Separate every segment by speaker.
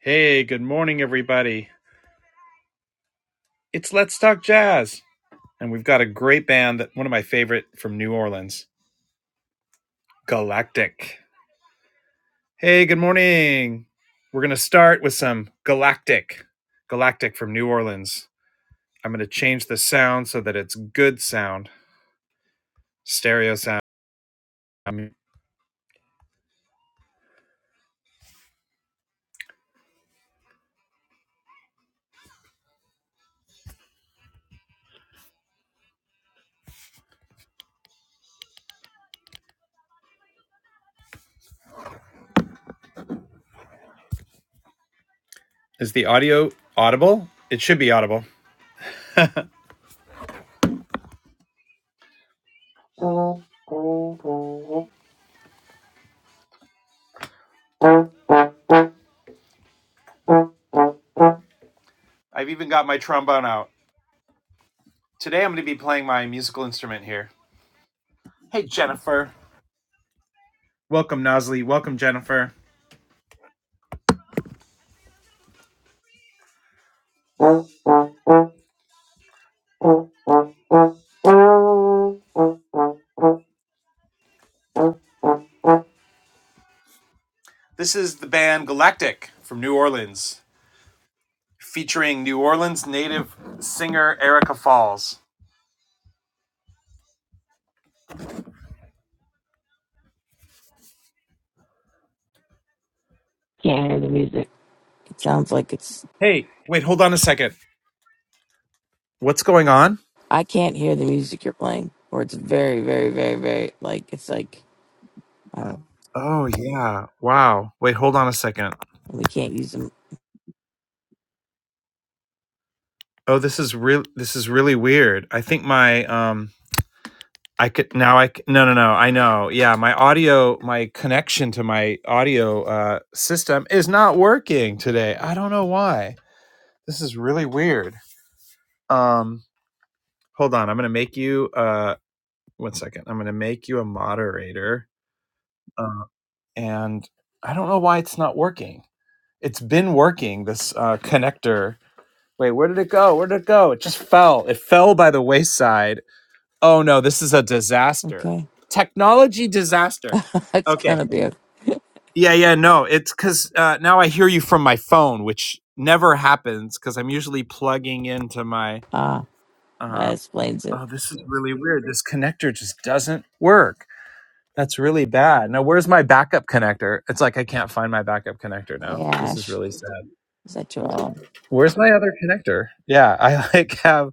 Speaker 1: Hey, good morning, everybody. It's Let's Talk Jazz, and we've got a great band that one of my favorite from New Orleans, Galactic. Hey, good morning. We're going to start with some Galactic, Galactic from New Orleans. I'm going to change the sound so that it's good sound, stereo sound. Um, Is the audio audible? It should be audible. I've even got my trombone out. Today I'm going to be playing my musical instrument here. Hey, Jennifer. Welcome, Nosley. Welcome, Jennifer. This is the band Galactic from New Orleans, featuring New Orleans native singer Erica Falls.
Speaker 2: Can't hear the music. It sounds like it's.
Speaker 1: Hey, wait, hold on a second. What's going on?
Speaker 2: I can't hear the music you're playing, or it's very, very, very, very like it's like. I don't.
Speaker 1: Oh yeah. Wow. Wait, hold on a second.
Speaker 2: We can't use them.
Speaker 1: Oh, this is real this is really weird. I think my um I could now I c- no no no I know yeah my audio my connection to my audio uh, system is not working today I don't know why this is really weird um hold on I'm gonna make you uh one second I'm gonna make you a moderator uh, and I don't know why it's not working it's been working this uh, connector wait where did it go where did it go it just fell it fell by the wayside oh no this is a disaster
Speaker 2: Okay,
Speaker 1: technology disaster
Speaker 2: that's
Speaker 1: Okay.
Speaker 2: gonna be a.
Speaker 1: Yeah, yeah, no, it's because uh, now I hear you from my phone, which never happens because I'm usually plugging into my.
Speaker 2: Ah, that
Speaker 1: Uh,
Speaker 2: explains it.
Speaker 1: oh, this is really weird. This connector just doesn't work. That's really bad. Now, where's my backup connector? It's like I can't find my backup connector now.
Speaker 2: Hey
Speaker 1: This is
Speaker 2: Ash,
Speaker 1: really sad.
Speaker 2: is that you all?
Speaker 1: Where's my other connector? Yeah, I like have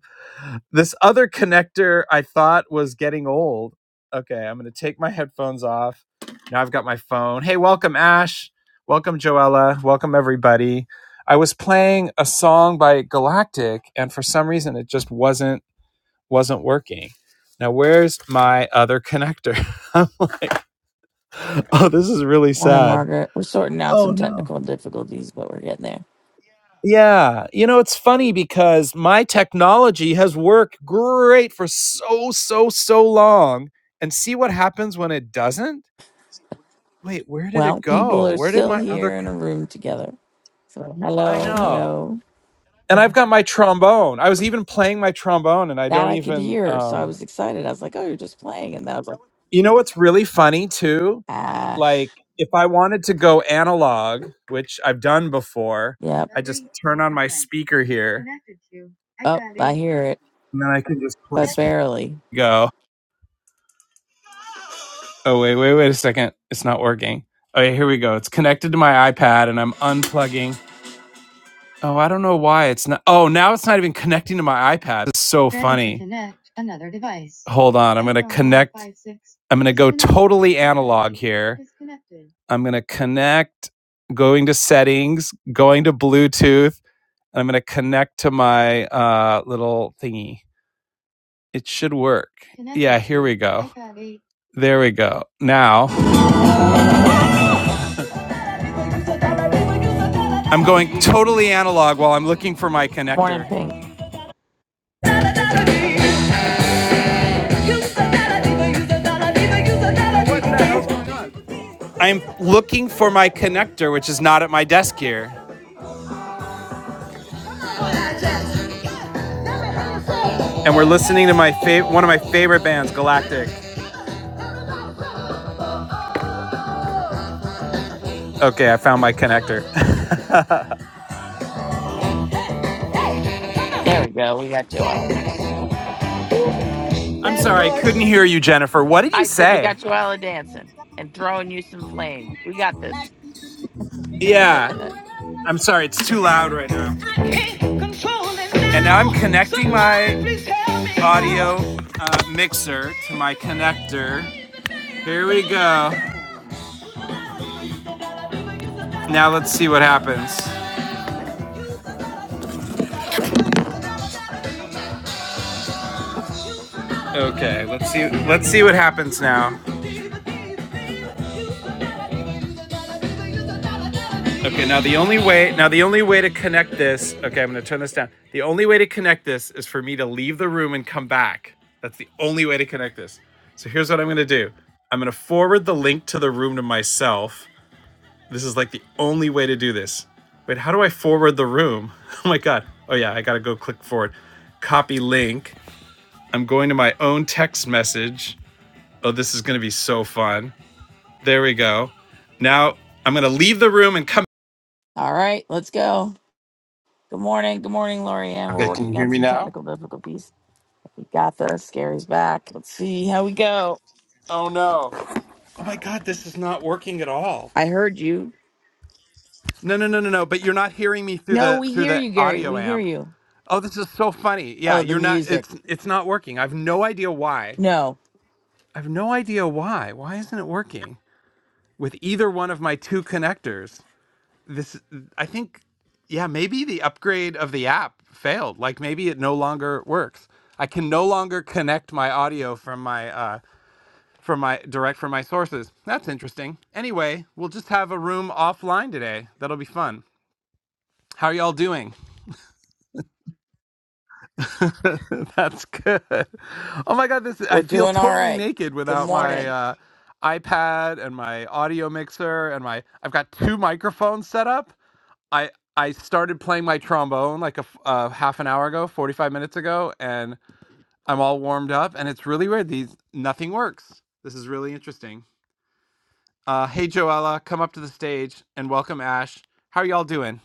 Speaker 1: this other connector I thought was getting old. Okay, I'm going to take my headphones off. Now I've got my phone. Hey, welcome Ash. Welcome Joella. Welcome everybody. I was playing a song by Galactic and for some reason it just wasn't wasn't working. Now where's my other connector? I'm like, "Oh, this is really
Speaker 2: Morning
Speaker 1: sad."
Speaker 2: Margaret, we're sorting out
Speaker 1: Oh
Speaker 2: some
Speaker 1: no.
Speaker 2: technical difficulties, but we're getting there.
Speaker 1: Yeah, you know, it's funny because my technology has worked great for so, so, so long, and see what happens when it doesn't? Wait, where did it
Speaker 2: Well, people
Speaker 1: go?
Speaker 2: are
Speaker 1: Where did
Speaker 2: still
Speaker 1: my other
Speaker 2: here in a
Speaker 1: con-
Speaker 2: room together. So
Speaker 1: I
Speaker 2: hello,
Speaker 1: know.
Speaker 2: hello.
Speaker 1: And I've got my trombone. I was even playing my trombone and I
Speaker 2: That
Speaker 1: don't
Speaker 2: I could
Speaker 1: even
Speaker 2: hear, so I
Speaker 1: um
Speaker 2: was excited. I was like, "Oh, you're just playing," and then I was like,
Speaker 1: You know what's really funny too?
Speaker 2: "Ash,
Speaker 1: Like if I wanted to go analog, which I've done before,
Speaker 2: yep."
Speaker 1: I just turn on my speaker here and
Speaker 2: Oh, I hear it.
Speaker 1: then I can just
Speaker 2: but
Speaker 1: play
Speaker 2: barely.
Speaker 1: go. Oh wait, wait, wait a second. It's not working. Okay, here we go. It's connected to my iPad and I'm unplugging. Oh, I don't know why it's not Oh, now it's not even connecting to my iPad. It's so Ready to funny. To connect another device. Hold on. I'm going to connect. five six. I'm going to go totally analog here. I'm going to connect going to settings, going to Bluetooth, and I'm going to connect to my uh little thingy. It should work. Connect. Yeah, here we go. There we go. Now I'm going totally analog while I'm looking for my connector.
Speaker 2: Morning, Pink.
Speaker 1: I'm looking for my connector, which is not at my desk here. And we're listening to my fav- one of my favorite bands, Galactic. Okay, I found my connector.
Speaker 2: There we go. We got Joella.
Speaker 1: I'm sorry, I couldn't hear you, Jennifer. What did you
Speaker 2: I said we
Speaker 1: say?
Speaker 2: got Joella dancing and throwing you some flame. We got this.
Speaker 1: Yeah. I'm sorry, it's too loud right now. And now I'm connecting my audio uh, mixer to my connector. Here we go. Now let's see what happens. Okay, let's see. Let's see what happens now. Okay, now the only way now the only way to connect this. Okay, I'm gonna turn this down. The only way to connect this is for me to leave the room and come back. That's the only way to connect this. So here's what I'm gonna do. I'm gonna forward the link to the room to myself. This is like the only way to do this. Wait, how do I forward the room? Oh my god. Oh yeah, I gotta go click forward. Copy link. I'm going to my own text message. Oh, this is going to be so fun. There we go. Now I'm going to leave the room and come.
Speaker 2: All right, let's go. Good morning. Good morning, Lorianne. We're
Speaker 1: Okay, can you
Speaker 2: working
Speaker 1: hear
Speaker 2: out
Speaker 1: me
Speaker 2: some
Speaker 1: now?
Speaker 2: technical difficulties. We got this. Gary's back. Let's see how we go.
Speaker 1: Oh no. Oh my god, this is not working at all.
Speaker 2: I heard you.
Speaker 1: No, no, no, no, no, but you're not hearing me through
Speaker 2: No,
Speaker 1: the
Speaker 2: we
Speaker 1: through
Speaker 2: hear
Speaker 1: the
Speaker 2: you, Gary.
Speaker 1: audio
Speaker 2: We hear
Speaker 1: amp.
Speaker 2: you.
Speaker 1: Oh, this is so funny. Yeah,
Speaker 2: Oh, the
Speaker 1: you're not
Speaker 2: music.
Speaker 1: it's it's not working. I've no idea why.
Speaker 2: No,
Speaker 1: I've no idea why. Why isn't it working with either one of my two connectors? this i think yeah maybe the upgrade of the app failed like maybe it no longer works i can no longer connect my audio from my uh from my direct from my sources that's interesting anyway we'll just have a room offline today that'll be fun how are y'all doing that's good oh my god this i
Speaker 2: we're
Speaker 1: feel
Speaker 2: doing all
Speaker 1: totally
Speaker 2: right.
Speaker 1: naked
Speaker 2: Good
Speaker 1: without my
Speaker 2: morning.
Speaker 1: uh ipad and my audio mixer and my i've got two microphones set up I I started playing my trombone like a f- uh, half an hour ago, 45 minutes ago, and I'm all warmed up. And it's really weird. These nothing works. This is really interesting. Uh, hey, Joella, come up to the stage and welcome Ash. How are y'all doing?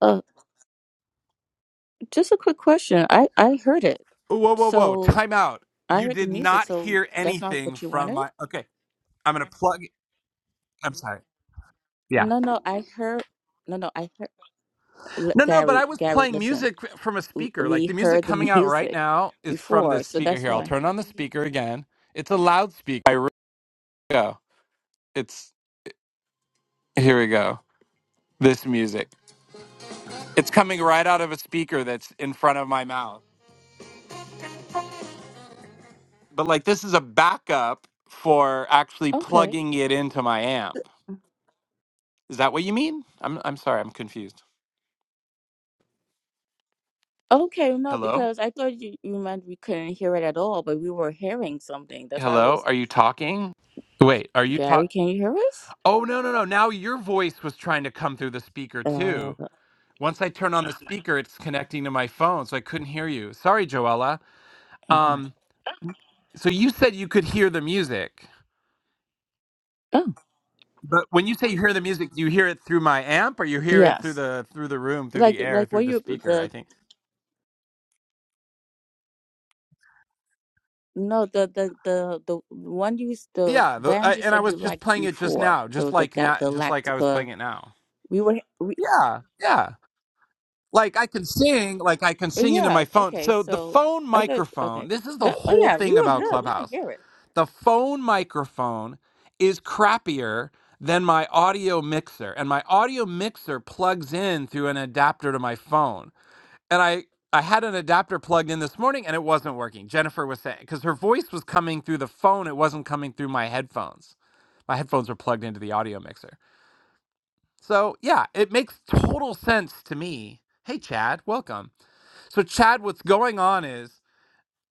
Speaker 3: Uh, just a quick question. I I heard it.
Speaker 1: Whoa, whoa, whoa!
Speaker 3: So
Speaker 1: Time out.
Speaker 3: I
Speaker 1: You
Speaker 3: heard the
Speaker 1: did
Speaker 3: music.
Speaker 1: not
Speaker 3: So
Speaker 1: hear
Speaker 3: that's not
Speaker 1: anything
Speaker 3: what you
Speaker 1: from
Speaker 3: wanted?
Speaker 1: my. Okay, I'm gonna plug. I'm sorry. Yeah.
Speaker 3: No, no. I heard. No, no. I heard L-
Speaker 1: No, no, no. But
Speaker 3: Gary.
Speaker 1: I was
Speaker 3: Gary,
Speaker 1: playing
Speaker 3: listen.
Speaker 1: music from a
Speaker 3: W-
Speaker 1: speaker. Like
Speaker 3: We
Speaker 1: the music
Speaker 3: heard the
Speaker 1: coming out right
Speaker 3: music
Speaker 1: now is from this
Speaker 3: before, so
Speaker 1: speaker
Speaker 3: that's
Speaker 1: here. I'll
Speaker 3: why.
Speaker 1: turn on the speaker again. It's a loudspeaker. by Ringo. It's Here we go. This music. It's coming right out of a speaker that's in front of my mouth. But like this is a backup for actually
Speaker 3: Okay.
Speaker 1: plugging it into my amp. Is that what you mean? I'm I'm sorry, I'm confused.
Speaker 3: Okay. No,
Speaker 1: Hello?
Speaker 3: because I thought you you meant we couldn't hear it at all, but we were hearing something. That's why I
Speaker 1: Hello?
Speaker 3: was.
Speaker 1: Are you talking? Wait, are you
Speaker 3: Gary,
Speaker 1: talking?
Speaker 3: can you hear us?
Speaker 1: Oh no, no, no. Now your voice was trying to come through the speaker
Speaker 3: Uh.
Speaker 1: too. Once I turn on the speaker, it's connecting to my phone, so I couldn't hear you. Sorry, Joella.
Speaker 3: Oh my.
Speaker 1: Um so you said you could hear the music.
Speaker 3: Oh
Speaker 1: But when you say you hear the music, do you hear it through my amp, or you hear it through
Speaker 3: yes.
Speaker 1: the through the room, through
Speaker 3: Like
Speaker 1: the air,
Speaker 3: like
Speaker 1: through
Speaker 3: what
Speaker 1: the
Speaker 3: you
Speaker 1: speaker? I
Speaker 3: the
Speaker 1: think.
Speaker 3: No, the the the the one you s- the
Speaker 1: Yeah, the, I,
Speaker 3: band you
Speaker 1: and I
Speaker 3: said
Speaker 1: was
Speaker 3: you
Speaker 1: just
Speaker 3: liked
Speaker 1: playing it just
Speaker 3: before
Speaker 1: now, just
Speaker 3: the the
Speaker 1: like
Speaker 3: Ga-
Speaker 1: now, just like I was playing
Speaker 3: Galactica.
Speaker 1: it now.
Speaker 3: We were we,
Speaker 1: Yeah, yeah. Like I can sing, like I can sing into
Speaker 3: yeah
Speaker 1: my phone.
Speaker 3: okay.
Speaker 1: So the
Speaker 3: So
Speaker 1: phone
Speaker 3: I thought
Speaker 1: microphone.
Speaker 3: okay
Speaker 1: This is the
Speaker 3: that oh
Speaker 1: whole
Speaker 3: yeah we
Speaker 1: thing
Speaker 3: were
Speaker 1: about
Speaker 3: good. We could
Speaker 1: Clubhouse.
Speaker 3: hear it.
Speaker 1: The phone microphone is crappier than my audio mixer, and my audio mixer plugs in through an adapter to my phone. and I I had an adapter plugged in this morning and it wasn't working. Jennifer was saying because her voice was coming through the phone, it wasn't coming through my headphones. My headphones were plugged into the audio mixer. So yeah, it makes total sense to me. Hey Chad, welcome. So Chad, what's going on is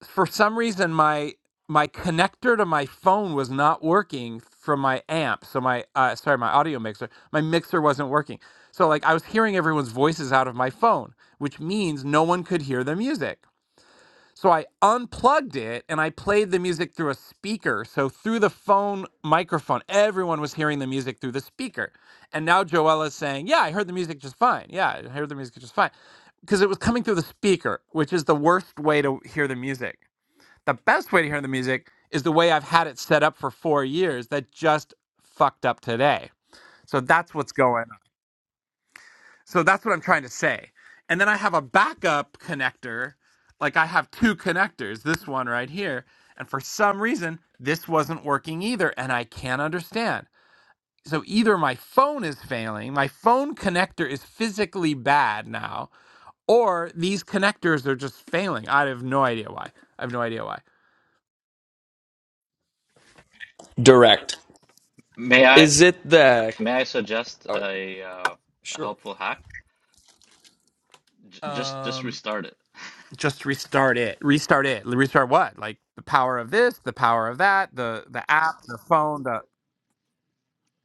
Speaker 1: for some reason my my connector to my phone was not working from my amp. So my uh, sorry, my audio mixer, my mixer wasn't working. So like I was hearing everyone's voices out of my phone, which means no one could hear the music. So I unplugged it and I played the music through a speaker. So through the phone microphone, everyone was hearing the music through the speaker. And now Joella's saying, Yeah, I heard the music just fine. Yeah, I heard the music just fine. Because it was coming through the speaker, which is the worst way to hear the music. The best way to hear the music is the way I've had it set up for four years that just fucked up today. So that's what's going on. So that's what I'm trying to say. And then I have a backup connector. Like I have two connectors, this one right here. And for some reason, this wasn't working either. And I can't understand. So either my phone is failing, my phone connector is physically bad now, or these connectors are just failing. I have no idea why. I have no idea why.
Speaker 4: Direct.
Speaker 5: May I
Speaker 4: Is it the?
Speaker 5: may I suggest
Speaker 4: Oh,
Speaker 5: a uh, a
Speaker 4: sure.
Speaker 5: helpful hack? J just just
Speaker 1: Um,
Speaker 5: restart it.
Speaker 1: just restart it. Restart it. Restart what? Like the power of this, the power of that, the the app, the phone, the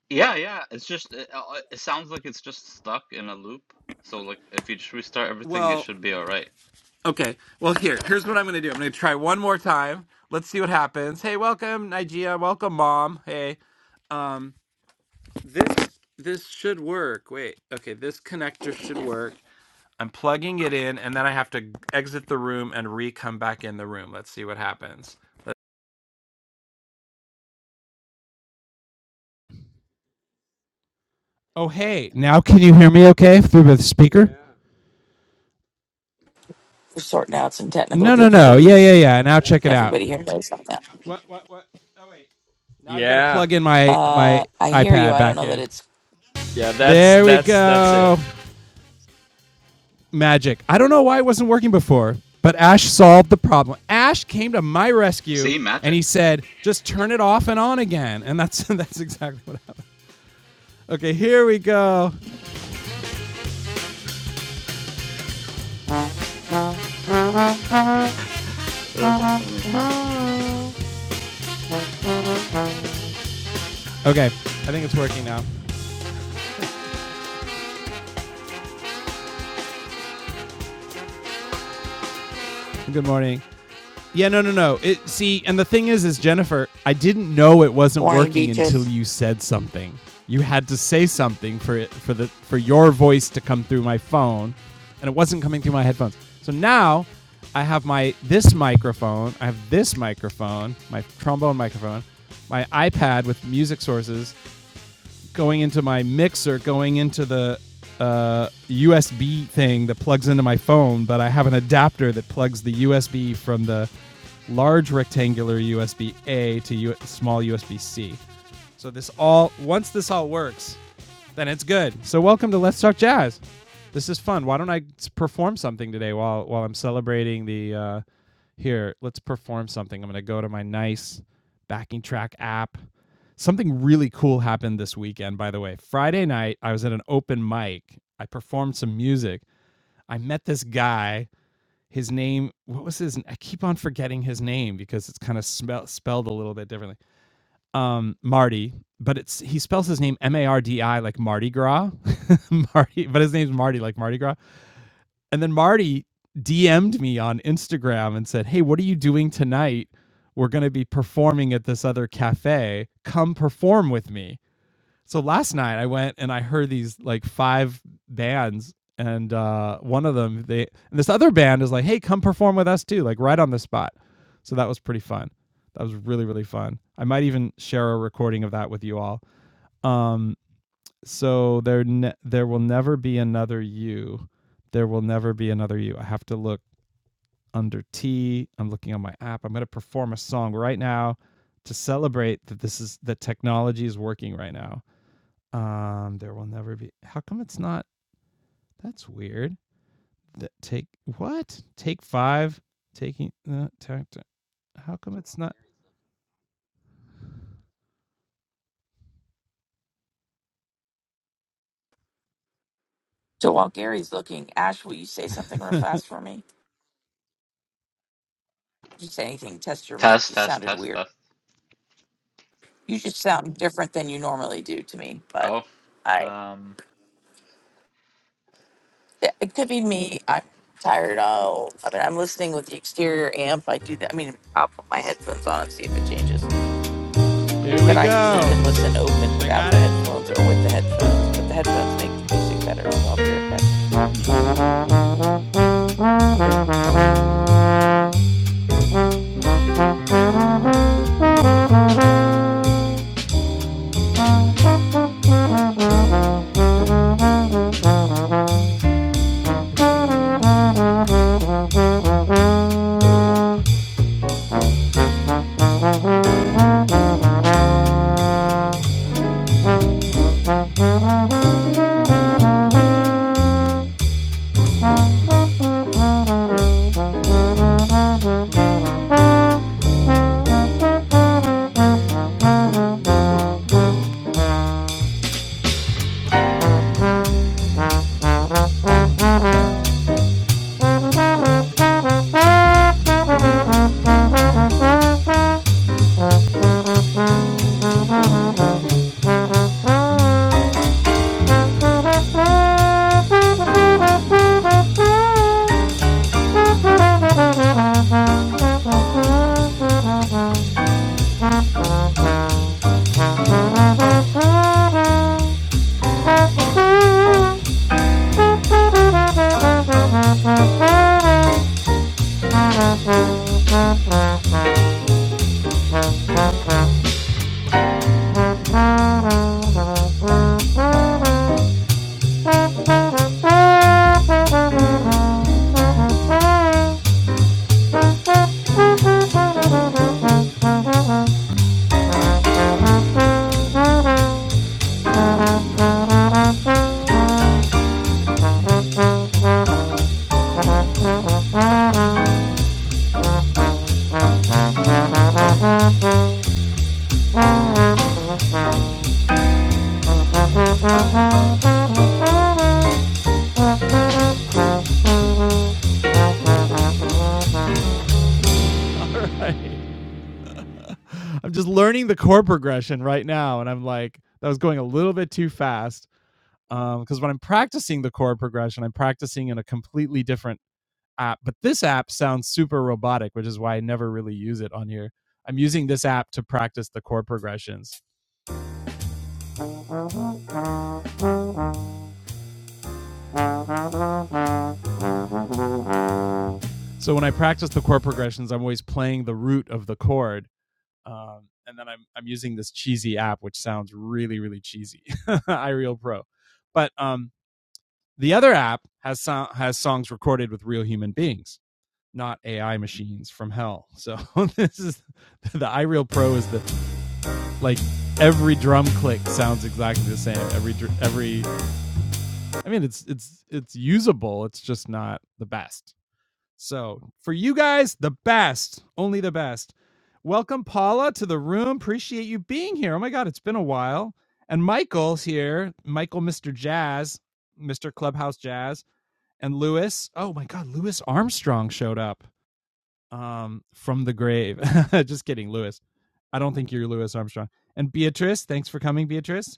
Speaker 5: Yeah, yeah. It's just it, uh, uh, it sounds like it's just stuck in a loop. So like if you just restart everything, it
Speaker 1: well.
Speaker 5: should be all right.
Speaker 1: Okay. Well, here, here's what I'm going to do. I'm going to try one more time. Let's see what happens. Hey, welcome, Nigeria. Welcome, Mom. Hey, um, this this should work. Wait. Okay, this connector should work. I'm plugging it in, and then I have to exit the room and re-come back in the room. Let's see what happens. Let- Oh, hey, now can you hear me okay through the speaker?
Speaker 2: We're sorting out some technical
Speaker 1: No, no, no. Yeah, yeah,
Speaker 2: difficulties.
Speaker 1: yeah. Now check it out.
Speaker 2: Everybody here knows about that.
Speaker 1: What, what, what? Oh, wait. Now I've got to
Speaker 4: Yeah.
Speaker 1: plug in my my
Speaker 2: Uh, I hear you.
Speaker 1: iPad
Speaker 2: I don't
Speaker 1: back
Speaker 2: know that
Speaker 1: in.
Speaker 2: it's
Speaker 4: Yeah. That's
Speaker 1: There we
Speaker 4: that's that's
Speaker 1: go.
Speaker 4: it.
Speaker 1: magic. I don't know why it wasn't working before, but Ash solved the problem. Ash came to my rescue
Speaker 5: See,
Speaker 1: and
Speaker 5: magic.
Speaker 1: he said, "Just turn it off and on again." And that's that's exactly what happened. Okay, here we go.
Speaker 5: That's funny.
Speaker 1: Okay, I think it's working now. Good morning. Yeah, no, no, no. It see, and the thing is, is Jennifer, I didn't know it wasn't
Speaker 2: Morning,
Speaker 1: working until
Speaker 2: beaches.
Speaker 1: you said something. You had to say something for it for the for your voice to come through my phone, and it wasn't coming through my headphones. So now, I have my this microphone. I have this microphone, my trombone microphone, my iPad with music sources, going into my mixer, going into the uh, USB thing that plugs into my phone, but I have an adapter that plugs the USB from the large rectangular USB A to U- small USB C. So this all once this all works, then it's good. So welcome to Let's Talk Jazz. This is fun. Why don't I I perform something today while while I'm celebrating the uh here, let's perform something. I'm going to go to my nice backing track app. Something really cool happened this weekend by the way. Friday night I was at an open mic. I performed some music. I met this guy. His name, what was his? I keep on forgetting his name because it's kind of smell, spelled a little bit differently um, Marty, but it's he spells his name M A R D I like Mardi Gras, Marty, but his name's Marty like Mardi Gras. And then Marty DM'd me on Instagram and said, "Hey, what are you doing tonight? We're going to be performing at this other cafe. Come perform with me." So last night I went and I heard these like five bands, and uh, one of them they and this other band is like, "Hey, come perform with us too!" Like right on the spot. So that was pretty fun. That was really really fun. I might even share a recording of that with you all. Um, so there ne- there will never be another you. There will never be another you. I have to look under T. I'm looking on my app. I'm going to perform a song right now to celebrate that this is that technology is working right now um, there will never be. How come it's not? That's weird. That take what? Take five. Taking the uh, How come it's not?
Speaker 2: So while Gary's looking, Ash, will you say something real fast for me? Did you say anything? Test your mic.
Speaker 5: Test,
Speaker 2: You
Speaker 5: test,
Speaker 2: sounded
Speaker 5: test,
Speaker 2: weird.
Speaker 5: test.
Speaker 2: You just sound different than you normally do to me, but
Speaker 5: Oh,
Speaker 2: I
Speaker 5: um.
Speaker 2: yeah, it could be me. I'm tired. I'll, I mean, I'm listening with the exterior amp. I do that. I mean, I'll put my headphones on and see if it changes.
Speaker 1: Here
Speaker 2: But
Speaker 1: we
Speaker 2: I
Speaker 1: go.
Speaker 2: usually can listen open
Speaker 1: I
Speaker 2: without
Speaker 1: got
Speaker 2: the
Speaker 1: it.
Speaker 2: headphones or with the headphones. But the headphones make the music better, so I'll be right back.
Speaker 1: Thank you. I'm just learning the chord progression right now, and I'm like, that was going a little bit too fast. Um, Because when I'm practicing the chord progression, I'm practicing in a completely different app. But this app sounds super robotic, which is why I never really use it on here. I'm using this app to practice the chord progressions. So when I practice the chord progressions, I'm always playing the root of the chord, um, and then I'm I'm using this cheesy app, which sounds really really cheesy, iReal Pro. But um, the other app has so- has songs recorded with real human beings, not AI machines from hell. So this is the iReal Pro is the like every drum click sounds exactly the same. Every every I mean, it's it's it's usable. It's just not the best. So for you guys, the best, only the best. Welcome Paula to the room. Appreciate you being here. Oh my God, it's been a while. And Michael's here. Michael, Mr. Jazz, Mr. Clubhouse Jazz, and Lewis. Oh my God, Lewis Armstrong showed up um, from the grave. Just kidding, Louis. I don't think you're Louis Armstrong. And Beatrice, thanks for coming, Beatrice.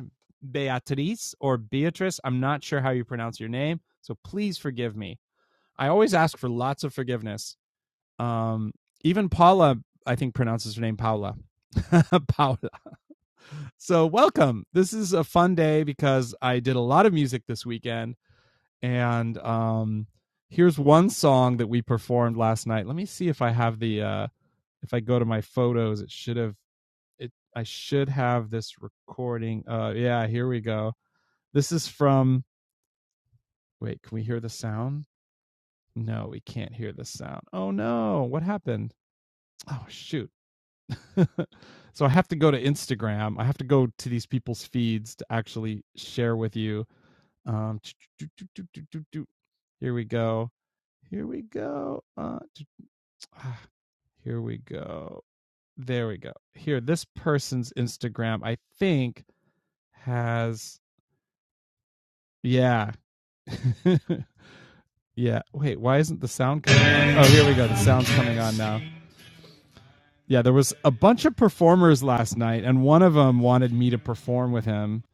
Speaker 1: Beatrice or Beatrice, I'm not sure how you pronounce your name, so please forgive me. I always ask for lots of forgiveness. Um, even Paula, I think, pronounces her name Paula. Paula. So, welcome. This is a fun day because I did a lot of music this weekend. And um, here's one song that we performed last night. Let me see if I have the. Uh, if I go to my photos, it should have it I should have this recording. Uh yeah, here we go. This is from wait, can we hear the sound? No, we can't hear the sound. Oh no, what happened? Oh shoot. so I have to go to Instagram. I have to go to these people's feeds to actually share with you. Um here we go. Here we go. Uh, ah, here we go. There we go. Here, this person's Instagram, I think, has yeah. yeah. Wait, why isn't the sound coming on? Oh, here we go. The sound's coming on now. Yeah, there was a bunch of performers last night, and one of them wanted me to perform with him.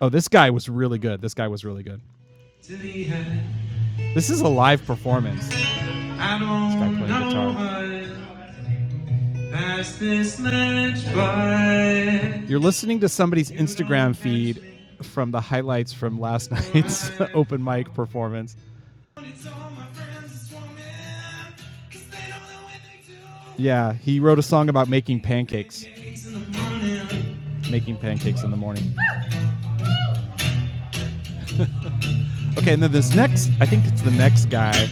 Speaker 1: Oh, this guy was really good. This guy was really good. This is a live performance. This guy playing guitar. Pass this match by. You're listening to somebody's Instagram feed from the highlights from last night's open mic performance. Yeah, he wrote a song about making pancakes, making pancakes in the morning. Okay, and then this next, I think it's the next guy.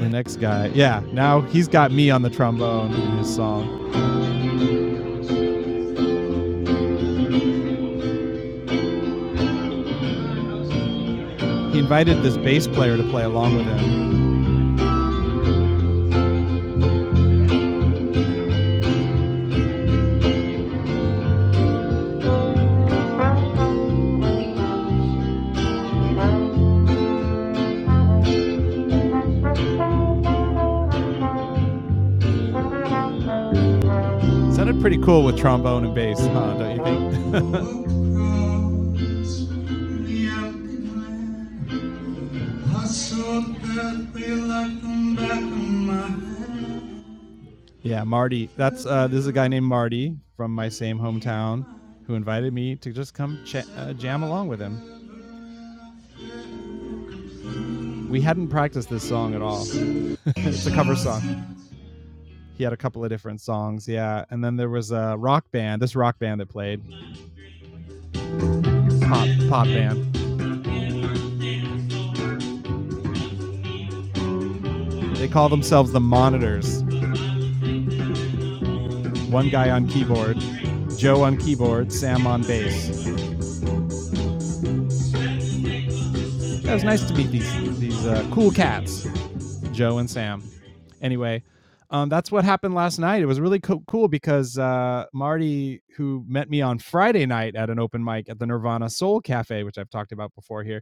Speaker 1: The next guy, yeah, now he's got me on the trombone in his song. He invited this bass player to play along with him. Sounded pretty cool with trombone and bass, huh? Don't you think? Yeah, Marty. That's uh, this is a guy named Marty from my same hometown who invited me to just come ch- uh, jam along with him. We hadn't practiced this song at all. it's a cover song. He had a couple of different songs, yeah. And then there was a rock band, this rock band that played, pop, pop band. They call themselves the Monitors. One guy on keyboard, Joe on keyboard, Sam on bass. It was nice to meet these these uh, cool cats, Joe and Sam. Anyway, um, that's what happened last night. It was really co- cool because uh, Marty, who met me on Friday night at an open mic at the Nirvana Soul Cafe, which I've talked about before here,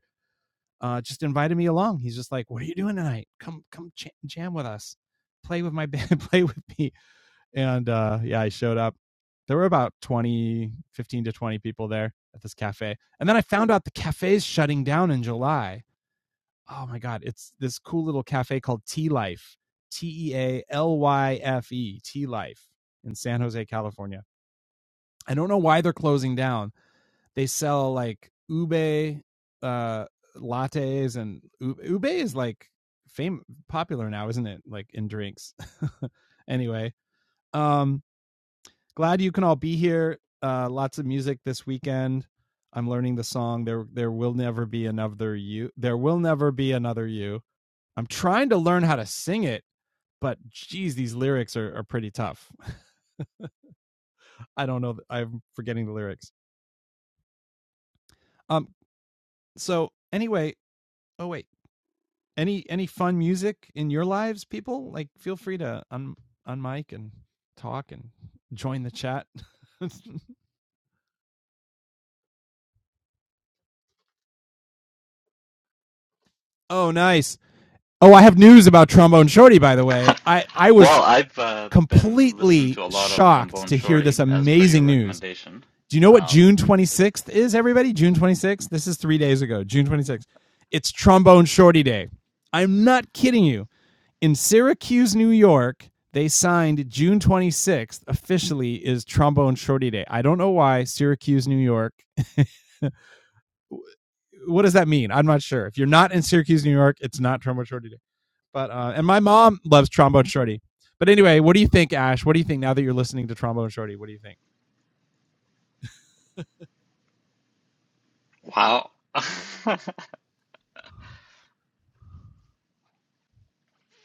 Speaker 1: uh, just invited me along. He's just like, "What are you doing tonight? Come, come ch- jam with us, play with my band, play with me." And uh, yeah, I showed up. There were about 20, 15 to twenty people there at this cafe, and then I found out the cafe's shutting down in July. Oh my god, it's this cool little cafe called Tea Life, T E A L Y F E, Tea Life in San Jose, California. I don't know why they're closing down they sell like ube uh lattes and ube is like fame popular now isn't it like in drinks anyway um glad you can all be here uh lots of music this weekend i'm learning the song there there will never be another you there will never be another you i'm trying to learn how to sing it but geez these lyrics are, are pretty tough i don't know i'm forgetting the lyrics um so anyway oh wait any any fun music in your lives, people? Like, feel free to un unmic and talk and join the chat. oh, nice. Oh, I have news about Trombone Shorty. By the way, I I was
Speaker 5: Well, I've uh, been listening
Speaker 1: completely
Speaker 5: to a lot of
Speaker 1: shocked
Speaker 5: Trombone
Speaker 1: to hear this
Speaker 5: Shorty as per your
Speaker 1: amazing news.
Speaker 5: recommendation.
Speaker 1: Do you know what
Speaker 5: Um,
Speaker 1: June 26th is, everybody? June 26th? This is three days ago, June 26th. It's Trombone Shorty Day. I'm not kidding you. In Syracuse, New York, they signed June 26th officially is Trombone Shorty Day. I don't know why Syracuse, New York. What does that mean? I'm not sure. If you're not in Syracuse, New York, it's not Trombone Shorty Day. But uh, and my mom loves Trombone Shorty. But anyway, what do you think, Ash? What do you think now that you're listening to Trombone Shorty? What do you think?
Speaker 5: wow.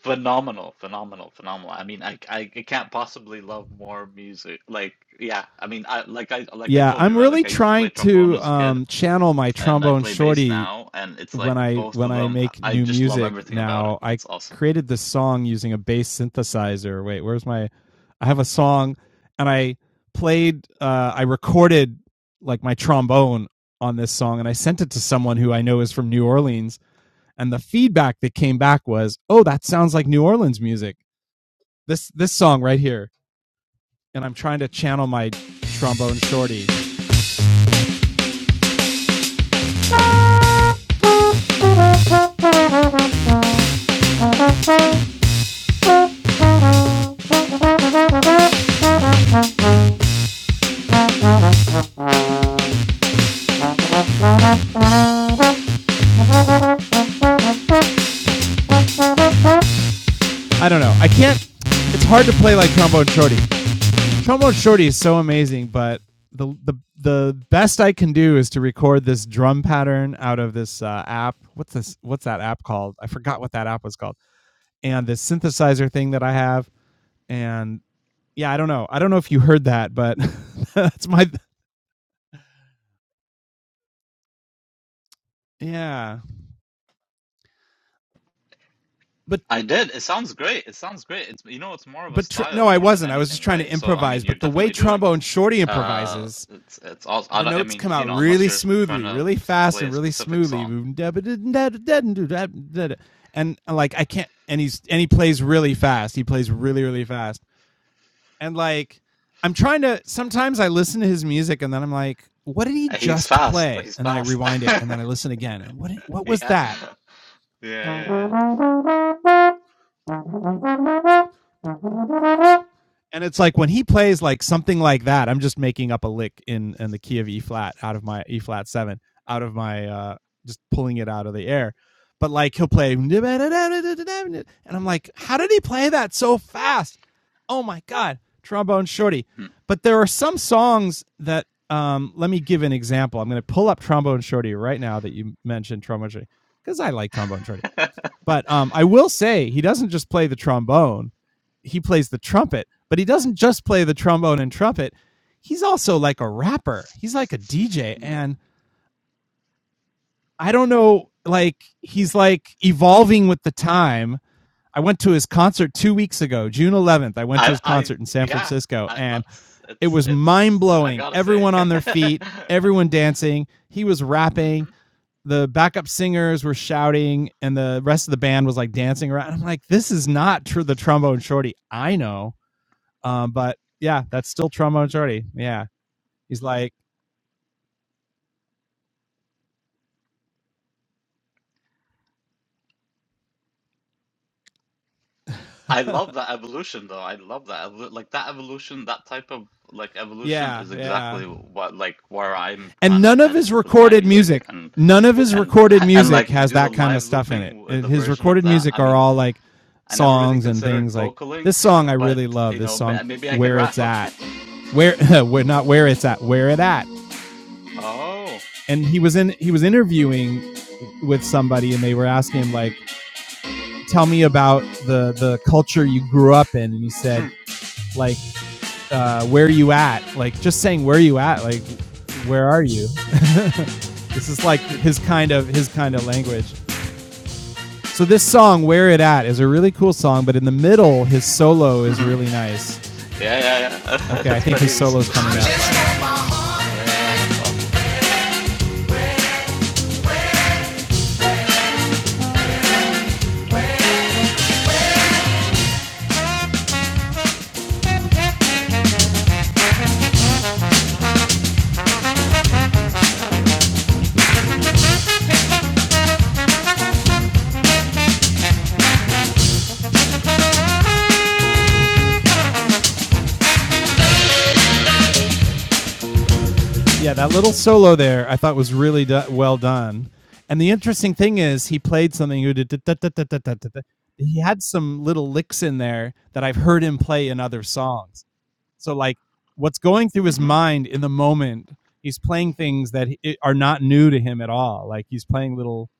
Speaker 5: Phenomenal, phenomenal, phenomenal. I mean, I, I, I can't possibly love more music. Like, yeah, I mean, I like I like I
Speaker 1: Yeah,
Speaker 5: told you,
Speaker 1: I'm
Speaker 5: right? Like
Speaker 1: really
Speaker 5: I used to play
Speaker 1: trying
Speaker 5: trombone
Speaker 1: to
Speaker 5: as a kid,
Speaker 1: um, channel my
Speaker 5: and I
Speaker 1: Trombone
Speaker 5: play bass
Speaker 1: Shorty
Speaker 5: now, and it's
Speaker 1: when
Speaker 5: like
Speaker 1: I
Speaker 5: both
Speaker 1: when
Speaker 5: of
Speaker 1: I
Speaker 5: them. I
Speaker 1: make
Speaker 5: I
Speaker 1: new
Speaker 5: just love
Speaker 1: music
Speaker 5: everything about it.
Speaker 1: now. I
Speaker 5: It's awesome.
Speaker 1: created this song using a bass synthesizer. Wait, where's my I have a song, and I played, uh, I recorded like my trombone on this song, and I sent it to someone who I know is from New Orleans, and the feedback that came back was, "Oh, that sounds like New Orleans music." This this song right here, and I'm trying to channel my trombone shorty. I don't know. I can't. It's hard to play like trombone shorty. Trombone Shorty is so amazing, but the the the best I can do is to record this drum pattern out of this uh, app. What's this? What's that app called? I forgot what that app was called. And this synthesizer thing that I have, and yeah, I don't know. I don't know if you heard that, but that's my yeah. But
Speaker 5: I did. It sounds great. It sounds great. It's you know, it's more of a
Speaker 1: but tr-
Speaker 5: style
Speaker 1: no, I
Speaker 5: more than
Speaker 1: wasn't. I was just
Speaker 5: anything,
Speaker 1: trying to
Speaker 5: right? So I mean,
Speaker 1: improvise.
Speaker 5: you're
Speaker 1: But the way
Speaker 5: definitely doing it.
Speaker 1: Trombone Shorty
Speaker 5: Uh,
Speaker 1: improvises
Speaker 5: it's it's all. I
Speaker 1: the
Speaker 5: don't. I
Speaker 1: notes come
Speaker 5: mean, you
Speaker 1: out
Speaker 5: know, unless
Speaker 1: really
Speaker 5: you're trying
Speaker 1: smoothly,
Speaker 5: to
Speaker 1: really
Speaker 5: s-
Speaker 1: fast,
Speaker 5: play
Speaker 1: and
Speaker 5: a
Speaker 1: really
Speaker 5: specific
Speaker 1: smoothly.
Speaker 5: song.
Speaker 1: And like I can't, and he's and he plays really fast. He plays really really fast. And like I'm trying to. Sometimes I listen to his music, and then I'm like, what did he
Speaker 5: He's
Speaker 1: just
Speaker 5: fast.
Speaker 1: play?
Speaker 5: He's
Speaker 1: And then I
Speaker 5: fast.
Speaker 1: rewind it, and then I listen again. And what what was
Speaker 5: Yeah.
Speaker 1: that?
Speaker 5: Yeah,
Speaker 1: and it's like when he plays like something like that i'm just making up a lick in in the key of e flat out of my e flat 7 out of my uh just pulling it out of the air but like he'll play and i'm like how did he play that so fast oh my god trombone shorty
Speaker 5: yeah, yeah.
Speaker 1: but there are some songs that um let me give an example i'm going to pull up trombone shorty right now that you mentioned trombone shorty because i like trombone shorty but um, I will say he doesn't just play the trombone; he plays the trumpet. But he doesn't just play the trombone and trumpet. He's also like a rapper. He's like a DJ,
Speaker 5: Hmm.
Speaker 1: and I don't know. Like he's like evolving with the time. I went to his concert two weeks ago, June 11th. I went to
Speaker 5: I,
Speaker 1: his
Speaker 5: I,
Speaker 1: concert in San
Speaker 5: yeah.
Speaker 1: Francisco,
Speaker 5: I,
Speaker 1: and
Speaker 5: that's
Speaker 1: it
Speaker 5: it's
Speaker 1: was mind
Speaker 5: it's. I
Speaker 1: blowing.
Speaker 5: gotta say,
Speaker 1: Everyone on their feet, everyone dancing. He was rapping
Speaker 5: hmm
Speaker 1: the backup singers were shouting and the rest of the band was like dancing around. I'm like, this is not true. the trombone shorty I know. Um, but yeah, that's still trombone shorty. Yeah. He's like,
Speaker 5: I love that evolution though. I love that evolu- like that evolution. That type of like evolution
Speaker 1: yeah,
Speaker 5: is
Speaker 1: yeah.
Speaker 5: exactly what like where I'm
Speaker 1: And
Speaker 5: trying to
Speaker 1: none of
Speaker 5: head
Speaker 1: his
Speaker 5: with my
Speaker 1: recorded
Speaker 5: music
Speaker 1: music,
Speaker 5: and
Speaker 1: none of his
Speaker 5: and
Speaker 1: recorded
Speaker 5: and
Speaker 1: music
Speaker 5: like
Speaker 1: has
Speaker 5: do the
Speaker 1: that kind of
Speaker 5: live
Speaker 1: stuff in it.
Speaker 5: looping with the
Speaker 1: His
Speaker 5: version of
Speaker 1: recorded
Speaker 5: that. I
Speaker 1: music are
Speaker 5: mean,
Speaker 1: all like
Speaker 5: I never really
Speaker 1: songs and
Speaker 5: considered
Speaker 1: things like
Speaker 5: vocaling,
Speaker 1: this song I
Speaker 5: but
Speaker 1: really love.
Speaker 5: you
Speaker 1: This
Speaker 5: know,
Speaker 1: song,
Speaker 5: ma- maybe I could
Speaker 1: Where It's
Speaker 5: rap.
Speaker 1: At. Where, where not where it's at, where it at.
Speaker 5: Oh.
Speaker 1: and he was in he was interviewing with somebody and they were asking him like tell me about the the culture you grew up in and he said like uh, where are you at like just saying where are you at like where are you this is like his kind of his kind of language so this song where it at is a really cool song but in the middle his solo is really nice
Speaker 5: Yeah, yeah, yeah.
Speaker 1: okay i
Speaker 5: It's
Speaker 1: think his
Speaker 5: pretty it's
Speaker 1: solo's
Speaker 5: just
Speaker 1: coming up
Speaker 5: straight slang. Yeah, yeah, yeah. That's awesome.
Speaker 1: Yeah, that little solo there I thought was really do- well done. And the interesting thing is he played something he had some little licks in there that I've heard him play in other songs. So like what's going through his
Speaker 5: Mm-hmm.
Speaker 1: mind in the moment, he's playing things that are not new to him at all. Like he's playing little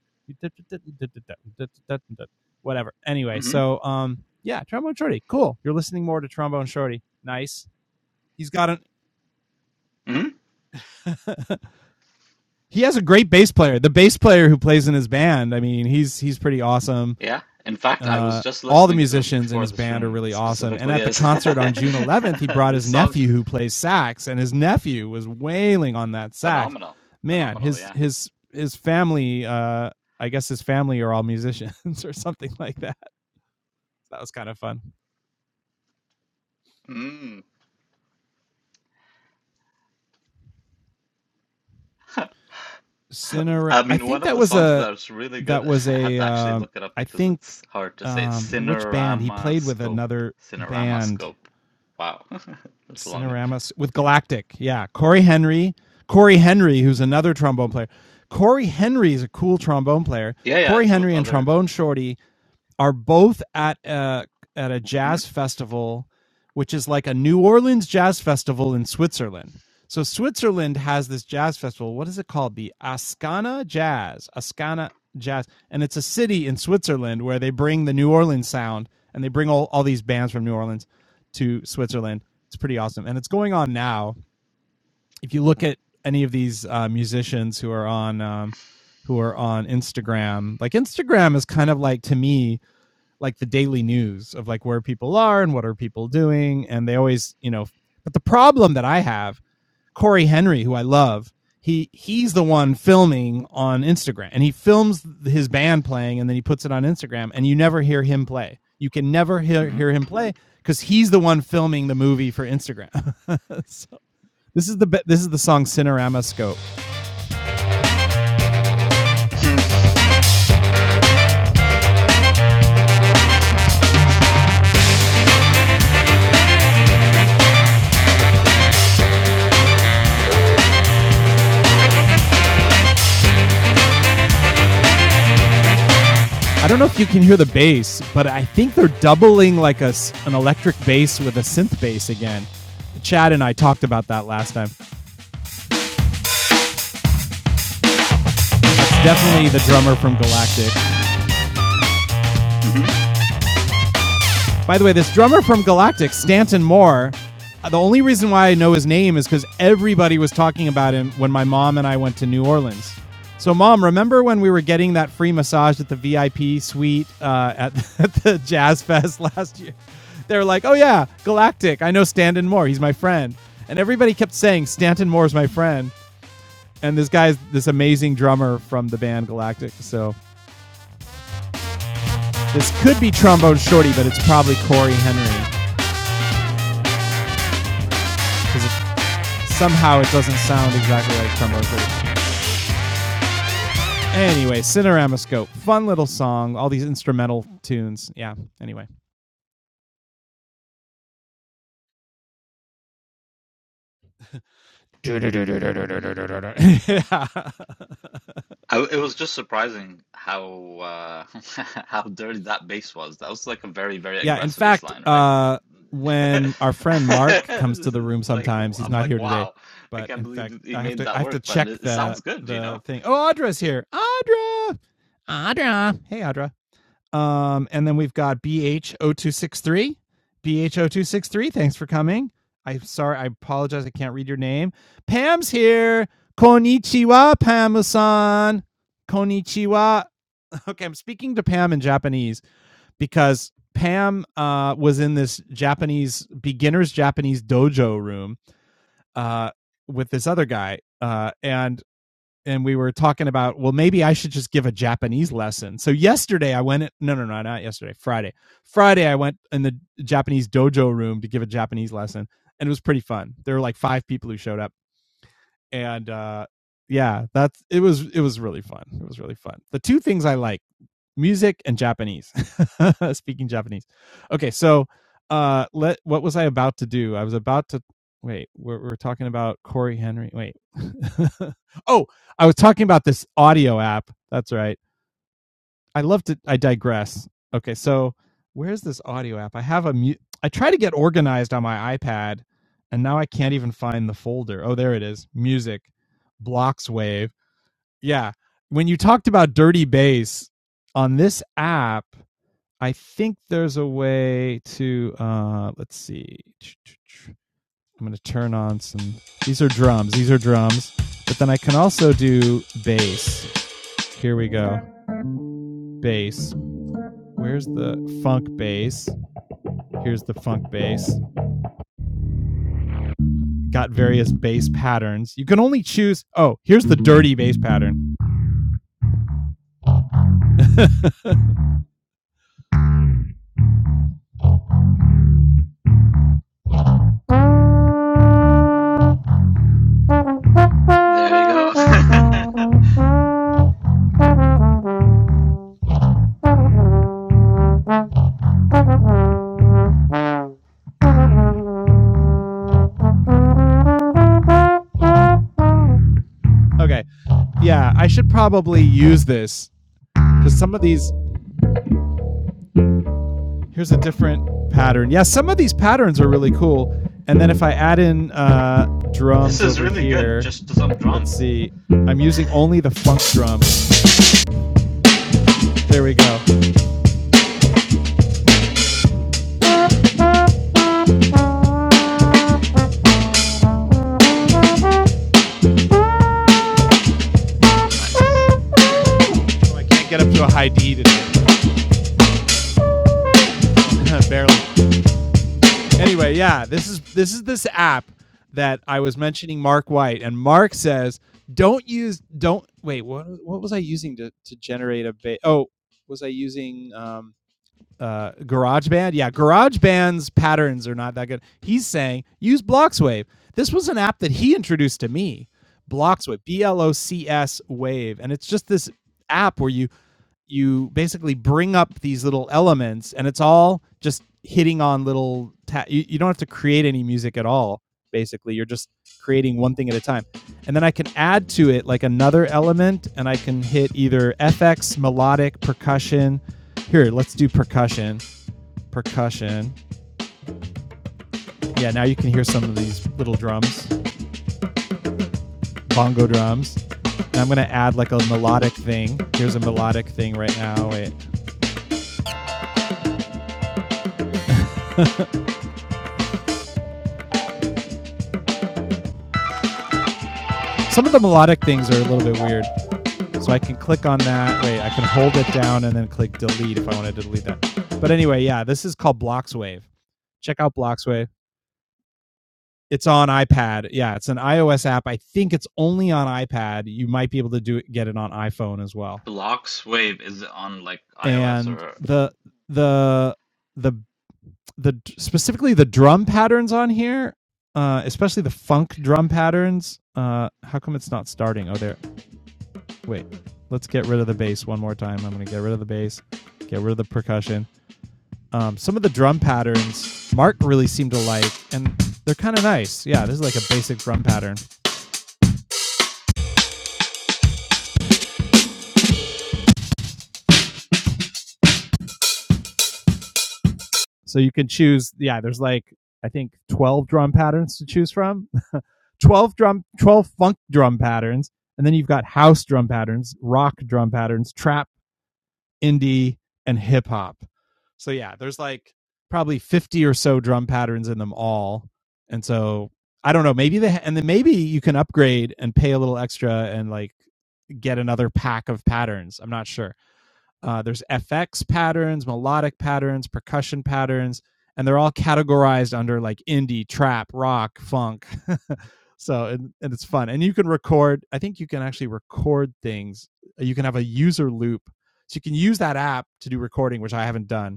Speaker 1: whatever. Anyway,
Speaker 5: Mm-hmm.
Speaker 1: so um yeah, Trombone Shorty, cool. You're listening more to Trombone Shorty. Nice. He's got an
Speaker 5: Mm-hmm.
Speaker 1: he has a great bass player. The bass player who plays in his band, I mean, he's he's pretty awesome.
Speaker 5: Yeah. In fact, I was
Speaker 1: Uh,
Speaker 5: just
Speaker 1: all the
Speaker 5: listening to it
Speaker 1: musicians in
Speaker 5: before
Speaker 1: his
Speaker 5: this
Speaker 1: band are
Speaker 5: room
Speaker 1: really awesome. And
Speaker 5: specifically
Speaker 1: at the
Speaker 5: is
Speaker 1: concert on June 11th, he brought
Speaker 5: this
Speaker 1: his
Speaker 5: song
Speaker 1: nephew who plays sax, and his nephew was wailing on that sax.
Speaker 5: phenomenal.
Speaker 1: Man,
Speaker 5: Phenomenal,
Speaker 1: his
Speaker 5: yeah.
Speaker 1: his his family, uh, I guess his family are all musicians or something like that. That was kind of fun.
Speaker 5: Mm.
Speaker 1: Cinera,
Speaker 5: I
Speaker 1: I
Speaker 5: mean,
Speaker 1: think
Speaker 5: one of
Speaker 1: that
Speaker 5: the
Speaker 1: was
Speaker 5: songs
Speaker 1: a
Speaker 5: that's really
Speaker 1: that
Speaker 5: good,
Speaker 1: was
Speaker 5: I had
Speaker 1: a
Speaker 5: to actually
Speaker 1: um,
Speaker 5: look it up
Speaker 1: I
Speaker 5: because
Speaker 1: think
Speaker 5: it's hard to say.
Speaker 1: um, which band he
Speaker 5: Cinerama
Speaker 1: played with
Speaker 5: Scope.
Speaker 1: another
Speaker 5: Cinerama
Speaker 1: band
Speaker 5: Scope. Wow. That's a long name.
Speaker 1: Cinerama with Galactic. Yeah, Corey Henry. Corey Henry, who's another trombone player. Corey Henry is a cool trombone player.
Speaker 5: Yeah, yeah,
Speaker 1: Corey
Speaker 5: it's with
Speaker 1: Henry and
Speaker 5: other.
Speaker 1: Trombone Shorty are both at a at a
Speaker 5: hmm
Speaker 1: jazz festival, which is like a New Orleans jazz festival in Switzerland. So Switzerland has this jazz festival. What is it called? The Ascana Jazz. Ascana Jazz. And it's a city in Switzerland where they bring the New Orleans sound and they bring all, all these bands from New Orleans to Switzerland. It's pretty awesome. And it's going on now. If you look at any of these uh, musicians who are on um, who are on Instagram, like Instagram is kind of like to me like the daily news of like where people are and what are people doing and they always you know but the problem that i have corey henry who i love he he's the one filming on instagram and he films his band playing and then he puts it on instagram and you never hear him play you can never hear,
Speaker 5: hmm
Speaker 1: hear him play because he's the one filming the movie for instagram so this is the this is the song cinerama scope
Speaker 5: hmm
Speaker 1: I don't know if you can hear the bass, but I think they're doubling like a an electric bass with a synth bass again. Chad and I talked about that last time. definitely the drummer from Galactic. By the way, this drummer from Galactic, Stanton Moore, uh, the only reason why I know his name is because everybody was talking about him when my mom and I went to New Orleans. So, mom, remember when we were getting that free massage at the VIP suite uh, at, at the Jazz Fest last year? They were like, oh, yeah, Galactic. I know Stanton Moore. He's my friend. And everybody kept saying, Stanton Moore's my friend. And this guy's this amazing drummer from the band Galactic. So, this could be Trombone Shorty, but it's probably Corey Henry Somehow it doesn't sound exactly like Trumbo Creek. Anyway, Cineramascope. Fun little song. All these instrumental tunes. Yeah. Anyway.
Speaker 5: Yeah, yeah.
Speaker 1: yeah.
Speaker 5: I, it was just surprising how uh, how dirty that bass was. That was like a very, very
Speaker 1: yeah, In
Speaker 5: aggressive bass
Speaker 1: fact,
Speaker 5: line, right?
Speaker 1: uh, when our friend Mark comes to
Speaker 5: This
Speaker 1: the
Speaker 5: is
Speaker 1: room
Speaker 5: like
Speaker 1: sometimes, he's
Speaker 5: I'm
Speaker 1: not
Speaker 5: like,
Speaker 1: here today.
Speaker 5: wow, I
Speaker 1: But
Speaker 5: can't
Speaker 1: in
Speaker 5: believe
Speaker 1: fact,
Speaker 5: that he
Speaker 1: I have
Speaker 5: made
Speaker 1: to I
Speaker 5: that
Speaker 1: have to
Speaker 5: work, but
Speaker 1: check
Speaker 5: it, it
Speaker 1: the
Speaker 5: sounds good, you know?
Speaker 1: the thing. Oh, Audra's here. Audra. Audra. Hey Audra. Um, and then we've got BH0263. BH0263, thanks for coming. I'm sorry, I apologize, I can't read your name. Pam's here. Konnichiwa, Pam-san. Konnichiwa. Okay, I'm speaking to Pam in Japanese because Pam uh, was in this Japanese beginner's Japanese dojo room uh, with this other guy. Uh, and and we were talking about well maybe i should just give a japanese lesson so yesterday i went no no no not yesterday friday friday i went in the japanese dojo room to give a japanese lesson and it was pretty fun there were like five people who showed up and uh yeah that's it was it was really fun it was really fun the two things i like music and Japanese. Speaking Japanese. Okay, so uh let what was I about to do? I was about to wait, we're, we're talking about Corey Henry. Wait. oh, I was talking about this audio app. That's right. I love to I digress. Okay, so where's this audio app? I have a mu- I try to get organized on my iPad and now I can't even find the folder. Oh, there it is. Music blocks wave. Yeah. When you talked about dirty bass on this app, I think there's a way to uh let's see. I'm going to turn on some These are drums. These are drums. But then I can also do bass. Here we go. Bass. Where's the funk bass? Here's the funk bass. Got various bass patterns. You can only choose Oh, here's the dirty bass pattern.
Speaker 5: There you go.
Speaker 1: Okay. Yeah, I should probably use this because some of these. Here's a different pattern. Yeah, some of these patterns are really cool. And then if I add in uh,
Speaker 5: This
Speaker 1: drums
Speaker 5: is
Speaker 1: over
Speaker 5: really good,
Speaker 1: here,
Speaker 5: just to some
Speaker 1: let's
Speaker 5: drums.
Speaker 1: see. I'm using only the funk drum. There we go.
Speaker 5: Nice.
Speaker 1: So I can't get up to a high D today, barely. Anyway, yeah, this is this is this app that I was mentioning. Mark White and Mark says, "Don't use, don't wait. What what was I using to to generate a ba- Oh, was I using um uh GarageBand? Yeah, GarageBand's patterns are not that good. He's saying use Bloxwave. This was an app that he introduced to me. Bloxwave, B L O C S Wave, and it's just this app where you you basically bring up these little elements, and it's all just hitting on little. Ta- you, you don't have to create any music at all. Basically, you're just creating one thing at a time, and then I can add to it like another element, and I can hit either FX, melodic, percussion. Here, let's do percussion. Percussion. Yeah, now you can hear some of these little drums, bongo drums. And I'm gonna add like a melodic thing. Here's a melodic thing right now. Wait. Some of the melodic things are a little bit weird. So I can click on that. Wait, I can hold it down and then click delete if I want to delete that. But anyway, yeah, this is called Bloxwave. Check out Bloxwave. It's on iPad. Yeah, it's an iOS app. I think it's only on iPad. You might be able to do it, get it on iPhone as well.
Speaker 5: Blocks Wave, is it on like iOS
Speaker 1: And
Speaker 5: or
Speaker 1: the the the the specifically the drum patterns on here, uh, especially the funk drum patterns. Uh, how come it's not starting? Oh, there Wait, let's get rid of the bass one more time. I'm going to get rid of the bass, get rid of the percussion. Um, some of the drum patterns Mark really seemed to like, and they're kind of nice. Yeah, this is like a basic drum pattern. So you can choose. Yeah, there's like I think 12 drum patterns to choose from. 12 drum, 12 funk drum patterns, and then you've got house drum patterns, rock drum patterns, trap, indie, and hip hop. So yeah, there's like probably 50 or so drum patterns in them all. And so I don't know, maybe they ha- and then maybe you can upgrade and pay a little extra and like get another pack of patterns. I'm not sure. Uh, there's FX patterns, melodic patterns, percussion patterns, and they're all categorized under like indie, trap, rock, funk. so and, and it's fun. And you can record. I think you can actually record things. You can have a user loop, so you can use that app to do recording, which I haven't done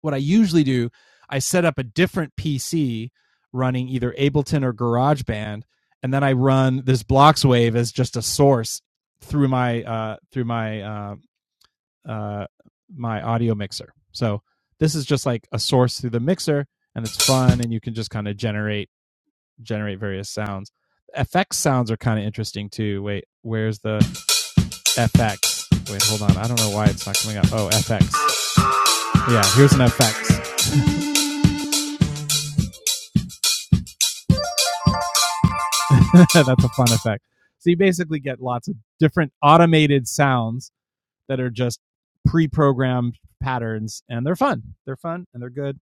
Speaker 1: what I usually do, I set up a different PC running either Ableton or GarageBand, and then I run this blocks wave as just a source through my uh, through my uh, uh, my audio mixer. So this is just like a source through the mixer, and it's fun, and you can just kind of generate generate various sounds. FX sounds are kind of interesting too. Wait, where's the FX? Wait, hold on. I don't know why it's not coming up. Oh, FX. Yeah, here's an FX. That's a fun effect. So you basically get lots of different automated sounds that are just pre-programmed patterns, and they're fun. They're fun and they're good.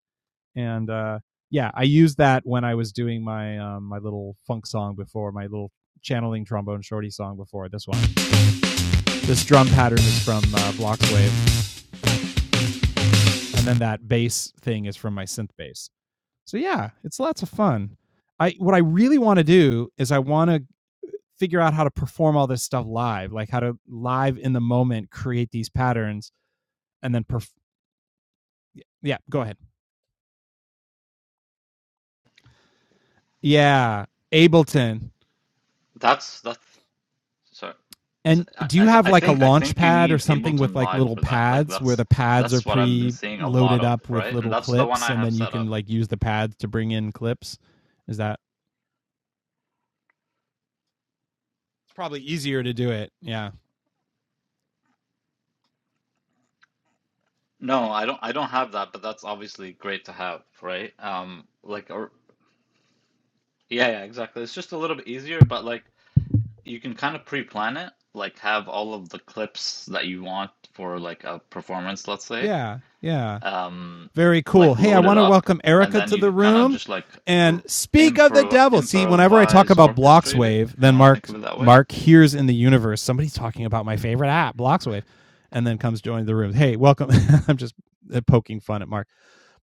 Speaker 1: And uh, yeah, I used that when I was doing my um, my little funk song before my little channeling trombone shorty song before this one. This drum pattern is from uh, Bloxwave, and then that bass thing is from my synth bass. So yeah, it's lots of fun. I what I really want to do is I want to figure out how to perform all this stuff live, like how to live in the moment create these patterns and then perf- yeah, go ahead. Yeah, Ableton.
Speaker 5: that's that's sorry. So,
Speaker 1: And
Speaker 5: I,
Speaker 1: do
Speaker 5: I,
Speaker 1: you
Speaker 5: th
Speaker 1: have
Speaker 5: I
Speaker 1: like a
Speaker 5: think I
Speaker 1: launch
Speaker 5: think you
Speaker 1: pad or
Speaker 5: need
Speaker 1: something with
Speaker 5: Ableton
Speaker 1: like
Speaker 5: Live
Speaker 1: little
Speaker 5: for that. Like
Speaker 1: pads where
Speaker 5: that's
Speaker 1: the pads are
Speaker 5: that's what I've been
Speaker 1: pre
Speaker 5: seeing a lot
Speaker 1: loaded
Speaker 5: of,
Speaker 1: up with
Speaker 5: right? And
Speaker 1: little
Speaker 5: that's the one
Speaker 1: clips
Speaker 5: I
Speaker 1: and
Speaker 5: have
Speaker 1: then you
Speaker 5: set
Speaker 1: can
Speaker 5: up.
Speaker 1: like use the pads to bring in clips? Is that it's probably easier to do it? Yeah.
Speaker 5: No, I don't I don't have that, but that's obviously great to have, right? Um, like or yeah, yeah, exactly. It's just a little bit easier, but like you can kind of pre-plan it, like have all of the clips that you want for like a performance, let's say,
Speaker 1: Yeah. Yeah.
Speaker 5: um,
Speaker 1: Very cool.
Speaker 5: like
Speaker 1: Hey, I
Speaker 5: load it
Speaker 1: want to
Speaker 5: up,
Speaker 1: welcome
Speaker 5: and
Speaker 1: Erica
Speaker 5: then
Speaker 1: to
Speaker 5: you
Speaker 1: the
Speaker 5: can kind of
Speaker 1: room
Speaker 5: just like
Speaker 1: and
Speaker 5: r-
Speaker 1: speak of the
Speaker 5: improv
Speaker 1: devil. See, whenever I talk
Speaker 5: improvise
Speaker 1: about
Speaker 5: orchestrate it,
Speaker 1: Blockswave,
Speaker 5: if you
Speaker 1: then
Speaker 5: want to think
Speaker 1: Mark
Speaker 5: of it that way.
Speaker 1: Mark hears in the universe somebody's talking about my favorite app, Blockswave, and then comes join the room. Hey, welcome. I'm just uh, poking fun at Mark,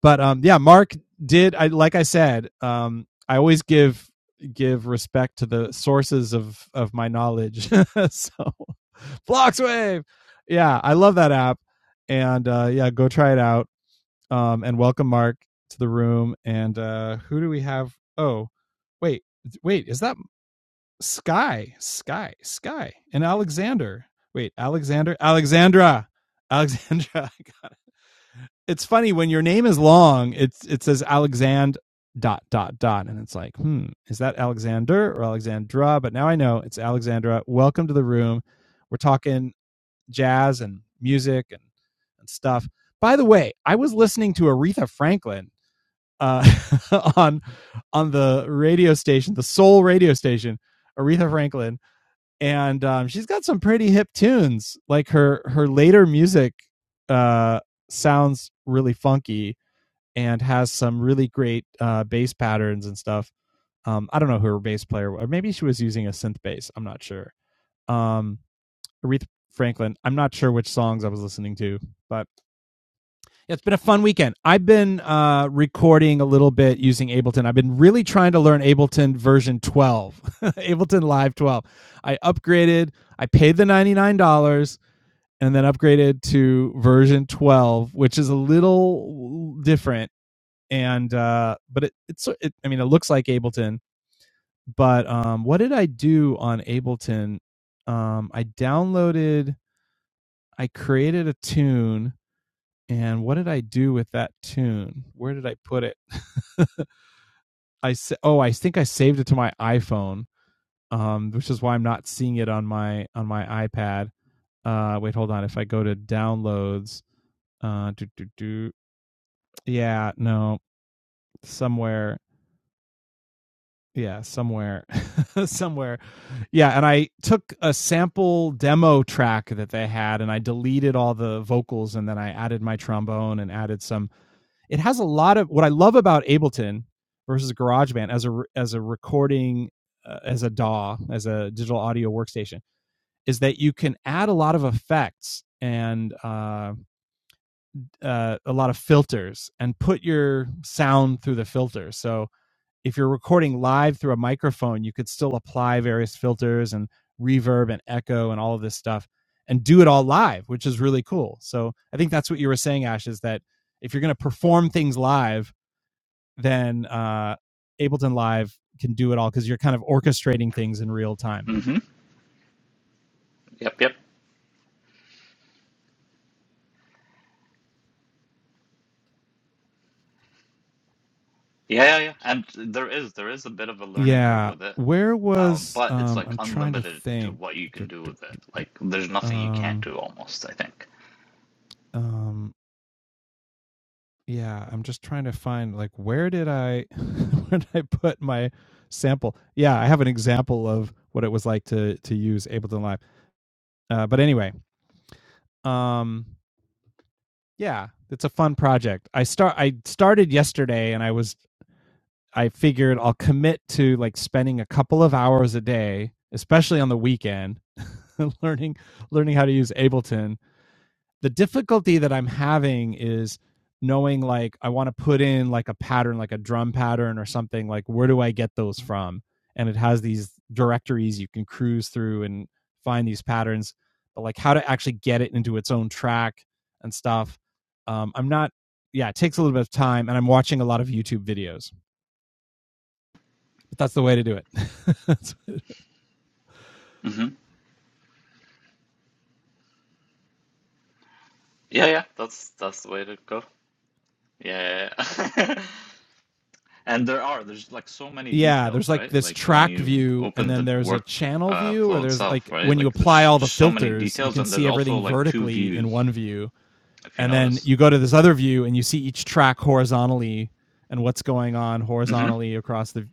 Speaker 1: but um, yeah, Mark did. I like I said, um, I always give give respect to the sources of of my knowledge. so Blockswave, yeah, I love that app, and uh, yeah, go try it out um, and welcome Mark to the room. And uh, who do we have? Oh, wait, wait, is that Sky? Sky, Sky, and Alexander. Wait, Alexander, Alexandra, Alexandra. I It's funny when your name is long. It's it says Alexand dot dot dot, and it's like, hmm, is that Alexander or Alexandra? But now I know it's Alexandra. Welcome to the room. We're talking jazz and music and and stuff. By the way, I was listening to Aretha Franklin uh, on on the radio station, the soul radio station, Aretha Franklin, and um, she's got some pretty hip tunes. Like her her later music uh, sounds really funky and has some really great uh, bass patterns and stuff. Um, I don't know who her bass player was. Or Maybe she was using a synth bass. I'm not sure. Um, Aretha Franklin. I'm not sure which songs I was listening to, but yeah, It's been a fun weekend. I've been uh, recording a little bit using Ableton. I've been really trying to learn Ableton version 12, Ableton Live 12. I upgraded, I paid the $99 and then upgraded to version 12, which is a little different. And, uh, but it, it's, it, I mean, it looks like Ableton, but um, what did I do on Ableton? Um, I downloaded, I created a tune and what did I do with that tune? Where did I put it? I sa- oh, I think I saved it to my iPhone, um, which is why I'm not seeing it on my on my iPad. Uh, wait, hold on. If I go to downloads, uh, do do do, yeah, no, somewhere, yeah, somewhere, somewhere. Yeah, and I took a sample demo track that they had and I deleted all the vocals and then I added my trombone and added some it has a lot of what I love about Ableton versus GarageBand as a as a recording uh, as a DAW as a digital audio workstation is that you can add a lot of effects and uh, uh, a lot of filters and put your sound through the filter. So if you're recording live through a microphone, you could still apply various filters and reverb and echo and all of this stuff and do it all live, which is really cool. So I think that's what you were saying, Ash, is that if you're going to perform things live, then uh, Ableton Live can do it all because you're kind of orchestrating things in real time.
Speaker 5: Mm-hmm. Yep, yep. Yeah, yeah, yeah. And there is there is a bit of a learning curve
Speaker 1: Yeah.
Speaker 5: with it.
Speaker 1: Where
Speaker 5: Um,
Speaker 1: was
Speaker 5: but it's
Speaker 1: um
Speaker 5: like
Speaker 1: I'm trying to
Speaker 5: unlimited to
Speaker 1: think.
Speaker 5: what you can do with it. Like there's nothing you can't
Speaker 1: Um
Speaker 5: do almost, I think.
Speaker 1: um yeah, I'm just trying to find like where did I where did I put my sample? Yeah, I have an example of what it was like to to use Ableton Live. Uh but anyway, um yeah, it's a fun project. I start I started yesterday and I was I figured I'll commit to like spending a couple of hours a day, especially on the weekend, learning learning how to use Ableton the difficulty that I'm having is knowing like I want to put in like a pattern, like a drum pattern or something. Like where do I get those from? And it has these directories you can cruise through and find these patterns, but like how to actually get it into its own track and stuff. Um, I'm not. Yeah, it takes a little bit of time, and I'm watching a lot of YouTube videos. But that's the way to do it. that's,
Speaker 5: hmm Yeah, yeah. That's that's the way to go. Yeah. yeah, yeah. And there are there's like so many
Speaker 1: yeah, there's
Speaker 5: details,
Speaker 1: like
Speaker 5: right?
Speaker 1: this
Speaker 5: Like when
Speaker 1: track
Speaker 5: you
Speaker 1: view and
Speaker 5: open
Speaker 1: then
Speaker 5: the
Speaker 1: there's a
Speaker 5: work
Speaker 1: channel
Speaker 5: uh,
Speaker 1: view or
Speaker 5: flow
Speaker 1: there's like
Speaker 5: itself, right?
Speaker 1: when you
Speaker 5: Like
Speaker 1: apply
Speaker 5: there's
Speaker 1: all the
Speaker 5: just so many
Speaker 1: filters, you
Speaker 5: details
Speaker 1: can
Speaker 5: and
Speaker 1: see
Speaker 5: there's also
Speaker 1: everything
Speaker 5: like two
Speaker 1: vertically in
Speaker 5: views
Speaker 1: one view
Speaker 5: if you
Speaker 1: and then
Speaker 5: notice.
Speaker 1: you go to this other view and you see each track horizontally and what's going on
Speaker 5: Mm-hmm.
Speaker 1: horizontally across the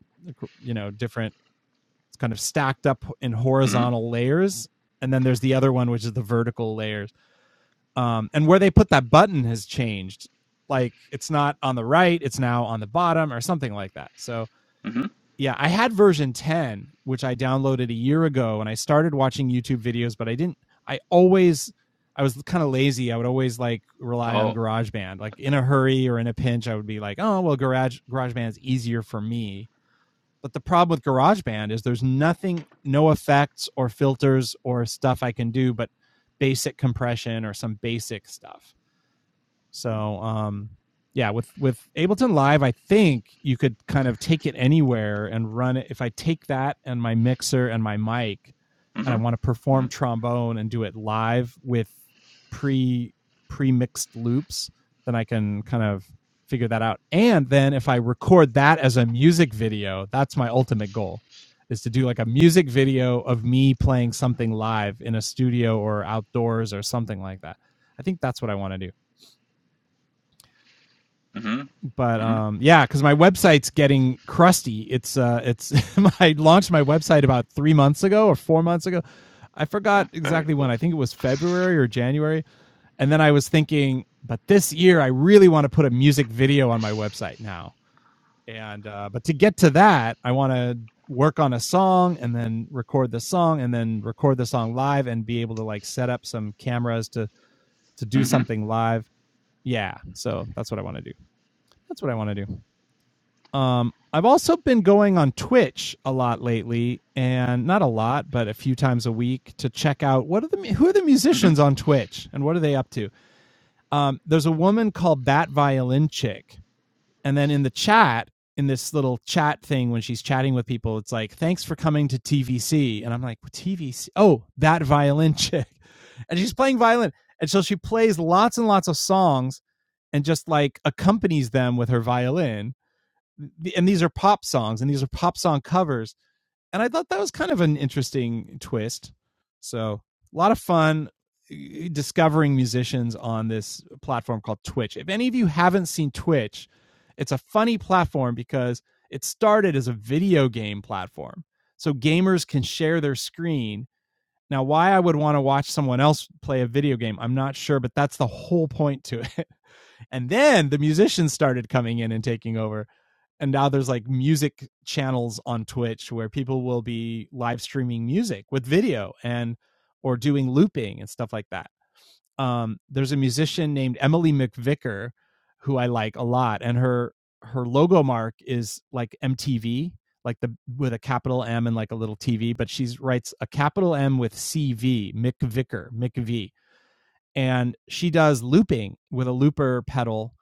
Speaker 1: you know, different it's kind of stacked up in
Speaker 5: Mm-hmm.
Speaker 1: horizontal layers and then there's the other one which is the vertical layers. um, and where they put that button has changed. Like it's not on the right; it's now on the bottom or something like that. So
Speaker 5: Mm-hmm.
Speaker 1: yeah, I had version ten, which I downloaded a year ago, and I started watching YouTube videos, but I didn't. I always I was kind of lazy. I would always like rely on
Speaker 5: Oh.
Speaker 1: GarageBand. Like in a hurry or in a pinch, I would be like, "Oh, well, Garage GarageBand is easier for me." But the problem with GarageBand is there's nothing, no effects or filters or stuff I can do, but basic compression or some basic stuff. So um yeah, with with Ableton Live, I think you could kind of take it anywhere and run it. If I take that and my mixer and my mic, and
Speaker 5: Mm-hmm.
Speaker 1: I want to
Speaker 5: Mm-hmm.
Speaker 1: perform trombone and do it live with pre pre mixed loops, then I can kind of figure that out. And then if I record that as a music video, that's my ultimate goal is to do like a music video of me playing something live in a studio or outdoors or something like that. I think that's what I want to do
Speaker 5: Mm-hmm. Mm-hmm.
Speaker 1: but um yeah because my website's getting crusty it's uh it's i launched my website about three months ago or four months ago i forgot
Speaker 5: Yeah, very
Speaker 1: exactly when
Speaker 5: cool.
Speaker 1: i think it was february or january and then i was thinking but this year i really want to put a music video on my website now and uh but to get to that i want to work on a song and then record the song and then record the song live and be able to like set up some cameras to to do
Speaker 5: hmm
Speaker 1: something live yeah so that's what i want to do that's what i want to do um, I've also been going on Twitch a lot lately, and not a lot, but a few times a week to check out what are the who are the
Speaker 5: hmm
Speaker 1: musicians on Twitch and what are they up to. Um, there's a woman called Bat Violin Chick, and then in the chat, in this little chat thing when she's chatting with people, it's like, "Thanks for coming to TVC," and I'm like, "TVC? Oh, that violin chick," and she's playing violin, and so she plays lots and lots of songs, and just like accompanies them with her violin and these are pop songs and these are pop song covers and i thought that was kind of an interesting twist so a lot of fun eh, discovering musicians on this platform called twitch if any of you haven't seen twitch it's a funny platform because it started as a video game platform so gamers can share their screen now why i would want to watch someone else play a video game i'm not sure but that's the whole point to and then the musicians started coming in and taking over and now there's like music channels on Twitch where people will be live streaming music with video and or doing looping and stuff like that. Um, there's a musician named Emily McVicker who I like a lot, and her her logo mark is like MTV, like the with a capital M and like a little TV, but she writes a capital M with CV McVicker McV, and she does looping with a looper pedal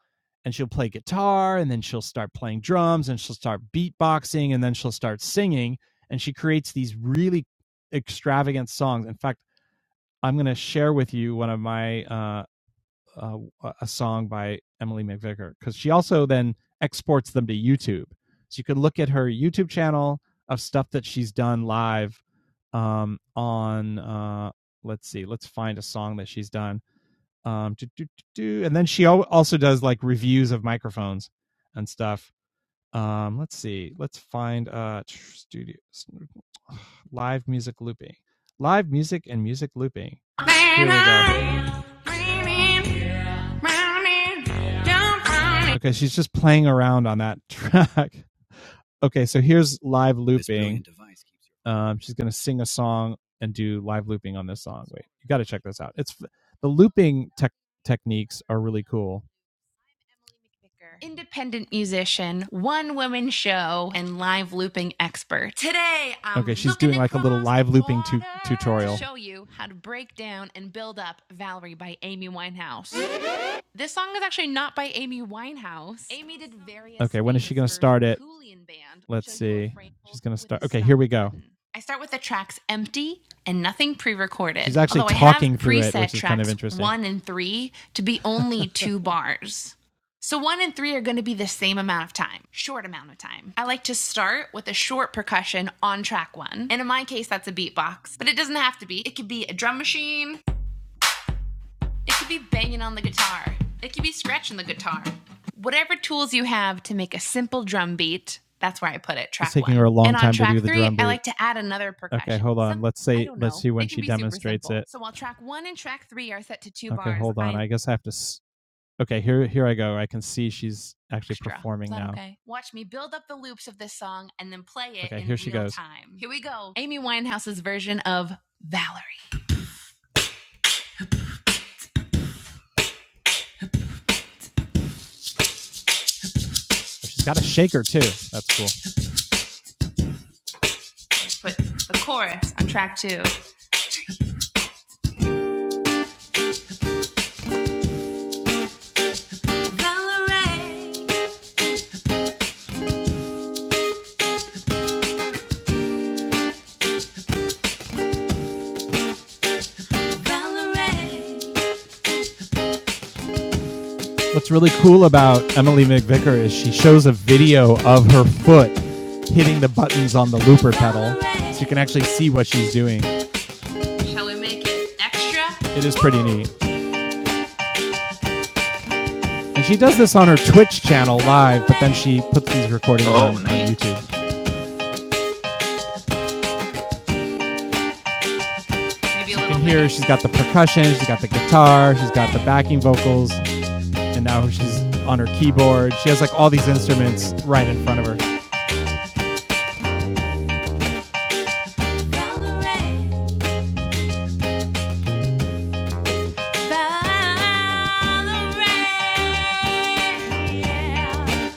Speaker 1: and she'll play guitar and then she'll start playing drums and she'll start beatboxing and then she'll start singing and she creates these really extravagant songs in fact i'm going to share with you one of my uh, uh a song by emily mcvicker because she also then exports them to youtube so you can look at her youtube channel of stuff that she's done live um on uh let's see let's find a song that she's done um, do, do, do, do. And then she also does like reviews of microphones and stuff. Um, let's see. Let's find uh studio live music looping, live music and music looping. Here we go. Okay, she's just playing around on that track. Okay, so here's live looping. Um, she's going to sing a song and do live looping on this song. Wait, you got to check this out. It's the looping tech techniques are really cool. Independent musician, one woman show, and live looping expert. Today, I'm Okay, she's doing like a little live looping tu- tutorial. To show you how to break down and build up Valerie by Amy Winehouse. This song is actually not by Amy Winehouse. Okay, when is she gonna start it? Let's see. She's gonna start. Okay, here we go. I start with the tracks empty and nothing pre-recorded. She's actually although talking through it, which is kind of interesting. One and three to be only two bars. So one and three are going to be the same amount of time, short amount of time. I like to start with a short percussion on track one, and in my case, that's a beatbox. But it doesn't have to be. It could be a drum machine, it could be banging on the guitar. It could be scratching the guitar. Whatever tools you have to make a simple drum beat, that's where I put it. Track It's taking one. her a long and time to track do the three, drum beat. I like to add another percussion. okay, hold on. Some- let's I see. Let's see when she demonstrates it. So while track one and track three are set to two okay, bars, Okay, hold on. i I guess I have to. S- okay, here, here I go. I can see she's actually extra. performing now. Okay. Watch me build up the loops of this song and then play it Okay, in here she real goes. time. Here we go. Amy Winehouse's version of Valerie. She's got a shaker too. That's cool. Put the chorus on track two. What's really cool about Emily McVicker is she shows a video of her foot hitting the buttons on the looper pedal, so you can actually see what she's doing. Shall we make it extra? It is pretty neat. And she does this on her Twitch channel live, but then she puts these recordings on,
Speaker 5: Oh,
Speaker 1: on
Speaker 5: neat.
Speaker 1: YouTube. Maybe a You can hear bit. she's got the percussion, she's got the guitar, she's got the backing vocals, and now she's on her keyboard. She has like all these instruments right in front of her. yeah.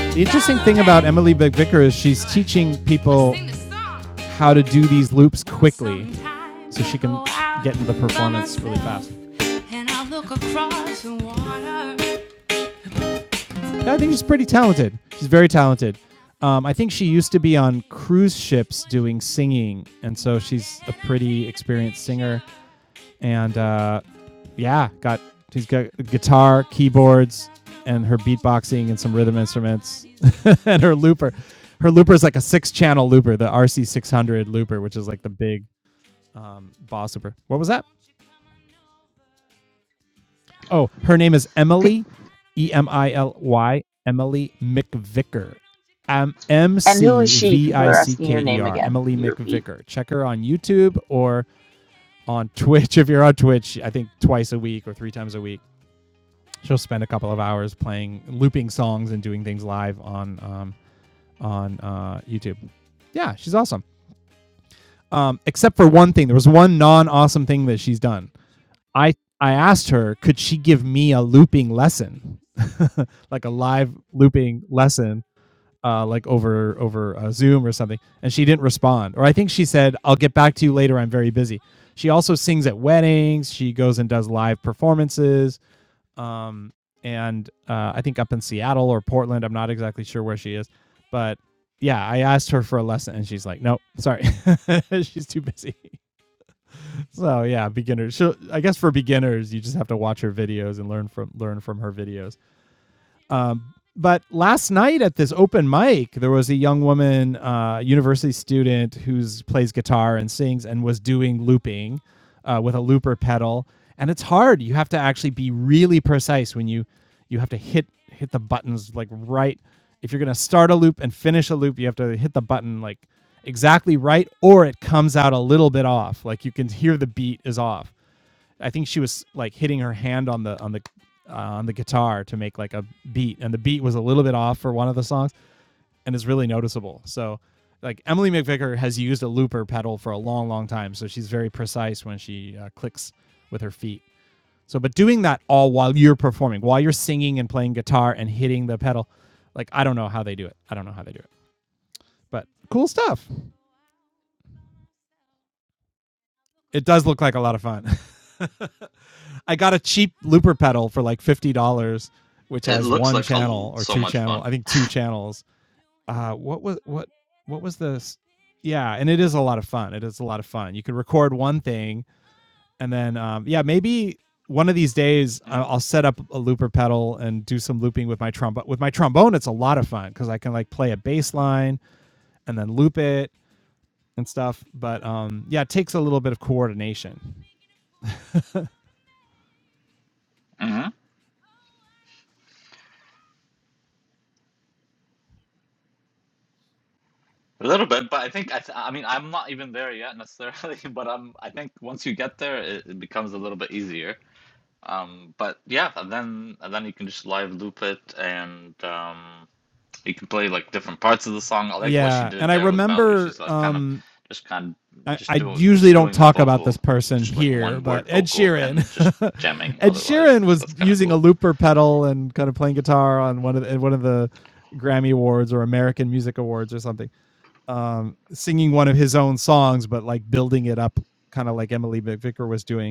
Speaker 1: The interesting thing about Emily McVicker is she's teaching people how to do these loops quickly so she can get into the performance really fast. I Yeah, I think she's pretty talented. She's very talented. Um, I think she used to be on cruise ships doing singing, and so she's a pretty experienced singer. and uh, yeah, got she's got guitar, keyboards, and her beatboxing and some rhythm instruments, and her looper. Her looper is like a six-channel looper, the RC600 looper, which is like the big um, boss looper. What was that? Oh, her name is
Speaker 2: Pe-
Speaker 1: Emily, E M I L Y, Emily McVicker. Um, M
Speaker 2: And who is
Speaker 1: C
Speaker 2: she?
Speaker 1: V
Speaker 2: People
Speaker 1: I
Speaker 2: are
Speaker 1: C
Speaker 2: asking
Speaker 1: K
Speaker 2: your
Speaker 1: E
Speaker 2: name
Speaker 1: R,
Speaker 2: again.
Speaker 1: Emily
Speaker 2: Can you repeat?
Speaker 1: McVicker. Check her on YouTube or on Twitch. If you're on Twitch, I think twice a week or three times a week. she'll spend a couple of hours playing looping songs and doing things live on um, on uh, YouTube. Yeah, she's awesome. Um, except for one thing, there was one non-awesome thing that she's done. I I asked her, could she give me a looping lesson, like a live looping lesson, uh, like over over uh, Zoom or something? And she didn't respond. Or I think she said, I'll get back to you later. I'm very busy. She also sings at weddings. She goes and does live performances um, and uh, I think up in Seattle or Portland. I'm not exactly sure where she is, but yeah, I asked her for a lesson, and she's like, "Nope, sorry, she's too busy." So yeah, beginners. She'll, I guess for beginners, you just have to watch her videos and learn from learn from her videos. Um, but last night at this open mic, there was a young woman, uh, university student, who plays guitar and sings and was doing looping uh, with a looper pedal. And it's hard. You have to actually be really precise when you you have to hit hit the buttons like right. If you're gonna start a loop and finish a loop, you have to hit the button like exactly right, or it comes out a little bit off. Like you can hear the beat is off. I think she was like hitting her hand on the on the uh, on the guitar to make like a beat, and the beat was a little bit off for one of the songs, and it's really noticeable. So, like Emily McVicker has used a looper pedal for a long, long time, so she's very precise when she uh, clicks with her feet. So, but doing that all while you're performing, while you're singing and playing guitar and hitting the pedal, like I don't know how they do it. I don't know how they do it, but cool stuff. It does look like a lot of fun. I got a cheap looper pedal for like fifty dollars, which
Speaker 5: It
Speaker 1: has
Speaker 5: looks
Speaker 1: one
Speaker 5: like a l
Speaker 1: channel or
Speaker 5: so
Speaker 1: two
Speaker 5: much
Speaker 1: channel.
Speaker 5: fun.
Speaker 1: I think two channels. Uh, what was what what was this? Yeah, and it is a lot of fun. It is a lot of fun. You could record one thing, and then um, yeah, maybe one of these days I-
Speaker 5: Mm.
Speaker 1: will set up a looper pedal and do some looping with my trombone. With my trombone, it's a lot of fun because I can like play a bass line and then loop it and stuff. But um, yeah, it takes a little bit of coordination.
Speaker 5: hmm A little bit, but I think I, th- I mean I'm not even there yet necessarily, but I'm I think once you get there, it, it becomes a little bit easier. Um, but yeah, and then and then you can just live loop it, and um, you can play like different parts of the song. I like what she
Speaker 1: Yeah,
Speaker 5: did
Speaker 1: and I
Speaker 5: there with Valerie. She's
Speaker 1: remember
Speaker 5: like kind of
Speaker 1: um,
Speaker 5: just kind of
Speaker 1: I,
Speaker 5: just
Speaker 1: I
Speaker 5: doing
Speaker 1: usually
Speaker 5: just
Speaker 1: don't
Speaker 5: doing the
Speaker 1: talk about this
Speaker 5: vocal,
Speaker 1: person
Speaker 5: just like
Speaker 1: here,
Speaker 5: one
Speaker 1: but
Speaker 5: word
Speaker 1: Ed
Speaker 5: vocal,
Speaker 1: Sheeran.
Speaker 5: and just jamming.
Speaker 1: Ed Sheeran
Speaker 5: Otherwise,
Speaker 1: was
Speaker 5: that's kind of
Speaker 1: using a
Speaker 5: cool.
Speaker 1: looper pedal and kind of playing guitar on one of the, one of the Grammy Awards or American Music Awards or something, um, singing one of his own songs, but like building it up, kind of like Emily McVicker was doing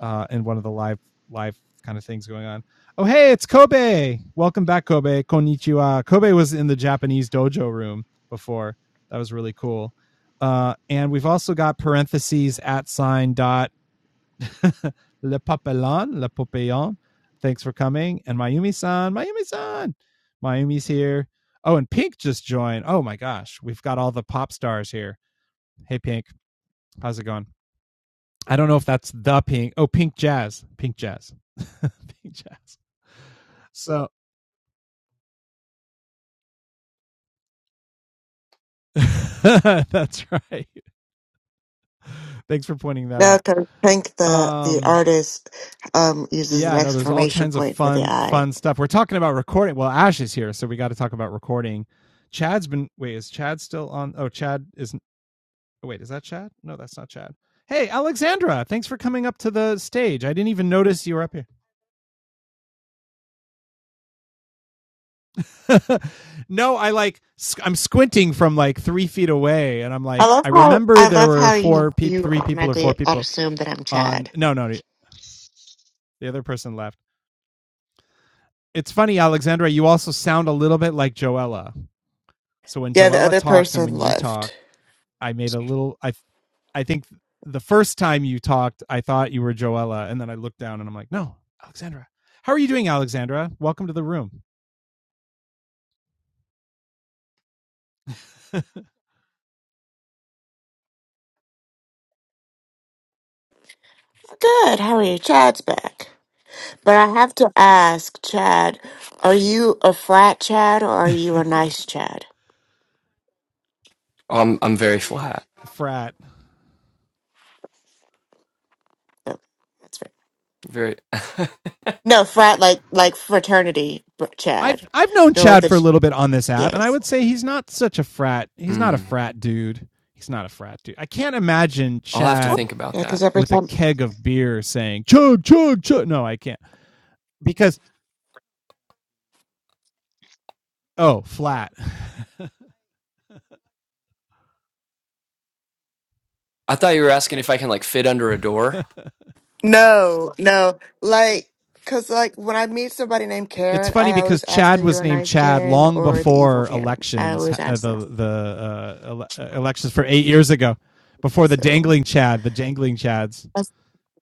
Speaker 1: uh, in one of the live live kind of things going on. Oh hey, it's Kobe. Welcome back, Kobe. Konnichiwa. Kobe was in the Japanese dojo room before. That was really cool. Uh, and we've also got parentheses at sign dot le papillon, le papillon. Thanks for coming. And Mayumi san, Mayumi san. Mayumi's here. Oh, and Pink just joined. Oh my gosh, we've got all the pop stars here. Hey, Pink, how's it going? I don't know if that's the pink. Oh, pink jazz, pink jazz, pink jazz. So that's right. Thanks for pointing that
Speaker 6: No,
Speaker 1: out.
Speaker 6: 'cause I think the the
Speaker 1: Um,
Speaker 6: artist um uses
Speaker 1: yeah,
Speaker 6: an
Speaker 1: I know there's all
Speaker 6: exclamation
Speaker 1: kinds of
Speaker 6: point for the
Speaker 1: fun,
Speaker 6: I.
Speaker 1: fun stuff. We're talking about recording. Well, Ash is here, so we got to talk about recording. Chad's been. Wait, is Chad still on? Oh, Chad isn't. oh, Wait, is that Chad? No, that's not Chad. Hey, Alexandra, thanks for coming up to the stage. I didn't even notice you were up here. no, I like I'm squinting from like three feet away, and I'm
Speaker 6: I
Speaker 1: like,
Speaker 6: love
Speaker 1: I
Speaker 6: how
Speaker 1: remember
Speaker 6: I
Speaker 1: there
Speaker 6: love
Speaker 1: were
Speaker 6: how you
Speaker 1: four people,
Speaker 6: you
Speaker 1: three people or four
Speaker 6: automatically
Speaker 1: people
Speaker 6: assume that I'm
Speaker 1: on.
Speaker 6: Chad.
Speaker 1: No, no, the other person left. It's funny, Alexandra. You also sound a little bit like Joella. So when
Speaker 6: Yeah, the
Speaker 1: Joella
Speaker 6: other
Speaker 1: talks and
Speaker 6: person
Speaker 1: when you talk,
Speaker 6: left.
Speaker 1: I made a little. I I think the first time you talked, I thought you were Joella, and then I looked down and I'm like, no, Alexandra. How are you doing, Alexandra? Welcome to the room.
Speaker 6: Good, how are you? Chad's back. But I have to ask, Chad, are you a frat Chad or are you a nice Chad?
Speaker 4: I'm I'm very flat.
Speaker 1: Frat.
Speaker 6: Oh, that's right.
Speaker 4: Very.
Speaker 6: No, frat like like fraternity br-
Speaker 1: I've
Speaker 6: Chad.
Speaker 1: I've known
Speaker 6: No, like
Speaker 1: Chad
Speaker 6: the
Speaker 1: for a little bit on this app, and I
Speaker 6: yes.
Speaker 1: would say he's not such a frat. He's not a
Speaker 4: mm,
Speaker 1: frat dude. He's not a frat dude. I can't imagine
Speaker 4: I'll have to
Speaker 1: Chad
Speaker 4: think about
Speaker 6: Yeah, because
Speaker 4: that.
Speaker 6: every
Speaker 1: with a
Speaker 6: time.
Speaker 1: keg of beer saying chug chug chug. No, I can't because oh flat.
Speaker 4: I thought you were asking if I can like fit under a door
Speaker 6: No, no. Like, cause like when I meet somebody named
Speaker 1: it's
Speaker 6: Karen,
Speaker 1: funny
Speaker 6: I
Speaker 1: because
Speaker 6: always ask
Speaker 1: Chad
Speaker 6: her,
Speaker 1: was
Speaker 6: "You're a
Speaker 1: named
Speaker 6: nice
Speaker 1: Chad
Speaker 6: Karen
Speaker 1: long
Speaker 6: or the evil
Speaker 1: before
Speaker 6: Karen?" I
Speaker 1: elections,
Speaker 6: always
Speaker 1: uh,
Speaker 6: ask that.
Speaker 1: the the uh, ele- uh, elections for eight years ago, before the
Speaker 6: So
Speaker 1: dangling Chad, the dangling Chads.
Speaker 6: that's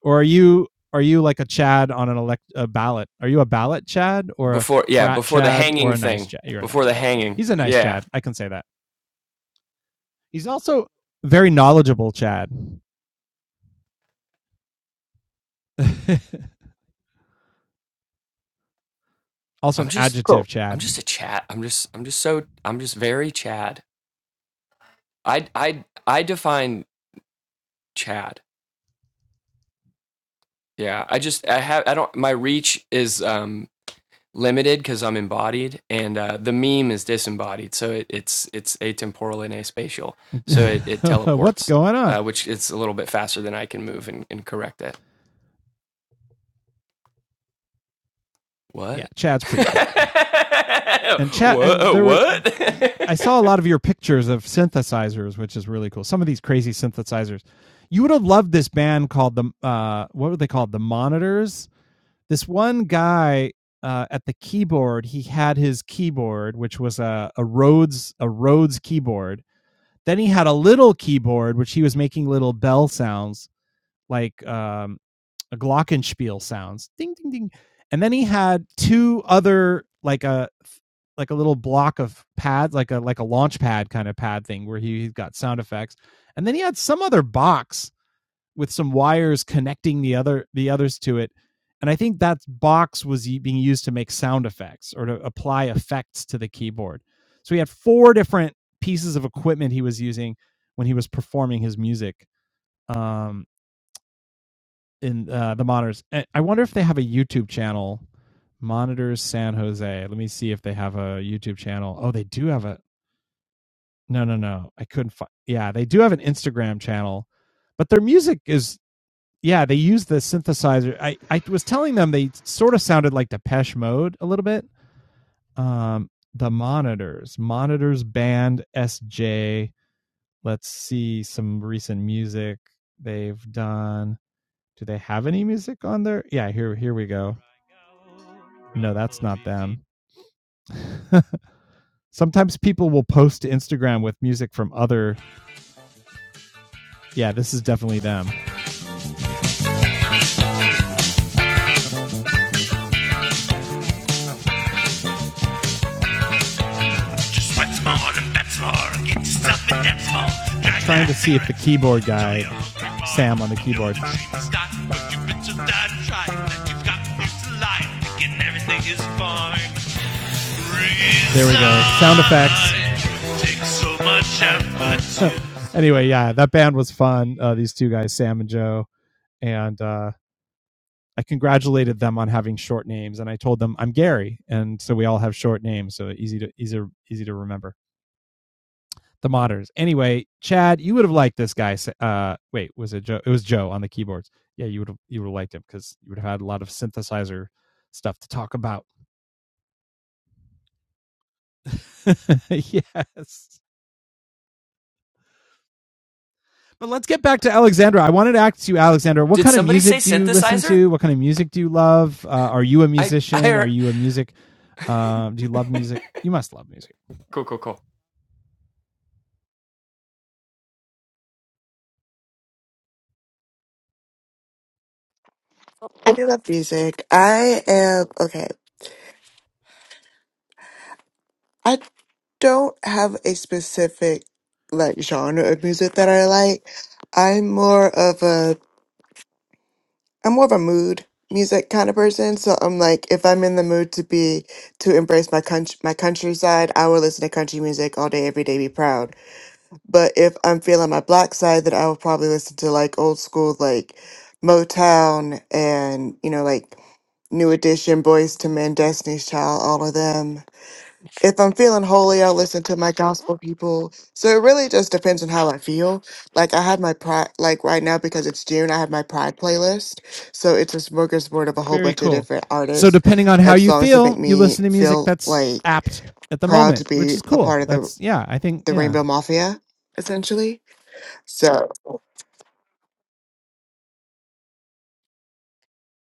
Speaker 1: or are you are you like a Chad on an elect a ballot? Are you a ballot Chad or a
Speaker 4: before. Yeah,
Speaker 1: frat
Speaker 4: before the
Speaker 1: Chad or
Speaker 4: hanging
Speaker 1: a nice
Speaker 4: thing.
Speaker 1: Chad? You're a
Speaker 4: Before
Speaker 1: nice
Speaker 4: the
Speaker 1: Chad.
Speaker 4: hanging.
Speaker 1: He's a nice
Speaker 4: Yeah.
Speaker 1: Chad. I can say that. He's also very knowledgeable Chad. also an
Speaker 4: I'm just.
Speaker 1: adjective
Speaker 6: cool.
Speaker 4: I'm
Speaker 1: Chad.
Speaker 4: just a Chad. I'm just. I'm just so. I'm just very Chad. I. I. I define Chad. Yeah. I just. I have. I don't. My reach is. Um. limited because I'm embodied, and uh, the meme is disembodied, so it, it's it's atemporal and aspatial, so it, it
Speaker 1: What's
Speaker 4: teleports,
Speaker 1: going on?
Speaker 4: uh, which it's a little bit faster than I can move and, and correct that.
Speaker 1: Yeah,
Speaker 4: What?
Speaker 1: Chad's pretty cool. And Chad and
Speaker 4: what?
Speaker 1: there were I
Speaker 4: What?
Speaker 1: saw a lot of your pictures of synthesizers, which is really cool. Some of these crazy synthesizers. You would have loved this band called the uh what were they called? The Monitors this one guy uh, at the keyboard, he had his keyboard, which was a, a Rhodes a Rhodes keyboard. Then he had a little keyboard, which he was making little bell sounds, like um, a glockenspiel sounds, ding ding ding. And then he had two other like a like a little block of pads, like a like a launch pad kind of pad thing, where he, he got sound effects. And then he had some other box with some wires connecting the other the others to it and i think that box was being used to make sound effects or to apply effects to the keyboard so he had four different pieces of equipment he was using when he was performing his music um, in uh, the monitors And i wonder if they have a youtube channel monitors san jose let me see if they have a youtube channel oh they do have a no no no i couldn't find yeah they do have an instagram channel but their music is yeah, they use the synthesizer. I, I was telling them they sort of sounded like Depeche Mode a little bit. Um, the monitors, monitors band SJ. Let's see some recent music they've done. Do they have any music on there? Yeah, here here we go. No, that's not them. Sometimes people will post to Instagram with music from other. Yeah, this is definitely them. Just once more and that's more. Get yourself and that's more. Try Trying to see if the keyboard guy, Sam on the keyboard, There we go. Sound effects. It takes so much effort anyway, yeah, that band was fun. Uh, these two guys, Sam and Joe, and uh, I congratulated them on having short names, and I told them I'm Gary, and so we all have short names, so easy to easy easy to remember. the monitors. Anyway, Chad, you would have liked this guy. Uh, wait, was it Joe? It was Joe on the keyboards. Yeah, you would have you would have liked him because you would have had a lot of synthesizer stuff to talk about. yes. But let's get back to Alexandra. I wanted to ask you, Alexandra, what
Speaker 4: Did
Speaker 1: kind of
Speaker 4: somebody say
Speaker 1: music do you listen
Speaker 4: synthesizer?
Speaker 1: to? What kind of music do you love? Uh, are you a
Speaker 4: I I
Speaker 1: musician? Are
Speaker 4: heard.
Speaker 1: you a music? Uh, do you love music? You must love music.
Speaker 4: Cool, cool, cool.
Speaker 6: I do love music. I am okay. I don't have a specific like genre of music that I like. I'm more of a I'm more of a mood music kind of person. So I'm like, if I'm in the mood to be to embrace my country my countryside, I will listen to country music all day, every day, be proud But if I'm feeling my black side, then I will probably listen to like old school, like Motown and, you know, like New Edition, Boys to Men, Destiny's Child, all of them. If I'm feeling holy, I'll listen to my gospel people. So it really just depends on how I feel. Like I had my pride, like right now because it's June, I have my pride playlist. So it's a smorgasbord of a whole
Speaker 1: Very
Speaker 6: bunch of
Speaker 1: cool.
Speaker 6: different
Speaker 1: So,
Speaker 6: artists
Speaker 1: depending on how
Speaker 6: and
Speaker 1: you
Speaker 6: songs that make
Speaker 1: feel, you
Speaker 6: me
Speaker 1: listen to music
Speaker 6: feel
Speaker 1: that's
Speaker 6: like
Speaker 1: apt at the
Speaker 6: proud to
Speaker 1: moment, which
Speaker 6: be
Speaker 1: is
Speaker 6: a
Speaker 1: cool.
Speaker 6: part of the
Speaker 1: That's yeah. I think
Speaker 6: the
Speaker 1: yeah.
Speaker 6: Rainbow Mafia, essentially. So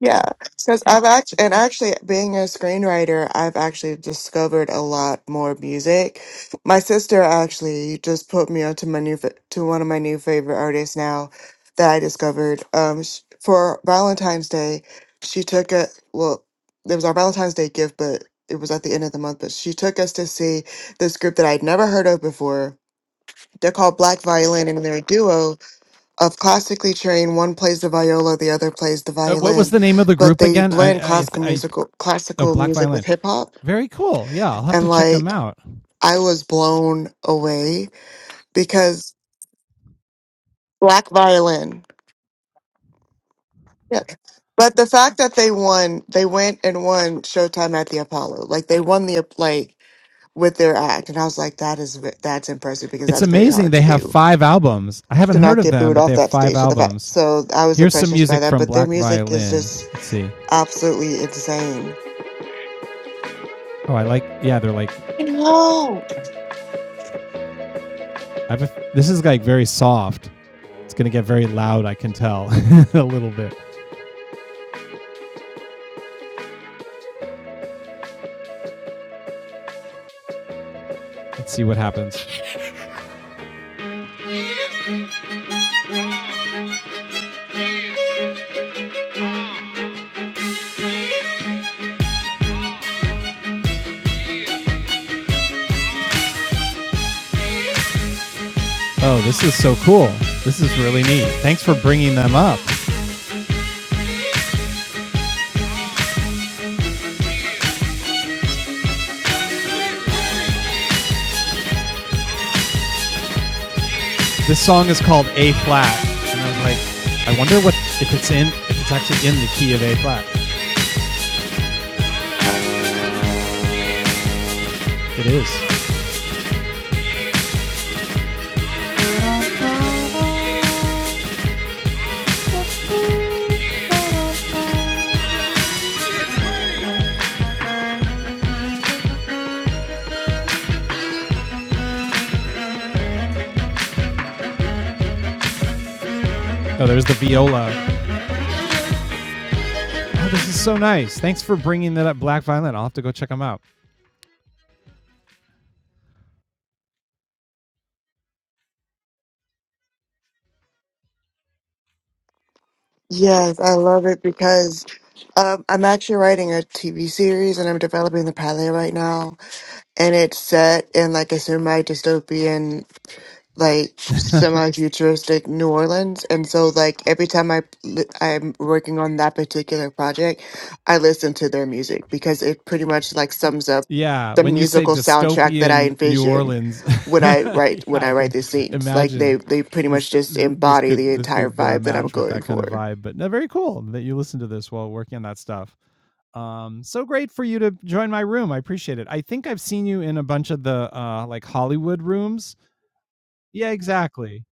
Speaker 6: yeah, because I've actually and actually being a screenwriter, I've actually discovered a lot more music. My sister actually just put me onto my new fa- to one of my new favorite artists now that I discovered. Um, sh- for Valentine's Day, she took a well, it was our Valentine's Day gift, but it was at the end of the month. But she took us to see this group that I'd never heard of before. They're called Black Violin, and they're a duo of classically trained. One plays the viola, the other plays the
Speaker 1: Uh, what was
Speaker 6: violin,
Speaker 1: the name of the
Speaker 6: but
Speaker 1: group
Speaker 6: they
Speaker 1: again?
Speaker 6: blend
Speaker 1: I I,
Speaker 6: classical
Speaker 1: I
Speaker 6: musical
Speaker 1: Oh,
Speaker 6: classical
Speaker 1: Black
Speaker 6: music with
Speaker 1: Violin.
Speaker 6: hip hop.
Speaker 1: Very cool. Yeah, I'll have to
Speaker 6: And
Speaker 1: check them
Speaker 6: like
Speaker 1: out.
Speaker 6: I was blown away because black violin. Yeah. But the fact that they won, they went and won Showtime at the Apollo. Like they won the like with their act, and I was like, that is ve- that's impressive because
Speaker 1: It's
Speaker 6: that's very
Speaker 1: amazing
Speaker 6: hard
Speaker 1: they
Speaker 6: to
Speaker 1: have
Speaker 6: do
Speaker 1: five albums. I haven't
Speaker 6: to
Speaker 1: heard
Speaker 6: not
Speaker 1: of
Speaker 6: get
Speaker 1: them,
Speaker 6: booed
Speaker 1: but they
Speaker 6: off
Speaker 1: have
Speaker 6: that
Speaker 1: five
Speaker 6: stage. So the fact,
Speaker 1: albums.
Speaker 6: so I was
Speaker 1: Here's
Speaker 6: impressed
Speaker 1: some
Speaker 6: just by
Speaker 1: music
Speaker 6: that.
Speaker 1: from
Speaker 6: But their
Speaker 1: Black
Speaker 6: music is
Speaker 1: Violin.
Speaker 6: just
Speaker 1: Let's see.
Speaker 6: absolutely insane
Speaker 1: Oh, I like. Yeah, they're like.
Speaker 6: I know.
Speaker 1: I've a, this is like very soft. It's gonna get very loud. I can tell a little bit. Let's see what happens. Oh, this is so cool. This is really neat. Thanks for bringing them up. This song is called A flat, and I was like, I wonder what if it's in if it's actually in the key of A flat. It is. Oh, there's the viola. Oh, this is so nice. Thanks for bringing that up, Black Violin. I'll have to go check them out.
Speaker 6: Yes, I love it because um, I'm actually writing a TV series and I'm developing the pilot right now. And it's set in like a semi dystopian like semi-futuristic New Orleans, and so like every time I li- I'm working on that particular project, I listen to their music because it pretty much like sums up
Speaker 1: Yeah,
Speaker 6: the
Speaker 1: when you say
Speaker 6: musical soundtrack that I
Speaker 1: dystopian New
Speaker 6: envision
Speaker 1: Orleans,
Speaker 6: when I
Speaker 1: yeah,
Speaker 6: write when I
Speaker 1: I
Speaker 6: write
Speaker 1: can
Speaker 6: these scenes. Like they
Speaker 1: imagine
Speaker 6: they pretty much
Speaker 1: this.
Speaker 6: just
Speaker 1: This
Speaker 6: embody the
Speaker 1: could this
Speaker 6: entire
Speaker 1: could uh,
Speaker 6: vibe that I'm
Speaker 1: match with
Speaker 6: going
Speaker 1: that kind of
Speaker 6: for.
Speaker 1: vibe. But no, very cool that you listen to this while working on that stuff. Um, so great for you to join my room. I appreciate it. I think I've seen you in a bunch of the uh like Hollywood rooms. Yeah, exactly.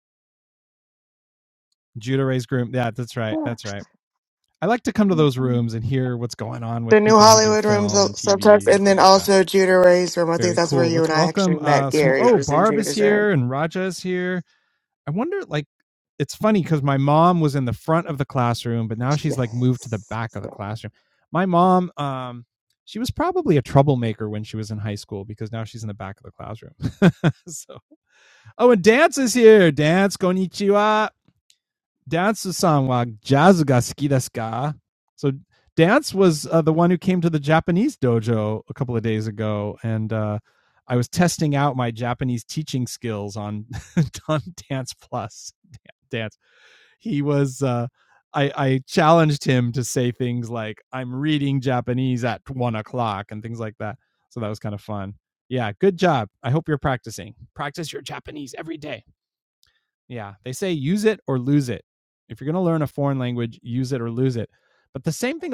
Speaker 1: Judah Ray's groom. Yeah, that's right. That's right. I like to come to those rooms and hear what's going on with
Speaker 6: The New
Speaker 1: people who do
Speaker 6: Hollywood Room
Speaker 1: film
Speaker 6: so-
Speaker 1: and TV
Speaker 6: subtext,
Speaker 1: and
Speaker 6: and
Speaker 1: stuff
Speaker 6: then
Speaker 1: like that.
Speaker 6: also Judah Ray's room. I think
Speaker 1: Very
Speaker 6: that's where
Speaker 1: cool.
Speaker 6: you
Speaker 1: Let's
Speaker 6: and I actually
Speaker 1: welcome
Speaker 6: met.
Speaker 1: uh some
Speaker 6: Gary
Speaker 1: oh,
Speaker 6: was in
Speaker 1: Barb is
Speaker 6: Judah's
Speaker 1: here
Speaker 6: room
Speaker 1: and Raja is here. I wonder like it's funny because my mom was in the front of the classroom, but now she's like moved to the
Speaker 6: Yes.
Speaker 1: back of the classroom. My mom, um, she was probably a troublemaker when she was in high school because now she's in the back of the classroom. so, oh, and dance is here. Dance, konnichiwa dance san wa jazz ga suki desu ka? So dance was uh, the one who came to the Japanese dojo a couple of days ago, and uh, I was testing out my Japanese teaching skills on on Dance Plus Dance. He was. Uh, I, I challenged him to say things like "I'm reading Japanese at one o'clock" and things like that. So that was kind of fun. Yeah, good job. I hope you're practicing. Practice your Japanese every day. Yeah, they say use it or lose it. If you're going to learn a foreign language, use it or lose it. But the same thing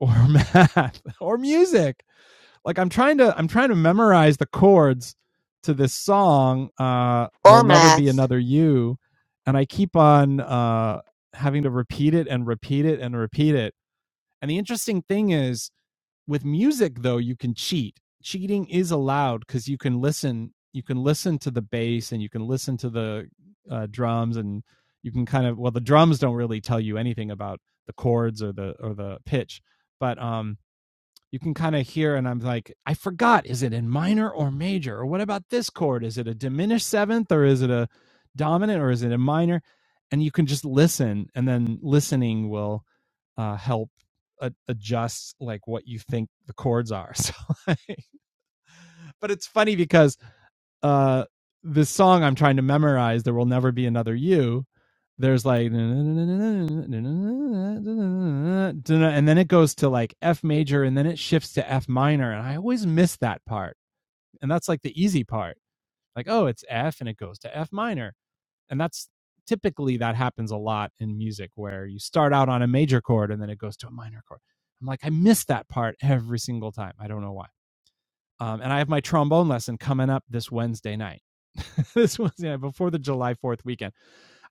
Speaker 1: or math or music. Like I'm trying to I'm trying to memorize the chords to this song uh there'll
Speaker 6: or
Speaker 1: never be
Speaker 6: Matt's.
Speaker 1: another you and I keep on uh having to repeat it and repeat it and repeat it. And the interesting thing is with music though you can cheat cheating is allowed because you can listen you can listen to the bass and you can listen to the uh, drums and you can kind of well the drums don't really tell you anything about the chords or the or the pitch but um you can kind of hear and i'm like i forgot is it in minor or major or what about this chord is it a diminished seventh or is it a dominant or is it a minor and you can just listen and then listening will uh, help a- adjust like what you think the chords are so like, but it's funny because uh this song I'm trying to memorize, There Will Never Be Another You, there's like and then it goes to like F major and then it shifts to F minor. And I always miss that part. And that's like the easy part. Like, oh, it's F and it goes to F minor. And that's typically that happens a lot in music where you start out on a major chord and then it goes to a minor chord. I'm like, I miss that part every single time. I don't know why. Um, and I have my trombone lesson coming up this Wednesday night. this Wednesday night before the July 4th weekend.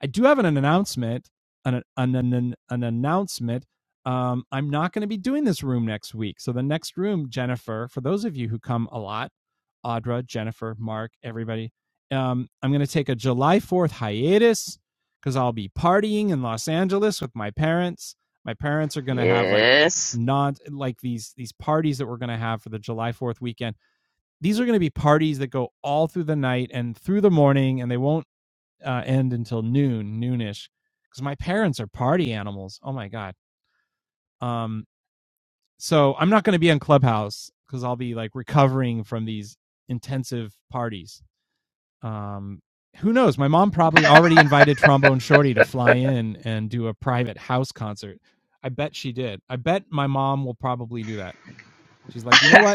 Speaker 1: I do have an announcement, an, an, an, an announcement. Um, I'm not going to be doing this room next week. So the next room, Jennifer, for those of you who come a lot, Audra, Jennifer, Mark, everybody, um, I'm going to take a July 4th hiatus because I'll be partying in Los Angeles with my parents. My parents are going to have like
Speaker 2: Yes.
Speaker 1: not like these these parties that we're going to have for the July 4th weekend these are going to be parties that go all through the night and through the morning, and they won't uh, end until noon, noonish, because my parents are party animals. Oh my god. Um, so I'm not going to be on Clubhouse because I'll be like recovering from these intensive parties. Um, who knows? My mom probably already invited Trombone Shorty to fly in and do a private house concert. I bet she did. I bet my mom will probably do that. She's like, you know what?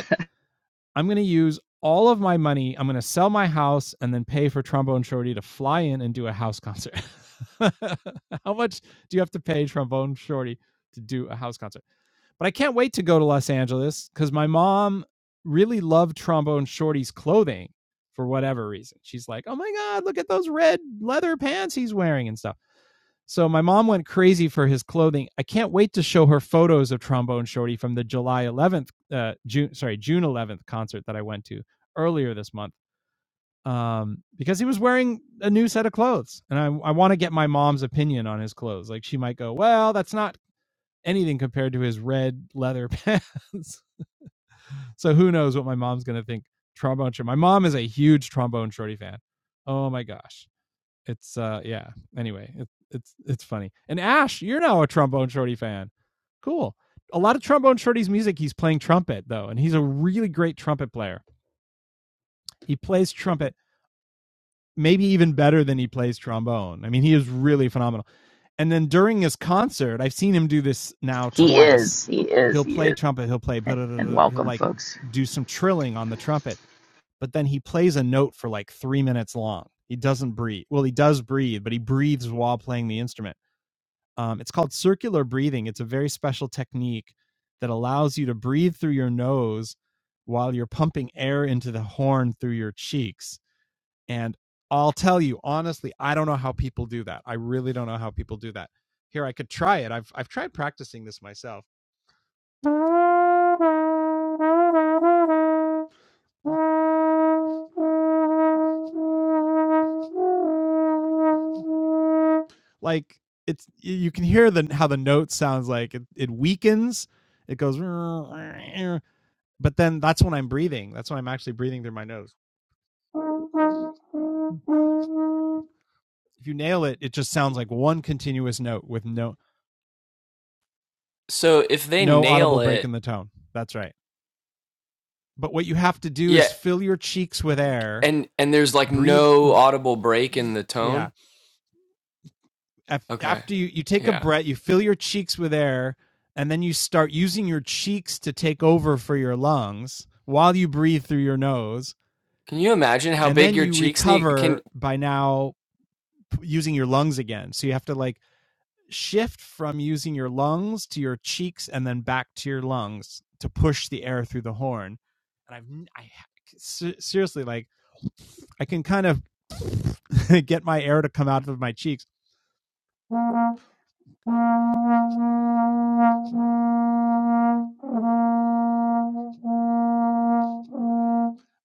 Speaker 1: I'm going to use all of my money. I'm going to sell my house and then pay for Trombone Shorty to fly in and do a house concert. How much do you have to pay Trombone Shorty to do a house concert? But I can't wait to go to Los Angeles because my mom really loved Trombone Shorty's clothing for whatever reason. She's like, oh my God, look at those red leather pants he's wearing and stuff. So my mom went crazy for his clothing. I can't wait to show her photos of Trombone Shorty from the July 11th, uh, June, sorry, June 11th concert that I went to earlier this month um, because he was wearing a new set of clothes. And I, I want to get my mom's opinion on his clothes. Like she might go, well, that's not anything compared to his red leather pants. so who knows what my mom's going to think. Trombone Shorty. My mom is a huge Trombone Shorty fan. Oh my gosh it's uh yeah anyway it, it's it's funny and ash you're now a trombone shorty fan cool a lot of trombone shorty's music he's playing trumpet though and he's a really great trumpet player he plays trumpet maybe even better than he plays trombone i mean he is really phenomenal and then during his concert i've seen him do this now
Speaker 2: He
Speaker 1: twice
Speaker 2: is. He is.
Speaker 1: he'll
Speaker 2: He
Speaker 1: play
Speaker 2: is.
Speaker 1: trumpet he'll play
Speaker 2: And
Speaker 1: but he'll
Speaker 2: welcome,
Speaker 1: like
Speaker 2: folks.
Speaker 1: do some trilling on the trumpet but then he plays a note for like three minutes long he doesn't breathe well he does breathe but he breathes while playing the instrument Um, it's called circular breathing. It's a very special technique that allows you to breathe through your nose while you're pumping air into the horn through your cheeks. And I'll tell you honestly, I don't know how people do that. I really don't know how people do that. Here, I could try it. I've I've tried practicing this myself. Like it's you can hear the how the note sounds like it, it weakens. It goes, but then that's when I'm breathing. That's when I'm actually breathing through my nose. if you nail it, it just sounds like one continuous note with no
Speaker 4: So if they
Speaker 1: no audible
Speaker 4: nail
Speaker 1: break
Speaker 4: it,
Speaker 1: in the tone. That's right. But what you have to do
Speaker 4: yeah,
Speaker 1: is fill your cheeks with air,
Speaker 4: and and there's like
Speaker 1: breathe.
Speaker 4: no audible break in the
Speaker 1: Yeah.
Speaker 4: tone. Okay,
Speaker 1: After you you take a
Speaker 4: yeah.
Speaker 1: breath, you fill your cheeks with air, and then you start using your cheeks to take over for your lungs while you breathe through your nose,
Speaker 4: Can you imagine how
Speaker 1: and
Speaker 4: big
Speaker 1: then
Speaker 4: your
Speaker 1: you
Speaker 4: cheeks need? Can
Speaker 1: recover by now using your lungs again. So you have to like shift from using your lungs to your cheeks and then back to your lungs to push the air through the horn. And I've n- i have I seriously like I can kind of get my air to come out of my cheeks.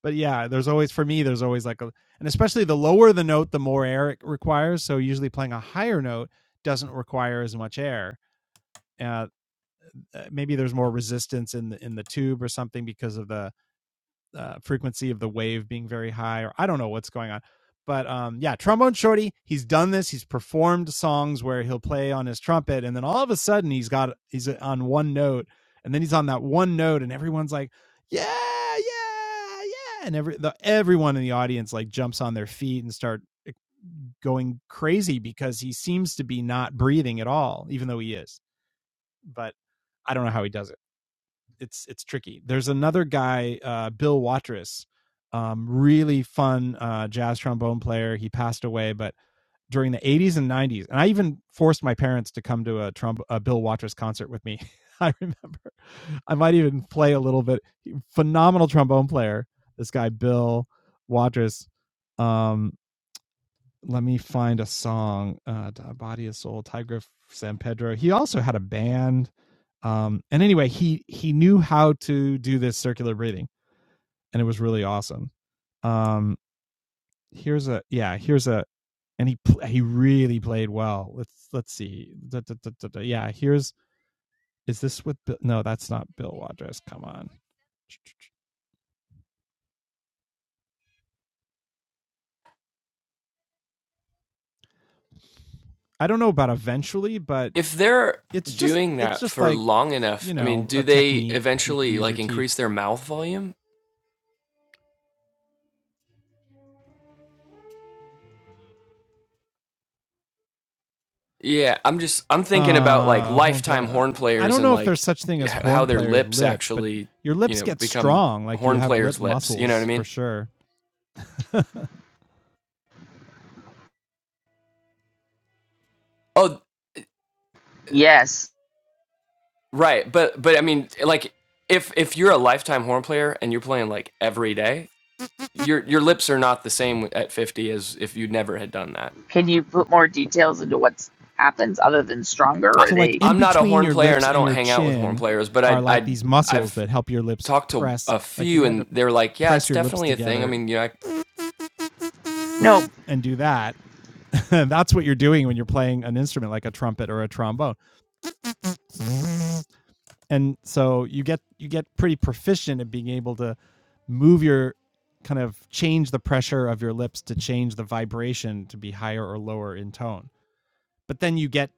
Speaker 1: But yeah, there's always for me there's always like a and especially the lower the note the more air it requires, so usually playing a higher note doesn't require as much air. Uh, uh, maybe there's more resistance in the in the tube or something because of the uh, frequency of the wave being very high, or I don't know what's going on. But um, yeah, trombone shorty, he's done this. He's performed songs where he'll play on his trumpet, and then all of a sudden he's got he's uh, on one note, and then he's on that one note, and everyone's like, yeah, yeah, yeah, and every the, everyone in the audience like jumps on their feet and start eh, going crazy because he seems to be not breathing at all, even though he is. But I don't know how he does it it's it's tricky. There's another guy, uh, Bill Watrous, um, really fun uh, jazz trombone player. He passed away, but during the 80s and 90s, and I even forced my parents to come to a, tromb- a Bill Watrous concert with me. I remember. I might even play a little bit. Phenomenal trombone player, this guy Bill Watrous. Um, let me find a song uh body of soul tiger san pedro he also had a band um and anyway he he knew how to do this circular breathing and it was really awesome um here's a yeah here's a and he he really played well let's let's see Da- da- da- da- da. yeah here's is this with bill? no that's not bill wadress come on i don't know about eventually but
Speaker 4: If they're
Speaker 1: it's just
Speaker 4: doing
Speaker 1: it's
Speaker 4: that
Speaker 1: just
Speaker 4: for
Speaker 1: like
Speaker 4: long enough,
Speaker 1: you
Speaker 4: I mean,
Speaker 1: know
Speaker 4: do
Speaker 1: a
Speaker 4: they
Speaker 1: technique you can
Speaker 4: eventually
Speaker 1: use your
Speaker 4: like
Speaker 1: teeth
Speaker 4: increase their mouth volume? Yeah, I'm just I'm thinking about like
Speaker 1: uh horn
Speaker 4: lifetime
Speaker 1: player i
Speaker 4: horn players
Speaker 1: don't
Speaker 4: and
Speaker 1: know if there's
Speaker 4: like
Speaker 1: such thing
Speaker 4: h-
Speaker 1: as
Speaker 4: how
Speaker 1: horn
Speaker 4: their
Speaker 1: player's
Speaker 4: lips
Speaker 1: lips but
Speaker 4: actually,
Speaker 1: your
Speaker 4: you
Speaker 1: lips
Speaker 4: know,
Speaker 1: get
Speaker 4: become
Speaker 1: strong like you
Speaker 4: horn
Speaker 1: have lip
Speaker 4: players' lips, you know what I
Speaker 1: muscles for
Speaker 4: mean?
Speaker 1: sure
Speaker 4: Oh,
Speaker 2: Yes.
Speaker 4: right, but but I mean, like if if you're a lifetime horn player and you're playing like every day, your your lips are not the same at 50 as if you never had done that.
Speaker 2: Can you put more details into what happens other than stronger?
Speaker 4: I,
Speaker 2: Are
Speaker 1: so like
Speaker 2: they
Speaker 1: in
Speaker 4: I'm not a
Speaker 1: between
Speaker 4: horn
Speaker 1: your
Speaker 4: player and
Speaker 1: lips
Speaker 4: I
Speaker 1: and
Speaker 4: don't
Speaker 1: your
Speaker 4: hang out with horn
Speaker 1: chin
Speaker 4: players, but
Speaker 1: are
Speaker 4: I
Speaker 1: like
Speaker 4: I
Speaker 1: these muscles
Speaker 4: I've
Speaker 1: that help your lips
Speaker 4: talked to
Speaker 1: press
Speaker 4: a
Speaker 1: like if
Speaker 4: few
Speaker 1: you had to
Speaker 4: and they are like, yeah,
Speaker 1: press
Speaker 4: it's
Speaker 1: your lips
Speaker 4: definitely a thing. I
Speaker 1: together
Speaker 4: mean, you know, I,
Speaker 2: no.
Speaker 1: and do that that's what you're doing when you're playing an instrument like a trumpet or a trombone and so you get you get pretty proficient at being able to move your kind of change the pressure of your lips to change the vibration to be higher or lower in tone but then you get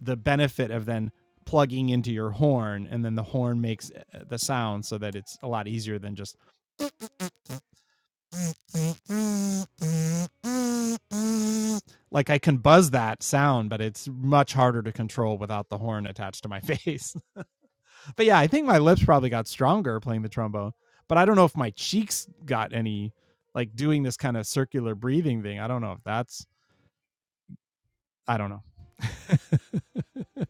Speaker 1: the benefit of then plugging into your horn and then the horn makes uh, the sound so that it's a lot easier than just like I can buzz that sound but it's much harder to control without the horn attached to my face But yeah, I think my lips probably got stronger playing the trombone, but I don't know if my cheeks got any like doing this kind of circular breathing thing. I don't know if that's I don't know.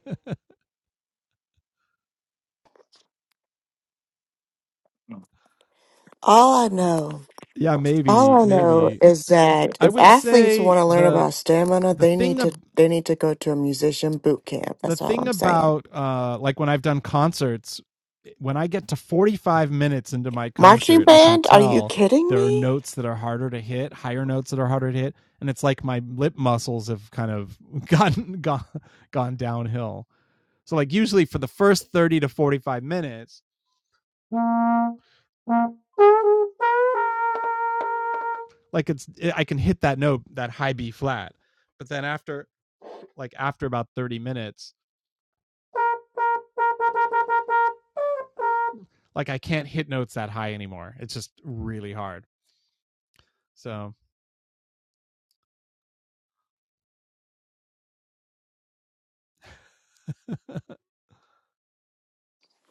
Speaker 6: All I know.
Speaker 1: yeah,
Speaker 6: All
Speaker 1: maybe
Speaker 6: I know
Speaker 1: maybe
Speaker 6: is that
Speaker 1: I
Speaker 6: if
Speaker 1: would
Speaker 6: athletes want
Speaker 1: say
Speaker 6: to learn
Speaker 1: the
Speaker 6: about stamina,
Speaker 1: the
Speaker 6: they need
Speaker 1: thing
Speaker 6: to
Speaker 1: ab-
Speaker 6: they need to go to a musician boot camp.
Speaker 1: the
Speaker 6: That's all
Speaker 1: thing
Speaker 6: I'm saying.
Speaker 1: about uh like when I've done concerts, eh, when I get to 45 minutes into my
Speaker 6: Marching
Speaker 1: concert, I can
Speaker 6: band? Are you
Speaker 1: tell
Speaker 6: kidding
Speaker 1: there are
Speaker 6: me?
Speaker 1: notes that are harder to hit, higher notes that are harder to hit, and it's like my lip muscles have kind of gone gone gone downhill. So like usually for the first 30 to 45 minutes, like it's eh, I can hit that note, that high B flat. But then after like after about 30 minutes, like I can't hit notes that high anymore. It's just really hard. So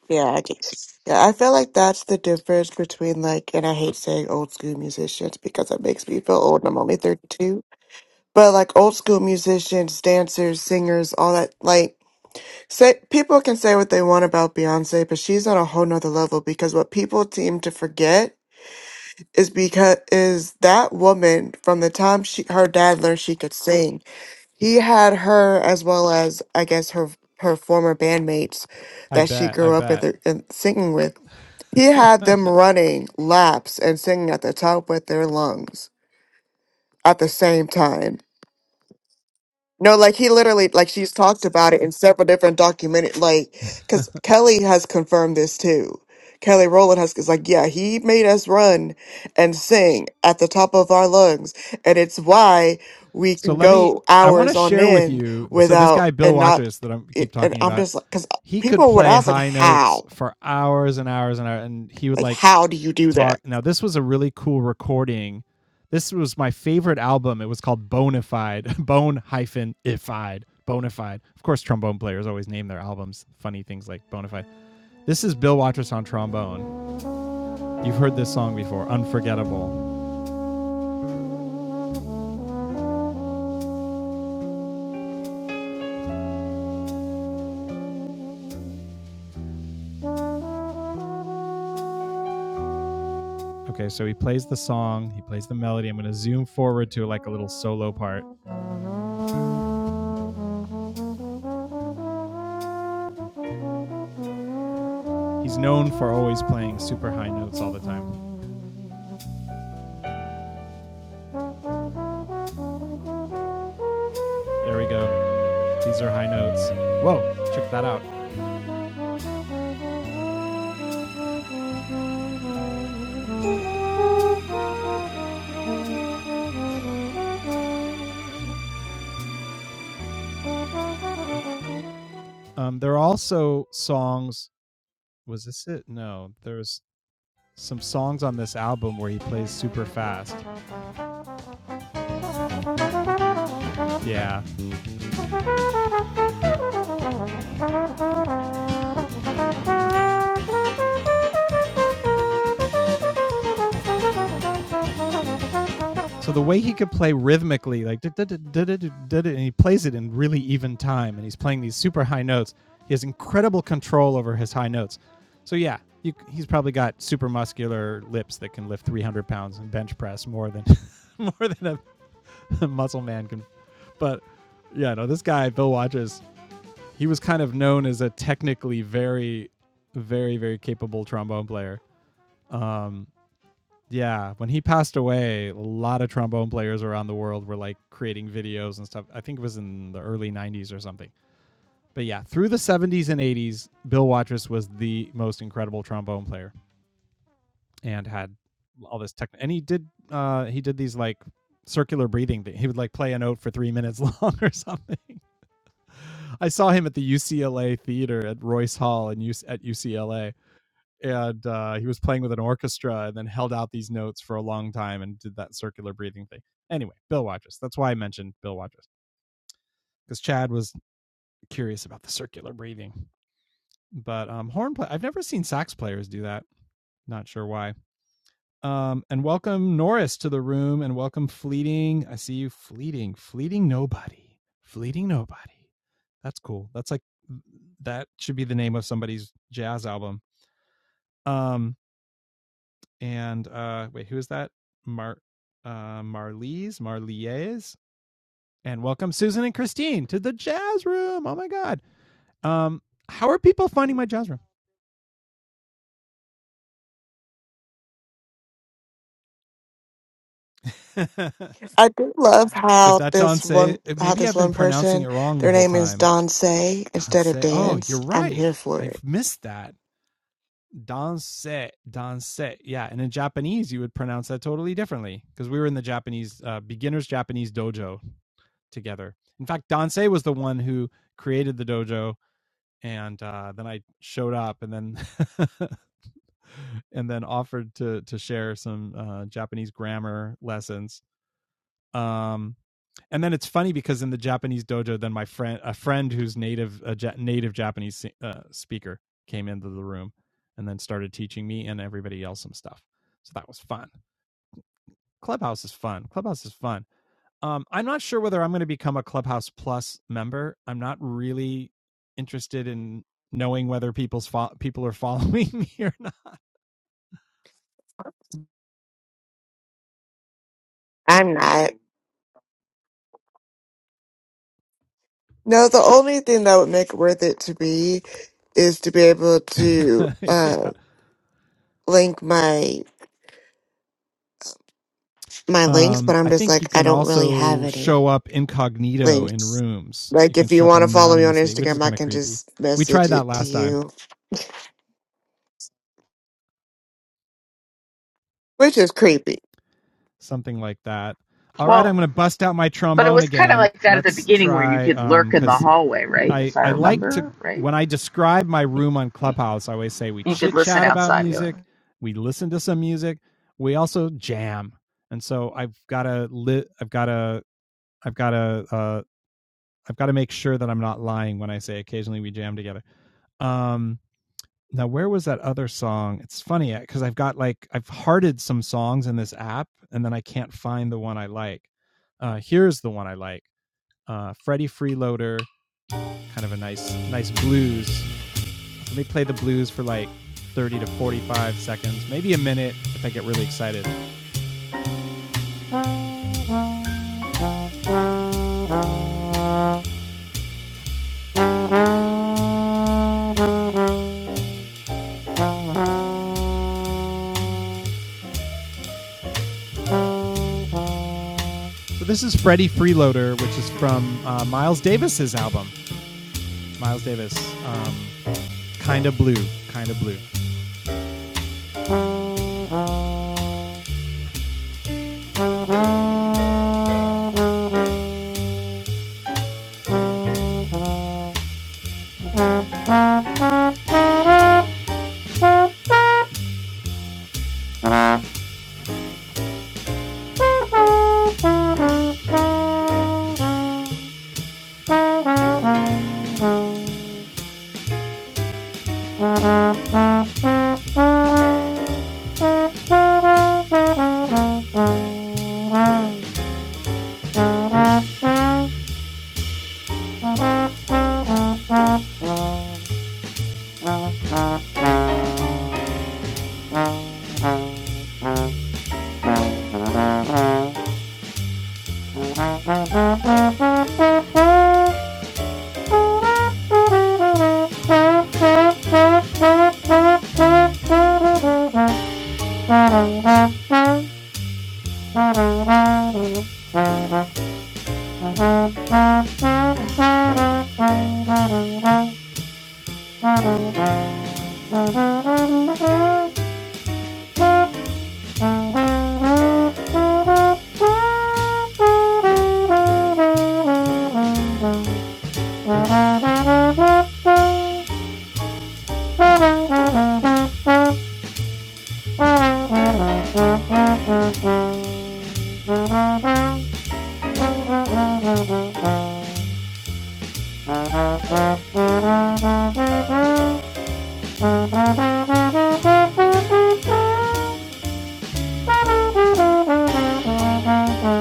Speaker 6: Yeah, I just, yeah, I feel like that's the difference between like, and I hate saying old school musicians because it makes me feel old and I'm only 32. But like old school musicians, dancers, singers, all that, like, say people can say what they want about Beyonce, but she's on a whole nother level because what people seem to forget is because is that woman from the time she her dad learned she could sing, he had her as well as I guess her her former bandmates
Speaker 1: I
Speaker 6: that she
Speaker 1: bet, I
Speaker 6: grew up
Speaker 1: bet.
Speaker 6: with and singing with. He had them running laps and singing at the top with their lungs at the same time No, like he literally, like she's talked about it in several different documented, like, because Kelly has confirmed this too. Kelly Rowland has is like, yeah, he made us run and sing at the top of our lungs, and it's why we
Speaker 1: So
Speaker 6: can
Speaker 1: let me.
Speaker 6: go
Speaker 1: I want to
Speaker 6: hours on
Speaker 1: share with
Speaker 6: end
Speaker 1: you. So this guy
Speaker 6: without
Speaker 1: Bill
Speaker 6: and not.
Speaker 1: Watchers that I keep
Speaker 6: It, and
Speaker 1: talking
Speaker 6: I'm
Speaker 1: about,
Speaker 6: just like, because
Speaker 1: he could
Speaker 6: people would
Speaker 1: play
Speaker 6: ask, like,
Speaker 1: high notes
Speaker 6: how,
Speaker 1: for hours and hours and hours, and he would
Speaker 6: like,
Speaker 1: like
Speaker 6: how do you do
Speaker 1: talk.
Speaker 6: that?
Speaker 1: Now this was a really cool recording. This was my favorite album. It was called Bonafide, Bone hyphen ified, Bonafide. Of course, trombone players always name their albums funny things like Bonafide. This is Bill Watchers on trombone. You've heard this song before, Unforgettable. Okay, so he plays the song, he plays the melody. I'm going to zoom forward to like a little solo part. He's known for always playing super high notes all the time. There we go. These are high notes. Whoa, check that out. Um, there are also songs. Was this it? No, there's some songs on this album where he plays super fast. Yeah. So the way he could play rhythmically, like and he plays it in really even time, and he's playing these super high notes. He has incredible control over his high notes. So yeah, you, he's probably got super muscular lips that can lift 300 pounds and bench press more than more than a, a muscle man can. But yeah, no, this guy Bill Waters, he was kind of known as a technically very, very, very capable trombone player. Um, yeah, when he passed away, a lot of trombone players around the world were like creating videos and stuff. I think it was in the early 90s or something. But yeah, through the 70s and 80s, Bill Watrous was the most incredible trombone player and had all this tech and he did uh he did these like circular breathing thing. He would like play a note for 3 minutes long or something. I saw him at the UCLA theater at Royce Hall in U- at UCLA and uh, he was playing with an orchestra and then held out these notes for a long time and did that circular breathing thing. Anyway, Bill Waters. That's why I mentioned Bill Waters because Chad was curious about the circular breathing. But um, horn play. I've never seen sax players do that. Not sure why. Um, and welcome Norris to the room and welcome Fleeting. I see you fleeting, fleeting nobody, fleeting nobody. That's cool. That's like that should be the name of somebody's jazz album. Um, and uh, wait, who is that? Mar uh, Marlies, Marlies, and welcome Susan and Christine to the jazz room. Oh my god, um, how are people finding my jazz room?
Speaker 6: I do love
Speaker 1: is
Speaker 6: how
Speaker 1: that
Speaker 6: this
Speaker 1: Danse? uh,
Speaker 6: one, how
Speaker 1: Maybe
Speaker 6: this
Speaker 1: I've been
Speaker 6: one
Speaker 1: pronouncing
Speaker 6: person,
Speaker 1: it wrong the
Speaker 6: their
Speaker 1: whole
Speaker 6: name is
Speaker 1: time.
Speaker 6: Don Say instead
Speaker 1: Danse.
Speaker 6: of
Speaker 1: Oh, you're
Speaker 6: Dance. I'm
Speaker 1: right.
Speaker 6: here for it.
Speaker 1: I've missed that. Danse, danse. Yeah, and in Japanese, you would pronounce that totally differently because we were in the Japanese uh, beginners Japanese dojo together. In fact, Danse was the one who created the dojo and uh, then I showed up, and then and then offered to to share some uh, Japanese grammar lessons. Um, and then it's funny because in the Japanese dojo, then my friend, a friend who's native a ja- native Japanese si, uh, speaker, came into the room, and then started teaching me and everybody else some stuff. So that was fun. Clubhouse is fun. Clubhouse is fun. Um, I'm not sure whether I'm going to become a Clubhouse Plus member. I'm not really interested in knowing whether people's fo- people are following me or not.
Speaker 6: I'm not. No, the only thing that would make it worth it to be is to be able to
Speaker 1: yeah.
Speaker 6: uh link my my links,
Speaker 1: Um,
Speaker 6: but
Speaker 1: I
Speaker 6: I'm just
Speaker 1: think you
Speaker 6: like I
Speaker 1: can
Speaker 6: don't really have
Speaker 1: also show
Speaker 6: any
Speaker 1: up incognito in
Speaker 6: links.
Speaker 1: rooms. You
Speaker 6: Like
Speaker 1: can
Speaker 6: if you
Speaker 1: show up
Speaker 6: want to follow me on
Speaker 1: anonymously, which is
Speaker 6: Instagram, I
Speaker 1: kind of
Speaker 6: can
Speaker 1: creepy.
Speaker 6: just
Speaker 1: We tried
Speaker 6: message
Speaker 1: that
Speaker 6: it to
Speaker 1: last time,
Speaker 6: you, which is creepy.
Speaker 1: something like that. All right,
Speaker 2: Well,
Speaker 1: I'm going to bust out my
Speaker 2: but it
Speaker 1: trombone
Speaker 2: was kind of
Speaker 1: again.
Speaker 2: like that at the
Speaker 1: Let's
Speaker 2: beginning where you
Speaker 1: try
Speaker 2: could
Speaker 1: Um.
Speaker 2: lurk in the
Speaker 1: because
Speaker 2: hallway, right?
Speaker 1: I
Speaker 2: If I
Speaker 1: I like to
Speaker 2: remember right,
Speaker 1: when I describe my room on Clubhouse, I always say we
Speaker 2: you could
Speaker 1: chit
Speaker 2: listen
Speaker 1: chat about
Speaker 2: outside going.
Speaker 1: music, we listen to some music, we also jam, and so I've got to li- I've got to I've got to uh, I've got to make sure that I'm not lying when I say occasionally we jam together. Um, now where was that other song? It's funny because I've got like I've hearted some songs in this app, and then I can't find the one I like. Uh, here's the one I like. Uh, Freddie Freeloader, kind of a nice, nice blues let me play the blues for like 30 to 45 seconds, maybe a minute if I get really excited. So this is Freddie Freeloader, which is from uh, Miles Davis's album. Miles Davis, um, Kinda Blue, Kinda Blue. Thank you. Thank you. Thank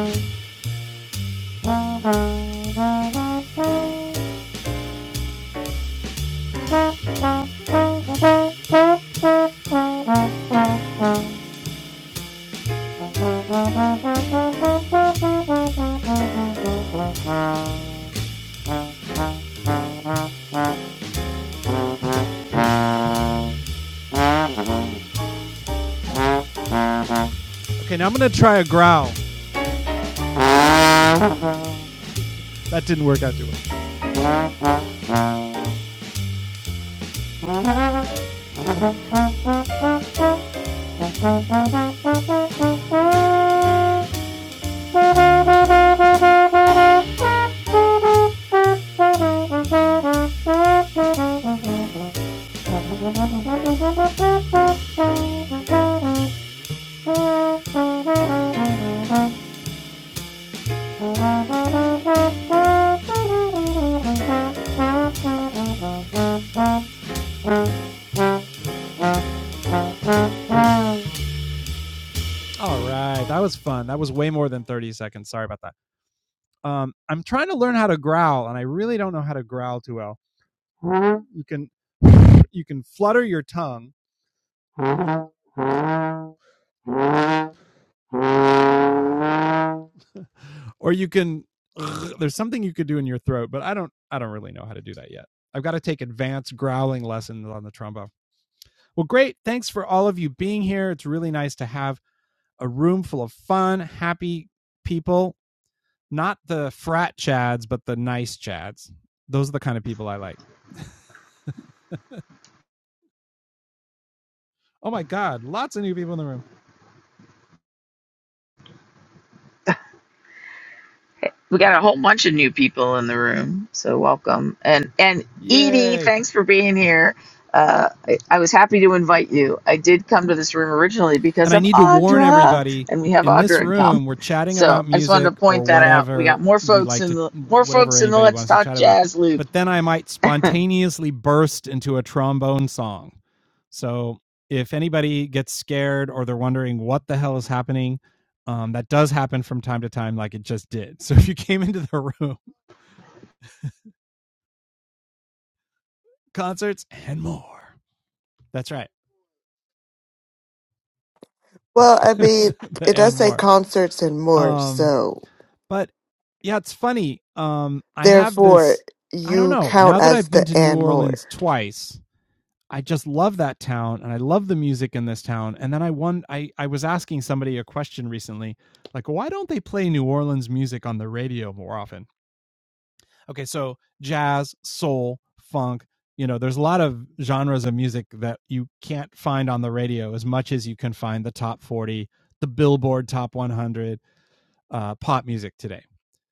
Speaker 1: you. Okay, now I'm gonna try a growl. That didn't work out too well. All right, that was fun. That was way more than 30 seconds. Sorry about that. Um, I'm trying to learn how to growl, and I really don't know how to growl too well. you can you can flutter your tongue or you can there's something you could do in your throat but i don't i don't really know how to do that yet i've got to take advanced growling lessons on the trombone well great thanks for all of you being here it's really nice to have a room full of fun happy people not the frat chads but the nice chads those are the kind of people i like oh my god lots of new people in the room
Speaker 2: we got a whole bunch of new people in the room, so welcome. And and Edie,
Speaker 1: yay
Speaker 2: thanks for being here. Uh, I, I was happy to invite you. I did come to this room originally
Speaker 1: And
Speaker 2: because
Speaker 1: I
Speaker 2: of
Speaker 1: need to warn
Speaker 2: Audra,
Speaker 1: everybody
Speaker 2: and we have
Speaker 1: in this
Speaker 2: Audra in common.
Speaker 1: room, we're chatting
Speaker 2: So
Speaker 1: about
Speaker 2: I just wanted to
Speaker 1: music or
Speaker 2: point that out. We got
Speaker 1: whatever
Speaker 2: more
Speaker 1: we
Speaker 2: folks
Speaker 1: like
Speaker 2: in
Speaker 1: to,
Speaker 2: the more
Speaker 1: whatever
Speaker 2: folks in the
Speaker 1: anybody
Speaker 2: Let's
Speaker 1: wants to
Speaker 2: Talk
Speaker 1: chat about.
Speaker 2: Jazz loop.
Speaker 1: But then I might spontaneously burst into a trombone song. So if anybody gets scared or they're wondering what the hell is happening, um, that does happen from time to time, like it just did. So if you came into the room, concerts and more. That's right,
Speaker 6: Well, I mean,
Speaker 1: the
Speaker 6: it
Speaker 1: and
Speaker 6: does say
Speaker 1: more.
Speaker 6: concerts and more,
Speaker 1: Um,
Speaker 6: so
Speaker 1: But yeah, it's funny. Um, I have
Speaker 6: therefore
Speaker 1: this. I don't
Speaker 6: you
Speaker 1: know.
Speaker 6: count
Speaker 1: Now that I've
Speaker 6: as
Speaker 1: been
Speaker 6: the
Speaker 1: to New
Speaker 6: and more.
Speaker 1: Orleans twice, I just love that town and I love the music in this town. And then I won I, I was asking somebody a question recently, like, why don't they play New Orleans music on the radio more often? Okay, so jazz, soul, funk, you know, there's a lot of genres of music that you can't find on the radio as much as you can find the top 40, the Billboard top 100, uh, pop music today.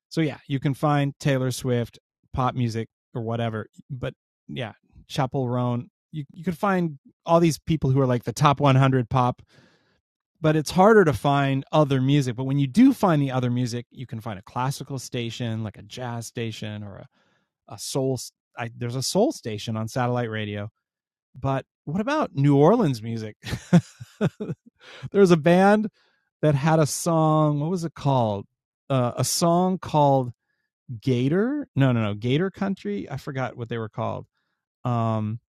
Speaker 1: So yeah, you can find Taylor Swift, pop music or whatever. But yeah, Chapel Roan. You you could find all these people who are like the top 100 pop, but it's harder to find other music. But when you do find the other music, you can find a classical station, like a jazz station or a a soul. s- I, there's a soul station on satellite radio. But what about New Orleans music? There's a band that had a song. What was it called? Uh, a song called Gator. No, no, no. Gator Country. I forgot what they were called. Um,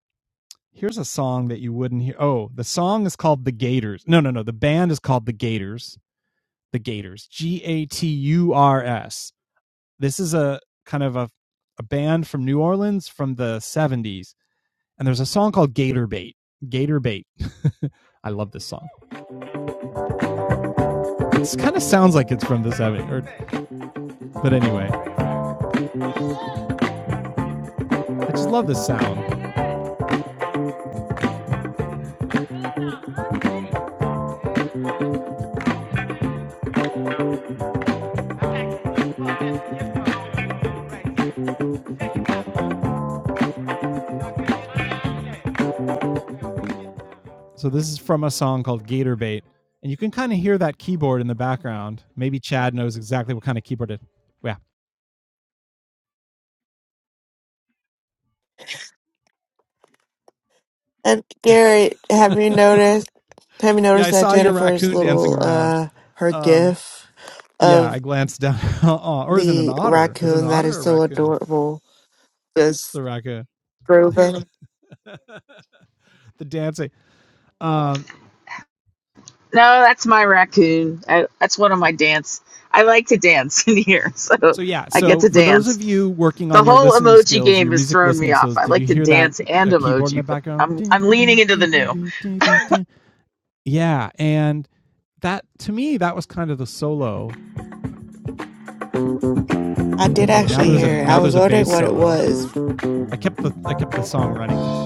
Speaker 1: here's a song that you wouldn't hear. Oh, the song is called The Gators. No, no, no. The band is called The Gators. The Gators. G A T U R S. This is a kind of a a band from New Orleans from the 70s, and there's a song called Gator Bait. Gator Bait. I love this song. It kind of sounds like it's from the 70s, or, but anyway, I just love this sound. So this is from a song called Gator Bait, and you can kind of hear that keyboard in the background. Maybe Chad knows exactly what kind of keyboard it. Yeah,
Speaker 6: And Gary, have you noticed? Have you
Speaker 1: yeah. I
Speaker 6: noticed that
Speaker 1: saw your
Speaker 6: Jennifer's
Speaker 1: raccoon dancing
Speaker 6: little
Speaker 1: around.
Speaker 6: uh her
Speaker 1: Um,
Speaker 6: gif
Speaker 1: yeah, I
Speaker 6: of
Speaker 1: glanced down. Aw, or is it an
Speaker 6: the
Speaker 1: otter? Is it an
Speaker 6: raccoon that
Speaker 1: otter
Speaker 6: is
Speaker 1: or a
Speaker 6: so
Speaker 1: raccoon?
Speaker 6: adorable
Speaker 1: It's
Speaker 6: is
Speaker 1: a raccoon.
Speaker 6: grooving?
Speaker 1: The dancing. Um,
Speaker 2: No, that's my raccoon. I, that's one of my dance. I like to dance in here, so
Speaker 1: so yeah.
Speaker 2: I get
Speaker 1: So
Speaker 2: to
Speaker 1: for those
Speaker 2: dance.
Speaker 1: of you working
Speaker 2: The
Speaker 1: on your
Speaker 2: whole
Speaker 1: listening
Speaker 2: emoji
Speaker 1: skills, your
Speaker 2: game has
Speaker 1: music
Speaker 2: thrown me
Speaker 1: listening
Speaker 2: off.
Speaker 1: skills,
Speaker 2: I
Speaker 1: did you
Speaker 2: like to
Speaker 1: hear that
Speaker 2: dance and
Speaker 1: uh, keyboard in the
Speaker 2: emoji, but
Speaker 1: background?
Speaker 2: I'm I'm leaning into the new.
Speaker 1: Yeah, and that to me that was kind of the solo
Speaker 6: I did
Speaker 1: Oh, Now
Speaker 6: actually
Speaker 1: there's a
Speaker 6: hear it.
Speaker 1: now
Speaker 6: I was
Speaker 1: there's a
Speaker 6: wondering
Speaker 1: bass
Speaker 6: what it
Speaker 1: solo.
Speaker 6: was.
Speaker 1: I kept the I kept the song running.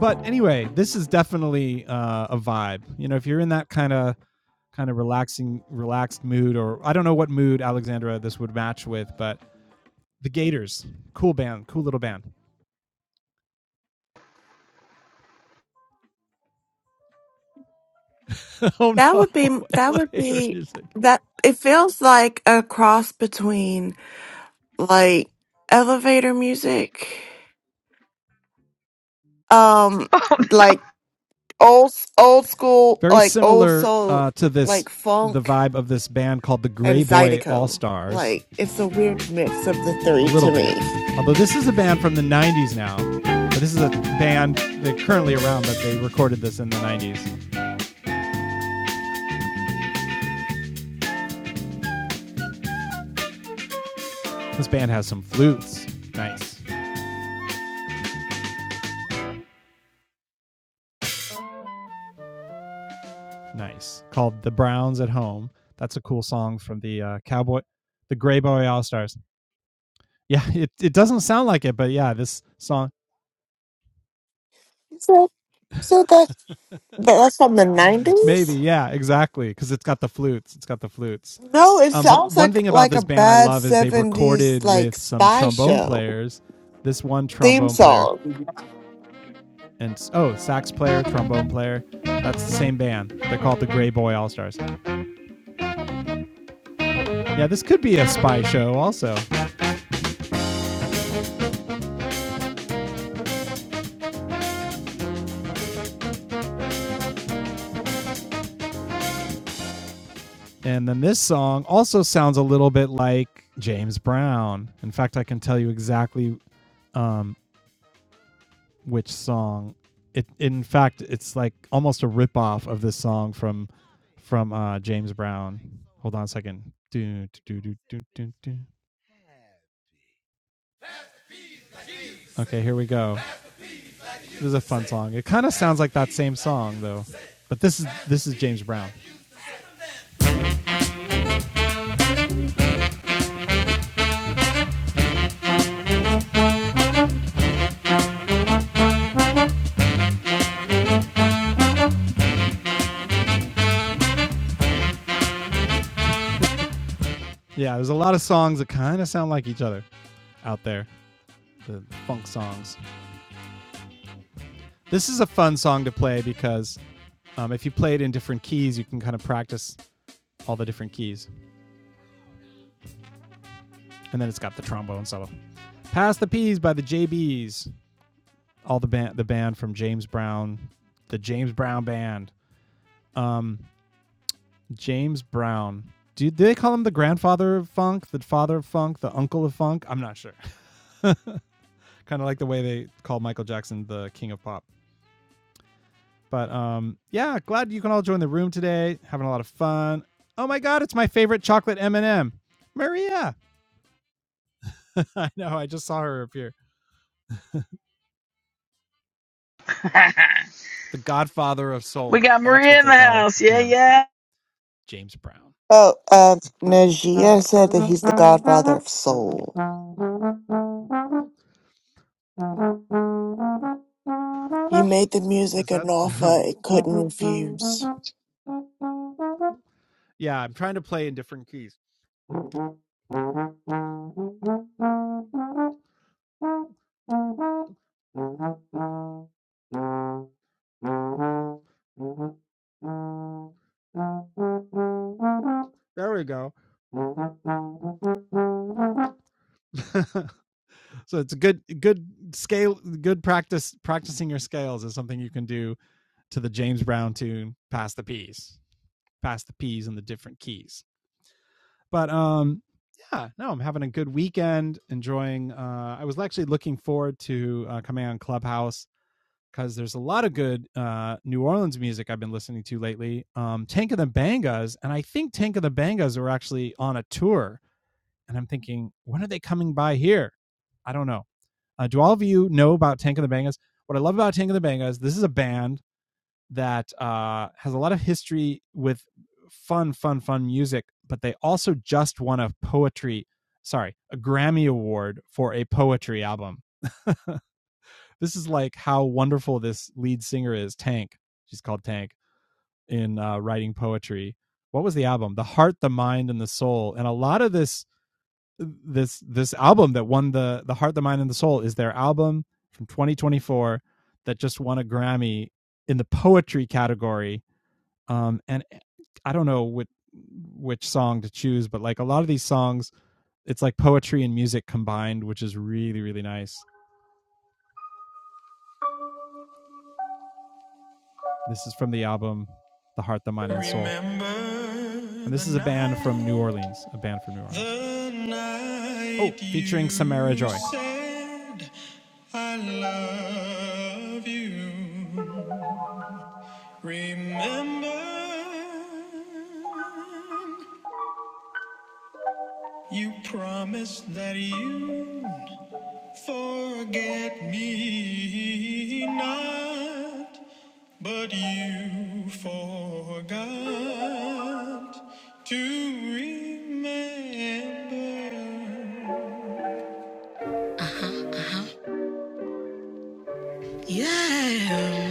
Speaker 1: But anyway, this is definitely uh, a vibe. You know, if you're in that kind of kind of relaxing relaxed mood, or I don't know what mood Alexandra this would match with, but the Gators, cool band, cool little band, oh
Speaker 6: That
Speaker 1: no,
Speaker 6: would be that would
Speaker 1: elevator
Speaker 6: be
Speaker 1: music.
Speaker 6: that it feels like a cross between like elevator music um like old old school
Speaker 1: very
Speaker 6: like old
Speaker 1: similar
Speaker 6: soul
Speaker 1: uh, to
Speaker 6: like
Speaker 1: this the
Speaker 6: funk
Speaker 1: vibe of this band called the
Speaker 6: and
Speaker 1: Gray Boy All
Speaker 6: zydeco.
Speaker 1: Stars.
Speaker 6: Like it's a weird mix of the three
Speaker 1: a little
Speaker 6: to me.
Speaker 1: bit. Although this is a band from the 90s now. But this is a band that currently around, but they recorded this in the 90s. This band has some flutes. Nice. Nice. Called The Browns at Home. That's a cool song from the uh, Cowboy, the Grey Boy All Stars. Yeah, it, it doesn't sound like it, but yeah, this song,
Speaker 6: So, so that that's from the
Speaker 1: maybe.
Speaker 6: nineties.
Speaker 1: Yeah, exactly. Because it's got the flutes. It's got the flutes.
Speaker 6: No, it
Speaker 1: Um, but
Speaker 6: sounds
Speaker 1: one
Speaker 6: like
Speaker 1: thing about
Speaker 6: like a
Speaker 1: this band I
Speaker 6: bad
Speaker 1: love is they've
Speaker 6: seventies
Speaker 1: recorded
Speaker 6: like
Speaker 1: with some
Speaker 6: spy
Speaker 1: trombone
Speaker 6: show
Speaker 1: players. This one
Speaker 6: theme
Speaker 1: trombone player
Speaker 6: song.
Speaker 1: and oh, sax player, trombone player. That's the same band. They're called the Gray Boy All Stars. Yeah, this could be a spy show also. And then this song also sounds a little bit like James Brown. In fact, I can tell you exactly which song. It in fact, it's like almost a ripoff of this song from from uh, James Brown. Hold on a second. Do, do, do, do, do, do. Okay, here we go. This is a fun song. It kind of sounds like that same song though, but this is this is James Brown. Yeah, there's a lot of songs that kind of sound like each other out there. The funk songs. This is a fun song to play because um, if you play it in different keys, you can kind of practice all the different keys. And then it's got the trombone solo. "Pass the Peas" by the JBs. All the band, the band from James Brown, the James Brown band. Um, James Brown. Do, do they call him the grandfather of funk, the father of funk, the uncle of funk? I'm not sure. kind of like the way they call Michael Jackson the king of pop. But um, yeah, glad you can all join the room today. Having a lot of fun. Oh my God, it's my favorite chocolate M and m Maria. I know. I just saw her appear. The Godfather of
Speaker 2: we
Speaker 1: Soul.
Speaker 2: got
Speaker 1: That's
Speaker 2: Maria
Speaker 1: what
Speaker 2: in
Speaker 1: they
Speaker 2: the
Speaker 1: call
Speaker 2: house. Yeah,
Speaker 1: him,
Speaker 2: yeah.
Speaker 1: James Brown.
Speaker 6: Oh, um, Najia said that he's the godfather of soul. He made the
Speaker 1: Is
Speaker 6: music an
Speaker 1: that?
Speaker 6: offer it couldn't refuse.
Speaker 1: yeah, I'm trying to play in different keys. There we go. so it's a good good scale good practice practicing your scales is something you can do to the James Brown tune pass the peas. Pass the peas in the different keys. But um, yeah, no, I'm having a good weekend, enjoying. Uh, I was actually looking forward to uh, coming on Clubhouse because there's a lot of good uh, New Orleans music I've been listening to lately. Um, Tank of the Bangas, and I think Tank of the Bangas are actually on a tour. And I'm thinking, when are they coming by here? I don't know. Uh, do all of you know about Tank of the Bangas? What I love about Tank of the Bangas, this is a band that uh, has a lot of history with fun, fun, fun music, but they also just won a poetry, sorry, a Grammy Award for a poetry album. this is like how wonderful this lead singer is, Tank. She's called Tank in uh, writing poetry. What was the album? The Heart, the Mind, and the Soul. And a lot of this this this album that won the the Heart, the Mind, and the Soul is their album from 2024 that just won a Grammy in the poetry category um, and eh, I don't know what which song to choose, but like a lot of these songs, it's like poetry and music combined, which is really really nice. This is from the album The Heart, the Mind, and Soul. And this is a band from New Orleans, a band from New Orleans. Oh, featuring Samara Joy. I love you. Remember, you promised that you Forget me not, but you forgot to remember. Yeah.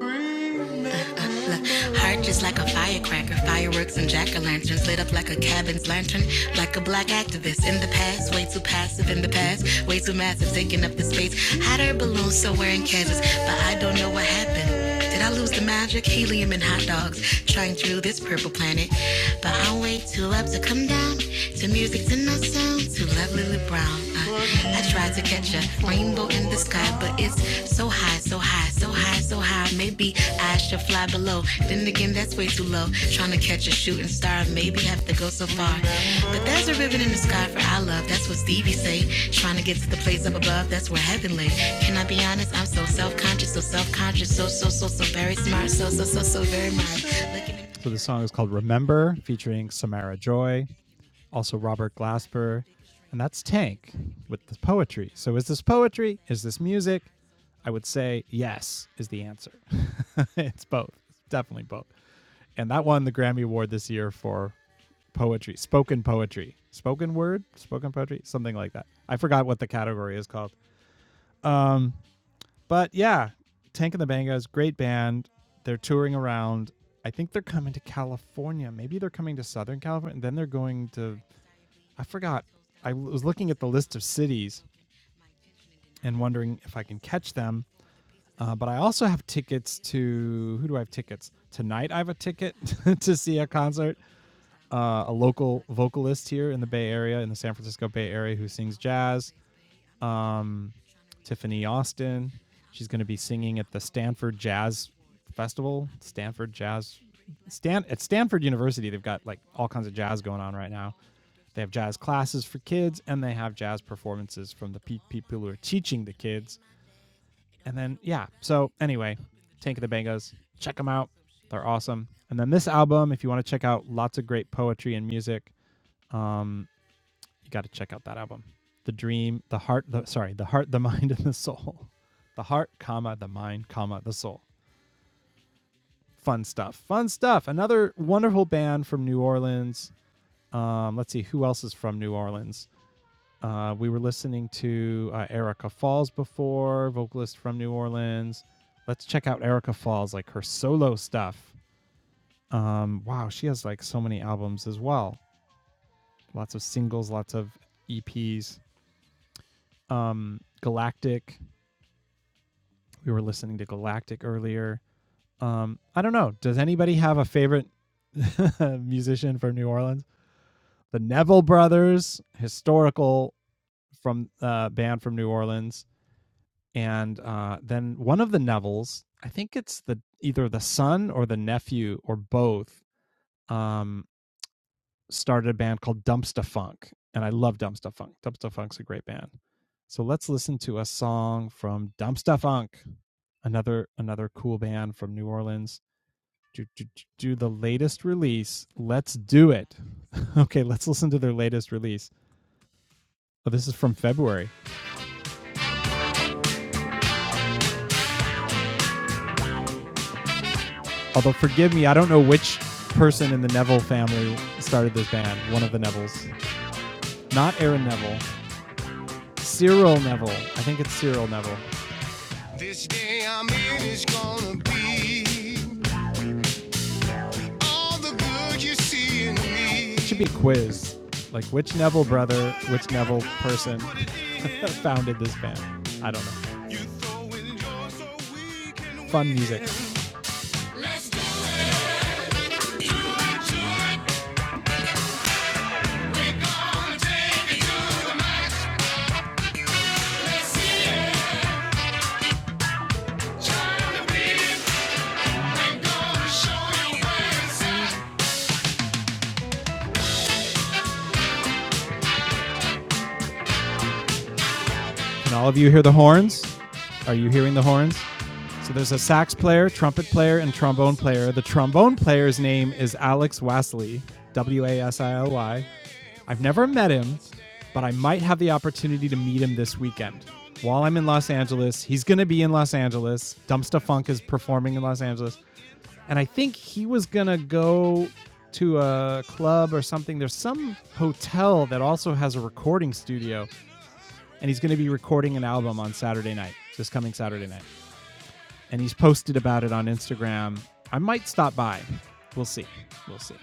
Speaker 1: Remember. Heart just like a firecracker, fireworks and jack-o'-lanterns lit up like a cabin's lantern, like a black activist in the past, way too passive in the past, way too massive, taking up the space. Hot air balloons somewhere in Kansas, but I don't know what happened. Did I lose the magic? Helium and hot dogs, trying through this purple planet, but I'm way too up to come down to music, to no sound, to lovely Lily brown. Uh, I tried to catch a rainbow in the sky, but it's so high, so high, so high, so high. Maybe I should fly below. Then again, that's way too low. Trying to catch a shooting star, maybe have to go so far. But there's a ribbon in the sky for our love. That's what Stevie say. Trying to get to the place up above, that's where heaven lay. Can I be honest? I'm so self-conscious, so self-conscious, so so so so very smart, so so so so very much. So the song is called Remember featuring Samara Joy also Robert Glasper, and that's Tank with the poetry. So is this poetry? Is this music? I would say yes is the answer. it's both, It's definitely both. And that won the Grammy Award this year for poetry, spoken poetry, spoken word, spoken poetry, something like that. I forgot what the category is called. Um, but yeah, Tank and the Bangas, great band. They're touring around. I think they're coming to California. Maybe they're coming to Southern California, and then they're going to I forgot. I was looking at the list of cities and wondering if I can catch them. Uh, but I also have tickets to who do I have tickets tonight? I have a ticket to see a concert, uh, a local vocalist here in the Bay Area, in the San Francisco Bay Area, who sings jazz. Um, Tiffany Austin. She's going to be singing at the Stanford Jazz Festival. Stanford Jazz. Stan at Stanford University, they've got like all kinds of jazz going on right now. They have jazz classes for kids and they have jazz performances from the pe- people who are teaching the kids. And then, yeah. So, anyway, Tank of the Bangos, check them out. They're awesome. And then this album, if you want to check out lots of great poetry and music, um, you got to check out that album. The Dream, The Heart, the, sorry, The Heart, The Mind, and The Soul. The Heart, comma, The Mind, comma, The Soul. Fun stuff. Fun stuff. Another wonderful band from New Orleans. Um, let's see, who else is from New Orleans? Uh, we were listening to uh, Erica Falls before, vocalist from New Orleans. Let's check out Erica Falls, like her solo stuff. Um, wow, she has like so many albums as well. Lots of singles, lots of EPs. Um, Galactic. We were listening to Galactic earlier. Um, I don't know. Does anybody have a favorite musician from New Orleans? The Neville Brothers, historical from uh, band from New Orleans and uh, then one of the Nevilles, I think it's the either the son or the nephew or both, um, started a band called Dumpsta Funk, and I love Dumpsta Funk. Dumpsta Funk's a great band. So let's listen to a song from Dumpsta Funk, another another cool band from New Orleans. Do, do, do the latest release. Let's do it. okay, let's listen to their latest release. Oh, this is from February. Although, forgive me, I don't know which person in the Neville family started this band. One of the Nevilles. Not Aaron Neville. Cyril Neville. I think it's Cyril Neville. This day I'm in is gonna be all the good you see in me. It should be a quiz. Like, which Neville brother, which Neville person founded this band? I don't know. so Fun music. Can all of you hear the horns? Are you hearing the horns? So there's a sax player, trumpet player, and trombone player. The trombone player's name is Alex Wasley, W A S I L Y. I've never met him, but I might have the opportunity to meet him this weekend. While I'm in Los Angeles, he's going to be in Los Angeles. Dumpsta Funk is performing in Los Angeles. And I think he was going to go to a club or something. There's some hotel that also has a recording studio, and he's going to be recording an album on Saturday night, this coming Saturday night and he's posted about it on Instagram. I might stop by. We'll see. We'll see.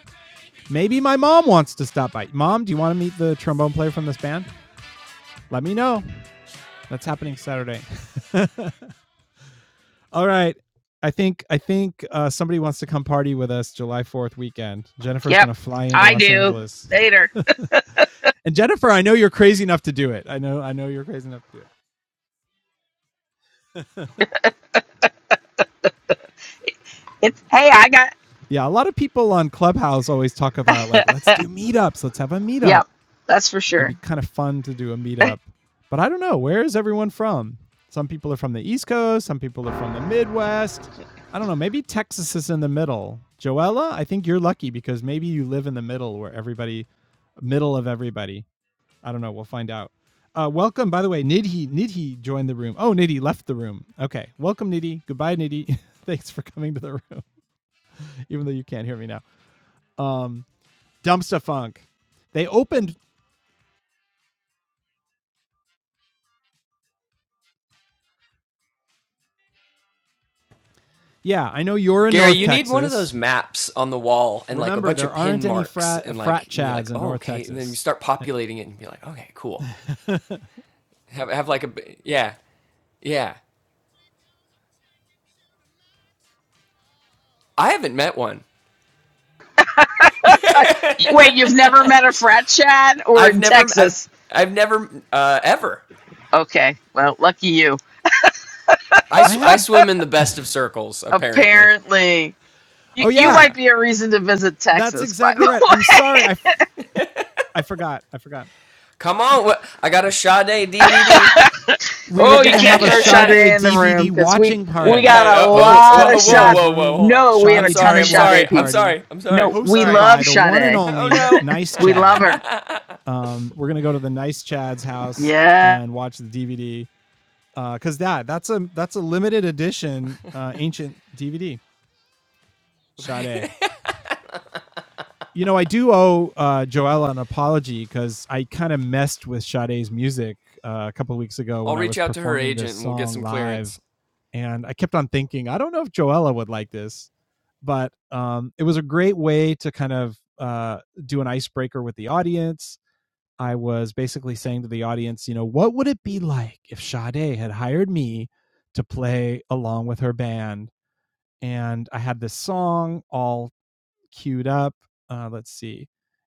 Speaker 1: Maybe my mom wants to stop by. Mom, do you want to meet the trombone player from this band? Let me know. That's happening Saturday. All right. I think I think uh, somebody wants to come party with us July 4th weekend. Jennifer's
Speaker 2: Yep,
Speaker 1: going to fly into
Speaker 2: I
Speaker 1: Los
Speaker 2: do.
Speaker 1: Angeles.
Speaker 2: Later.
Speaker 1: and Jennifer, I know you're crazy enough to do it. I know I know you're crazy enough to do it.
Speaker 2: It's hey, I got.
Speaker 1: Yeah, a lot of people on Clubhouse always talk about like let's do meetups, let's have a meetup.
Speaker 2: Yep, that's for
Speaker 1: it'd be
Speaker 2: sure.
Speaker 1: kind of fun to do a meetup. But I don't know, where is everyone from? Some people are from the East Coast, some people are from the Midwest. I don't know, maybe Texas is in the middle. Joella, I think you're lucky because maybe you live in the middle where everybody middle of everybody. I don't know, we'll find out. Uh, welcome, by the way, Nidhi. Nidhi joined the room. Oh, Nidhi left the room. Okay. Welcome, Nidhi. Goodbye, Nidhi. Thanks for coming to the room, even though you can't hear me now. Um, Dumpsta Funk. They opened. Yeah, I know you're in
Speaker 4: Gary,
Speaker 1: North
Speaker 4: you need one of those
Speaker 1: Texas.
Speaker 4: maps on the wall and like a
Speaker 1: remember
Speaker 4: bunch
Speaker 1: there
Speaker 4: of
Speaker 1: aren't
Speaker 4: pin
Speaker 1: any
Speaker 4: marks
Speaker 1: frat
Speaker 4: and
Speaker 1: frat
Speaker 4: like and you're
Speaker 1: chads
Speaker 4: like,
Speaker 1: in
Speaker 4: oh,
Speaker 1: North
Speaker 4: okay, and then you
Speaker 1: Texas.
Speaker 4: start
Speaker 1: And
Speaker 4: populating it and be like, okay, cool. Have have like a yeah, yeah. I haven't met one.
Speaker 2: Uh, Wait, you've never met a frat chat or
Speaker 4: I've
Speaker 2: in
Speaker 4: never I've
Speaker 2: Texas?
Speaker 4: I've never uh, ever.
Speaker 2: Okay, well, lucky you.
Speaker 4: I
Speaker 1: I
Speaker 4: sw- I
Speaker 1: had
Speaker 4: swim in the best of circles apparently.
Speaker 2: Apparently, you,
Speaker 1: oh
Speaker 2: you
Speaker 1: yeah,
Speaker 2: might
Speaker 4: Yeah.
Speaker 2: be a reason to visit
Speaker 1: that's
Speaker 2: Texas, by
Speaker 1: exactly right.
Speaker 2: the
Speaker 1: I'm
Speaker 2: way.
Speaker 1: sorry, I f- I I forgot. I forgot.
Speaker 4: Come on, wh- I got a Sade DVD.
Speaker 1: We were
Speaker 2: Oh, you
Speaker 1: gonna have
Speaker 2: can't
Speaker 1: a
Speaker 2: throw Sade
Speaker 1: Sade
Speaker 2: in the room
Speaker 1: DVD
Speaker 2: because we
Speaker 1: watching
Speaker 4: Yeah.
Speaker 2: we
Speaker 1: party,
Speaker 2: got
Speaker 4: I,
Speaker 2: a
Speaker 1: a
Speaker 4: oh,
Speaker 1: Let's
Speaker 2: lot
Speaker 4: oh,
Speaker 1: Talk
Speaker 2: of
Speaker 4: whoa, whoa,
Speaker 2: shot.
Speaker 1: Jazz
Speaker 4: whoa, whoa.
Speaker 1: Room
Speaker 4: Hold on.
Speaker 2: No, we have
Speaker 4: I'm
Speaker 2: a
Speaker 1: Sade
Speaker 2: ton
Speaker 4: sorry.
Speaker 2: of
Speaker 1: DVD
Speaker 4: I'm sorry.
Speaker 1: watching
Speaker 2: Sade
Speaker 4: I'm
Speaker 2: peeps.
Speaker 1: party,
Speaker 4: sorry. I'm sorry.
Speaker 2: No,
Speaker 4: I'm
Speaker 2: we
Speaker 1: hosted
Speaker 4: sorry.
Speaker 1: by
Speaker 2: love
Speaker 1: the one and
Speaker 2: Sade.
Speaker 4: Oh
Speaker 1: only
Speaker 4: no.
Speaker 1: Nice
Speaker 2: We love
Speaker 1: Chad.
Speaker 2: her.
Speaker 1: We're gonna go to the Nice Chad's house
Speaker 2: Yeah,
Speaker 1: and watch the DVD because uh, that that's a that's a limited edition uh, ancient DVD Sade. you know, I do owe uh, Joella an apology because I kind of messed with Sade's music uh, a couple of weeks ago
Speaker 4: I'll
Speaker 1: when I
Speaker 4: reach
Speaker 1: was
Speaker 4: out to her
Speaker 1: performing this
Speaker 4: agent and we'll get
Speaker 1: song
Speaker 4: some
Speaker 1: live,
Speaker 4: clearance.
Speaker 1: and I kept on thinking, I don't know if Joella would like this, but um, it was a great way to kind of uh, do an icebreaker with the audience. I was basically saying to the audience, you know, what would it be like if Sade had hired me to play along with her band? And I had this song all queued up. Uh, let's see,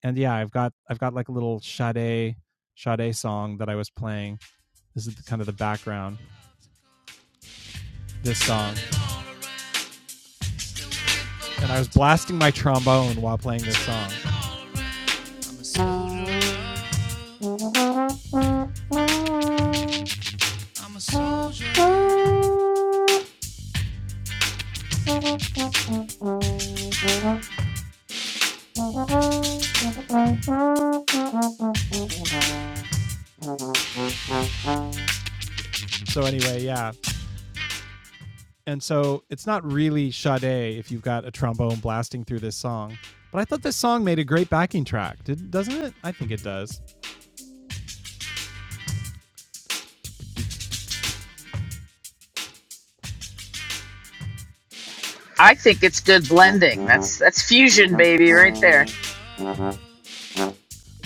Speaker 1: and yeah, I've got I've got like a little Sade Sade song that I was playing. This is the, kind of the background. This song, and I was blasting my trombone while playing this song. So anyway, yeah, and so it's not really Sade if you've got a trombone blasting through this song. But I thought this song made a great backing track, did, doesn't it? I think it does.
Speaker 2: I think it's good blending. That's that's fusion, baby, right there.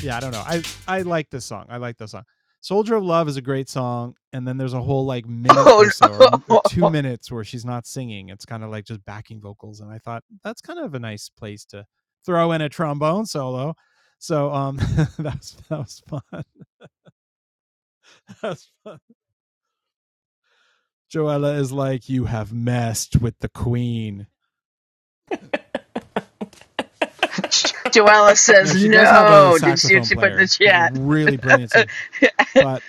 Speaker 1: yeah, I don't know. I I like this song. I like this song. Soldier of Love is a great song, and then there's a whole like minute or
Speaker 2: Oh,
Speaker 1: so, or, or
Speaker 2: no.
Speaker 1: two minutes where she's not singing. It's kind of like just backing vocals, and I thought that's kind of a nice place to throw in a trombone solo. So um, that was that was fun. That was fun. Joella is like, you have messed with the queen.
Speaker 2: Joella
Speaker 1: No,
Speaker 2: says
Speaker 1: she does have a
Speaker 2: no. Did you see what
Speaker 1: saxophone
Speaker 2: she put in the
Speaker 1: player, She's a
Speaker 2: chat?
Speaker 1: really brilliant sax. But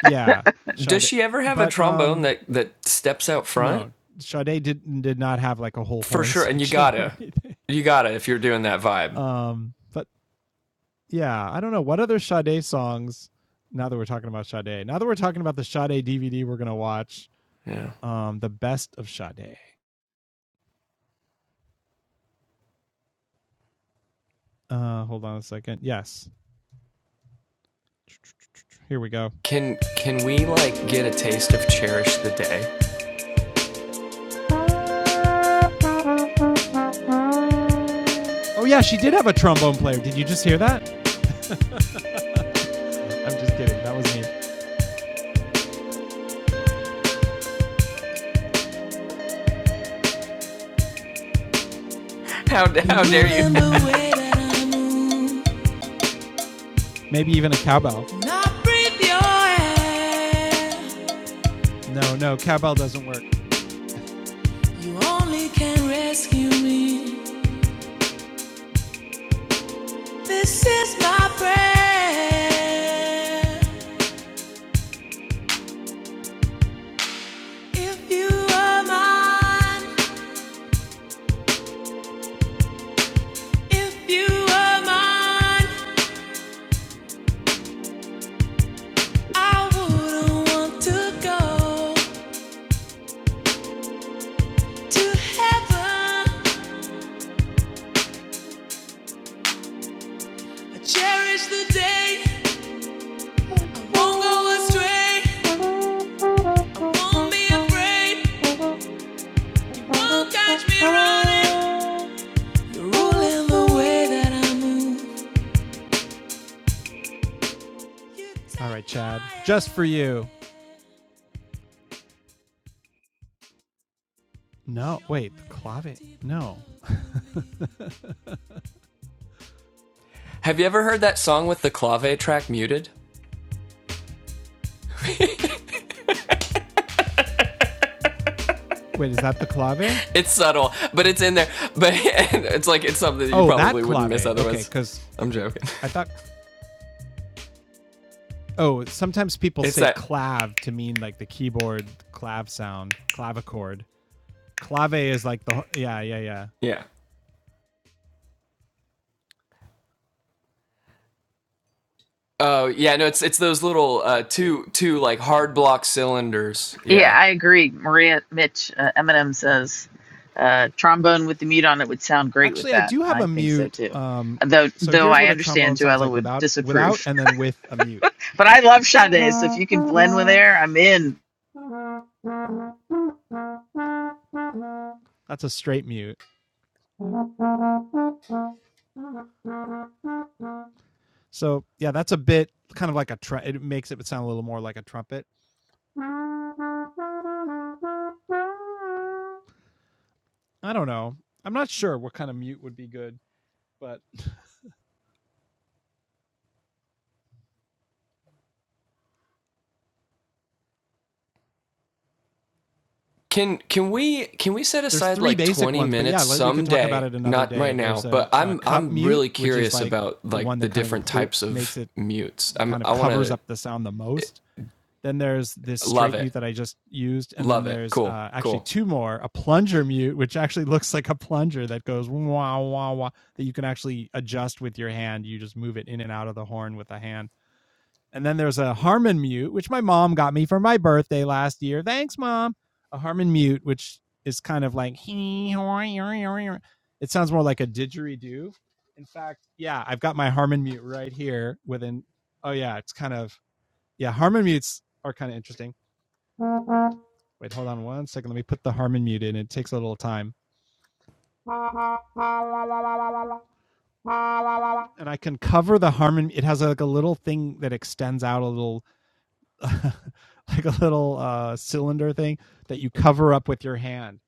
Speaker 1: yeah,
Speaker 4: Does
Speaker 1: Sade.
Speaker 4: she ever have a
Speaker 1: But
Speaker 4: trombone
Speaker 1: um,
Speaker 4: that that steps out front?
Speaker 1: no, Sade did did not have like a whole
Speaker 4: For
Speaker 1: horn
Speaker 4: sure. And you
Speaker 1: section or
Speaker 4: gotta,
Speaker 1: anything.
Speaker 4: you gotta if you're doing that vibe.
Speaker 1: Um, but yeah, I don't know what other Sade songs. Now that we're talking about Sade, now that we're talking about the Sade DVD, we're gonna watch
Speaker 4: Yeah.
Speaker 1: um the best of Sade. Uh, hold on a second. Yes, here we go.
Speaker 4: Can can we like get a taste of "Cherish the Day"?
Speaker 1: Oh yeah, she did have a trombone player. Did you just hear that? I'm just kidding. That was me.
Speaker 4: How how dare you?
Speaker 1: Maybe even a cowbell. No, no, cowbell doesn't work. Only can rescue me. This is my prayer. If you are mine, if you are mine, I wouldn't want to go to heaven. I cherish the day, won't go astray, won't be afraid, won't catch me running. You're ruling the way that I move. You right, Chad. Just for you. No, wait, the clave. No.
Speaker 4: have you ever heard that song with the clave track muted?
Speaker 1: Wait, is that the clave?
Speaker 4: It's subtle, but it's in there. But and it's like it's something that you
Speaker 1: Oh, that
Speaker 4: probably wouldn't miss
Speaker 1: clave. Okay,
Speaker 4: otherwise.
Speaker 1: because
Speaker 4: I'm joking.
Speaker 1: I thought. Oh, sometimes people
Speaker 4: It's
Speaker 1: say
Speaker 4: that.
Speaker 1: clav to mean like the keyboard clav sound, clavichord. Clave is like the yeah, yeah, yeah.
Speaker 4: Yeah. Oh uh, yeah. No, it's it's those little uh, two two like hard block cylinders.
Speaker 2: Yeah,
Speaker 4: Yeah.
Speaker 2: I agree. Maria Mitch uh, Eminem says uh, trombone with the mute on it would sound great with
Speaker 1: Actually, I
Speaker 2: that.
Speaker 1: do have
Speaker 2: I
Speaker 1: a
Speaker 2: think so
Speaker 1: mute.
Speaker 2: too.
Speaker 1: Um,
Speaker 2: Though,
Speaker 1: so
Speaker 2: though
Speaker 1: here's
Speaker 2: I
Speaker 1: what a
Speaker 2: understand
Speaker 1: trombone sounds
Speaker 2: Joella
Speaker 1: like
Speaker 2: would
Speaker 1: without without
Speaker 2: disapprove,
Speaker 1: and then with a mute.
Speaker 2: but I love Sade, so if you can blend with air, I'm in.
Speaker 1: That's a straight mute. So yeah, that's a bit kind of like a tr- it makes it sound a little more like a trumpet. I don't know. I'm not sure what kind of mute would be good, but
Speaker 4: Can can we can we set
Speaker 1: there's
Speaker 4: aside
Speaker 1: three
Speaker 4: like
Speaker 1: basic
Speaker 4: 20
Speaker 1: ones. But yeah,
Speaker 4: minutes
Speaker 1: like we could talk about
Speaker 4: someday?
Speaker 1: it another
Speaker 4: Not
Speaker 1: day.
Speaker 4: right
Speaker 1: There's
Speaker 4: now, but
Speaker 1: a,
Speaker 4: I'm
Speaker 1: a cup
Speaker 4: I'm
Speaker 1: mute,
Speaker 4: really
Speaker 1: which is
Speaker 4: curious
Speaker 1: like
Speaker 4: about
Speaker 1: the
Speaker 4: like
Speaker 1: one
Speaker 4: the
Speaker 1: that kind of
Speaker 4: different types
Speaker 1: makes
Speaker 4: of
Speaker 1: it
Speaker 4: mutes. I'm
Speaker 1: kind of
Speaker 4: I want
Speaker 1: covers
Speaker 4: to
Speaker 1: up the sound the most. Then there's this
Speaker 4: love
Speaker 1: straight
Speaker 4: it.
Speaker 1: mute that I just used, and then
Speaker 4: Love it.
Speaker 1: there's
Speaker 4: Cool.
Speaker 1: uh, actually
Speaker 4: Cool.
Speaker 1: two more: a plunger mute, which actually looks like a plunger that goes wah wah wah, that you can actually adjust with your hand. You just move it in and out of the horn with a hand. And then there's a Harmon mute, which my mom got me for my birthday last year. Thanks, mom. A Harmon mute, which is kind of like it sounds more like a didgeridoo. In fact, yeah, I've got my Harmon mute right here. Within oh yeah, it's kind of yeah, Harmon mutes are kind of interesting. Wait, hold on one second. Let me put the Harmon mute in. It takes a little time. And I can cover the Harmon. It has like a little thing that extends out a little, like a little uh, cylinder thing that you cover up with your hand.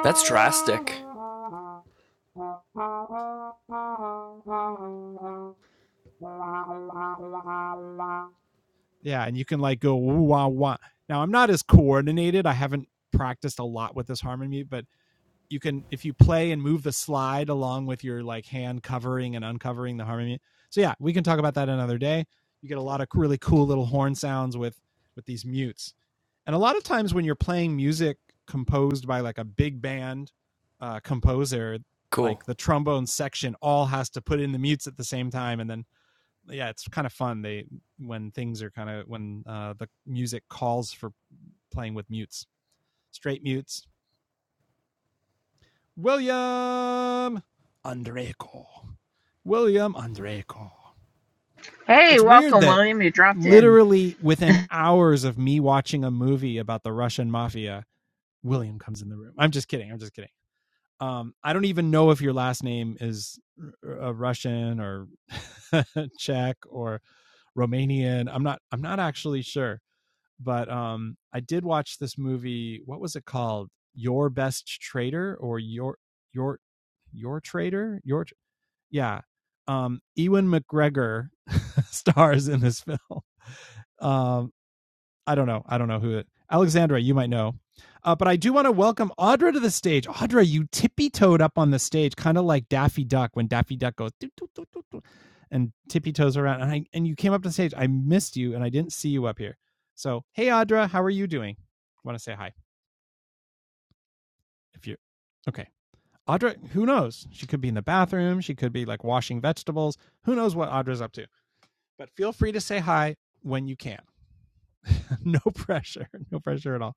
Speaker 4: That's drastic.
Speaker 1: Yeah, and you can like go woo wah wah. Now I'm not as coordinated. I haven't practiced a lot with this harmony, but you can if you play and move the slide along with your like hand covering and uncovering the harmony. So yeah, we can talk about that another day. You get a lot of really cool little horn sounds with with these mutes. And a lot of times when you're playing music composed by like a big band uh composer,
Speaker 4: Cool.
Speaker 1: like the trombone section all has to put in the mutes at the same time and then yeah, it's kind of fun. They when things are kind of when uh, the music calls for playing with mutes, straight mutes. William Andrejko, William Andrejko.
Speaker 2: Hey,
Speaker 1: It's weird
Speaker 2: welcome,
Speaker 1: that
Speaker 2: William. You dropped in.
Speaker 1: literally within hours of me watching a movie about the Russian mafia, William comes in the room. I'm just kidding. I'm just kidding. Um, I don't even know if your last name is uh, Russian or Czech or Romanian. I'm not. I'm not actually sure. but um I did watch this movie. What was it called? Your Best Trader or your your your trader? Your yeah. Um Ewan McGregor stars in this film. Um I don't know. I don't know who it. Alexandra, you might know. Uh, but I do want to welcome Audra to the stage. Audra, you tippy toed up on the stage, kind of like Daffy Duck when Daffy Duck goes "Doo, doo, doo, doo, doo," and tippy toes around. And I and you came up to the stage. I missed you, and I didn't see you up here. So hey, Audra, how are you doing? Want to say hi if you? Okay, Audra. Who knows? She could be in the bathroom. She could be like washing vegetables. Who knows what Audra's up to? But feel free to say hi when you can. no pressure. No pressure at all.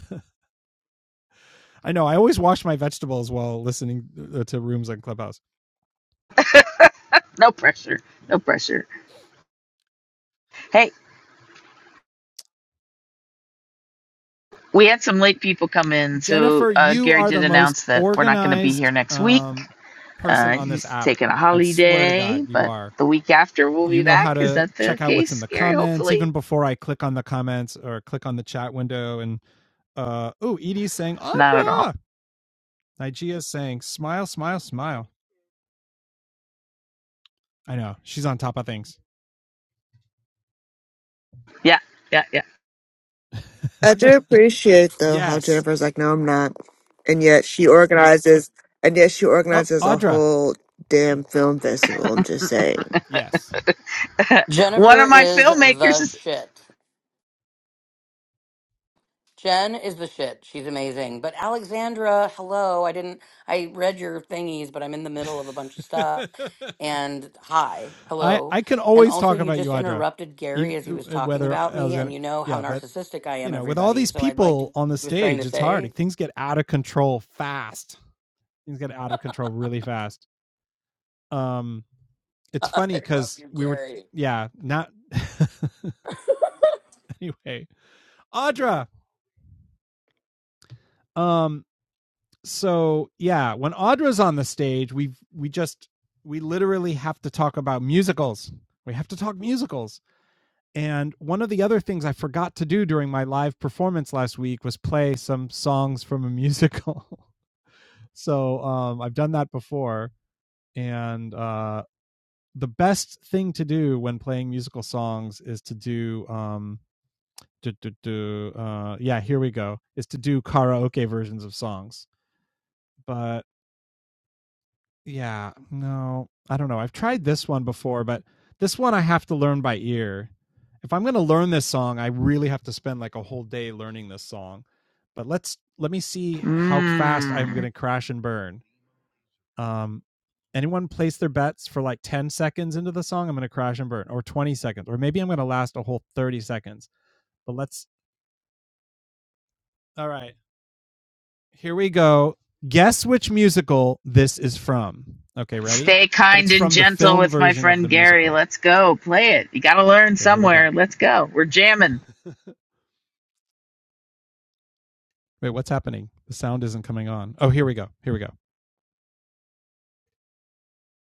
Speaker 1: I know. I always wash my vegetables while listening uh, to rooms on Clubhouse.
Speaker 2: No pressure. No pressure. Hey, we had some late people come in, so
Speaker 1: Jennifer,
Speaker 2: uh,
Speaker 1: you
Speaker 2: Gary
Speaker 1: are the
Speaker 2: did
Speaker 1: most
Speaker 2: announce that we're not going to be here
Speaker 1: organized
Speaker 2: next week.
Speaker 1: um, person
Speaker 2: Uh,
Speaker 1: on this
Speaker 2: he's
Speaker 1: app.
Speaker 2: taking a
Speaker 1: I swear to God,
Speaker 2: holiday,
Speaker 1: you
Speaker 2: but
Speaker 1: are.
Speaker 2: the week after we'll
Speaker 1: You
Speaker 2: be
Speaker 1: know how
Speaker 2: back. Is
Speaker 1: to
Speaker 2: that the
Speaker 1: check out what's in
Speaker 2: case,
Speaker 1: the
Speaker 2: Gary?
Speaker 1: comments
Speaker 2: Hopefully.
Speaker 1: even before I click on the comments or click on the chat window. And uh, oh, Edie's saying
Speaker 2: Not at all.
Speaker 1: Audra. Nigea's saying smile, smile, smile. I know she's on top of things.
Speaker 2: Yeah, yeah,
Speaker 6: I do appreciate though how
Speaker 1: Yes.
Speaker 6: Jennifer's like, no, I'm not, and yet she organizes, and yet she
Speaker 1: Oh,
Speaker 6: organizes a
Speaker 1: Audra.
Speaker 6: whole damn film festival. I'm just saying.
Speaker 1: Yes.
Speaker 2: yeah. One
Speaker 7: Jennifer
Speaker 2: of my
Speaker 7: is
Speaker 2: filmmakers
Speaker 7: the
Speaker 2: is.
Speaker 7: shit. Jen is the shit. She's amazing. But Alexandra, hello. I didn't, I read your thingies, but I'm in the middle of a bunch of stuff. And hi,
Speaker 1: I
Speaker 7: hello.
Speaker 1: I can
Speaker 7: And
Speaker 1: always
Speaker 7: also,
Speaker 1: talk
Speaker 7: you
Speaker 1: about you,
Speaker 7: just
Speaker 1: Audra,
Speaker 7: interrupted
Speaker 1: even
Speaker 7: Gary as he was talking
Speaker 1: whether
Speaker 7: about me, and
Speaker 1: to
Speaker 7: you know how
Speaker 1: Yeah, but
Speaker 7: narcissistic I
Speaker 1: you
Speaker 7: am,
Speaker 1: know, with all
Speaker 7: everybody.
Speaker 1: these
Speaker 7: So I'd like to,
Speaker 1: people
Speaker 7: he
Speaker 1: on the
Speaker 7: was trying
Speaker 1: stage,
Speaker 7: to
Speaker 1: it's hard.
Speaker 7: say,
Speaker 1: Things get out of control fast. Things get out
Speaker 7: I
Speaker 1: of control really fast. Um, it's funny
Speaker 7: love
Speaker 1: because
Speaker 7: you,
Speaker 1: we were
Speaker 7: Gary.
Speaker 1: yeah not anyway audra um so yeah when audra's on the stage we we just we literally have to talk about musicals we have to talk musicals And one of the other things I forgot to do during my live performance last week was play some songs from a musical. so um, I've done that before. And uh, the best thing to do when playing musical songs is to do, um, do, do, do, uh, yeah, here we go, is to do karaoke versions of songs. But Yeah, no, I don't know. I've tried this one before, but this one I have to learn by ear. If I'm going to learn this song, I really have to spend like a whole day learning this song. But let's let me see how fast I'm going
Speaker 2: Mmm.
Speaker 1: to crash and burn. Um, anyone place their bets for like 10 seconds into the song? I'm going to crash and burn, or 20 seconds, or maybe I'm going to last a whole 30 seconds. But let's, all right, here we go. Guess which musical this is from. Okay, ready?
Speaker 2: Stay
Speaker 1: But
Speaker 2: kind
Speaker 1: it's
Speaker 2: and
Speaker 1: from the
Speaker 2: gentle
Speaker 1: film
Speaker 2: with my
Speaker 1: version of
Speaker 2: friend
Speaker 1: the
Speaker 2: Gary.
Speaker 1: musical.
Speaker 2: Let's go. Play it. You got to learn
Speaker 1: Okay, here we go.
Speaker 2: somewhere. Let's go. We're jamming.
Speaker 1: Wait, what's happening? The sound isn't coming on. Oh, here we go. Here we go.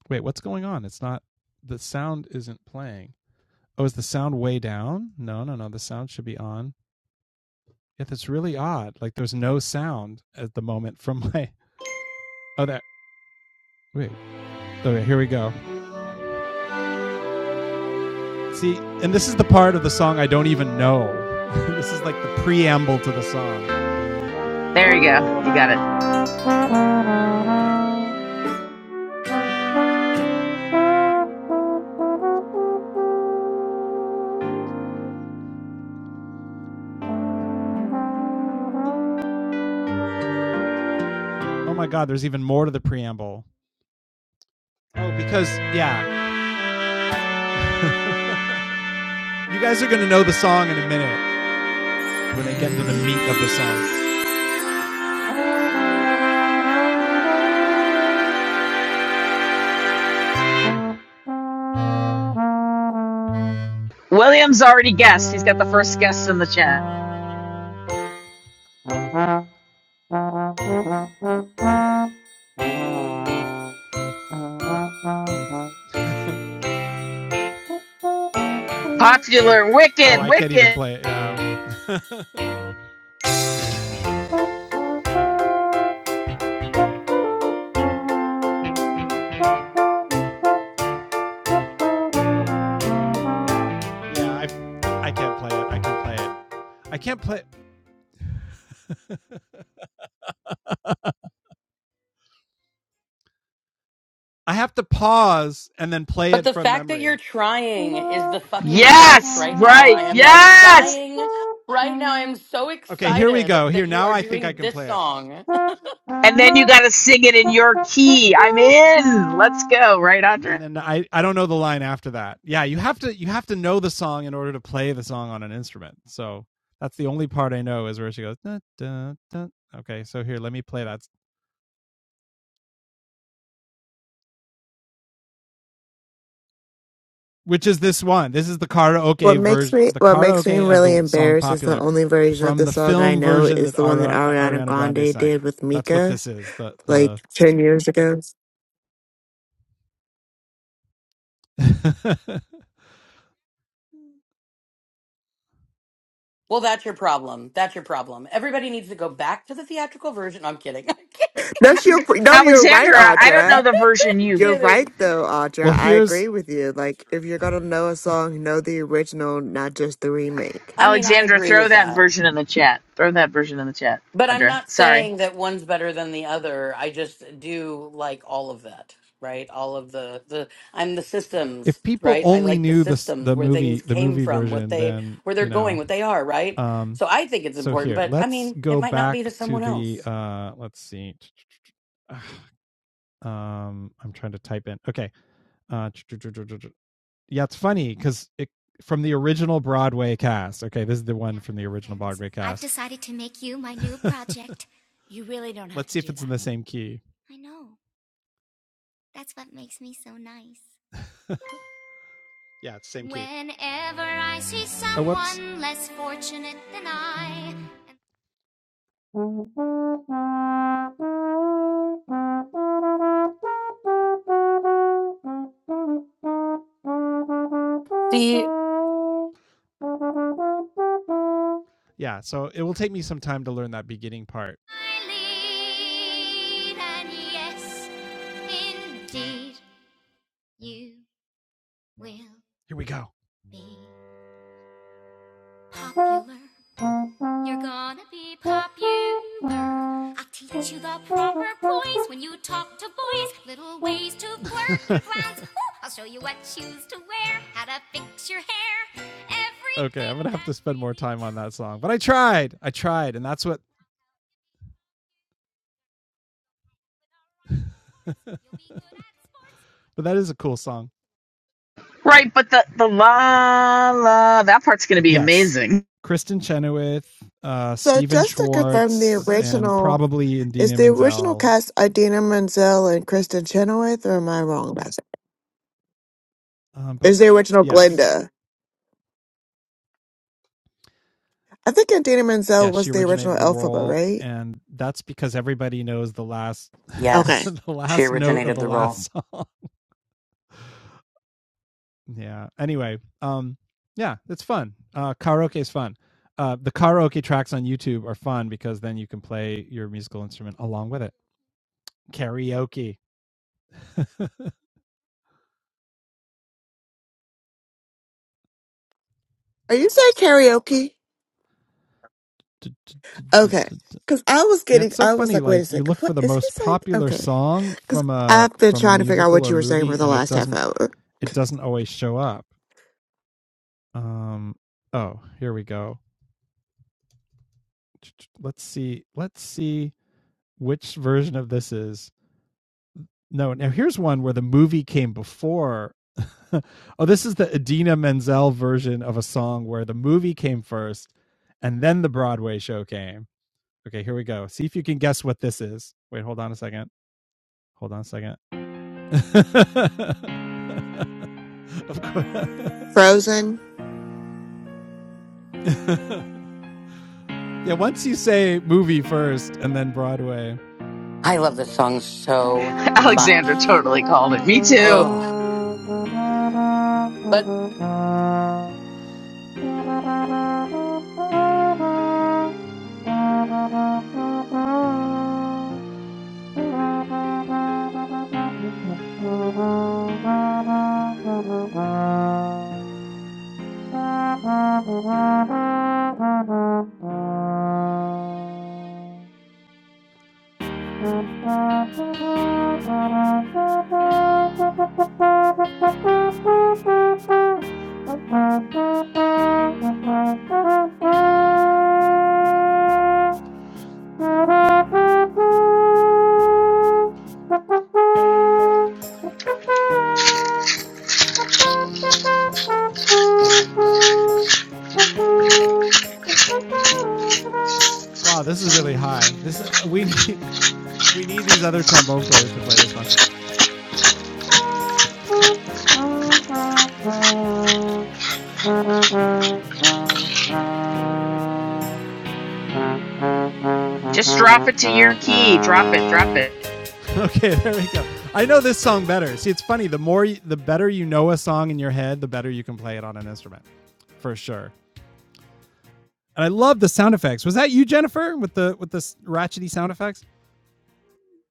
Speaker 1: Wait, what's going on? It's not, the sound isn't playing. Oh, is the sound way down? No, no, no. The sound should be on. Yeah, that's really odd. Like there's no sound at the moment from my, oh, that. Wait. Okay, here we go. See, and this is the part of the song I don't even know. this is like the preamble to the song.
Speaker 2: There you go. You got it.
Speaker 1: Oh my God, there's even more to the preamble. Oh, because, yeah, you guys are going to know the song in a minute when they get to the meat of the
Speaker 2: William's already guessed. He's got the first guess in the chat.
Speaker 1: song. Oh,
Speaker 2: Popular. Wicked.
Speaker 1: I can't even
Speaker 2: Wicked.
Speaker 1: play it. Um, yeah, I, I can't play it. I can play it. I can't play. it. I have to pause and then play
Speaker 7: But
Speaker 1: it
Speaker 7: the
Speaker 1: from
Speaker 7: fact that you're
Speaker 1: memory.
Speaker 7: trying is the fucking best
Speaker 2: Yes.
Speaker 7: right now. I
Speaker 2: Right.
Speaker 7: am like
Speaker 2: Yes.
Speaker 7: dying right now. I am so
Speaker 1: Okay, here we go.
Speaker 7: excited that
Speaker 1: Here
Speaker 7: you
Speaker 1: now,
Speaker 7: are
Speaker 1: I think I
Speaker 7: doing
Speaker 1: can
Speaker 7: this
Speaker 1: play
Speaker 7: song.
Speaker 2: And then you
Speaker 1: it.
Speaker 2: got to sing it in your key. I'm in. Let's go. Right,
Speaker 1: and
Speaker 2: Andre?
Speaker 1: then I I don't know the line after that. Yeah, you have to you have to know the song in order to play the song on an instrument. So that's the only part I know is where she goes. Dun, dun, dun. Okay, so here let me play that, which is this one. This is the
Speaker 6: What
Speaker 1: karaoke
Speaker 6: makes
Speaker 1: version,
Speaker 6: me
Speaker 1: the
Speaker 6: what makes me
Speaker 1: karaoke of
Speaker 6: really
Speaker 1: the song
Speaker 6: embarrassed is the
Speaker 1: "Popular"
Speaker 6: only version of
Speaker 1: from
Speaker 6: the
Speaker 1: the
Speaker 6: song I
Speaker 1: film
Speaker 6: know
Speaker 1: version
Speaker 6: is
Speaker 1: that
Speaker 6: the one that
Speaker 1: Ari-
Speaker 6: Ariana
Speaker 1: Ariana Grande
Speaker 6: Grande
Speaker 1: sang.
Speaker 6: did with
Speaker 1: That's what
Speaker 6: Mika
Speaker 1: this is. The
Speaker 6: like
Speaker 1: the.
Speaker 6: ten years ago.
Speaker 7: Well, that's your problem. That's your problem. Everybody needs to go back to the theatrical version. I'm kidding.
Speaker 6: No, she, no, you're right,
Speaker 2: Alexandra, I don't know
Speaker 6: Audra.
Speaker 2: the version
Speaker 7: I'm
Speaker 2: you
Speaker 6: You're right
Speaker 7: kidding.
Speaker 6: though,
Speaker 1: well,
Speaker 6: Audra. I
Speaker 1: here's.
Speaker 6: agree with you. Like if you're gonna know a song, know the original, not just the remake.
Speaker 7: I mean, I
Speaker 2: Alexandra,
Speaker 7: agree
Speaker 2: throw
Speaker 7: with
Speaker 2: that
Speaker 7: that.
Speaker 2: version in the chat. Throw that version in the chat.
Speaker 7: But I'm
Speaker 2: Audra,
Speaker 7: not
Speaker 2: sorry.
Speaker 7: saying that one's better than the other. I just do like all of that, right? All of the the I'm the systems,
Speaker 1: if people
Speaker 7: right? I
Speaker 1: only
Speaker 7: like the
Speaker 1: knew the
Speaker 7: systems
Speaker 1: the
Speaker 7: where things
Speaker 1: movie the
Speaker 7: came
Speaker 1: movie
Speaker 7: from, what
Speaker 1: version
Speaker 7: they
Speaker 1: then
Speaker 7: where they're
Speaker 1: you
Speaker 7: going,
Speaker 1: know
Speaker 7: what they are, right?
Speaker 1: um
Speaker 7: So I think it's
Speaker 1: so
Speaker 7: important,
Speaker 1: here
Speaker 7: but I
Speaker 1: let's
Speaker 7: mean, it
Speaker 1: go
Speaker 7: might not
Speaker 1: back
Speaker 7: be to
Speaker 1: to
Speaker 7: someone
Speaker 1: the
Speaker 7: else.
Speaker 1: uh let's see um i'm trying to type in okay uh yeah it's funny because it from the original broadway cast okay this is the one from the original broadway cast. I've decided to make you my new project. You really don't have let's to see if do it's that. in the same key I know. That's what makes me so nice. Yeah, it's the same key. Whenever I see someone Oh, whoops. less fortunate than I,
Speaker 7: See,
Speaker 1: Yeah, so it will take me some time to learn that beginning part. I lead, and yes, indeed, you will Here we go. be popular. You're gonna be popular. I'll teach you the proper poise when you talk to boys. Little ways to flirt, plans. I'll show you what shoes to wear, how to fix your hair. Everything Okay, I'm gonna have to spend more time on that song. But I tried. I tried, and that's what but that is a cool song.
Speaker 2: Right, but the the la la that part's gonna be
Speaker 1: Yes.
Speaker 2: amazing.
Speaker 1: Kristen Chenoweth, uh
Speaker 6: So
Speaker 1: Steven
Speaker 6: just to confirm the
Speaker 1: Schwartz, and
Speaker 6: original
Speaker 1: probably
Speaker 6: is
Speaker 1: Indina
Speaker 6: the original
Speaker 1: Menzel.
Speaker 6: cast Idina Menzel and Kristen Chenoweth, or am I wrong about that?
Speaker 1: Um, but
Speaker 6: Is the original
Speaker 1: yes.
Speaker 6: Glinda? I think Idina
Speaker 1: yeah,
Speaker 6: Menzel
Speaker 1: she
Speaker 6: was the original
Speaker 1: originated the
Speaker 6: Elphaba,
Speaker 1: role,
Speaker 6: right?
Speaker 1: and that's because everybody knows the last
Speaker 6: Okay.
Speaker 7: yes,
Speaker 1: the
Speaker 7: she
Speaker 1: last note of
Speaker 7: originated
Speaker 1: the
Speaker 7: the role.
Speaker 1: last song. yeah. Anyway, um, yeah, it's fun. Uh, karaoke is fun. Uh, the karaoke tracks on YouTube are fun because then you can play your musical instrument along with it. Karaoke.
Speaker 6: Are you saying karaoke? Okay. Cause I was
Speaker 1: Yeah,
Speaker 6: getting,
Speaker 1: it's so
Speaker 6: I was
Speaker 1: funny.
Speaker 6: like, wait a
Speaker 1: Like you
Speaker 6: second,
Speaker 1: look
Speaker 6: what
Speaker 1: for the
Speaker 6: is he
Speaker 1: most
Speaker 6: saying?
Speaker 1: popular
Speaker 6: Okay.
Speaker 1: song
Speaker 6: Cause
Speaker 1: from a
Speaker 6: I've been
Speaker 1: from a
Speaker 6: trying to figure out
Speaker 1: musical
Speaker 6: what
Speaker 1: or
Speaker 6: you were saying for
Speaker 1: movie,
Speaker 6: the
Speaker 1: and it
Speaker 6: last half
Speaker 1: doesn't
Speaker 6: hour.
Speaker 1: it doesn't always show up. Um, oh, here we go. let's see let's see which version of this is no now here's one where the movie came before oh this is the Adina Menzel version of a song where the movie came first and then the Broadway show came okay here we go see if you can guess what this is wait hold on a second hold on a second of course
Speaker 6: Frozen?
Speaker 1: yeah once you say movie first and then Broadway
Speaker 7: I love this song so
Speaker 2: Alexandra
Speaker 7: much.
Speaker 2: totally called it. Me too.
Speaker 7: Oh, but
Speaker 1: Thank you. Wow, this is really high. This uh, we need we need these other trombone players to play this one.
Speaker 2: Just drop it to your key. Drop it. Drop it.
Speaker 1: Okay, there we go. I know this song better. See, it's funny. The more, you, the better you know a song in your head, the better you can play it on an instrument, for sure. And I love the sound effects. Was that you, Jennifer, with the with the ratchety sound effects?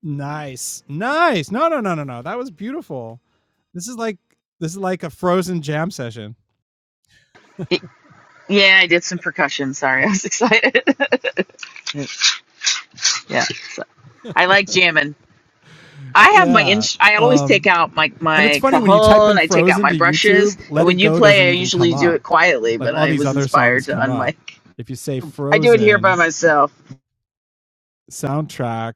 Speaker 1: Nice, nice. No, no, no, no, no. That was beautiful. This is like this is like a Frozen jam session.
Speaker 2: Y- Yeah, I did some percussion. Sorry, I was excited. yeah, so, I like jamming. I have my
Speaker 1: Yeah.
Speaker 2: inch. I always take
Speaker 1: Um.
Speaker 2: out my
Speaker 1: And it's
Speaker 2: my
Speaker 1: funny when you type
Speaker 2: cajon.
Speaker 1: in
Speaker 2: I take out
Speaker 1: Frozen
Speaker 2: my
Speaker 1: to
Speaker 2: brushes,
Speaker 1: YouTube,
Speaker 2: and
Speaker 1: Let
Speaker 2: when
Speaker 1: It
Speaker 2: you
Speaker 1: Go doesn't
Speaker 2: play, I
Speaker 1: even come
Speaker 2: usually do
Speaker 1: up.
Speaker 2: it quietly.
Speaker 1: Like
Speaker 2: But
Speaker 1: all
Speaker 2: I
Speaker 1: these
Speaker 2: was
Speaker 1: other
Speaker 2: inspired
Speaker 1: songs
Speaker 2: to
Speaker 1: come up.
Speaker 2: unmic.
Speaker 1: If you say
Speaker 2: I do it here by
Speaker 1: Frozen
Speaker 2: myself.
Speaker 1: soundtrack,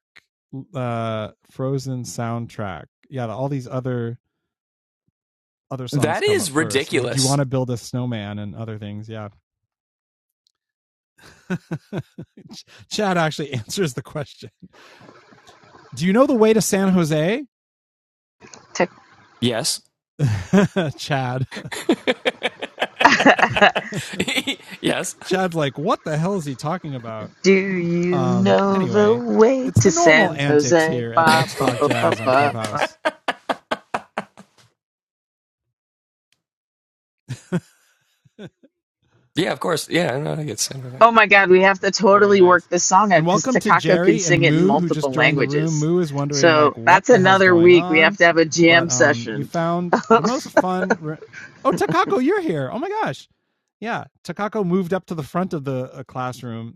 Speaker 1: uh, Frozen soundtrack, yeah, all these other other songs
Speaker 4: That
Speaker 1: come up
Speaker 4: is
Speaker 1: first. Would you want
Speaker 4: ridiculous.
Speaker 1: to build a snowman and other things? Yeah. Chad actually answers the question. Do you know the way to San Jose?
Speaker 4: Yes.
Speaker 1: Chad.
Speaker 4: yes.
Speaker 1: Chad's like, what the hell is he talking about?
Speaker 2: Do you
Speaker 1: Um,
Speaker 2: know the
Speaker 1: anyway,
Speaker 2: way
Speaker 1: it's the
Speaker 2: to
Speaker 1: normal
Speaker 2: San
Speaker 1: antics
Speaker 2: Jose?
Speaker 1: here at
Speaker 2: Ba,
Speaker 1: Let's
Speaker 2: ba,
Speaker 1: Talk
Speaker 2: ba, ba,
Speaker 1: Jazz on
Speaker 2: ba.
Speaker 1: Clubhouse.
Speaker 4: yeah, of course. Yeah, no, I get sent with it.
Speaker 2: Oh my god, we have to
Speaker 1: Very
Speaker 2: totally
Speaker 1: nice.
Speaker 2: work this song out
Speaker 1: And
Speaker 2: because
Speaker 1: welcome to
Speaker 2: Takako can
Speaker 1: Jerry and
Speaker 2: sing it in
Speaker 1: Moo, who just
Speaker 2: multiple
Speaker 1: joined the room.
Speaker 2: languages.
Speaker 1: Moo is wondering, like,
Speaker 2: So
Speaker 1: what
Speaker 2: that's
Speaker 1: the hell's
Speaker 2: another
Speaker 1: going
Speaker 2: week. We have
Speaker 1: on?
Speaker 2: to have a
Speaker 1: But
Speaker 2: jam
Speaker 1: um, you
Speaker 2: session.
Speaker 1: found the most fun. Re- oh, Takako, you're here. Oh my gosh. Yeah. Takako moved up to the front of the uh, classroom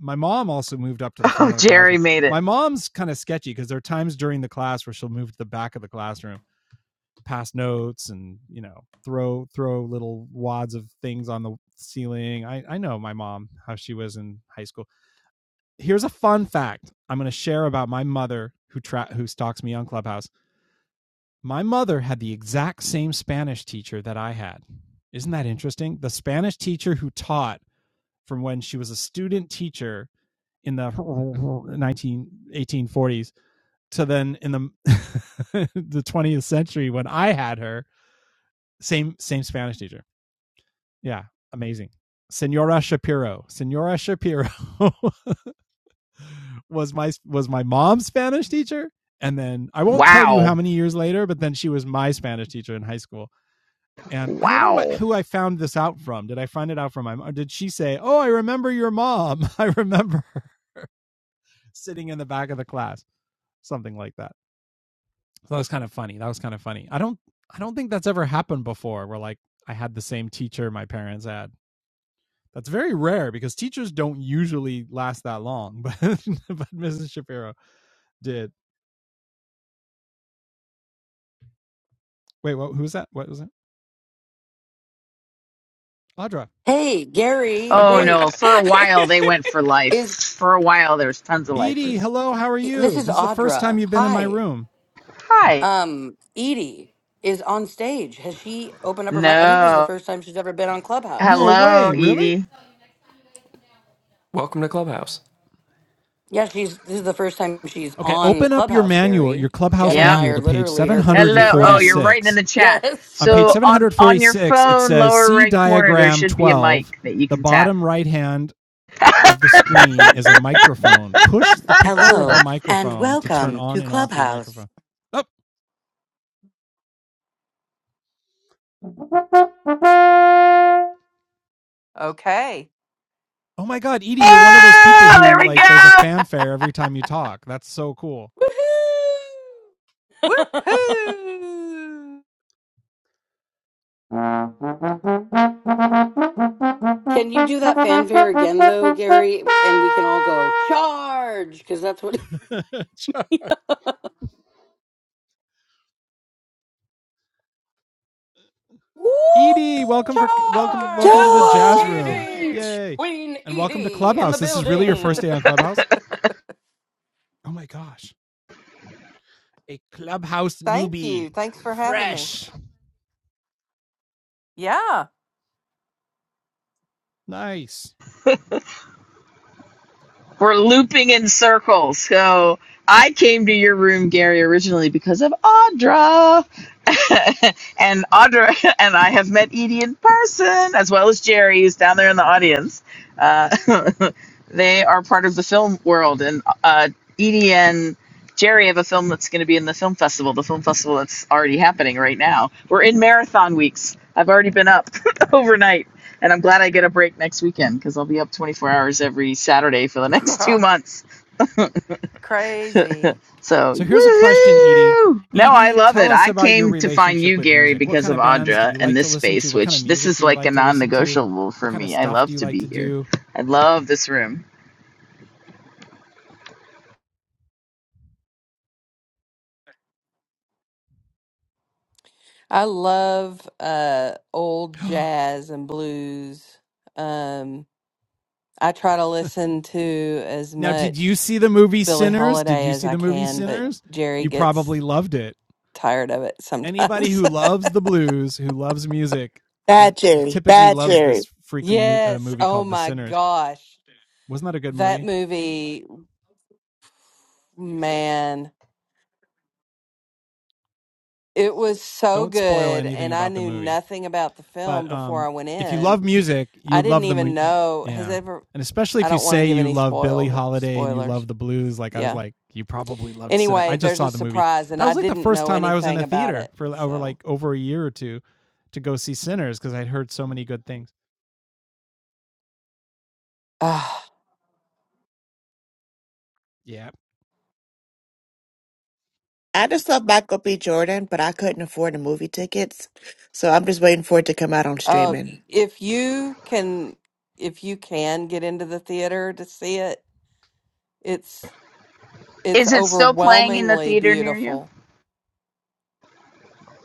Speaker 1: my mom also moved up to the front
Speaker 2: Oh,
Speaker 1: of the classroom.
Speaker 2: Jerry made it.
Speaker 1: My mom's kind of sketchy because there are times during the class where she'll move to the back of the classroom, pass notes, and you know throw throw little wads of things on the ceiling. I I know my mom how she was in high school. Here's a fun fact I'm going to share about my mother who tra- who stalks me on Clubhouse. My mother had the exact same Spanish teacher that I had. Isn't that interesting? The Spanish teacher who taught from when she was a student teacher in the nineteen eighteen forties, to then in the the 20th century when I had her same same Spanish teacher. Yeah, amazing. Senora Shapiro. Senora Shapiro was my was my mom's Spanish teacher and then I won't tell you
Speaker 2: Wow.
Speaker 1: how many years later, but then she was my Spanish teacher in high school. And I don't know what
Speaker 2: Wow.
Speaker 1: who I found this out from. Did I find it out from my mom? Did she say, "Oh, I remember your mom. I remember her sitting in the back of the class." Something like that. So that was kind of funny. That was kind of funny. I don't I don't think that's ever happened before where like I had the same teacher my parents had. That's very rare because teachers don't usually last that long, but but Mrs. Shapiro did. Wait, what who was that? What was that? Audra.
Speaker 7: hey, Gary,
Speaker 2: Oh
Speaker 7: wait,
Speaker 2: no, for a while they went for life.
Speaker 7: is
Speaker 2: For a while there's tons of
Speaker 1: Edie,
Speaker 2: lifers.
Speaker 1: hello, how are
Speaker 7: this
Speaker 1: you?
Speaker 7: is
Speaker 1: This is the first time
Speaker 7: Audra?
Speaker 1: you've been in my
Speaker 7: Hi.
Speaker 1: room.
Speaker 2: Hi.
Speaker 7: Um, Edie is on stage. Has she opened up her mic? I think this is the
Speaker 2: No.
Speaker 7: first time she's ever been on
Speaker 1: No
Speaker 7: Clubhouse.
Speaker 2: Hello,
Speaker 1: way, really?
Speaker 2: Edie.
Speaker 4: Welcome to Clubhouse.
Speaker 7: Yeah, she's this is the first time she's
Speaker 1: Okay,
Speaker 7: on
Speaker 1: open up your
Speaker 7: Clubhouse,
Speaker 1: manual, your
Speaker 7: Gary.
Speaker 1: clubhouse
Speaker 7: Jen and
Speaker 2: Yep.
Speaker 7: I
Speaker 1: manual
Speaker 7: are
Speaker 1: to page
Speaker 7: literally her first two
Speaker 2: Hello. Oh, you're
Speaker 7: friends.
Speaker 2: writing in
Speaker 1: 746.
Speaker 2: the chat.
Speaker 7: Yes.
Speaker 1: On page
Speaker 2: So on on your
Speaker 1: 746, it
Speaker 2: phone,
Speaker 1: says
Speaker 2: lower
Speaker 1: see
Speaker 2: right corner, there
Speaker 1: diagram
Speaker 2: should be a
Speaker 1: 12
Speaker 2: mic that you
Speaker 1: the
Speaker 2: can tap.
Speaker 1: bottom right hand of the screen is a microphone. Push the picture of
Speaker 7: Hello
Speaker 1: the
Speaker 7: and
Speaker 1: microphone to turn
Speaker 7: welcome
Speaker 1: on
Speaker 7: to
Speaker 1: and off your
Speaker 7: Clubhouse.
Speaker 1: microphone. Oh,
Speaker 8: Okay.
Speaker 1: oh my God, Edie, you're one of those people
Speaker 2: Oh, there
Speaker 1: who
Speaker 2: we
Speaker 1: like there's a
Speaker 2: go.
Speaker 1: fanfare every time you talk. That's so cool.
Speaker 7: Woohoo!
Speaker 8: Woohoo!
Speaker 7: Can you do that fanfare again though, Gary? And we can all go charge because that's what Woo!
Speaker 1: Edie, welcome for
Speaker 7: That was
Speaker 1: welcome
Speaker 7: a
Speaker 1: welcome to
Speaker 7: good
Speaker 1: the
Speaker 8: Charge!
Speaker 7: one,
Speaker 1: jazz room.
Speaker 6: Yay!
Speaker 7: Edie.
Speaker 1: Yay.
Speaker 7: Queen
Speaker 1: And welcome to
Speaker 7: Edie in
Speaker 1: Clubhouse.
Speaker 7: the
Speaker 1: This is really your first
Speaker 7: building.
Speaker 1: day on Clubhouse? Oh my gosh. A Clubhouse
Speaker 8: Thank you.
Speaker 1: newbie.
Speaker 8: Thanks for having me.
Speaker 1: Fresh.
Speaker 8: Yeah.
Speaker 1: Nice.
Speaker 2: We're looping in circles. So I came to your room, Gary, originally because of Audra. and Audra and I have met Edie in person, as well as Jerry, who's down there in the audience. Uh, they are part of the film world, and uh, Edie and Jerry have a film that's going to be in the film festival, the film festival that's already happening right now. We're in marathon weeks. I've already been up overnight and I'm glad I get a break next weekend because I'll be up 24 hours every Saturday for the next two months.
Speaker 8: Crazy.
Speaker 1: So
Speaker 2: so,
Speaker 1: here's a question, Edie.
Speaker 2: woohoo! No, I
Speaker 1: Edie,
Speaker 2: love
Speaker 1: tell
Speaker 2: it.
Speaker 1: us
Speaker 2: I
Speaker 1: about your
Speaker 2: came to find
Speaker 1: relationship
Speaker 2: you,
Speaker 1: with
Speaker 2: Gary,
Speaker 1: music. What
Speaker 2: because
Speaker 1: kind
Speaker 2: of
Speaker 1: of bands do
Speaker 2: Audra
Speaker 1: you
Speaker 2: and
Speaker 1: like to
Speaker 2: this
Speaker 1: listen to?
Speaker 2: space,
Speaker 1: What kind of
Speaker 2: which this
Speaker 1: music
Speaker 2: is
Speaker 1: do you
Speaker 2: like a
Speaker 1: like to
Speaker 2: non
Speaker 1: listen to?
Speaker 2: negotiable
Speaker 1: What
Speaker 2: for
Speaker 1: kind of
Speaker 2: me. I
Speaker 1: stuff do
Speaker 2: love
Speaker 1: you
Speaker 2: to
Speaker 1: like
Speaker 2: be
Speaker 1: to
Speaker 2: here.
Speaker 1: do?
Speaker 2: I love this room.
Speaker 8: I love uh old jazz and blues. Um I try to listen to as
Speaker 1: Now, did you
Speaker 8: much
Speaker 1: see the movie
Speaker 8: Billie
Speaker 1: Sinners? Did
Speaker 8: Holiday
Speaker 1: you
Speaker 8: as
Speaker 1: see
Speaker 8: I
Speaker 1: the movie
Speaker 8: can, but
Speaker 1: Sinners?
Speaker 8: Jerry
Speaker 1: You
Speaker 8: gets
Speaker 1: probably loved it.
Speaker 8: tired of it
Speaker 1: Anybody
Speaker 8: sometimes.
Speaker 1: who loves the blues, who loves music,
Speaker 6: Bad Jerry.
Speaker 1: typically
Speaker 6: Bad
Speaker 1: loves
Speaker 6: Jerry.
Speaker 1: this freaky mo- uh,
Speaker 8: yes.
Speaker 1: movie
Speaker 8: Oh
Speaker 1: called The
Speaker 8: my
Speaker 1: Sinners.
Speaker 8: gosh.
Speaker 1: Wasn't that a good
Speaker 8: That
Speaker 1: movie?
Speaker 8: movie, man. It was so
Speaker 1: Don't spoil
Speaker 8: good,
Speaker 1: anything
Speaker 8: and I
Speaker 1: about the
Speaker 8: knew
Speaker 1: movie.
Speaker 8: nothing about the film
Speaker 1: But
Speaker 8: before
Speaker 1: um,
Speaker 8: I went
Speaker 1: if you
Speaker 8: in.
Speaker 1: love music, you
Speaker 8: I
Speaker 1: would
Speaker 8: didn't
Speaker 1: love the
Speaker 8: even
Speaker 1: mu-
Speaker 8: know has
Speaker 1: yeah,
Speaker 8: ever.
Speaker 1: and especially
Speaker 8: I
Speaker 1: if you
Speaker 8: don't want to
Speaker 1: say
Speaker 8: give
Speaker 1: you
Speaker 8: any
Speaker 1: love Billie
Speaker 8: spoil
Speaker 1: Holiday and you love
Speaker 8: spoilers.
Speaker 1: the blues, like I was
Speaker 8: Yeah.
Speaker 1: like, you probably loved Sinner.
Speaker 8: Anyway,
Speaker 1: I just
Speaker 8: there's a
Speaker 1: saw the movie.
Speaker 8: surprise, and
Speaker 1: That
Speaker 8: I
Speaker 1: was like the
Speaker 8: didn't
Speaker 1: first
Speaker 8: know
Speaker 1: time I was in
Speaker 8: anything
Speaker 1: a
Speaker 8: about
Speaker 1: theater
Speaker 8: it.
Speaker 1: for like, over like
Speaker 8: So,
Speaker 1: over a year or two to go see Sinners because I'd heard so many good things.
Speaker 8: Ah.
Speaker 1: Yeah,
Speaker 6: I just saw Michael B. Jordan, but I couldn't afford the movie tickets, so I'm just waiting for it to come out on
Speaker 8: oh,
Speaker 6: streaming.
Speaker 8: if you can, if you can get into the theater to see it, it's it's
Speaker 2: Is it still playing in the
Speaker 8: overwhelmingly
Speaker 2: theater near you?
Speaker 8: beautiful.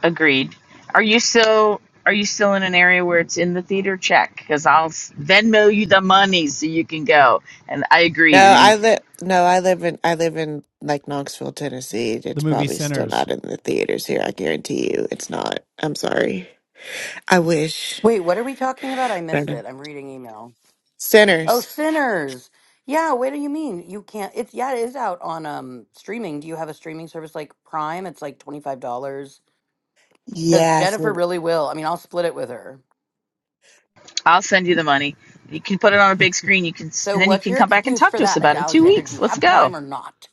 Speaker 2: Agreed. Are you still. Are you still in an area where it's in the theater? Check, because I'll s- Venmo you the money so you can go. And I agree,
Speaker 6: No,
Speaker 2: Edie
Speaker 6: I live. No, I live in. I live in like Knoxville, Tennessee.
Speaker 1: the
Speaker 6: It's
Speaker 1: movie
Speaker 6: probably still
Speaker 1: Sinners.
Speaker 6: not in the theaters here. I guarantee you, it's not. I'm sorry. I wish.
Speaker 7: Wait, what are we talking about? I missed
Speaker 6: Sinners.
Speaker 7: it. I'm reading email. Oh,
Speaker 6: Sinners.
Speaker 7: sinners. Yeah, what do you mean? You can't it's yeah, it is out on um streaming. Do you have a streaming service like Prime? It's like $25 cuz
Speaker 6: Yes.
Speaker 7: Jennifer really will. I mean, I'll split it with her.
Speaker 2: I'll send you the money. You can put it on a big screen. You can,
Speaker 7: So
Speaker 2: and then you
Speaker 7: what's
Speaker 2: can
Speaker 7: your
Speaker 2: come back and
Speaker 7: excuse
Speaker 2: talk
Speaker 7: for
Speaker 2: to us
Speaker 7: that,
Speaker 2: about it in two
Speaker 7: Alexander? Do
Speaker 2: weeks.
Speaker 7: you
Speaker 2: Let's
Speaker 7: have
Speaker 2: go.
Speaker 7: Prime or not?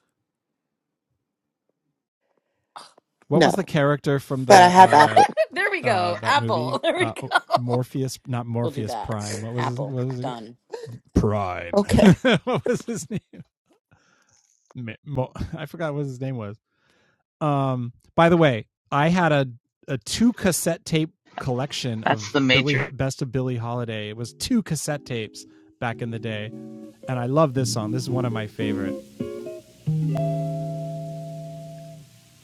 Speaker 1: what
Speaker 6: No,
Speaker 1: was the character from the
Speaker 6: but I have
Speaker 1: uh
Speaker 6: Apple.
Speaker 7: there we
Speaker 1: uh
Speaker 7: go.
Speaker 1: that movie
Speaker 7: Apple. There we
Speaker 1: uh
Speaker 7: go.
Speaker 1: Morpheus not
Speaker 7: We'll do
Speaker 1: Morpheus
Speaker 7: that.
Speaker 1: Prime what was his
Speaker 7: Apple.
Speaker 1: what was it
Speaker 7: Done.
Speaker 1: Prime
Speaker 6: Okay.
Speaker 1: what was his name I forgot what his name was. Um, by the way, I had a a two cassette tape collection
Speaker 2: That's
Speaker 1: of
Speaker 2: the
Speaker 1: Billy
Speaker 2: matrix.
Speaker 1: Best of Billie Holiday. It was two cassette tapes back in the day, and I love this song. This is one of my favorite.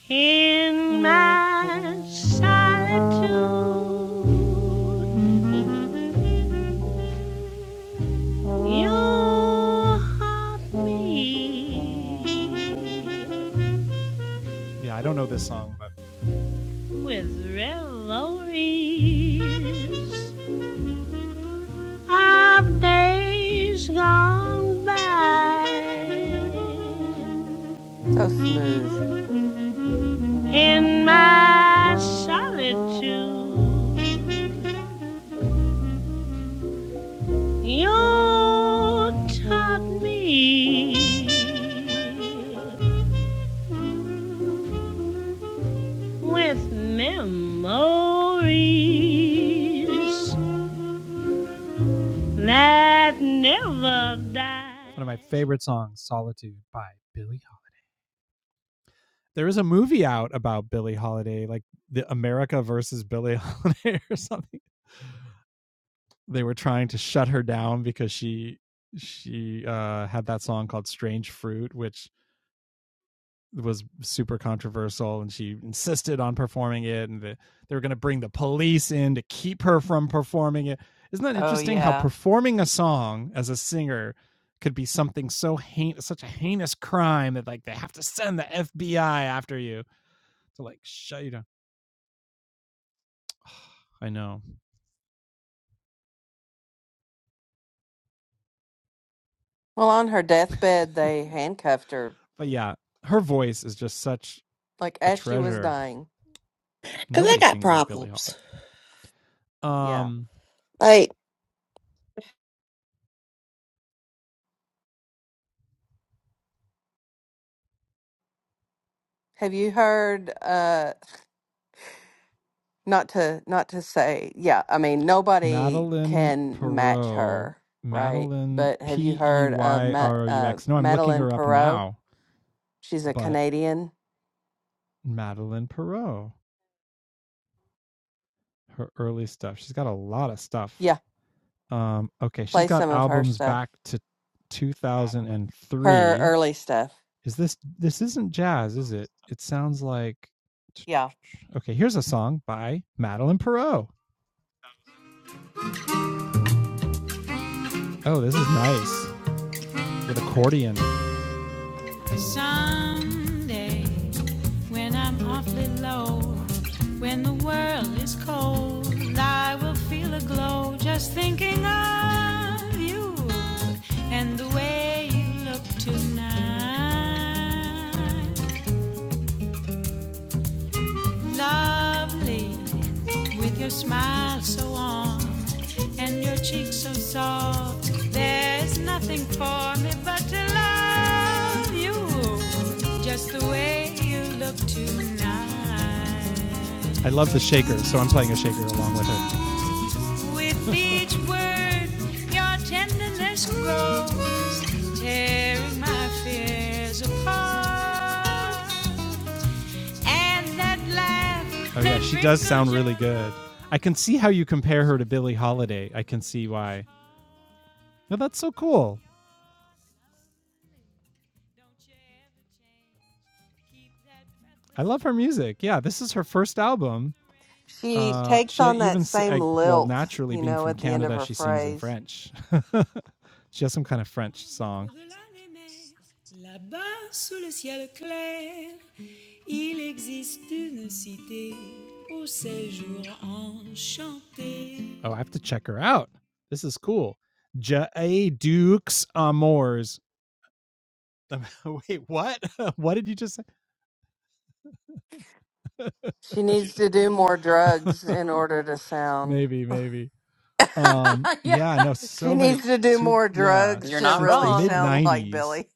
Speaker 1: In my solitude, you help me. Yeah, I don't know this song, but with revelries of days gone by.
Speaker 8: So smooth.
Speaker 1: In my solitude, you taught me with memories that never die. One of my favorite songs, Solitude by Billie Holiday. There is a movie out about Billie Holiday, like the America versus Billie Holiday or something they were trying to shut her down because she she uh had that song called Strange Fruit which was super controversial and she insisted on performing it and the, they were going to bring the police in to keep her from performing it. Isn't that
Speaker 8: Oh
Speaker 1: interesting how
Speaker 8: yeah.
Speaker 1: performing a song as a singer could be something so heinous, such a heinous crime that like they have to send the FBI after you to like shut you down. I know,
Speaker 8: Well, on her deathbed, they handcuffed her
Speaker 1: but yeah, her voice is just such
Speaker 8: like
Speaker 1: a
Speaker 8: as she was
Speaker 1: treasure.
Speaker 8: dying.
Speaker 6: Because I
Speaker 1: Nobody
Speaker 6: got
Speaker 1: sings like Billie
Speaker 6: problems.
Speaker 1: Holiday.
Speaker 8: Yeah.
Speaker 1: Um,
Speaker 6: Like,
Speaker 8: Have you heard uh not to not to say yeah, I mean nobody
Speaker 1: Madeline
Speaker 8: can match
Speaker 1: Perot.
Speaker 8: her, right?
Speaker 1: Madeline
Speaker 8: But have you
Speaker 1: P E
Speaker 8: heard of
Speaker 1: Y
Speaker 8: Ma-
Speaker 1: R O U
Speaker 8: uh
Speaker 1: X. No, I'm looking
Speaker 8: Madeline
Speaker 1: her up
Speaker 8: Perot?
Speaker 1: now,
Speaker 8: She's a
Speaker 1: but
Speaker 8: Canadian.
Speaker 1: Madeline Perot, her early stuff. She's got a lot of stuff.
Speaker 8: Yeah,
Speaker 1: Um, okay, she's
Speaker 8: play
Speaker 1: got
Speaker 8: some of her
Speaker 1: albums
Speaker 8: stuff.
Speaker 1: back to
Speaker 8: Her
Speaker 1: 2003.
Speaker 8: early stuff.
Speaker 1: Is this this isn't jazz, is it? It sounds like
Speaker 8: Yeah.
Speaker 1: Okay, here's a song by Madeline Perot. Oh, this is nice with accordion. Someday when I'm awfully low. When the world is cold, I will feel a glow just thinking of you and the way you look tonight. Lovely with your smile so warm and your cheeks so soft. There's nothing for me but to love you just the way you look tonight. I love the shaker, so I'm playing a shaker along with it. Oh yeah, she does sound really good. I can see how you compare her to Billie Holiday. I can see why. No, that's so cool. I love her music. Yeah, this is her first album.
Speaker 8: She
Speaker 1: uh,
Speaker 8: takes
Speaker 1: she e-,
Speaker 8: on that
Speaker 1: even si-
Speaker 8: same
Speaker 1: well,
Speaker 8: lilt,
Speaker 1: naturally
Speaker 8: you
Speaker 1: being
Speaker 8: know,
Speaker 1: from
Speaker 8: at the end of
Speaker 1: Canada,
Speaker 8: her
Speaker 1: she sings in
Speaker 8: phrase.
Speaker 1: French. she has some kind of French song. là-bas sous le ciel clair, il existe une cité au séjour enchanté. Oh, I have to check her out. This is cool. J.A. Dukes amours. Wait, what? what did you just
Speaker 8: She needs to do more
Speaker 1: say?
Speaker 8: drugs in order to sound
Speaker 1: maybe, maybe. Um,
Speaker 7: yeah.
Speaker 1: yeah, I know
Speaker 8: She
Speaker 1: so
Speaker 8: needs
Speaker 1: many
Speaker 8: to do
Speaker 1: two
Speaker 8: more
Speaker 1: yeah,
Speaker 8: drugs
Speaker 7: You're
Speaker 8: to
Speaker 7: not
Speaker 1: since the
Speaker 8: really
Speaker 1: mid
Speaker 7: wrong.
Speaker 8: sound like
Speaker 1: 90s
Speaker 8: Billy.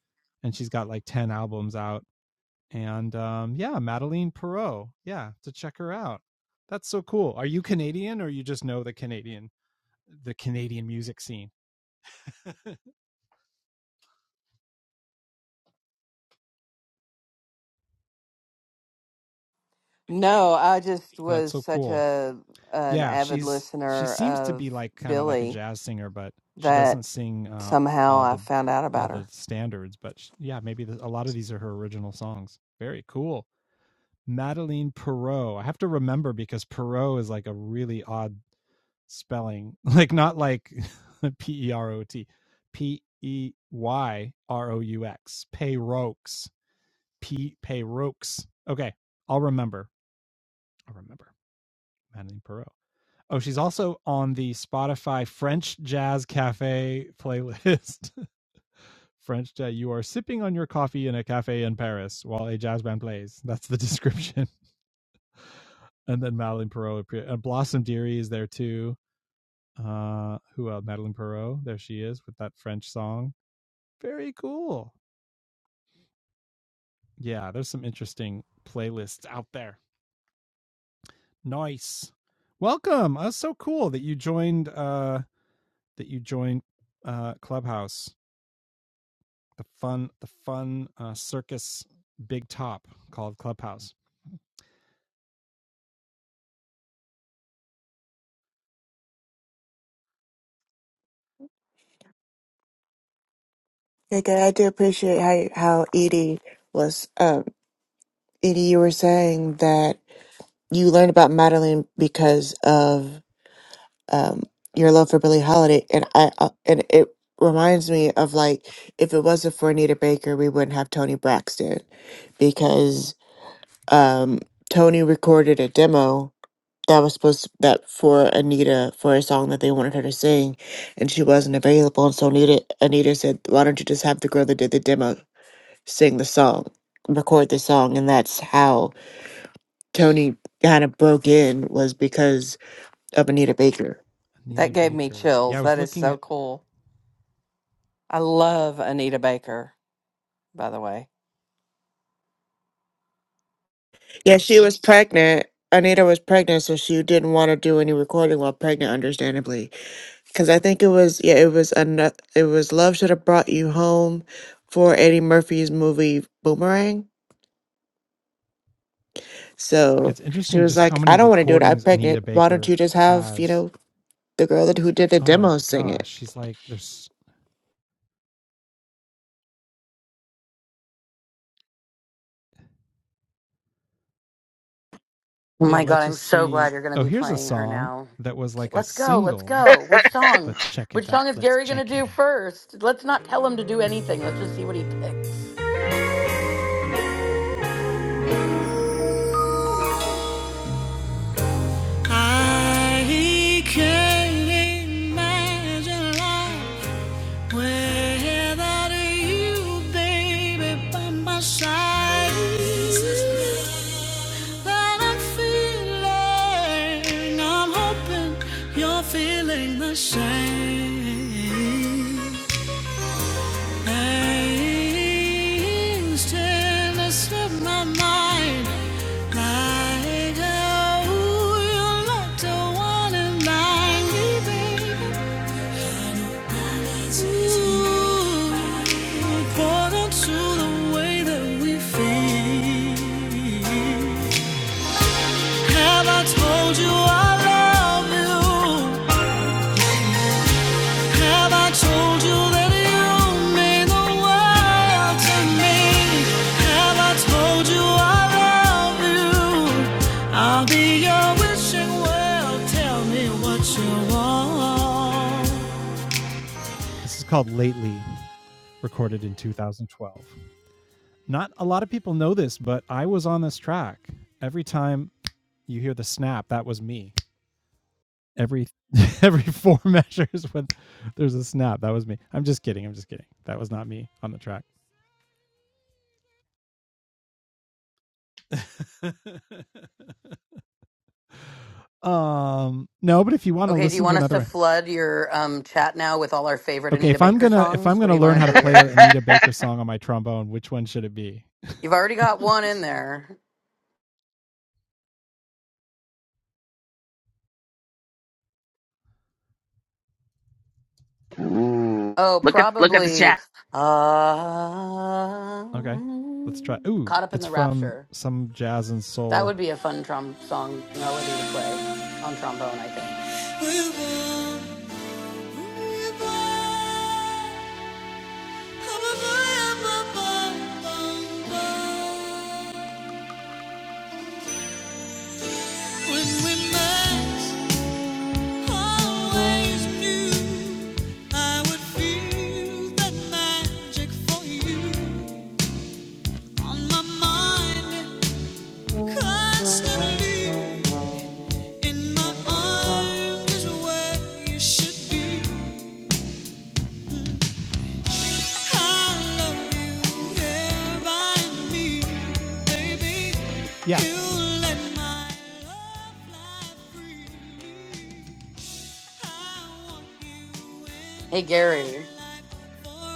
Speaker 1: and she's got like 10 albums out and um yeah, Madeline Perot. Yeah, to check her out. That's so cool. Are you Canadian or you just know the Canadian the Canadian music scene? well,
Speaker 8: No, I just
Speaker 1: that's
Speaker 8: was
Speaker 1: so
Speaker 8: such
Speaker 1: cool.
Speaker 8: a an
Speaker 1: Yeah,
Speaker 8: avid
Speaker 1: she's she
Speaker 8: listener
Speaker 1: seems to
Speaker 8: of
Speaker 1: be like kind of like a
Speaker 8: Billy
Speaker 1: jazz singer, but she doesn't
Speaker 8: that
Speaker 1: sing uh
Speaker 8: somehow
Speaker 1: all
Speaker 8: I
Speaker 1: the
Speaker 8: found out
Speaker 1: all
Speaker 8: about
Speaker 1: the
Speaker 8: her.
Speaker 1: standards, but sh yeah, maybe the, a lot of these are her original songs. Very cool. Madeline Perot. I have to remember because Perot is like a really odd spelling, like not like P E R O T, P E Y R O U X, Payrokes, P Payrokes. Okay, I'll remember. I'll remember Madeline Perot. Oh, she's also on the Spotify French Jazz Cafe playlist. French Jazz. You are sipping on your coffee in a cafe in Paris while a jazz band plays. That's the description. and then Madeline Perreault appear- and Blossom Dearie is there too. Uh, who else? Madeline Perreault? There she is with that French song. Very cool. Yeah, there's some interesting playlists out there. Nice. Welcome. That's so cool that you joined. Uh, that you joined. Uh, Clubhouse. The fun. The fun uh, circus. Big top called Clubhouse.
Speaker 6: like I do appreciate how how Edie was. Um, Edie, you were saying that you learned about Madeline because of um your love for Billie Holiday, and I uh, and it reminds me of like if it wasn't for Anita Baker, we wouldn't have Tony Braxton because um Tony recorded a demo that was supposed to, that for Anita for a song that they wanted her to sing, and she wasn't available. And so Anita Anita said, "Why don't you just have the girl that did the demo sing the song, record the song?" And that's how Tony kind of broke in was because of Anita Baker.
Speaker 8: That
Speaker 1: Anita
Speaker 8: gave me
Speaker 1: Baker. Yeah, I
Speaker 8: chills.
Speaker 1: was
Speaker 8: That is
Speaker 1: looking
Speaker 8: so
Speaker 1: at
Speaker 8: cool. I love Anita Baker, by the way.
Speaker 6: Yeah, she was pregnant. Anita was pregnant, so she didn't want to do any recording while pregnant, understandably. Because I think it was yeah, it was an, it was Love Should Have Brought You Home for Eddie Murphy's movie Boomerang So
Speaker 1: It's
Speaker 6: she
Speaker 1: interesting
Speaker 6: was
Speaker 1: just how
Speaker 6: like,
Speaker 1: many
Speaker 6: I don't want to do it. I'm
Speaker 1: recordings Anita
Speaker 6: pregnant. Why don't you
Speaker 1: Baker
Speaker 6: just have, you
Speaker 1: has.
Speaker 6: know, the girl that who did the
Speaker 1: Oh my
Speaker 6: demo sing it?
Speaker 1: gosh, she's like there's
Speaker 7: Oh
Speaker 1: yeah,
Speaker 7: my god,
Speaker 1: let's
Speaker 7: I'm
Speaker 1: just
Speaker 7: so
Speaker 1: see.
Speaker 7: glad you're going
Speaker 1: Oh,
Speaker 7: to be
Speaker 1: here's a
Speaker 7: playing her
Speaker 1: song
Speaker 7: now.
Speaker 1: that was
Speaker 7: Okay,
Speaker 1: like a
Speaker 7: Let's go. Let's
Speaker 1: single.
Speaker 7: go. Which song?
Speaker 1: Let's check
Speaker 7: Which
Speaker 1: it out.
Speaker 7: song is
Speaker 1: Let's
Speaker 7: Gary going to
Speaker 1: check it
Speaker 7: do
Speaker 1: out.
Speaker 7: first? Let's not tell him to do anything. Let's just see what he picks.
Speaker 1: I can't imagine life Without you, baby, by my side, that I'm feeling, I'm hoping you're feeling the same. Things tend to slip my mind, like how you are not the one in mine, baby well. This is called Lately, recorded in 2012. Not a lot of people know this, but I was on this track. Every time you hear the snap, that was me. Every every four measures when there's a snap, that was me. I'm just kidding. I'm just kidding. That was not me on the track. Um, no, but if you want to
Speaker 7: Okay, do you
Speaker 1: listen to
Speaker 7: want us
Speaker 1: another
Speaker 7: to
Speaker 1: one,
Speaker 7: flood your um, chat now with all our favorite
Speaker 1: Okay,
Speaker 7: Anita
Speaker 1: if I'm
Speaker 7: Baker
Speaker 1: gonna if I'm
Speaker 7: songs? What
Speaker 1: gonna
Speaker 7: do you
Speaker 1: learn
Speaker 7: want
Speaker 1: how
Speaker 7: to
Speaker 1: to
Speaker 7: do
Speaker 1: play an
Speaker 7: here?
Speaker 1: Anita Baker song on my trombone, which one should it be?
Speaker 7: You've already got one in there.
Speaker 2: Ooh.
Speaker 7: Oh,
Speaker 2: Look at look at the
Speaker 7: probably
Speaker 2: chat.
Speaker 7: uh,
Speaker 1: okay, let's try. Ooh,
Speaker 7: Caught Up in
Speaker 1: it's
Speaker 7: the
Speaker 1: from
Speaker 7: Rapture.
Speaker 1: some jazz and
Speaker 7: That
Speaker 1: soul.
Speaker 7: would be a fun trom song melody to play on trombone, I think.
Speaker 1: When we met, always knew I would feel that magic for you on my mind constantly. In my arms is where you should be. Yeah. You let my love fly free
Speaker 7: Hey Gary,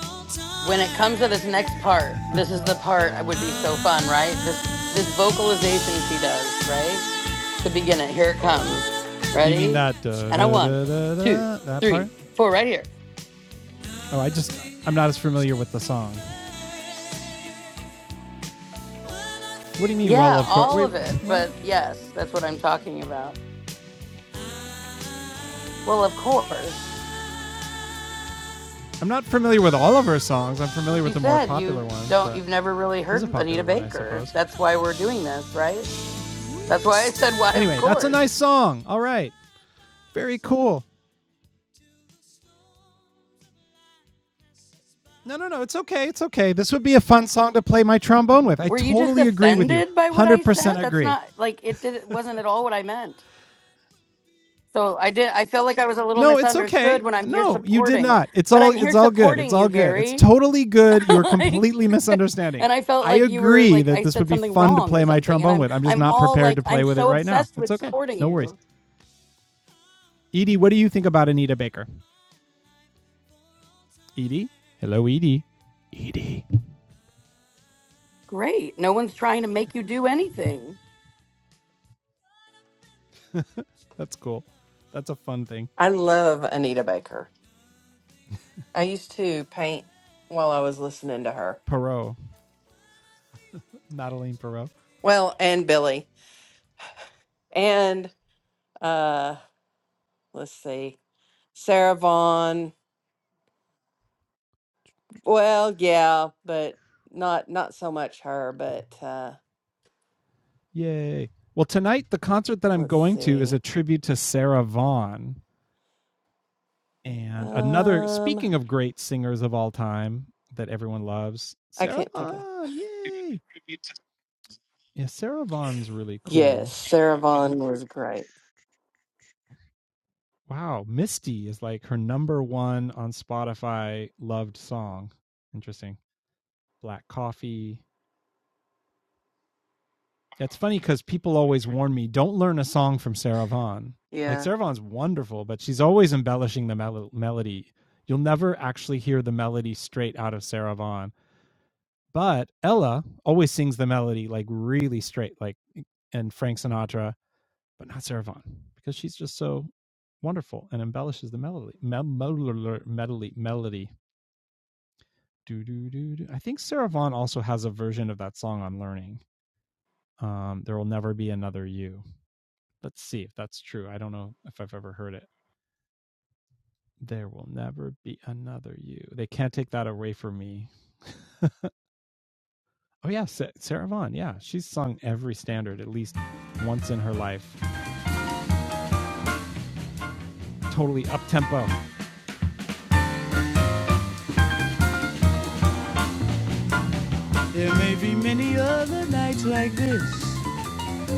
Speaker 1: all
Speaker 7: when it comes to this
Speaker 1: time.
Speaker 7: next part, this is the part I would be so fun, right? This this vocalization she does, right? To begin it, here it comes.
Speaker 1: You mean
Speaker 7: Ready?
Speaker 1: that da,
Speaker 7: And a
Speaker 1: da,
Speaker 7: one,
Speaker 1: da, da,
Speaker 7: two,
Speaker 1: da, that part?
Speaker 7: three, four, right here.
Speaker 1: Oh, I just I'm not as familiar with the song. What do you mean? Well,
Speaker 7: Yeah,
Speaker 1: of course.
Speaker 7: all
Speaker 1: Wait,
Speaker 7: of
Speaker 1: wait,
Speaker 7: it.
Speaker 1: what?
Speaker 7: But yes, that's what I'm talking about. Well, of course.
Speaker 1: I'm not familiar with all of her songs. I'm familiar
Speaker 7: You
Speaker 1: with the more
Speaker 7: said you
Speaker 1: popular ones,
Speaker 7: don't
Speaker 1: but
Speaker 7: you've never really
Speaker 1: this is a
Speaker 7: heard Anita
Speaker 1: popular one, I
Speaker 7: Baker.
Speaker 1: suppose.
Speaker 7: That's why we're doing this, right? That's why I said why of
Speaker 1: Anyway, that's a
Speaker 7: course.
Speaker 1: nice song. All right, very cool. No, no, no. It's okay. It's okay. This would be a fun song to play my trombone with. I
Speaker 7: Were you just
Speaker 1: totally agree with you.
Speaker 7: offended by what I said?
Speaker 1: 100%
Speaker 7: That's
Speaker 1: agree.
Speaker 7: not like it did it wasn't at all what I meant. So I did I felt like I was a little
Speaker 1: No, it's
Speaker 7: misunderstood
Speaker 1: okay.
Speaker 7: when I'm here
Speaker 1: No, you did
Speaker 7: supporting.
Speaker 1: not. It's
Speaker 7: But
Speaker 1: all
Speaker 7: I'm here
Speaker 1: it's all good. It's
Speaker 7: supporting you,
Speaker 1: all good. It's
Speaker 7: Gary.
Speaker 1: totally good. You are
Speaker 7: like
Speaker 1: completely
Speaker 7: okay.
Speaker 1: misunderstanding.
Speaker 7: and I felt
Speaker 1: I
Speaker 7: like you were
Speaker 1: agree
Speaker 7: like
Speaker 1: that
Speaker 7: I
Speaker 1: this
Speaker 7: said
Speaker 1: would be
Speaker 7: something
Speaker 1: fun to
Speaker 7: wrong or
Speaker 1: play my
Speaker 7: something and
Speaker 1: trombone
Speaker 7: I'm
Speaker 1: with. I'm just
Speaker 7: I'm
Speaker 1: not
Speaker 7: all
Speaker 1: prepared
Speaker 7: like
Speaker 1: to
Speaker 7: I'm
Speaker 1: play with it
Speaker 7: so
Speaker 1: right now.
Speaker 7: obsessed
Speaker 1: It's
Speaker 7: with
Speaker 1: okay.
Speaker 7: supporting
Speaker 1: No worries.
Speaker 7: you.
Speaker 1: Edie, what do you think about Anita Baker? Edie? Hello, Edie. Edie.
Speaker 7: Great. No one's trying to make you do anything.
Speaker 1: That's cool. That's a fun thing.
Speaker 8: I love Anita Baker. I used to paint while I was listening to her.
Speaker 1: Perot. Madeline Perot.
Speaker 8: Well, and Billy. And uh let's see. Sarah Vaughn, Well, yeah, but not not so much her, but uh
Speaker 1: Yay. Well, tonight, the concert that I'm
Speaker 8: let's
Speaker 1: going to is a
Speaker 8: see.
Speaker 1: tribute to Sarah Vaughan. And another,
Speaker 8: Um
Speaker 1: speaking of great singers of all time that everyone loves,
Speaker 8: I
Speaker 1: Sarah
Speaker 8: can't think of.
Speaker 1: Vaughan. Yay. Yeah, Sarah Vaughan's really
Speaker 8: Yes,
Speaker 1: cool.
Speaker 8: Sarah Vaughn was great.
Speaker 1: Wow. Misty is like her number one on Spotify loved song. Interesting. Black Coffee, Yeah, It's funny because people always warn me don't learn a song from Sarah Vaughan. Like
Speaker 8: Yeah.
Speaker 1: Sarah Vaughan's wonderful, but she's always embellishing the mel- melody. You'll never actually hear the melody straight out of Sarah Vaughan. But Ella always sings the melody like really straight, like and Frank Sinatra, but not Sarah Vaughan because she's just so wonderful and embellishes the melody. Mel- mel- melody, melody. Do, do, do, do. I think Sarah Vaughan also has a version of that song on Learning. Um, there will never be another you Let's see if that's true. I don't know if I've ever heard it. There will never be another you. They can't take that away from me. Oh, yeah, Sarah Vaughan. Yeah, she's sung every standard at least once in her life. Totally up tempo. There may be many other nights like this.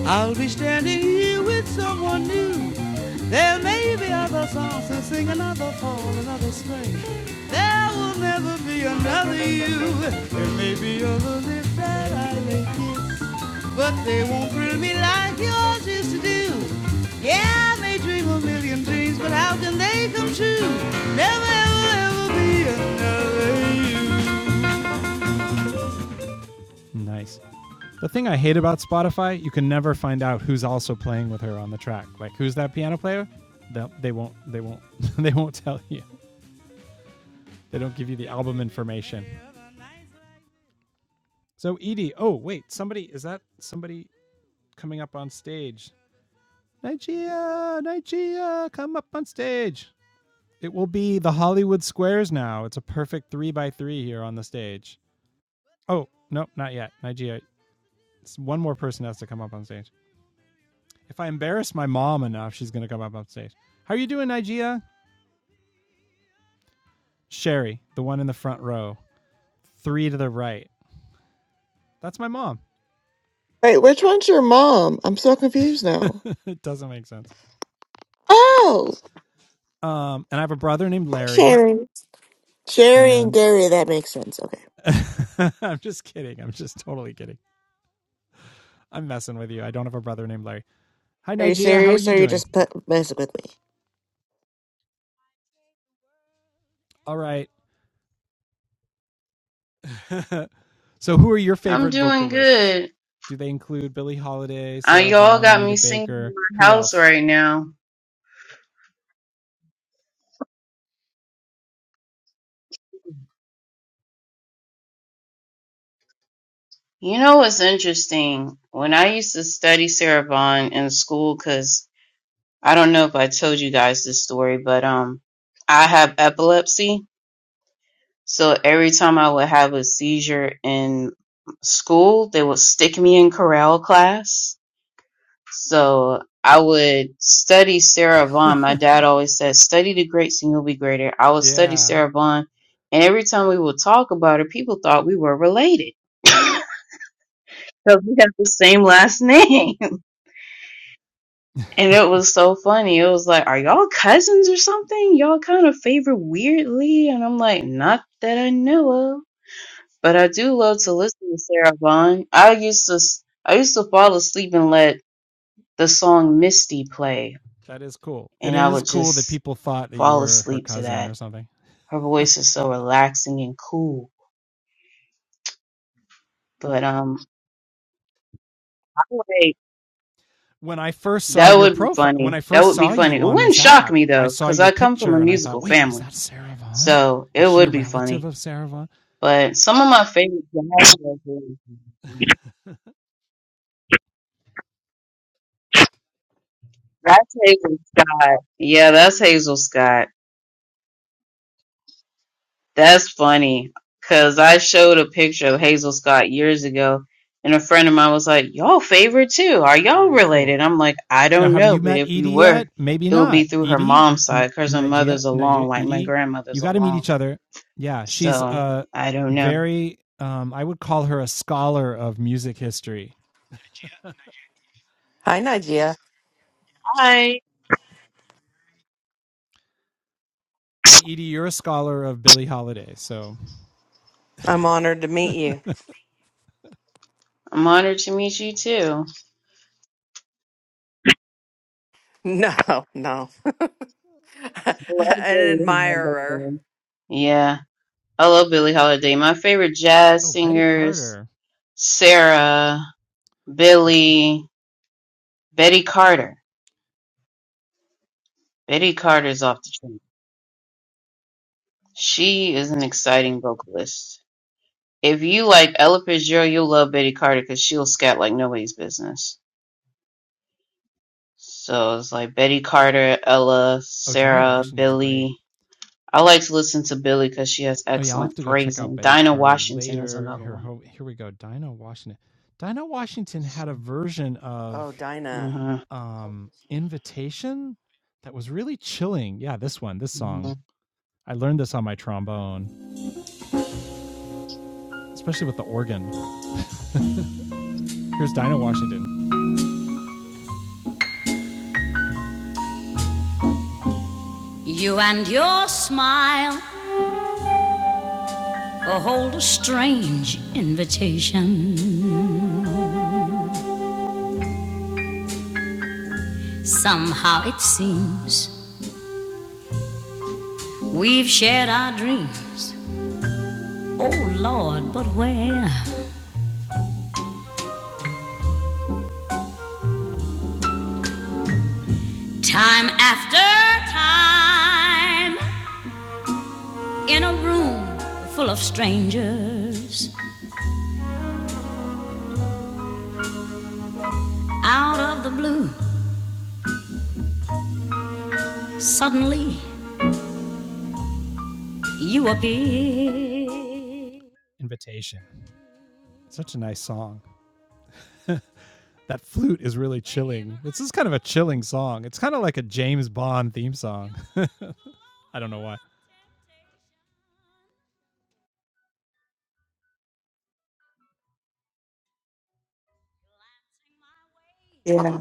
Speaker 1: I'll be standing here with someone new. There may be other songs to sing, another fall, another spring. There will never be another you. There may be other lips that I may kiss, but they won't thrill me like yours used to do. Yeah, I may dream a million dreams, but how can they come true? Never, ever, ever be another you. Nice. The thing I hate about Spotify, you can never find out who's also playing with her on the track. Like who's that piano player? They'll, they won't they won't they won't tell you. They don't give you the album information. So Edie, oh wait, somebody is that somebody coming up on stage? Nigeria, Nigeria, come up on stage. It will be the Hollywood Squares now. It's a perfect three by three here on the stage. Oh, nope, not yet. Nigeria. one more person has to come up on stage. If I embarrass my mom enough, she's going to come up on stage. How are you doing, Nigeria? Sherry, the one in the front row, three to the right. That's my mom.
Speaker 6: Wait, which one's your mom? I'm so confused now.
Speaker 1: it doesn't make sense.
Speaker 6: Oh,
Speaker 1: Um, and I have a brother named
Speaker 6: hi,
Speaker 1: Larry,
Speaker 6: Sharon. Sherry and
Speaker 1: and
Speaker 6: Gary, that makes sense. Okay.
Speaker 1: I'm just kidding. I'm just totally kidding. I'm messing with you. I don't have a brother named Larry. Hi,
Speaker 6: Are you
Speaker 1: Nigeria. How are
Speaker 6: serious or
Speaker 1: you
Speaker 6: are you
Speaker 1: doing?
Speaker 6: just put- messing with me?
Speaker 1: All right. so, who are your
Speaker 9: I'm
Speaker 1: favorite
Speaker 9: doing
Speaker 1: vocalists?
Speaker 9: good.
Speaker 1: Do they include Billie Holiday,
Speaker 9: Uh,
Speaker 1: Sarah
Speaker 9: y'all
Speaker 1: Vaughan,
Speaker 9: got
Speaker 1: Anita
Speaker 9: me singing
Speaker 1: Baker?
Speaker 9: in my
Speaker 1: Who
Speaker 9: house
Speaker 1: else?
Speaker 9: right now. You know what's interesting? When I used to study Sarah Vaughan in school, because I don't know if I told you guys this story, but um, I have epilepsy. So every time I would have a seizure in school, they would stick me in chorale class. So I would study Sarah Vaughn. My dad always said, study the greats and you'll be greater. I would study
Speaker 1: yeah.
Speaker 9: Sarah Vaughn. And every time we would talk about her, people thought we were related because we have the same last name. and it was so funny. It was like, are y'all cousins or something? Y'all kind of favor weirdly. And I'm like, not that I know of. But I do love to listen to Sarah Vaughn. I used to, I used to fall asleep and let the song Misty play.
Speaker 1: That is cool. And
Speaker 9: And
Speaker 1: it
Speaker 9: I
Speaker 1: is
Speaker 9: would
Speaker 1: cool that
Speaker 9: just
Speaker 1: people thought that you
Speaker 9: fall
Speaker 1: were her
Speaker 9: asleep to
Speaker 1: cousin
Speaker 9: that.
Speaker 1: or something.
Speaker 9: Her voice is so relaxing and cool. But um, I would-
Speaker 1: When I first saw
Speaker 9: that
Speaker 1: your
Speaker 9: would be
Speaker 1: profile, when
Speaker 9: funny.
Speaker 1: I
Speaker 9: That
Speaker 1: first
Speaker 9: would be
Speaker 1: saw
Speaker 9: funny.
Speaker 1: you
Speaker 9: It
Speaker 1: on
Speaker 9: wouldn't
Speaker 1: this
Speaker 9: shock
Speaker 1: app,
Speaker 9: me
Speaker 1: I
Speaker 9: though,
Speaker 1: saw
Speaker 9: because
Speaker 1: your
Speaker 9: I come from
Speaker 1: picture
Speaker 9: a
Speaker 1: and I thought,
Speaker 9: musical
Speaker 1: wait, is
Speaker 9: family,
Speaker 1: that Sarah Vaughan?
Speaker 9: so
Speaker 1: Is
Speaker 9: it
Speaker 1: she a
Speaker 9: would be
Speaker 1: relative
Speaker 9: funny.
Speaker 1: of Sarah Vaughan?"
Speaker 9: But some of my favorite jazz records, that's Hazel Scott. Yeah, that's Hazel Scott. That's funny because I showed a picture of Hazel Scott years ago, and a friend of mine was like, Y'all favorite too. Are y'all
Speaker 1: Very cool.
Speaker 9: related? I'm like, I
Speaker 1: Now,
Speaker 9: don't
Speaker 1: have
Speaker 9: know,
Speaker 1: you
Speaker 9: but
Speaker 1: met
Speaker 9: if we
Speaker 1: Edie
Speaker 9: were,
Speaker 1: yet? Maybe
Speaker 9: it would be
Speaker 1: not.
Speaker 9: through her
Speaker 1: Edie,
Speaker 9: mom's side because her
Speaker 1: Nigeria,
Speaker 9: mother's along,
Speaker 1: Nigeria,
Speaker 9: like my
Speaker 1: Edie, you
Speaker 9: grandmother's
Speaker 1: got to meet
Speaker 9: along.
Speaker 1: each other. Yeah, she's
Speaker 9: So
Speaker 1: a
Speaker 9: I don't know.
Speaker 1: very, um, I would call her a scholar of music history.
Speaker 8: Hi Nigeria.
Speaker 9: Hi,
Speaker 1: And Edie, you're a scholar of Billie Holiday. So,
Speaker 8: I'm honored to meet you.
Speaker 9: I'm honored to meet you too.
Speaker 8: No, no. An
Speaker 9: I Love Billie
Speaker 8: admirer.
Speaker 9: Holiday. Yeah, I love Billie Holiday. My favorite jazz
Speaker 1: oh, Betty
Speaker 9: singers,
Speaker 1: Carter.
Speaker 9: Sarah, Billie, Betty Carter. Betty Carter's off the chain. She is an exciting vocalist. If you like Ella Fitzgerald, you'll love Betty Carter because she'll scat like nobody's business. So it's like Betty Carter, Ella,
Speaker 1: Oh, Dinah
Speaker 9: Sarah,
Speaker 1: Washington's great.
Speaker 9: Billy. I like to listen to Billy because she has
Speaker 1: Oh yeah, I'll have
Speaker 9: excellent
Speaker 1: to go check out
Speaker 9: phrasing.
Speaker 1: Betty
Speaker 9: Dinah
Speaker 1: Carter
Speaker 9: Washington is
Speaker 1: later.
Speaker 9: another
Speaker 1: Here,
Speaker 9: one.
Speaker 1: here we go. Dinah Washington. Dinah Washington had a version
Speaker 8: Oh,
Speaker 1: of
Speaker 8: Dinah.
Speaker 9: hmm
Speaker 1: um, "Invitation" that was really chilling. Yeah, this one, this song. I learned this on my trombone, especially with the organ. Here's Dinah Washington. You and your smile hold a strange invitation. Somehow it seems we've shared our dreams. Oh Lord, but where? Time after time, in a room full of strangers, out of the blue, suddenly you appear. invitation. Such a nice song. That flute is really chilling. This is kind of a chilling song. It's kind of like a James Bond theme song. I don't know why.
Speaker 6: Yeah.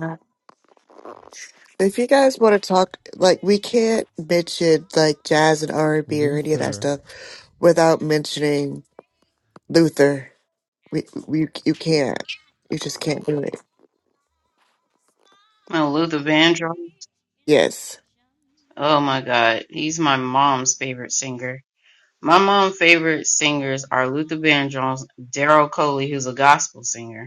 Speaker 6: If you guys want to talk, like we can't mention like jazz and R and B or any of
Speaker 1: Luther.
Speaker 6: that stuff without mentioning Luther. We, we you can't. You just can't do it.
Speaker 9: Oh, Luther Vandross.
Speaker 6: Yes,
Speaker 9: Oh my God, he's my mom's favorite singer. My mom's favorite singers are Luther Vandross, Daryl Coley, who's a gospel singer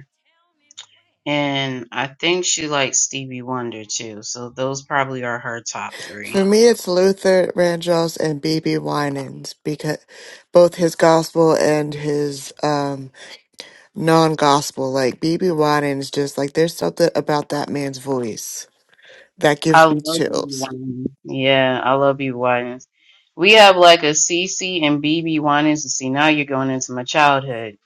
Speaker 9: And I
Speaker 1: oh
Speaker 9: think she likes Stevie Wonder too. So those probably are her top three.
Speaker 6: for me it's Luther Vandross and B.B. Winans because both his gospel and his um non-gospel. Like B.B. Winans, just like there's something about that man's voice that
Speaker 9: I
Speaker 6: gives
Speaker 9: love
Speaker 6: me
Speaker 9: BB
Speaker 6: chills.
Speaker 9: Winans. Yeah, I love BB Winans. We have like a CC and BB Winans. You see, now you're going into my
Speaker 1: so
Speaker 9: childhood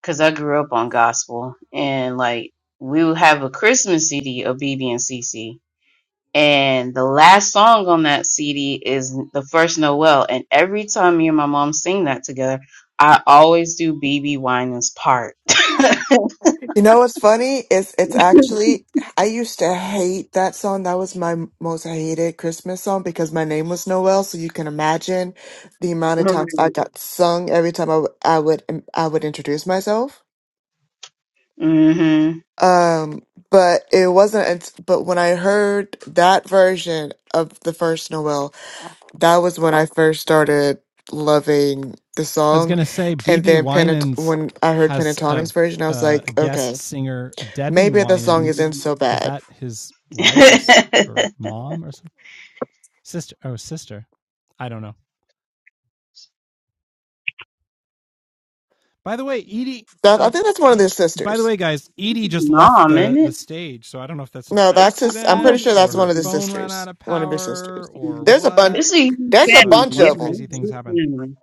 Speaker 9: because I grew up on
Speaker 1: so
Speaker 9: gospel
Speaker 1: far
Speaker 9: and
Speaker 1: apart.
Speaker 9: like we would have a Christmas CD of BB and CC. And the last song on that CD is the
Speaker 1: Hoping
Speaker 9: first Noel. And every
Speaker 1: you'll
Speaker 9: time me and my
Speaker 1: say
Speaker 9: mom sing that together, I always do BB Winans part.
Speaker 6: You know what's funny? It's it's actually I used to hate that song. That was my m- most hated Christmas song because my name was Noel, so you can imagine the amount of
Speaker 9: Right.
Speaker 6: times I got sung every time I, w- I would um, I would introduce myself.
Speaker 9: Mm-hmm.
Speaker 6: Um, but it wasn't unt- but when I heard that version of the first Noel, that was when I first started loving the
Speaker 1: I was
Speaker 6: song.
Speaker 1: gonna say
Speaker 6: And
Speaker 1: BB
Speaker 6: then Pentat-
Speaker 1: Winans
Speaker 6: when I heard
Speaker 1: has a,
Speaker 6: Pentatonic's
Speaker 1: f-
Speaker 6: version, I was
Speaker 1: uh, a
Speaker 6: like,
Speaker 1: guest
Speaker 6: okay,
Speaker 1: singer Debbie
Speaker 6: maybe the song
Speaker 1: Winans.
Speaker 6: isn't so
Speaker 1: Is
Speaker 6: bad.
Speaker 1: that his wife or or mom or something? sister? Oh, sister. I don't know. By the way, Edie.
Speaker 6: That I
Speaker 1: Uh,
Speaker 6: think that's one of
Speaker 1: hey,
Speaker 6: their
Speaker 1: by the
Speaker 6: sisters.
Speaker 1: way, guys, Edie just left
Speaker 9: Mom,
Speaker 1: the
Speaker 9: isn't
Speaker 1: the
Speaker 9: it?
Speaker 1: stage, so I don't know if that's an
Speaker 6: No, that's his. I'm
Speaker 9: How do
Speaker 6: pretty
Speaker 9: we-
Speaker 1: accident
Speaker 6: sure
Speaker 1: or
Speaker 6: that's
Speaker 1: her
Speaker 6: one of the
Speaker 1: phone ran
Speaker 6: sisters.
Speaker 1: out of
Speaker 6: One of his
Speaker 1: power
Speaker 6: sisters.
Speaker 1: or
Speaker 9: mm.
Speaker 6: There's a bunch.
Speaker 1: what.
Speaker 9: This is a huge
Speaker 6: There's a
Speaker 1: But
Speaker 9: family.
Speaker 6: bunch
Speaker 9: Yeah,
Speaker 1: lots
Speaker 6: of
Speaker 1: of
Speaker 6: them.
Speaker 1: crazy
Speaker 9: it's a
Speaker 1: things
Speaker 9: huge
Speaker 1: happen,
Speaker 9: family.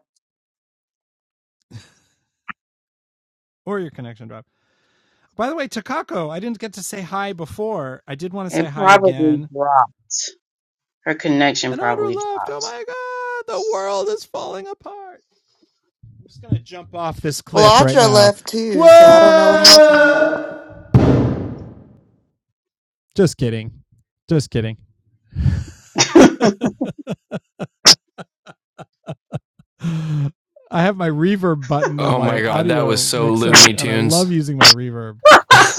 Speaker 1: or your connection dropped. By the way, Takako, I didn't get to say hi before. I did want to say
Speaker 9: It
Speaker 1: hi
Speaker 9: probably
Speaker 1: again.
Speaker 9: dropped. Her connection
Speaker 1: And Audra
Speaker 9: probably
Speaker 1: left. Oh
Speaker 9: dropped.
Speaker 1: my god, the world is falling apart. I'm just gonna jump off this cliff
Speaker 6: Well,
Speaker 1: right
Speaker 6: Audra
Speaker 1: now.
Speaker 6: left too, so I don't know what happened.
Speaker 1: Whoa! Just kidding. Just kidding. I have my reverb button on
Speaker 4: Oh my
Speaker 1: my
Speaker 4: god, that was
Speaker 1: audio
Speaker 4: so
Speaker 1: mixer,
Speaker 4: Looney
Speaker 1: and I
Speaker 4: Tunes.
Speaker 1: love using my reverb.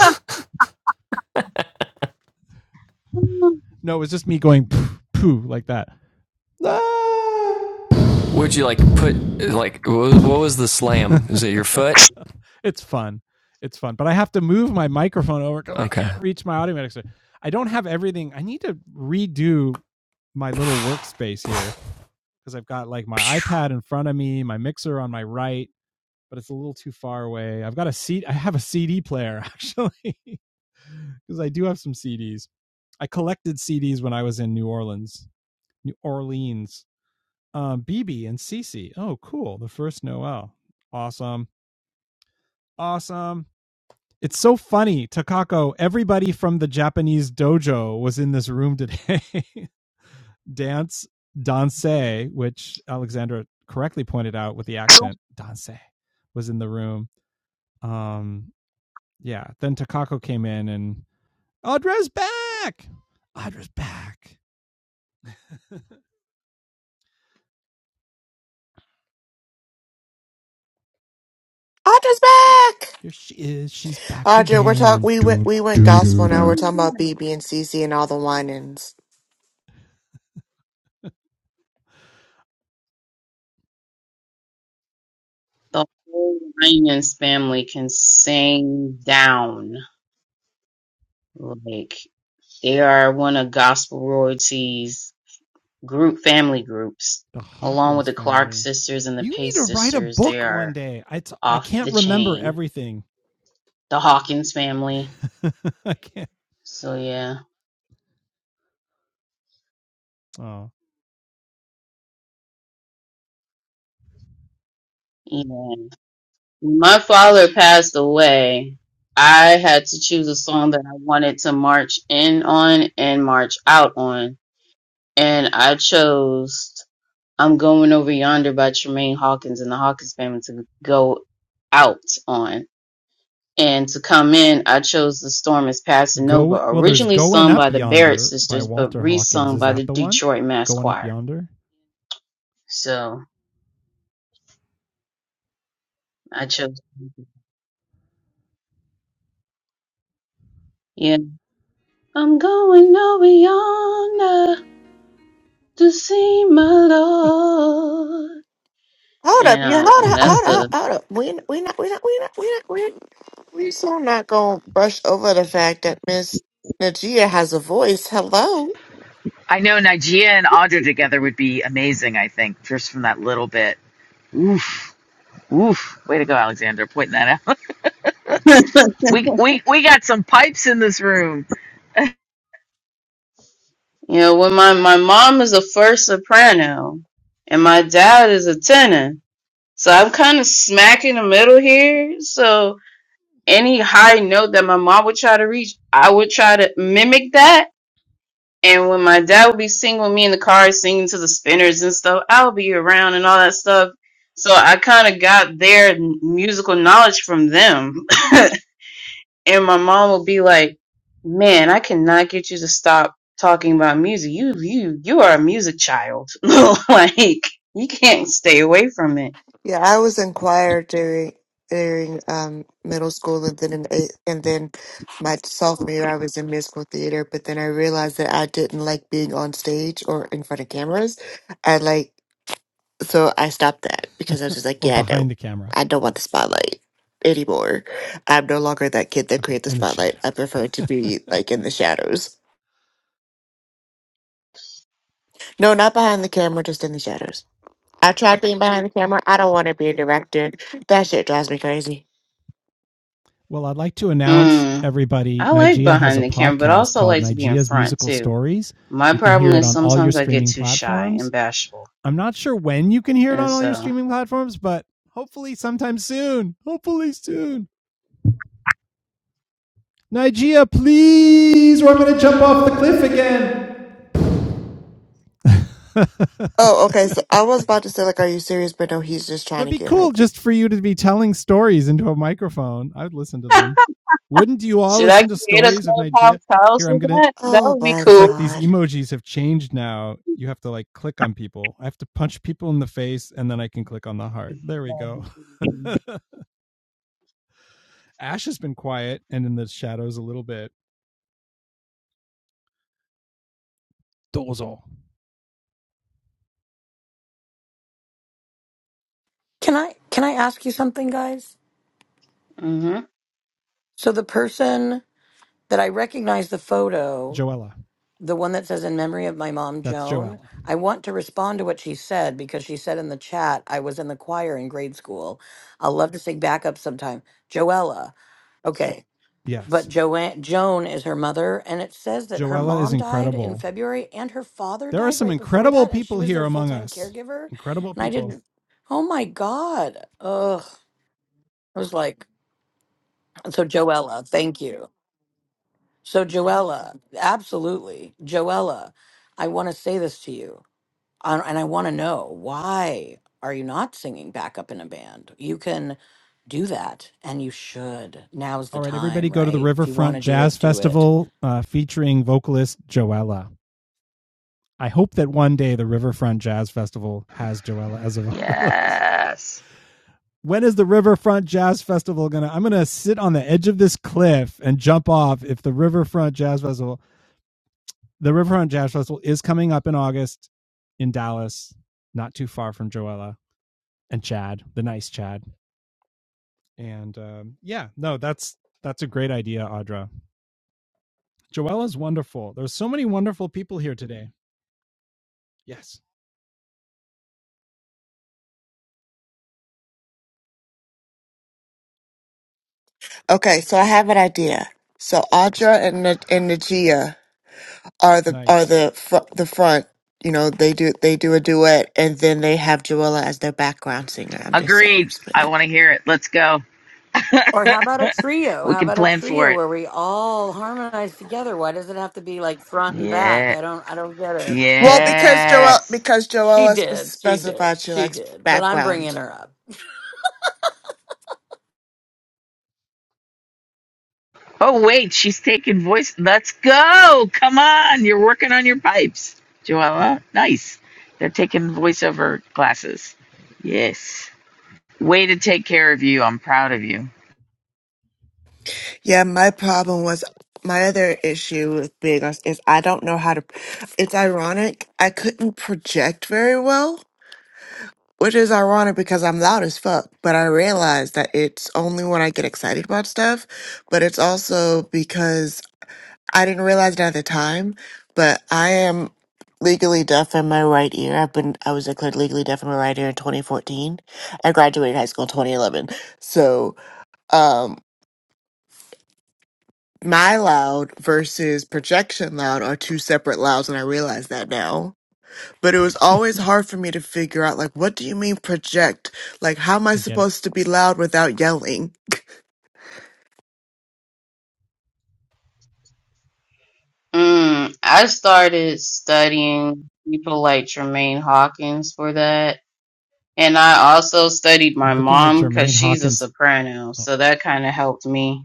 Speaker 1: No, it was just me going poo, poo like that. Ah!
Speaker 4: Would you like put like what was the slam? Is it your foot?
Speaker 1: it's fun. It's fun. But I have to move my microphone over because I
Speaker 4: Okay.
Speaker 1: can't reach my audio mixer. I don't have everything. I need to redo my little workspace here because I've got like my iPad in front of me, my mixer on my right, but it's a little too far away. I've got a seat. I have a CD player actually because I do have some CDs. I collected CDs when I was in New Orleans. New Orleans. Um, BB and Cece. Oh, cool. The first Noel. Awesome. Awesome. It's so funny, Takako. Everybody from the Japanese dojo was in this room today. Dance, danse, which Alexandra correctly pointed out with the accent, danse was in the room. Um, yeah. Then Takako came in and Audra's back. Audra's back.
Speaker 6: Audra's back.
Speaker 1: Here she is. She's back
Speaker 6: Audra, we're talk.
Speaker 1: again.
Speaker 6: We went.
Speaker 1: Dun,
Speaker 6: We went
Speaker 1: dun, dun,
Speaker 6: gospel now. We're
Speaker 1: dun.
Speaker 6: talking about BB and CC and all the whinings.
Speaker 9: the whole Winans family can sing down. Like, they are one of gospel royalties group family groups.
Speaker 1: The
Speaker 9: Along with
Speaker 1: Hawkins
Speaker 9: the Clark
Speaker 1: family.
Speaker 9: sisters and the
Speaker 1: You need to
Speaker 9: Pace
Speaker 1: write a
Speaker 9: sisters, they
Speaker 1: book one
Speaker 9: are
Speaker 1: day. I, t- I
Speaker 9: off
Speaker 1: can't
Speaker 9: the
Speaker 1: remember
Speaker 9: chain.
Speaker 1: everything.
Speaker 9: The Hawkins family.
Speaker 1: I can't.
Speaker 9: So yeah.
Speaker 1: Oh,
Speaker 9: And my father passed away. I had to choose a song that I wanted to march in on and march out on. And I chose I'm Going Over Yonder by Tremaine Hawkins and the Hawkins family to go out on. And to come in, I chose The Storm is Passing Over,
Speaker 1: go well. There's
Speaker 9: originally
Speaker 1: "Going
Speaker 9: sung
Speaker 1: Up
Speaker 9: by the Barrett
Speaker 1: Yonder" by
Speaker 9: sisters, but
Speaker 1: Walter Hawkins.
Speaker 9: resung
Speaker 1: Is
Speaker 9: by the
Speaker 1: that the one?
Speaker 9: Detroit Mass
Speaker 1: "Going Up
Speaker 9: Choir.
Speaker 1: Yonder"
Speaker 9: So I chose, yeah. I'm going over yonder to see my Lord.
Speaker 6: Hold up,
Speaker 9: And,
Speaker 6: you hold
Speaker 9: uh, and
Speaker 6: up,
Speaker 9: that's
Speaker 6: hold up,
Speaker 9: the,
Speaker 6: hold up. We we not we not we not we not we we so not gonna brush over the fact that Miss Najia has a voice. Hello.
Speaker 2: I know Nigeria and Audra together would be amazing. I think just from that little bit. Oof, oof. Way to go, Alexander. Pointing that out. we we we got some pipes in this room.
Speaker 9: you know, when my, my mom is a first soprano and my dad is a tenor. So I'm kind of smack in the middle here. So, any high note that my mom would try to reach, I would try to mimic that. And when my dad would be singing with me in the car, singing to the spinners and stuff, I would be around and all that stuff. So I kind of got their musical knowledge from them. and my mom would be like, "Man, I cannot get you to stop talking about music. You, you, you are a music child. like you can't stay away from it."
Speaker 6: Yeah, I was in choir during during um middle school and then in eighth, and then my sophomore year I was in musical theater, but then I realized that I didn't like being on stage or in front of cameras. I like so I stopped that because I was just like,
Speaker 1: or
Speaker 6: yeah, no,
Speaker 1: "Behind the Camera"?
Speaker 6: I don't want the spotlight anymore. I'm no longer that kid that
Speaker 1: Okay,
Speaker 6: created the
Speaker 1: in the
Speaker 6: spotlight. I
Speaker 1: shadows.
Speaker 6: prefer to be like in the shadows. No, not behind the camera, just in the shadows. I tried being behind the camera. I don't want to be a director. That shit drives me crazy.
Speaker 1: well, I'd like to announce
Speaker 9: Mm.
Speaker 1: everybody.
Speaker 9: I like
Speaker 1: Nigeria has a
Speaker 9: behind the camera, but I
Speaker 1: podcast
Speaker 9: also
Speaker 1: called
Speaker 9: like to be in
Speaker 1: Nigeria's
Speaker 9: front
Speaker 1: Musical
Speaker 9: too
Speaker 1: Stories.
Speaker 9: My
Speaker 1: You can
Speaker 9: problem
Speaker 1: hear it
Speaker 9: is
Speaker 1: on all your
Speaker 9: sometimes I get
Speaker 1: streaming
Speaker 9: too shy
Speaker 1: platforms.
Speaker 9: and bashful.
Speaker 1: I'm not sure when you can hear it
Speaker 9: And
Speaker 1: on all your
Speaker 9: so,
Speaker 1: streaming platforms, but hopefully sometime soon. Hopefully soon. Nigeria, please, or I'm going to jump off the cliff again.
Speaker 6: Oh, okay. So I was about to say, like, are you serious? But no, he's just trying
Speaker 1: That'd
Speaker 6: to
Speaker 1: be
Speaker 6: get her.
Speaker 1: cool just for you to be telling stories into a microphone. I would listen to them. Wouldn't you all
Speaker 9: should I
Speaker 1: listen to
Speaker 9: create a
Speaker 1: stories of
Speaker 9: clubhouse
Speaker 1: Nigeria?
Speaker 9: house
Speaker 1: Here, I'm
Speaker 9: with
Speaker 1: gonna.
Speaker 9: that? That
Speaker 6: Oh
Speaker 9: would be
Speaker 6: my
Speaker 1: It's
Speaker 9: cool.
Speaker 1: like these
Speaker 6: God.
Speaker 1: emojis have changed now. You have to like click on people. I have to punch people in the face and then I can click on the heart. There we go. Ash has been quiet and in the shadows a little bit. Dozo.
Speaker 7: Can I can I ask you something, guys?
Speaker 9: hmm
Speaker 7: So the person that I recognize the photo
Speaker 1: Joella.
Speaker 7: the one that says in memory of my mom
Speaker 1: That's
Speaker 7: joan
Speaker 1: Joella.
Speaker 7: i want to respond to what she said because she said in the chat i was in the choir in grade school i'll love to sing backup sometime joella okay
Speaker 1: Yes.
Speaker 7: but joanne joan is her mother and it says that her
Speaker 1: Joella is
Speaker 7: mom died in
Speaker 1: incredible.
Speaker 7: february and her father
Speaker 1: There are
Speaker 7: died
Speaker 1: some
Speaker 7: right before
Speaker 1: incredible
Speaker 7: that and she
Speaker 1: people
Speaker 7: was
Speaker 1: here
Speaker 7: their
Speaker 1: among
Speaker 7: full-time
Speaker 1: us.
Speaker 7: caregiver
Speaker 1: Incredible
Speaker 7: and i
Speaker 1: people.
Speaker 7: didn't oh my god ugh i was like so joella thank you so joella absolutely joella i want to say this to you I- and I want to know why are you not singing backup in a band? You can do that and you should. Now's the
Speaker 1: All right, everybody
Speaker 7: time,
Speaker 1: go to the
Speaker 7: right? If you want
Speaker 1: Riverfront
Speaker 7: to do
Speaker 1: Jazz
Speaker 7: it, do it.
Speaker 1: Festival uh, featuring vocalist Joella. I hope that one day the Riverfront Jazz Festival has Joella as a vocalist.
Speaker 2: Yes.
Speaker 1: when is the Riverfront Jazz Festival gonna? I'm gonna sit on the edge of this cliff and jump off if the Riverfront Jazz Festival, the Riverfront Jazz Festival is coming up in August in Dallas, not too far from Joella and Chad, the nice Chad. And um, yeah, no, that's that's a great idea, Audra. Joella's wonderful. There's so many wonderful people here today. Yes,
Speaker 6: Okay, so I have an idea. So Audra and Na- and Najia are the are
Speaker 1: nice.
Speaker 6: the fr- the front. You know, they do they do a duet, and then they have Joella as their background singer. I'm just saying.
Speaker 2: Agreed.
Speaker 6: Just putting
Speaker 2: I
Speaker 6: that.
Speaker 2: want to hear it. Let's go.
Speaker 7: Or how about a trio?
Speaker 2: We
Speaker 7: How
Speaker 2: can
Speaker 7: about a
Speaker 2: plan for
Speaker 7: trio
Speaker 2: it.
Speaker 7: where we all harmonize together? Why does it have to be like front and back?
Speaker 2: Yeah.
Speaker 7: I don't I don't get it.
Speaker 6: Well, because Joella
Speaker 2: Yes.
Speaker 6: because
Speaker 7: She
Speaker 6: Joella spe-
Speaker 7: did. She did.
Speaker 6: specified she
Speaker 7: She
Speaker 6: likes
Speaker 7: did. But I'm
Speaker 6: background.
Speaker 7: bringing her up.
Speaker 2: Oh, wait, she's taking voice. Let's go. Come on. You're working on your pipes, Joella. Nice. They're taking voiceover classes. Yes. Way to take care of you. I'm proud of you.
Speaker 6: Yeah, my problem was my other issue with being us is I don't know how to. It's ironic. I couldn't project very well, which is ironic because I'm loud as fuck. But I realized that it's only when I get excited about stuff. But it's also because I didn't realize it at the time. But I am legally deaf in my right ear. I've been I was declared legally deaf in my right ear in 2014. I graduated high school in 2011. So, um my loud versus projection loud are two separate louds and I realize that now. But it was always hard for me to figure out like what do you mean project? Like how am I
Speaker 1: I get it.
Speaker 6: supposed to be loud without yelling?
Speaker 9: Mm, I started studying people like Tremaine Hawkins for that. And I also studied my
Speaker 1: I'm looking at
Speaker 9: mom because
Speaker 1: Jermaine
Speaker 9: she's a
Speaker 1: Hawkins.
Speaker 9: soprano.
Speaker 1: Oh,
Speaker 9: So that kind of helped me.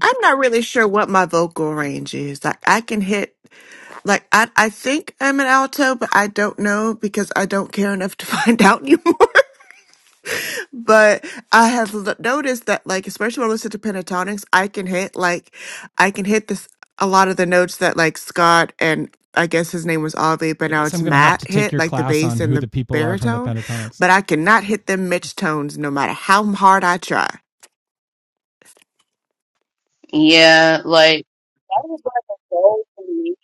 Speaker 6: I'm not really sure what my vocal range is. Like I can hit like I I think I'm an alto, but I don't know because I don't care enough to find out anymore. But I have l- noticed that, like, especially when I listen to pentatonics, I can hit like, I can hit this a lot of the notes that like Scott and I guess his name was Avi, but
Speaker 1: I
Speaker 6: now
Speaker 1: guess
Speaker 6: it's
Speaker 1: I'm gonna have to
Speaker 6: Matt
Speaker 1: take
Speaker 6: hit
Speaker 1: your
Speaker 6: like the
Speaker 1: class on
Speaker 6: bass and
Speaker 1: who
Speaker 6: the
Speaker 1: the people are from the
Speaker 6: baritone,
Speaker 1: Pentatonics.
Speaker 6: but I cannot hit them Mitch tones no matter how hard I try.
Speaker 9: Yeah, like, that was like a goal for me.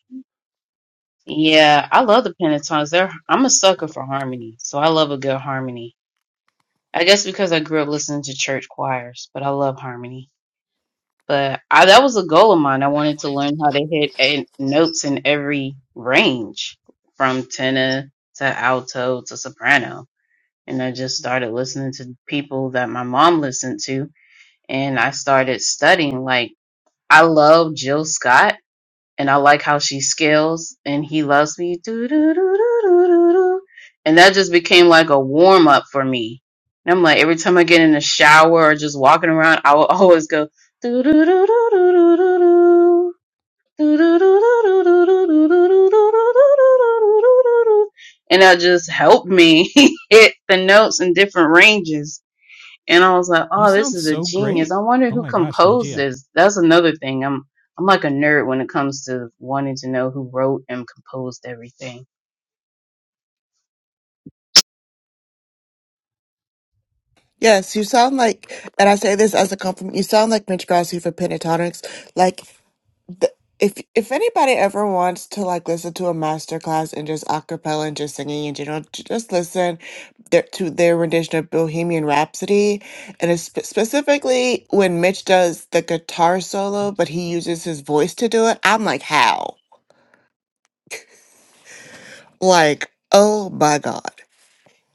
Speaker 9: Yeah, I love the pentatonics. They're, I'm a sucker for harmony. So I love a good harmony. I guess because I grew up listening to church choirs, but I love harmony. But I, that was a goal of mine. I wanted to learn how to hit a, notes in every range, from tenor to alto to soprano. And I just started listening to people that my mom listened to, and I started studying. Like I love Jill Scott and I like how she scales and he loves me. Doo, doo, doo, doo, doo, doo, doo. And that just became like a warm up for me. And I'm like, every time I get in the shower or just walking around, I will always go. doo, doo, doo, doo, doo, doo, doo, doo. Doo, doo, doo, doo, doo, doo, doo, doo, doo, doo, doo, doo, doo, doo, doo, doo, doo, And that just helped me hit the notes in different ranges and I was like,
Speaker 1: You
Speaker 9: oh, this
Speaker 1: sound
Speaker 9: is a
Speaker 1: so
Speaker 9: genius.
Speaker 1: great.
Speaker 9: I wonder
Speaker 1: Oh
Speaker 9: who
Speaker 1: my gosh,
Speaker 9: composed
Speaker 1: Nigeria.
Speaker 9: this. That's another thing. I'm I'm like a nerd when it comes to wanting to know who wrote and composed everything.
Speaker 6: Yes, you sound like, and I say this as a compliment. You sound like Mitch Grassi for pentatonics. like. th- if if anybody ever wants to like listen to a master class and just acapella and just singing in general, j- just listen their, to their rendition of Bohemian Rhapsody, and it's spe- specifically when Mitch does the guitar solo, but he
Speaker 1: Pentatonic.
Speaker 6: uses his voice to do it. I'm like, how? Like, oh my god!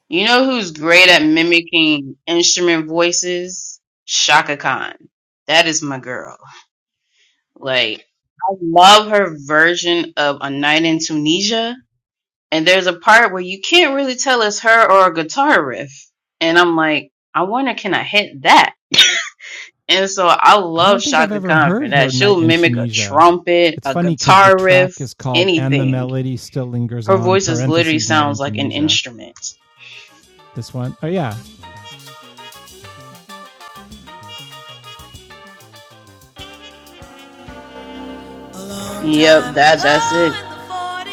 Speaker 9: You know who's great at mimicking instrument voices? Shaka Khan. That is my girl. Like I love her version of A Night in Tunisia. And there's a part where you can't really tell it's her or a guitar riff. And I'm like, I wonder can I hit that? And so I
Speaker 1: I don't
Speaker 9: love
Speaker 1: think I've
Speaker 9: Shaka
Speaker 1: ever
Speaker 9: Khan
Speaker 1: heard
Speaker 9: for that.
Speaker 1: her Night
Speaker 9: She'll
Speaker 1: in
Speaker 9: mimic a
Speaker 1: Tunisia.
Speaker 9: trumpet,
Speaker 1: It's
Speaker 9: a
Speaker 1: funny because the
Speaker 9: guitar
Speaker 1: track
Speaker 9: riff,
Speaker 1: is called And the
Speaker 9: anything.
Speaker 1: Melody Still Lingers
Speaker 9: Her
Speaker 1: On,
Speaker 9: voice is literally
Speaker 1: parentheses, Night in
Speaker 9: sounds like an
Speaker 1: Tunisia.
Speaker 9: instrument.
Speaker 1: This one. Oh yeah. A long
Speaker 9: Yep,
Speaker 1: time
Speaker 9: that that's
Speaker 1: ago
Speaker 9: it.
Speaker 1: in the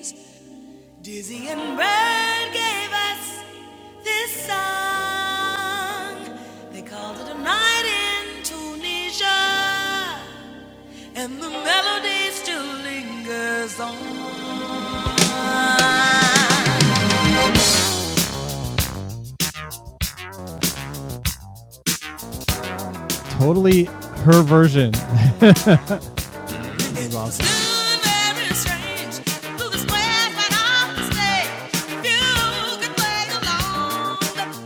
Speaker 1: 40s, Dizzy and Bird gave us this song. They called it a night in Tunisia. And the melody still lingers on. Totally her version.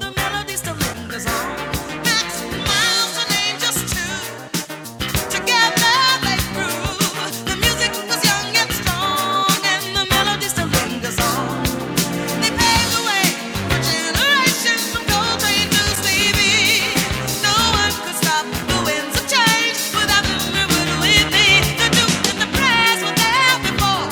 Speaker 1: The music was young and strong, and the melody still lingers on. Change without the ribbon with me, the Duke and the prize were there before.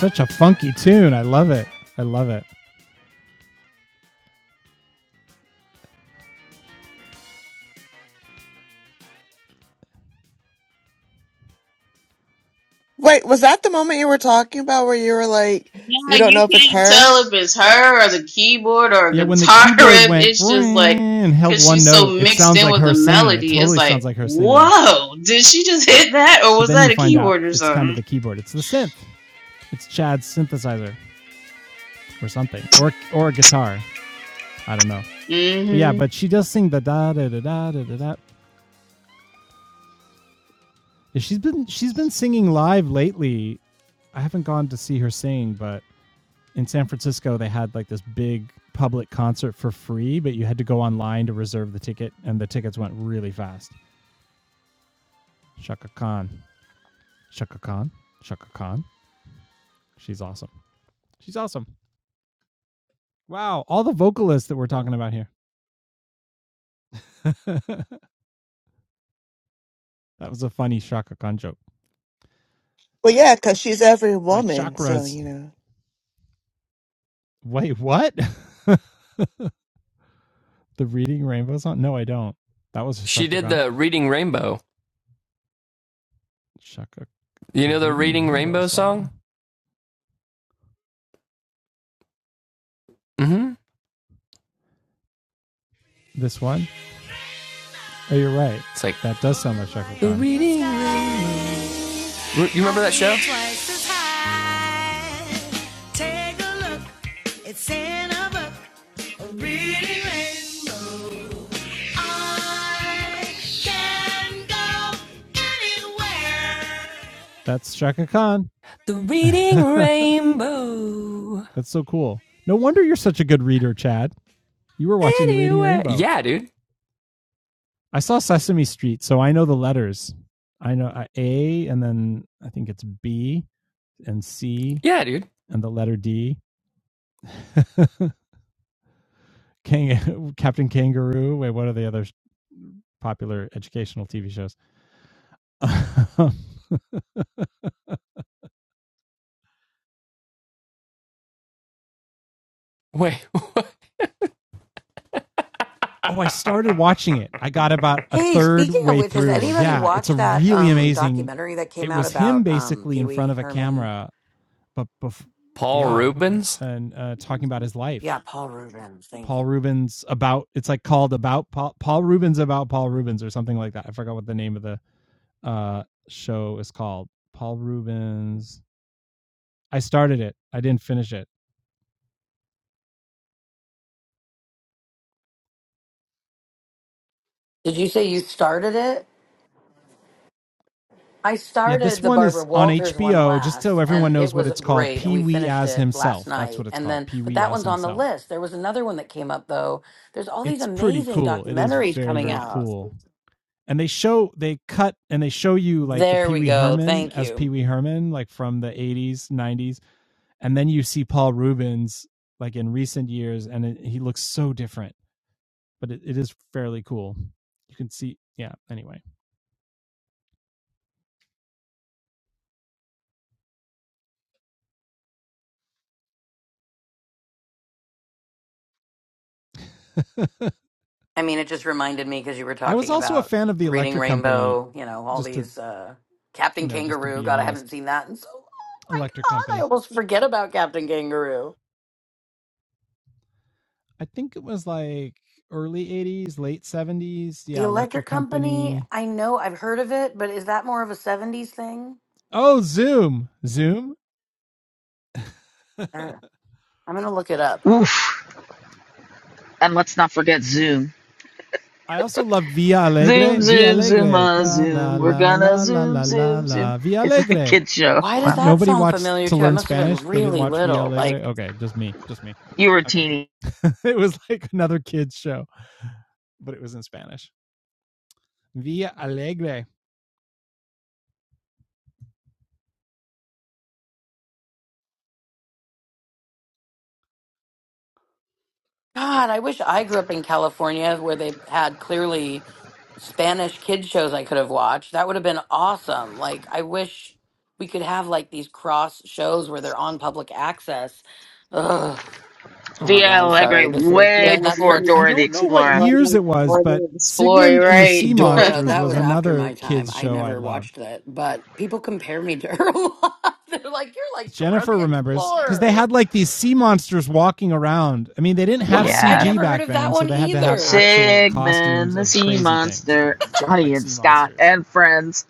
Speaker 1: Such a funky tune. I love it. I love it.
Speaker 6: Wait, was that the moment you were talking about where you were like, you
Speaker 9: Yeah,
Speaker 6: don't know
Speaker 9: you
Speaker 6: if it's
Speaker 9: can't
Speaker 6: her?
Speaker 9: tell if it's her or the keyboard or a
Speaker 1: Yeah, when the
Speaker 9: guitar
Speaker 1: keyboard
Speaker 9: riff.
Speaker 1: went
Speaker 9: It's just like
Speaker 1: and held
Speaker 9: because
Speaker 1: one
Speaker 9: she's so
Speaker 1: note, it
Speaker 9: mixed
Speaker 1: sounds
Speaker 9: in
Speaker 1: like
Speaker 9: with
Speaker 1: her
Speaker 9: the
Speaker 1: singing. It
Speaker 9: melody. It's
Speaker 1: totally sounds
Speaker 9: like,
Speaker 1: like her singing.
Speaker 9: whoa, did she just hit that or
Speaker 1: But
Speaker 9: was
Speaker 1: then you
Speaker 9: that a
Speaker 1: find out
Speaker 9: keyboard or
Speaker 1: it's kind of
Speaker 9: something?
Speaker 1: the keyboard. It's the synth. It's Chad's synthesizer or something, or or a guitar. I don't know. But yeah,
Speaker 9: Mm-hmm.
Speaker 1: but she does sing the da da da da da da. da. Yeah, She's been she's been singing live lately. I haven't gone to see her sing, but in San Francisco they had like this big public concert for free, but you had to go online to reserve the ticket, and the tickets went really fast. Shaka Khan. Shaka Khan. Shaka Khan. She's awesome. She's awesome. Wow. All the vocalists that we're talking about here. that was a funny Shaka Khan joke.
Speaker 6: Well, yeah, because she's every
Speaker 1: My
Speaker 6: woman, so
Speaker 1: chakras.
Speaker 6: you know.
Speaker 1: Wait, what? the Reading Rainbow song? No, I don't. That was a
Speaker 4: She
Speaker 1: Shaka
Speaker 4: did
Speaker 1: Khan.
Speaker 4: the Reading Rainbow.
Speaker 1: Shaka.
Speaker 4: You
Speaker 1: The
Speaker 4: know the
Speaker 1: Reading
Speaker 4: Reading
Speaker 1: Rainbow
Speaker 4: Rainbow
Speaker 1: song.
Speaker 4: song? Mm-hmm.
Speaker 1: This one? Oh, you're right.
Speaker 4: It's like
Speaker 1: That does sound like Shaka
Speaker 4: the
Speaker 1: Khan.
Speaker 4: Reading Rainbow. You remember that show?
Speaker 1: Take a look, it's in a book. Reading Rainbow. That's Shaka Khan.
Speaker 4: The Reading
Speaker 1: That's
Speaker 4: Rainbow.
Speaker 1: so cool. No wonder you're such a good reader, Chad. You were watching the Reading
Speaker 4: Anyway.
Speaker 1: Rainbow.
Speaker 4: Yeah, dude.
Speaker 1: I saw Sesame Street, so I know the letters. I know uh, A, and then I think it's B and C,
Speaker 4: Yeah, dude.
Speaker 1: and the letter D. Kang- Captain Kangaroo. Wait, what are the other popular educational TV shows?
Speaker 4: Wait,
Speaker 1: Oh, I started watching it. I got about a
Speaker 7: Hey,
Speaker 1: third
Speaker 7: speaking of
Speaker 1: way
Speaker 7: which, has
Speaker 1: through.
Speaker 7: anybody
Speaker 1: Yeah, it's a
Speaker 7: watched that
Speaker 1: really
Speaker 7: um
Speaker 1: amazing.
Speaker 7: documentary that came
Speaker 1: It
Speaker 7: out
Speaker 1: was him
Speaker 7: about um
Speaker 1: basically in
Speaker 7: Pee-wee
Speaker 1: front of a
Speaker 7: Herman?
Speaker 1: camera, but bef-
Speaker 4: Paul
Speaker 1: yeah,
Speaker 7: The
Speaker 4: Rubens?
Speaker 1: and uh, talking about his life.
Speaker 7: yeah, Paul Rubens. Thank you.
Speaker 1: Paul Rubens about it's like called about Paul, Paul Rubens about Paul Rubens or something like that. I forgot what the name of the uh, show is called. Paul Rubens. I started it. I didn't finish it.
Speaker 7: Did you say you started it? I
Speaker 1: Yeah, this
Speaker 7: started the
Speaker 1: one
Speaker 7: Barbara
Speaker 1: is on
Speaker 7: Walters one
Speaker 1: HBO. Just so
Speaker 7: last,
Speaker 1: everyone
Speaker 7: and it
Speaker 1: knows what
Speaker 7: was
Speaker 1: it's called,
Speaker 7: great, and
Speaker 1: Pee
Speaker 7: we
Speaker 1: Wee
Speaker 7: finished
Speaker 1: as
Speaker 7: it last
Speaker 1: himself. That's what
Speaker 7: night.
Speaker 1: it's
Speaker 7: And
Speaker 1: called,
Speaker 7: then,
Speaker 1: Pee
Speaker 7: but
Speaker 1: Wee
Speaker 7: that
Speaker 1: as
Speaker 7: one's on the
Speaker 1: himself.
Speaker 7: list. There was another one that came up though. There's all these
Speaker 1: it's pretty
Speaker 7: amazing
Speaker 1: cool. It is
Speaker 7: documentaries
Speaker 1: very
Speaker 7: coming
Speaker 1: very
Speaker 7: out.
Speaker 1: cool. And they show they cut and they show you like the
Speaker 7: There
Speaker 1: Pee
Speaker 7: we
Speaker 1: Wee
Speaker 7: go.
Speaker 1: Herman
Speaker 7: Thank
Speaker 1: as Pee
Speaker 7: you.
Speaker 1: Wee Herman like from the 80s, 90s, and then you see Paul Rubens like in recent years and it, he looks so different, but it, it is fairly cool. You can see yeah, anyway.
Speaker 7: I mean, it just reminded me because you were
Speaker 1: I was
Speaker 7: talking
Speaker 1: also a
Speaker 7: about
Speaker 1: fan of the
Speaker 7: reading
Speaker 1: Electric Company
Speaker 7: Rainbow. You know, all
Speaker 1: just to,
Speaker 7: these uh,
Speaker 1: you
Speaker 7: Captain
Speaker 1: know, just to
Speaker 7: Kangaroo.
Speaker 1: be
Speaker 7: God, I haven't
Speaker 1: honest.
Speaker 7: seen that in so. long. Oh my
Speaker 1: Electric
Speaker 7: God, I
Speaker 1: Company.
Speaker 7: almost forget about Captain Kangaroo.
Speaker 1: I think it was like early 80s, late 70s.
Speaker 7: The
Speaker 1: Yeah, Electric
Speaker 7: electric company,
Speaker 1: Company
Speaker 7: I know I've heard of it, but is that more of a 70s thing?
Speaker 1: Oh, Zoom. Zoom.
Speaker 7: Or I'm going to look it up.
Speaker 2: Oof. And let's not forget Zoom.
Speaker 1: I also loved Via Alegre.
Speaker 2: Zoom,
Speaker 1: Via
Speaker 2: Zoom, Zoom,
Speaker 1: Alegre.
Speaker 2: uh,
Speaker 1: La la
Speaker 2: Zoom. We're
Speaker 1: la
Speaker 2: gonna
Speaker 1: la la la
Speaker 2: Zoom,
Speaker 1: la
Speaker 2: Zoom, Zoom.
Speaker 1: la. Via
Speaker 2: It's a
Speaker 1: Alegre.
Speaker 2: kid show.
Speaker 7: Why does
Speaker 1: Did
Speaker 2: Wow.
Speaker 7: that
Speaker 1: nobody
Speaker 7: sound
Speaker 1: watch
Speaker 7: familiar
Speaker 1: to
Speaker 7: too? I
Speaker 1: learn
Speaker 7: must have been
Speaker 1: Spanish? They didn't
Speaker 7: really
Speaker 1: watch Via
Speaker 7: little.
Speaker 1: Alegre?
Speaker 7: Like,
Speaker 1: Okay, just me. Just me.
Speaker 2: You were a
Speaker 1: Okay.
Speaker 2: teeny.
Speaker 1: it was like another kid's show, but it was in Spanish. Via Alegre.
Speaker 7: God, I wish I grew up in California where they had clearly Spanish kid shows I could have watched. That would have been awesome. Like, I wish we could have like these cross shows where they're on public access. Ugh. Oh my
Speaker 2: Via
Speaker 7: God, I'm sorry.
Speaker 2: Allegre
Speaker 7: This is,
Speaker 2: way
Speaker 7: then that
Speaker 2: before
Speaker 7: starts.
Speaker 1: I
Speaker 2: Dora the
Speaker 1: don't know what
Speaker 2: Explorer.
Speaker 1: years it was, but
Speaker 9: Explore,
Speaker 1: Sigmund and the
Speaker 9: right?
Speaker 1: Sea
Speaker 7: Dora,
Speaker 1: Monsters
Speaker 7: that
Speaker 1: was
Speaker 7: was after
Speaker 1: another
Speaker 7: my time.
Speaker 1: kids'
Speaker 7: I
Speaker 1: show I
Speaker 7: never
Speaker 1: loved
Speaker 7: watched that, but people compare me to her a lot. They're like, "You're like Dora
Speaker 1: Jennifer
Speaker 7: the
Speaker 1: remembers because they had
Speaker 7: Explorer."
Speaker 1: like these sea monsters walking around. I mean, they didn't have
Speaker 7: What? I'd
Speaker 2: Yeah,
Speaker 1: CG
Speaker 7: never heard
Speaker 1: back
Speaker 7: of that
Speaker 1: then, so
Speaker 7: one
Speaker 1: they had to have
Speaker 7: either.
Speaker 1: actual costumes
Speaker 2: Sigmund the
Speaker 1: of
Speaker 2: Sea
Speaker 1: crazy things
Speaker 2: Monster, and Johnny
Speaker 1: like
Speaker 2: and
Speaker 1: sea
Speaker 2: Scott
Speaker 1: monsters.
Speaker 2: and friends.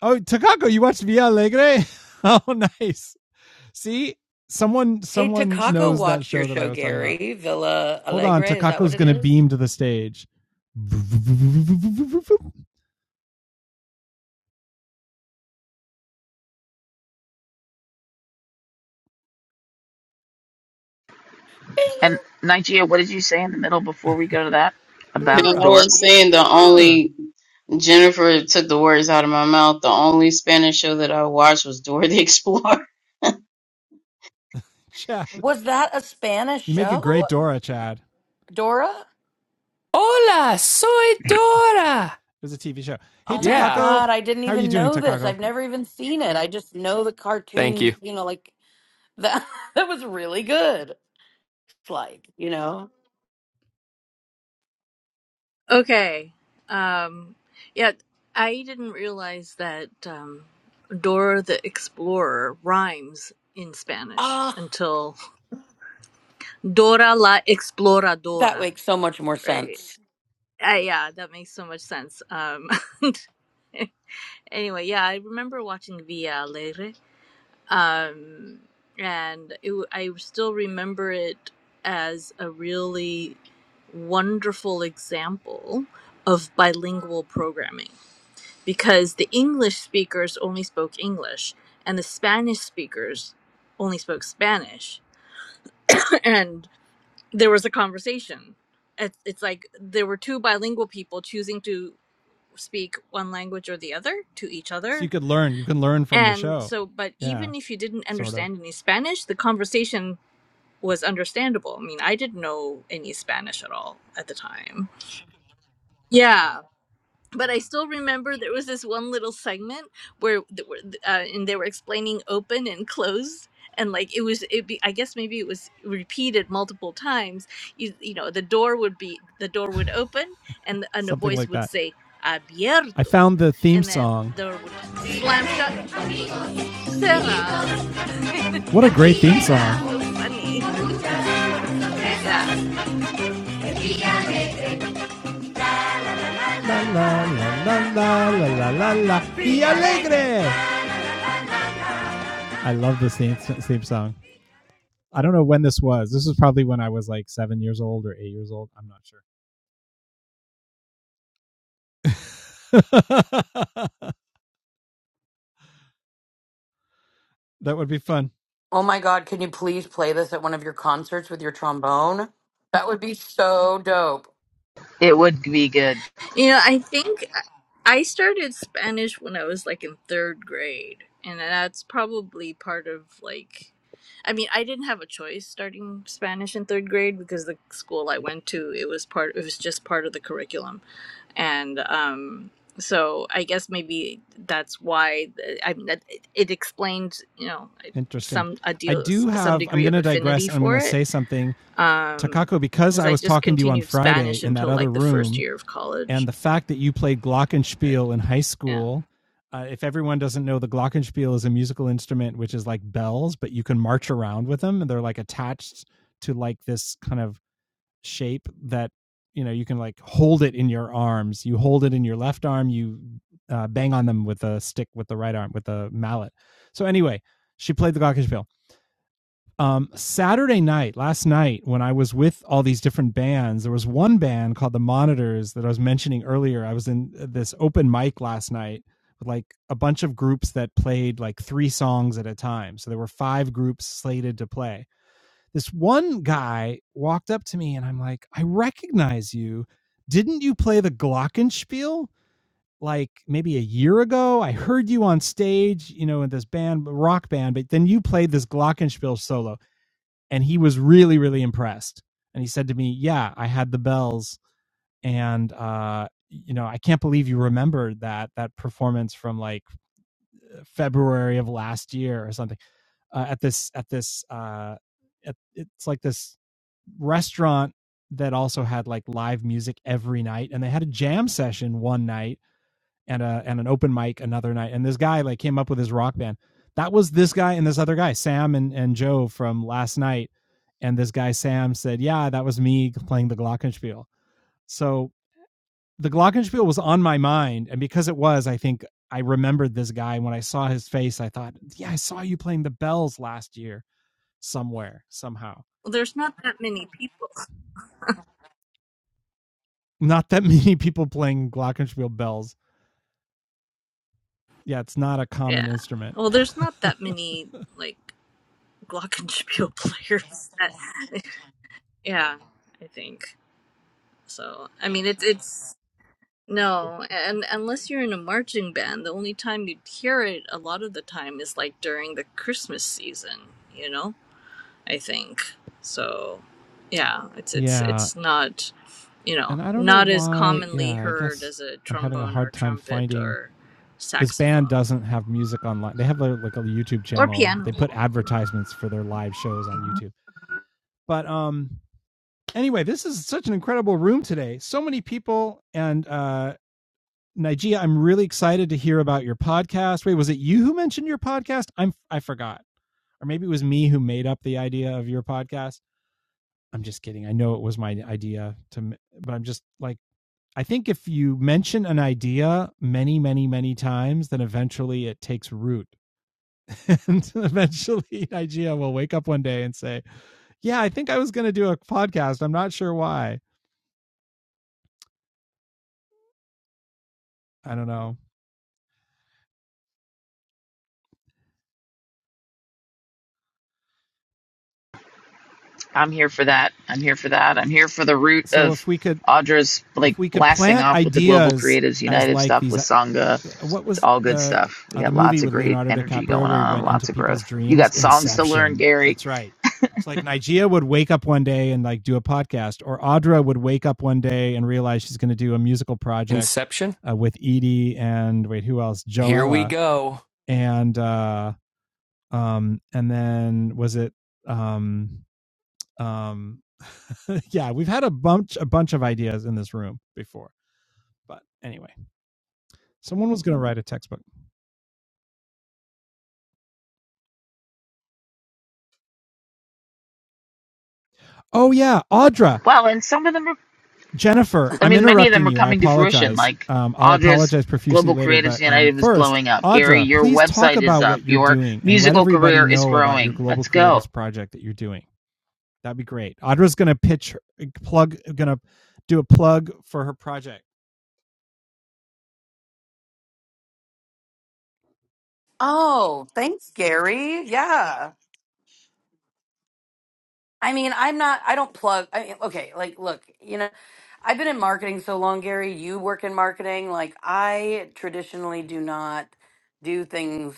Speaker 1: Oh, Takako, you watched Via Alegre? oh, nice. See, someone
Speaker 7: Hey,
Speaker 1: someone
Speaker 7: Takako
Speaker 1: knows that
Speaker 7: watched your
Speaker 1: show that I
Speaker 7: show,
Speaker 1: was talking about.
Speaker 7: Gary Villa
Speaker 1: Hold on,
Speaker 7: Alegre. Is that
Speaker 1: Takako's
Speaker 7: what it
Speaker 1: gonna
Speaker 7: is?
Speaker 1: beam to the stage.
Speaker 7: Bing.
Speaker 2: And Nigeria, what did you say in the middle before we go to that
Speaker 9: No,
Speaker 2: about
Speaker 9: I
Speaker 1: Dora,
Speaker 2: Dora?
Speaker 9: was
Speaker 1: the
Speaker 9: saying the
Speaker 1: explorer.
Speaker 9: only Jennifer took the words out of my mouth. The only Spanish show that I watched was Dora the Explorer.
Speaker 1: Chad,
Speaker 7: Was that a Spanish
Speaker 1: you make a
Speaker 7: show,
Speaker 1: great Dora, Chad. It
Speaker 7: Dora?
Speaker 4: Hola, soy Dora.
Speaker 1: was a TV show. Hey,
Speaker 7: Oh my
Speaker 4: Yeah,
Speaker 1: Takako,
Speaker 7: God, I didn't
Speaker 1: how are you
Speaker 7: even
Speaker 1: doing,
Speaker 7: know this.
Speaker 1: Takako?
Speaker 7: I've never even seen it. I just know the
Speaker 4: thank you.
Speaker 7: cartoon, you know, like that. That was really good. It's like, you know.
Speaker 10: Okay. Um, yeah, I didn't realize that um, Dora the Explorer rhymes in Spanish
Speaker 7: Ah.
Speaker 10: until Dora la
Speaker 7: That
Speaker 10: Exploradora,
Speaker 7: makes so much more
Speaker 10: right?
Speaker 7: sense.
Speaker 10: Uh, yeah, that makes so much sense. Um, anyway, yeah, I remember watching Via Alegre, um, and it, w- I still remember it as a really wonderful example of bilingual programming because the English speakers only spoke English and the Spanish speakers only spoke Spanish. and there was a conversation. It's, it's like there were two bilingual people choosing to speak one language or the other to each
Speaker 1: So you
Speaker 10: other.
Speaker 1: could learn. You can learn from the
Speaker 10: And
Speaker 1: show.
Speaker 10: so, but
Speaker 1: Yeah,
Speaker 10: even if you didn't
Speaker 1: sort of.
Speaker 10: understand any Spanish, the conversation was understandable. I mean, I didn't know any Spanish at all at the time. Yeah. but I still remember there was this one little segment where th- where, uh, and they were explaining open and closed and like it was it be I guess maybe it was repeated multiple times you, you know the door would be the door would open and and a
Speaker 1: Something
Speaker 10: voice
Speaker 1: like
Speaker 10: would
Speaker 1: that.
Speaker 10: say
Speaker 1: I
Speaker 10: abierto
Speaker 1: found the theme
Speaker 10: and then
Speaker 1: song.
Speaker 10: door would slam shut and he goes cerrado
Speaker 1: What a
Speaker 10: I
Speaker 1: great
Speaker 10: just thought
Speaker 1: theme
Speaker 10: that was
Speaker 1: song.
Speaker 10: so funny yeah
Speaker 1: La, la, la, la, la, la, la, Y alegre. I love this theme, theme song. I don't know when this was. This was probably when I was like seven years old or eight years old. I'm not sure. that would be fun.
Speaker 7: Oh my God, can you please play this at one of your concerts with your trombone? That would be so dope.
Speaker 2: It would be good.
Speaker 10: You know, I think I started Spanish when I was like in third grade, and that's probably part of like, I mean, I didn't have a choice starting Spanish in third grade because the school I went to it was part it was just part of the curriculum, and um, so I guess maybe that's why uh, I mean that it, explains you know
Speaker 1: Interesting.
Speaker 10: some a
Speaker 1: I
Speaker 10: deal
Speaker 1: do
Speaker 10: some
Speaker 1: have, I'm
Speaker 10: degree
Speaker 1: going
Speaker 10: of
Speaker 1: to
Speaker 10: affinity
Speaker 1: digress. I'm going
Speaker 10: for
Speaker 1: to
Speaker 10: it.
Speaker 1: say something.
Speaker 10: Um,
Speaker 1: Takako, because
Speaker 10: because
Speaker 1: I
Speaker 10: I
Speaker 1: was
Speaker 10: just
Speaker 1: talking to you on
Speaker 10: continued
Speaker 1: Friday
Speaker 10: Spanish
Speaker 1: in that
Speaker 10: until
Speaker 1: other
Speaker 10: like the
Speaker 1: room,
Speaker 10: first year of
Speaker 1: and
Speaker 10: college
Speaker 1: the fact that you played glockenspiel in high
Speaker 10: yeah.
Speaker 1: school uh, if everyone doesn't know the glockenspiel is a musical instrument which is like bells but you can march around with them and they're like attached to like this kind of shape that you know you can like hold it in your arms you hold it in your left arm you uh, bang on them with a stick with the right arm with a mallet so anyway she played the glockenspiel um, Saturday night, last night, when I was with all these different bands, there was one band called The Monitors that I was mentioning earlier. I was in uh, this open mic last night with like a bunch of groups that played like three songs at a time. So there were five groups slated to play. This one guy walked up to me and I'm like, I recognize you. Didn't you play the Glockenspiel? Like maybe a year ago, I heard you on stage, you know, in this band, rock band, but then you played this Glockenspiel solo and he was really really impressed and he said to me yeah i had the bells and uh you know i can't believe you remembered that that performance from like february of last year or something uh, at this at this uh at, it's like this restaurant that also had like live music every night and they had a jam session one night and a and an open mic another night. And this guy like came up with his rock band. That was this guy and this other guy, Sam and, and Joe from last night. And this guy Sam said, "Yeah, that was me playing the glockenspiel." So the glockenspiel was on my mind, and because it was, I think I remembered this guy. When I saw his face, I thought, "Yeah, I saw you playing the bells last year somewhere somehow."
Speaker 10: Well, there's not that many people.
Speaker 1: Not that many people playing glockenspiel bells. Yeah, it's not a common
Speaker 10: Yeah.
Speaker 1: instrument.
Speaker 10: Well, there's not that many like glockenspiel players that. Yeah, I think so. I mean, it's it's no, and unless you're in a marching band, the only time you'd hear it a lot of the time is like during the Christmas season. You know, I think so. Yeah, it's it's
Speaker 1: Yeah,
Speaker 10: it's not, you know,
Speaker 1: and I don't know
Speaker 10: not as
Speaker 1: why. Yeah,
Speaker 10: commonly
Speaker 1: I
Speaker 10: heard
Speaker 1: guess
Speaker 10: as a
Speaker 1: I'm having a
Speaker 10: trombone
Speaker 1: hard
Speaker 10: or
Speaker 1: time
Speaker 10: trumpet
Speaker 1: finding
Speaker 10: or
Speaker 1: this band
Speaker 10: saxophone.
Speaker 1: doesn't have music online. They have a, like a YouTube
Speaker 10: or
Speaker 1: channel, but they
Speaker 10: piano
Speaker 1: put advertisements for their live shows on YouTube. But um anyway, this is such an incredible room today. So many people and uh Nigeria, I'm really excited to hear about your podcast. Wait, was it you who mentioned your podcast? I'm I forgot. Or maybe it was me who made up the idea of your podcast. I'm just kidding. I know it was my idea to but I'm just like I think if you mention an idea many, many, many times, then eventually it takes root. and eventually Nigeria will wake up one day and say, Yeah, I think I was going to do a podcast. I'm not sure why. I don't know.
Speaker 2: I'm here for that. I'm here for that. I'm here for the root
Speaker 1: So
Speaker 2: of
Speaker 1: if we could
Speaker 2: Audra's
Speaker 1: if
Speaker 2: like
Speaker 1: we could
Speaker 2: blasting
Speaker 1: plant
Speaker 2: off with the Global
Speaker 1: ideas
Speaker 2: Creatives
Speaker 1: as
Speaker 2: United
Speaker 1: like
Speaker 2: stuff
Speaker 1: these
Speaker 2: with
Speaker 1: uh,
Speaker 2: Sangha.
Speaker 1: what
Speaker 2: It's
Speaker 1: was
Speaker 2: all good
Speaker 1: uh,
Speaker 2: stuff. We
Speaker 1: uh the
Speaker 2: got
Speaker 1: movie
Speaker 2: lots of
Speaker 1: with
Speaker 2: great
Speaker 1: Leonardo
Speaker 2: energy going
Speaker 1: DiCaprio where he
Speaker 2: on,
Speaker 1: went into
Speaker 2: lots of
Speaker 1: people's
Speaker 2: growth. You
Speaker 1: dreams
Speaker 2: got songs to learn,
Speaker 1: Inception
Speaker 2: Gary.
Speaker 1: that's right it's like Nigeria would wake up one day and like do a podcast or Audra would wake up one day and realize she's going to do a musical project
Speaker 4: Inception.
Speaker 1: uh, with Edie and wait who else
Speaker 4: Here we
Speaker 1: Joella
Speaker 4: go.
Speaker 1: and uh um and then was it um um yeah we've had a bunch a bunch of ideas in this room before but anyway, someone was going to write a textbook. Oh yeah, Audra,
Speaker 2: Well, and some of them are
Speaker 1: Jennifer,
Speaker 2: I
Speaker 1: I'm
Speaker 2: mean, many of
Speaker 1: interrupting
Speaker 2: them are
Speaker 1: you. I
Speaker 2: coming to fruition.
Speaker 1: apologize.
Speaker 2: Like
Speaker 1: Um, I'll
Speaker 2: Audra's
Speaker 1: apologize profusely
Speaker 2: Global
Speaker 1: later,
Speaker 2: Creatives
Speaker 1: but um,
Speaker 2: United is
Speaker 1: first,
Speaker 2: blowing up. Gary,
Speaker 1: Audra,
Speaker 2: your
Speaker 1: please talk
Speaker 2: website is
Speaker 1: about
Speaker 2: up.
Speaker 1: what you're
Speaker 2: Your
Speaker 1: doing and let
Speaker 2: musical
Speaker 1: everybody
Speaker 2: career is
Speaker 1: know about your
Speaker 2: growing.
Speaker 1: Global
Speaker 2: Let's go.
Speaker 1: Creatives project that you're doing. That'd be great. Audra's going to pitch, her, uh, plug, going to do a plug for her project.
Speaker 7: Oh, thanks, Gary. Yeah. I mean, I'm not, I don't plug. I mean, okay, like, look, you know, I've been in marketing so long, Gary. You work in marketing. Like, I traditionally do not do things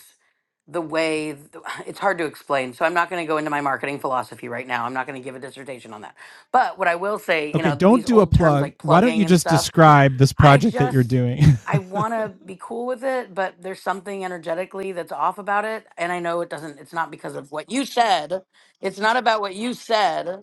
Speaker 7: the way th- it's hard to explain. So, I'm not going to go into my marketing philosophy right now. I'm not going to give a dissertation on that. But what I will say, you
Speaker 1: Okay,
Speaker 7: know,
Speaker 1: don't
Speaker 7: these
Speaker 1: do a
Speaker 7: old terms
Speaker 1: plug.
Speaker 7: like
Speaker 1: Why don't
Speaker 7: plugging
Speaker 1: you
Speaker 7: and
Speaker 1: just
Speaker 7: stuff,
Speaker 1: describe this
Speaker 7: I
Speaker 1: project that you're
Speaker 7: just
Speaker 1: doing?
Speaker 7: I want to be cool with it, but there's something energetically that's off about it, and I know it doesn't. It's not because of what you said. It's not about what you said.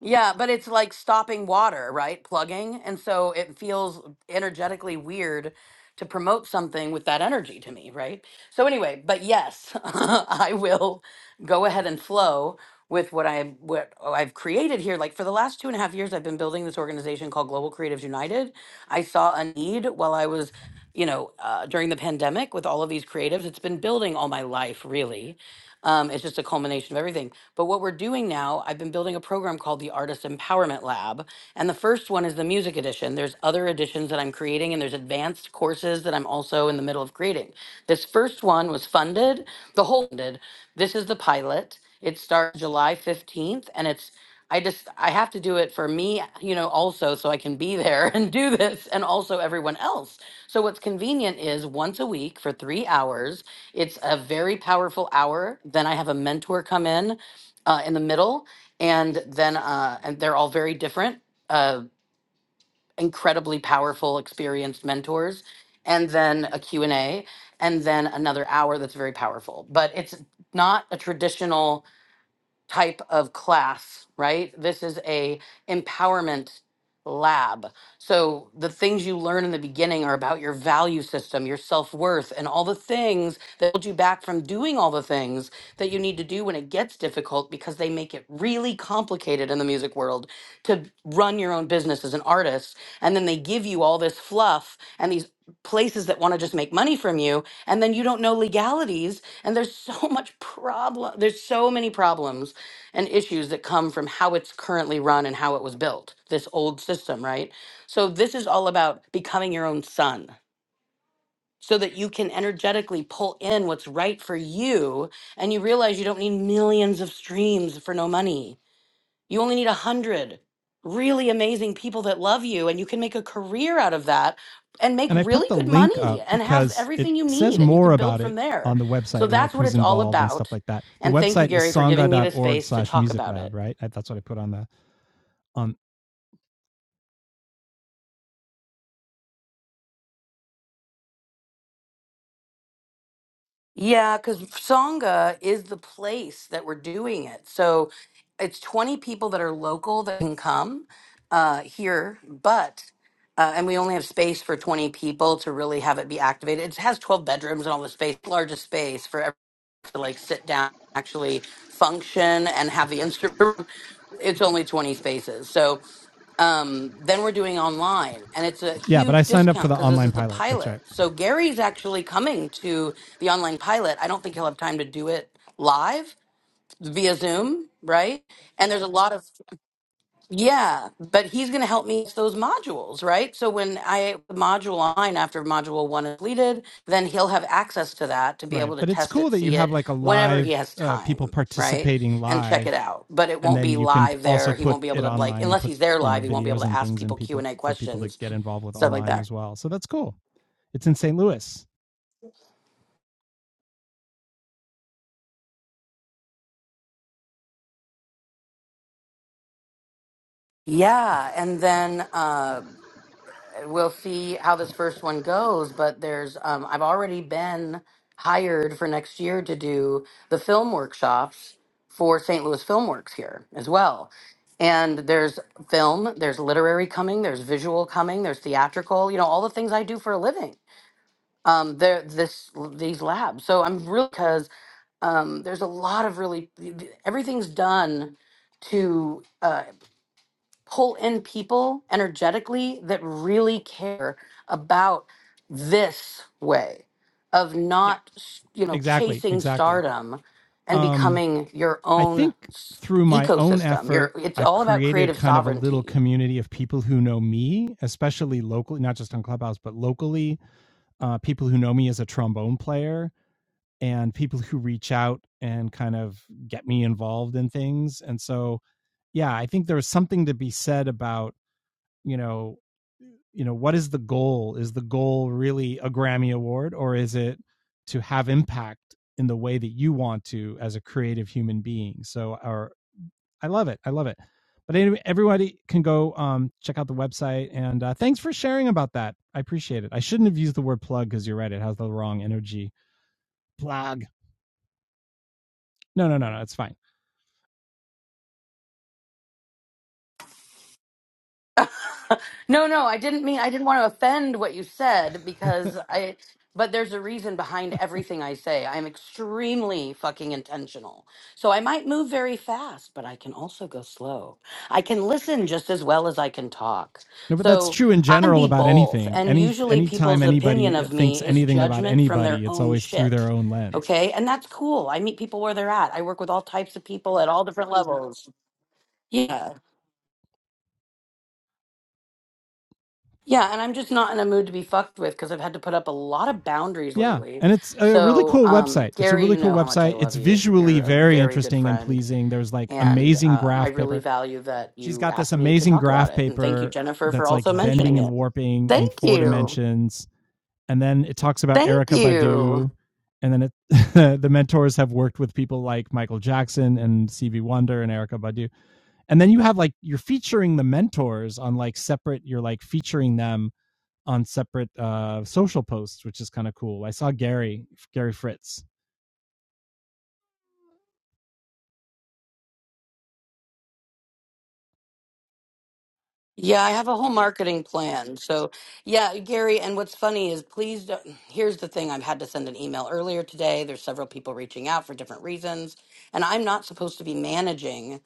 Speaker 7: Yeah, but it's like stopping water, right? Plugging. And so it feels energetically weird to promote something with that energy to me, right? So, anyway, but yes, I will go ahead and flow with what I what I've created here. Like for the last two and a half years, I've been building this organization called Global Creatives United. I saw a need while I was, you know, uh, during the pandemic with all of these creatives. It's been building all my life, really. Um, it's just a culmination of everything. But what we're doing now, I've been building a program called the Artist Empowerment Lab. And the first one is the music edition. There's other editions that I'm creating, and there's advanced courses that I'm also in the middle of creating. This first one was funded, the whole funded. This is the pilot. It starts July 15th and it's I just I have to do it for me, you know, also so I can be there and do this and also everyone else. So what's convenient is once a week for 3 hours. It's a very powerful hour. Then I have a mentor come in uh, in the middle and then uh, and they're all very different, uh, incredibly powerful experienced mentors and then a Q and a and then another hour that's very powerful. But it's not a traditional type of class, right? This is a empowerment lab. So the things you learn in the beginning are about your value system, your self-worth, and all the things that hold you back from doing all the things that you need to do when it gets difficult because they make it really complicated in the music world to run your own business as an artist. And then they give you all this fluff and these places that want to just make money from you and then you don't know legalities and there's so much problem there's so many problems and issues that come from how it's currently run and how it was built, this old system, right? So, this is all about becoming your own sun so that you can energetically pull in what's right for you and you realize you don't need millions of streams for no money. You only need a hundred really amazing people that love you and you can make a career out of that and make
Speaker 1: and I put
Speaker 7: really
Speaker 1: the
Speaker 7: good
Speaker 1: link up
Speaker 7: money and have
Speaker 1: because it
Speaker 7: everything you
Speaker 1: says
Speaker 7: need and you
Speaker 1: more
Speaker 7: can build
Speaker 1: about it
Speaker 7: from there.
Speaker 1: on the website
Speaker 7: So
Speaker 1: and like
Speaker 7: that's what
Speaker 1: who's
Speaker 7: it's all
Speaker 1: involved and stuff
Speaker 7: about.
Speaker 1: like that. The
Speaker 7: And thank you
Speaker 1: website is
Speaker 7: Gary for giving me the
Speaker 1: sangha.org
Speaker 7: space to
Speaker 1: slash
Speaker 7: talk
Speaker 1: music
Speaker 7: about
Speaker 1: lab,
Speaker 7: it.
Speaker 1: right? that's what I put on the on
Speaker 7: Yeah, because Sangha is the place that we're doing it. So it's 20 people that are local that can come uh, here, but, uh, and we only have space for 20 people to really have it be activated. It has 12 bedrooms and all the space, largest space for everyone to like sit down, actually function and have the instrument. It's only 20 spaces. So um, then we're doing online and it's a
Speaker 1: yeah, but I
Speaker 7: huge
Speaker 1: signed up for
Speaker 7: discount
Speaker 1: the
Speaker 7: because this
Speaker 1: online
Speaker 7: is the
Speaker 1: pilot. That's right.
Speaker 7: pilot so gary's actually coming to the online pilot i don't think he'll have time to do it live via zoom right and there's a lot of yeah, but he's going to help me with those modules, right? So when I module line after module one is completed, then he'll have access to that to be
Speaker 1: Right.
Speaker 7: able to
Speaker 1: But it's
Speaker 7: test
Speaker 1: cool
Speaker 7: it,
Speaker 1: that you
Speaker 7: see
Speaker 1: have
Speaker 7: it
Speaker 1: like a
Speaker 7: whenever he
Speaker 1: live
Speaker 7: has
Speaker 1: uh, people
Speaker 7: time, right?
Speaker 1: participating
Speaker 7: And check it
Speaker 1: live
Speaker 7: out. But it
Speaker 1: and
Speaker 7: won't
Speaker 1: then
Speaker 7: be
Speaker 1: you can
Speaker 7: live
Speaker 1: also
Speaker 7: there. He
Speaker 1: put
Speaker 7: won't be able
Speaker 1: it
Speaker 7: to like
Speaker 1: online and
Speaker 7: unless
Speaker 1: put,
Speaker 7: he's there
Speaker 1: you know,
Speaker 7: live, he won't be able
Speaker 1: videos
Speaker 7: to
Speaker 1: and
Speaker 7: ask
Speaker 1: things and
Speaker 7: people Q
Speaker 1: people
Speaker 7: and A
Speaker 1: for people to
Speaker 7: questions,
Speaker 1: get involved with
Speaker 7: stuff like
Speaker 1: online
Speaker 7: that.
Speaker 1: as well. So that's cool. It's in St. Louis.
Speaker 7: Yeah, and then uh, we'll see how this first one goes but there's um i've already been hired for next year to do the film workshops for st louis filmworks here as well and there's film there's literary coming there's visual coming there's theatrical you know all the things i do for a living um there this these labs so i'm really because um there's a lot of really everything's done to uh pull in people energetically that really care about this way of not, you know,
Speaker 1: Exactly.
Speaker 7: chasing
Speaker 1: Exactly.
Speaker 7: stardom and
Speaker 1: Um
Speaker 7: becoming your
Speaker 1: I
Speaker 7: own
Speaker 1: think
Speaker 7: s-
Speaker 1: through my own
Speaker 7: ecosystem.
Speaker 1: effort,
Speaker 7: Your it's
Speaker 1: I've
Speaker 7: all about
Speaker 1: created
Speaker 7: creative
Speaker 1: kind of a little
Speaker 7: sovereignty
Speaker 1: community of people who know me, especially locally, not just on Clubhouse, but locally. Uh, people who know me as a trombone player and people who reach out and kind of get me involved in things. And so, yeah, I think there's something to be said about, you know, you know, what is the goal? Is the goal really a Grammy Award or is it to have impact in the way that you want to as a creative human being? So, or I love it. I love it. But anyway, everybody can go um, check out the website. And uh, thanks for sharing about that. I appreciate it. I shouldn't have used the word plug because you're right. It has the wrong energy. Plug. No, no, no, no. It's fine.
Speaker 7: No, no, I didn't mean I didn't want to offend what you said because I but there's a reason behind everything I say. I'm extremely fucking intentional. So I might move very fast, but I can also go slow. I can listen just as well as I can talk.
Speaker 1: No, but that's
Speaker 7: So
Speaker 1: true in
Speaker 7: I can
Speaker 1: general
Speaker 7: be
Speaker 1: about
Speaker 7: both.
Speaker 1: anything.
Speaker 7: And
Speaker 1: Any
Speaker 7: usually
Speaker 1: anytime
Speaker 7: people's opinion
Speaker 1: anybody
Speaker 7: of
Speaker 1: thinks
Speaker 7: me is
Speaker 1: anything about
Speaker 7: judgment from their
Speaker 1: anybody, it's
Speaker 7: own
Speaker 1: always through
Speaker 7: shit.
Speaker 1: their own lens.
Speaker 7: Okay? And that's cool. I meet people where they're at. I work with all types of people at all different levels. Yeah. Yeah, and I'm just not in a mood to be fucked with because I've had to put up a lot of boundaries
Speaker 1: Yeah,
Speaker 7: lately.
Speaker 1: and it's a really
Speaker 7: So,
Speaker 1: cool
Speaker 7: um,
Speaker 1: website. It's a
Speaker 7: Gary,
Speaker 1: really
Speaker 7: you
Speaker 1: cool
Speaker 7: know how much I
Speaker 1: website. It's
Speaker 7: love you. You're
Speaker 1: visually
Speaker 7: a
Speaker 1: very
Speaker 7: very good
Speaker 1: interesting and
Speaker 7: friend,
Speaker 1: pleasing. There's like
Speaker 7: and
Speaker 1: amazing
Speaker 7: uh, I
Speaker 1: graph paper
Speaker 7: really value that
Speaker 1: she's
Speaker 7: you
Speaker 1: got this
Speaker 7: asked me to
Speaker 1: amazing
Speaker 7: talk about
Speaker 1: graph
Speaker 7: it. And thank you,
Speaker 1: paper
Speaker 7: Jennifer, for
Speaker 1: that's like
Speaker 7: also mentioning
Speaker 1: bending and
Speaker 7: it.
Speaker 1: warping in
Speaker 7: Thank
Speaker 1: four
Speaker 7: you.
Speaker 1: dimensions. And then it talks about
Speaker 7: Thank
Speaker 1: Erica
Speaker 7: you.
Speaker 1: Badu. And then it, the mentors have worked with people like Michael Jackson and Stevie Wonder and Erica Badu. And then you have like, you're featuring the mentors on like separate, you're like featuring them on separate uh, social posts, which is kind of cool. I saw Gary, Gary Fritz.
Speaker 7: Yeah, I have a whole marketing plan. So, yeah, Gary, and what's funny is please don't, here's the thing I've had to send an email earlier today. There's several people reaching out for different reasons, and I'm not supposed to be managing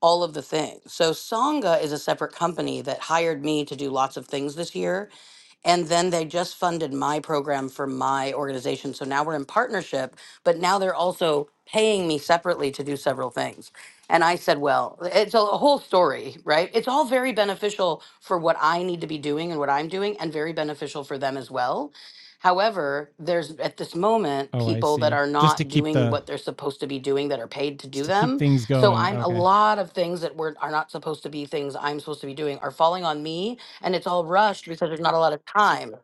Speaker 7: all of the things. So Songa is a separate company that hired me to do lots of things this year. And then they just funded my program for my organization. So now we're in partnership, but now they're also paying me separately to do several things. And I said, well, it's a whole story, right? It's all very beneficial for what I need to be doing and what I'm doing, and very beneficial for them as well. However, there's at this moment
Speaker 1: Oh, I
Speaker 7: people that
Speaker 1: see.
Speaker 7: are
Speaker 1: Just to
Speaker 7: not
Speaker 1: keep
Speaker 7: doing
Speaker 1: the,
Speaker 7: what they're supposed to be doing that are paid to
Speaker 1: just
Speaker 7: do
Speaker 1: to keep
Speaker 7: them
Speaker 1: things
Speaker 7: so
Speaker 1: going.
Speaker 7: I'm a
Speaker 1: Okay.
Speaker 7: lot of things that were are not supposed to be things I'm supposed to be doing are falling on me, and it's all rushed because there's not a lot of time.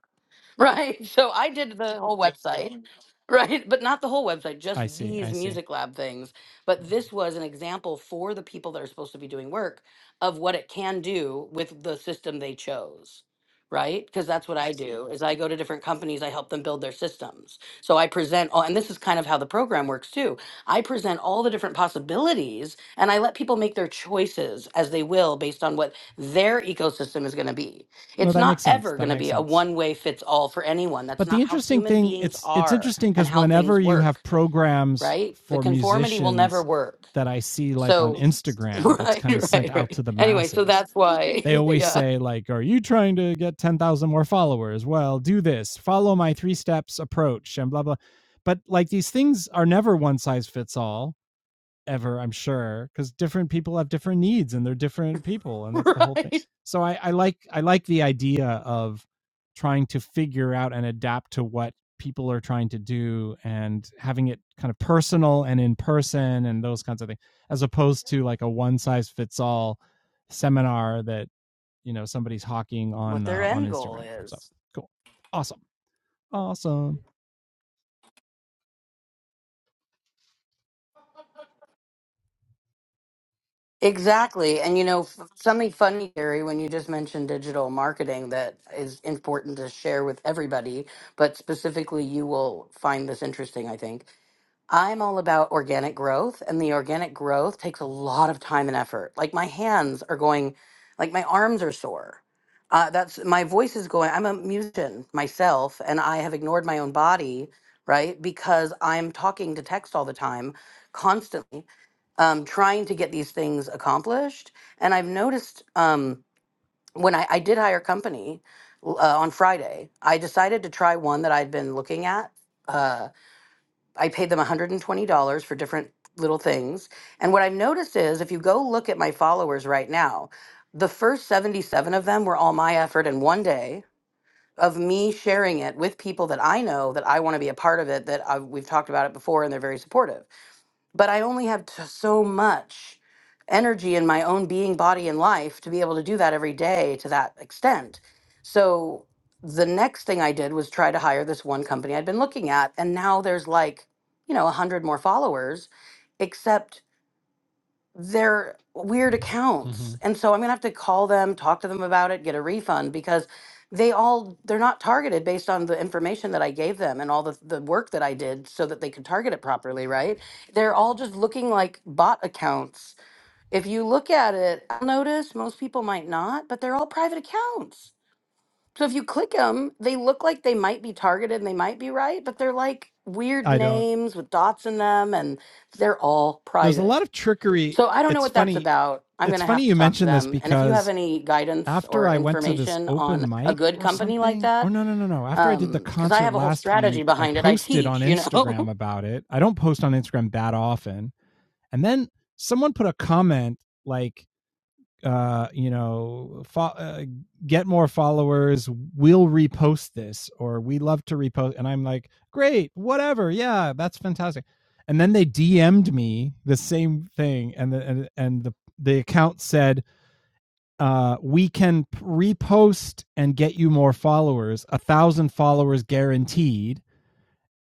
Speaker 7: Right. So I did the whole website, right? But not the whole website,
Speaker 1: I
Speaker 7: just
Speaker 1: see. I
Speaker 7: these
Speaker 1: see.
Speaker 7: music lab things. But this was an example for the people that are supposed to be doing work of what it can do with the system they chose. Right? Because that's what I do is I go to different companies, I help them build their systems. So I present all and this is kind of how the program works too. I present all the different possibilities and I let people make their choices as they will based on what their ecosystem is going to be
Speaker 1: No,
Speaker 7: it's
Speaker 1: that
Speaker 7: not
Speaker 1: makes sense.
Speaker 7: ever
Speaker 1: That
Speaker 7: going to
Speaker 1: makes
Speaker 7: be a
Speaker 1: sense.
Speaker 7: one way fits all for anyone. That's
Speaker 1: but the
Speaker 7: not how
Speaker 1: interesting
Speaker 7: human
Speaker 1: thing
Speaker 7: beings
Speaker 1: it's it's
Speaker 7: are
Speaker 1: interesting
Speaker 7: and
Speaker 1: because
Speaker 7: how
Speaker 1: whenever
Speaker 7: things
Speaker 1: you have
Speaker 7: work,
Speaker 1: programs
Speaker 7: right? The
Speaker 1: for
Speaker 7: conformity will never
Speaker 1: musicians
Speaker 7: work.
Speaker 1: that i see like on
Speaker 7: So,
Speaker 1: instagram that's
Speaker 7: right,
Speaker 1: kind of sent
Speaker 7: right,
Speaker 1: out
Speaker 7: right.
Speaker 1: to the
Speaker 7: Anyway, so
Speaker 1: masses
Speaker 7: that's why,
Speaker 1: they always
Speaker 7: yeah,
Speaker 1: say like are you trying to get 10,000 more followers well do this follow my three steps approach and blah blah but like these things are never one size fits all ever, I'm sure, because different people have different needs and they're different people, and that's the whole thing.
Speaker 7: right.
Speaker 1: So I, I like I like the idea of trying to figure out and adapt to what people are trying to do and having it kind of personal and in person and those kinds of things, as opposed to like a one size fits all seminar that you know somebody's hawking
Speaker 7: What
Speaker 1: on
Speaker 7: their
Speaker 1: uh, on
Speaker 7: end goal
Speaker 1: Instagram. So
Speaker 7: is.
Speaker 1: cool, awesome, awesome.
Speaker 7: Exactly. And you know, f- something funny, Gary, when you just mentioned digital marketing that is important to share with everybody, but specifically you will find this interesting, I think. I'm all about organic growth, and the organic growth takes a lot of time and effort. Like my hands are going, like my arms are sore. Uh, that's my voice is going. I'm a musician myself, and I have ignored my own body, right? Because I'm talking to text all the time, constantly, um, trying to get these things accomplished. And I've noticed um, when I, I did hire a company l- uh, on Friday, I decided to try one that I'd been looking at. uh, I paid them $120 for different little things. And what I've noticed is if you go look at my followers right now, the first 77 of them were all my effort in one day of me sharing it with people that I know that I want to be a part of it, that i we've talked about it before and they're very supportive but I only have t- so much energy in my own being, body, and life to be able to do that every day to that extent. So the next thing I did was try to hire this one company I'd been looking at, and now there's like, you know, a hundred more followers, except they're weird
Speaker 1: hmm
Speaker 7: accounts. And so I'm going to have to call them, talk to them about it, get a refund because they all they're not targeted based on the information that I gave them and all the the work that I did so that they could target it properly, right? They're all just looking like bot accounts. If you look at it, I'll notice most people might not, but they're all private accounts. So if you click them, they look like they might be targeted and they might be right, but they're like weird
Speaker 1: I don't.
Speaker 7: names with dots in them and they're all
Speaker 1: There's a
Speaker 7: private.
Speaker 1: lot of trickery.
Speaker 7: So I don't know
Speaker 1: It's
Speaker 7: what that's
Speaker 1: funny
Speaker 7: about. I'm going
Speaker 1: It's
Speaker 7: to
Speaker 1: funny
Speaker 7: have to
Speaker 1: you
Speaker 7: talk to
Speaker 1: mentioned this
Speaker 7: them. And if you have
Speaker 1: because
Speaker 7: any guidance
Speaker 1: after
Speaker 7: or
Speaker 1: I went to this
Speaker 7: information on
Speaker 1: open
Speaker 7: a
Speaker 1: mic
Speaker 7: good
Speaker 1: or
Speaker 7: company like
Speaker 1: something, oh
Speaker 7: that,
Speaker 1: no, no, no, no. After I did the
Speaker 7: um, because I
Speaker 1: concert
Speaker 7: have a whole
Speaker 1: last
Speaker 7: strategy
Speaker 1: week, I
Speaker 7: behind it. I
Speaker 1: posted on
Speaker 7: teach, you
Speaker 1: Instagram
Speaker 7: know,
Speaker 1: about it. I don't post on Instagram that often. And then someone put a comment like, uh, you know, fo- uh, get more followers. We'll repost this, or we love to repost. And I'm like, great, whatever. Yeah, that's fantastic. And then they DM'd me the same thing, and the and, and the the account said, uh, we can repost and get you more followers, a thousand followers guaranteed.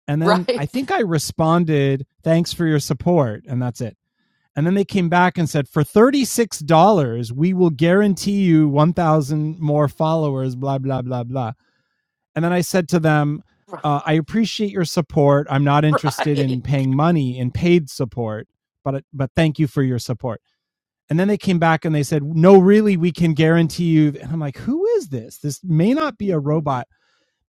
Speaker 1: And then I
Speaker 7: right,
Speaker 1: think I responded, thanks for your support. And that's it. And then they came back and said, for $36, we will guarantee you 1,000 more followers, blah, blah, blah, blah. And then I said to them, uh, I appreciate your support. I'm not interested
Speaker 7: right,
Speaker 1: in paying money in paid support, but, but thank you for your support. And then they came back and they said, no, really, we can guarantee you. And I'm like, who is this? This may not be a robot,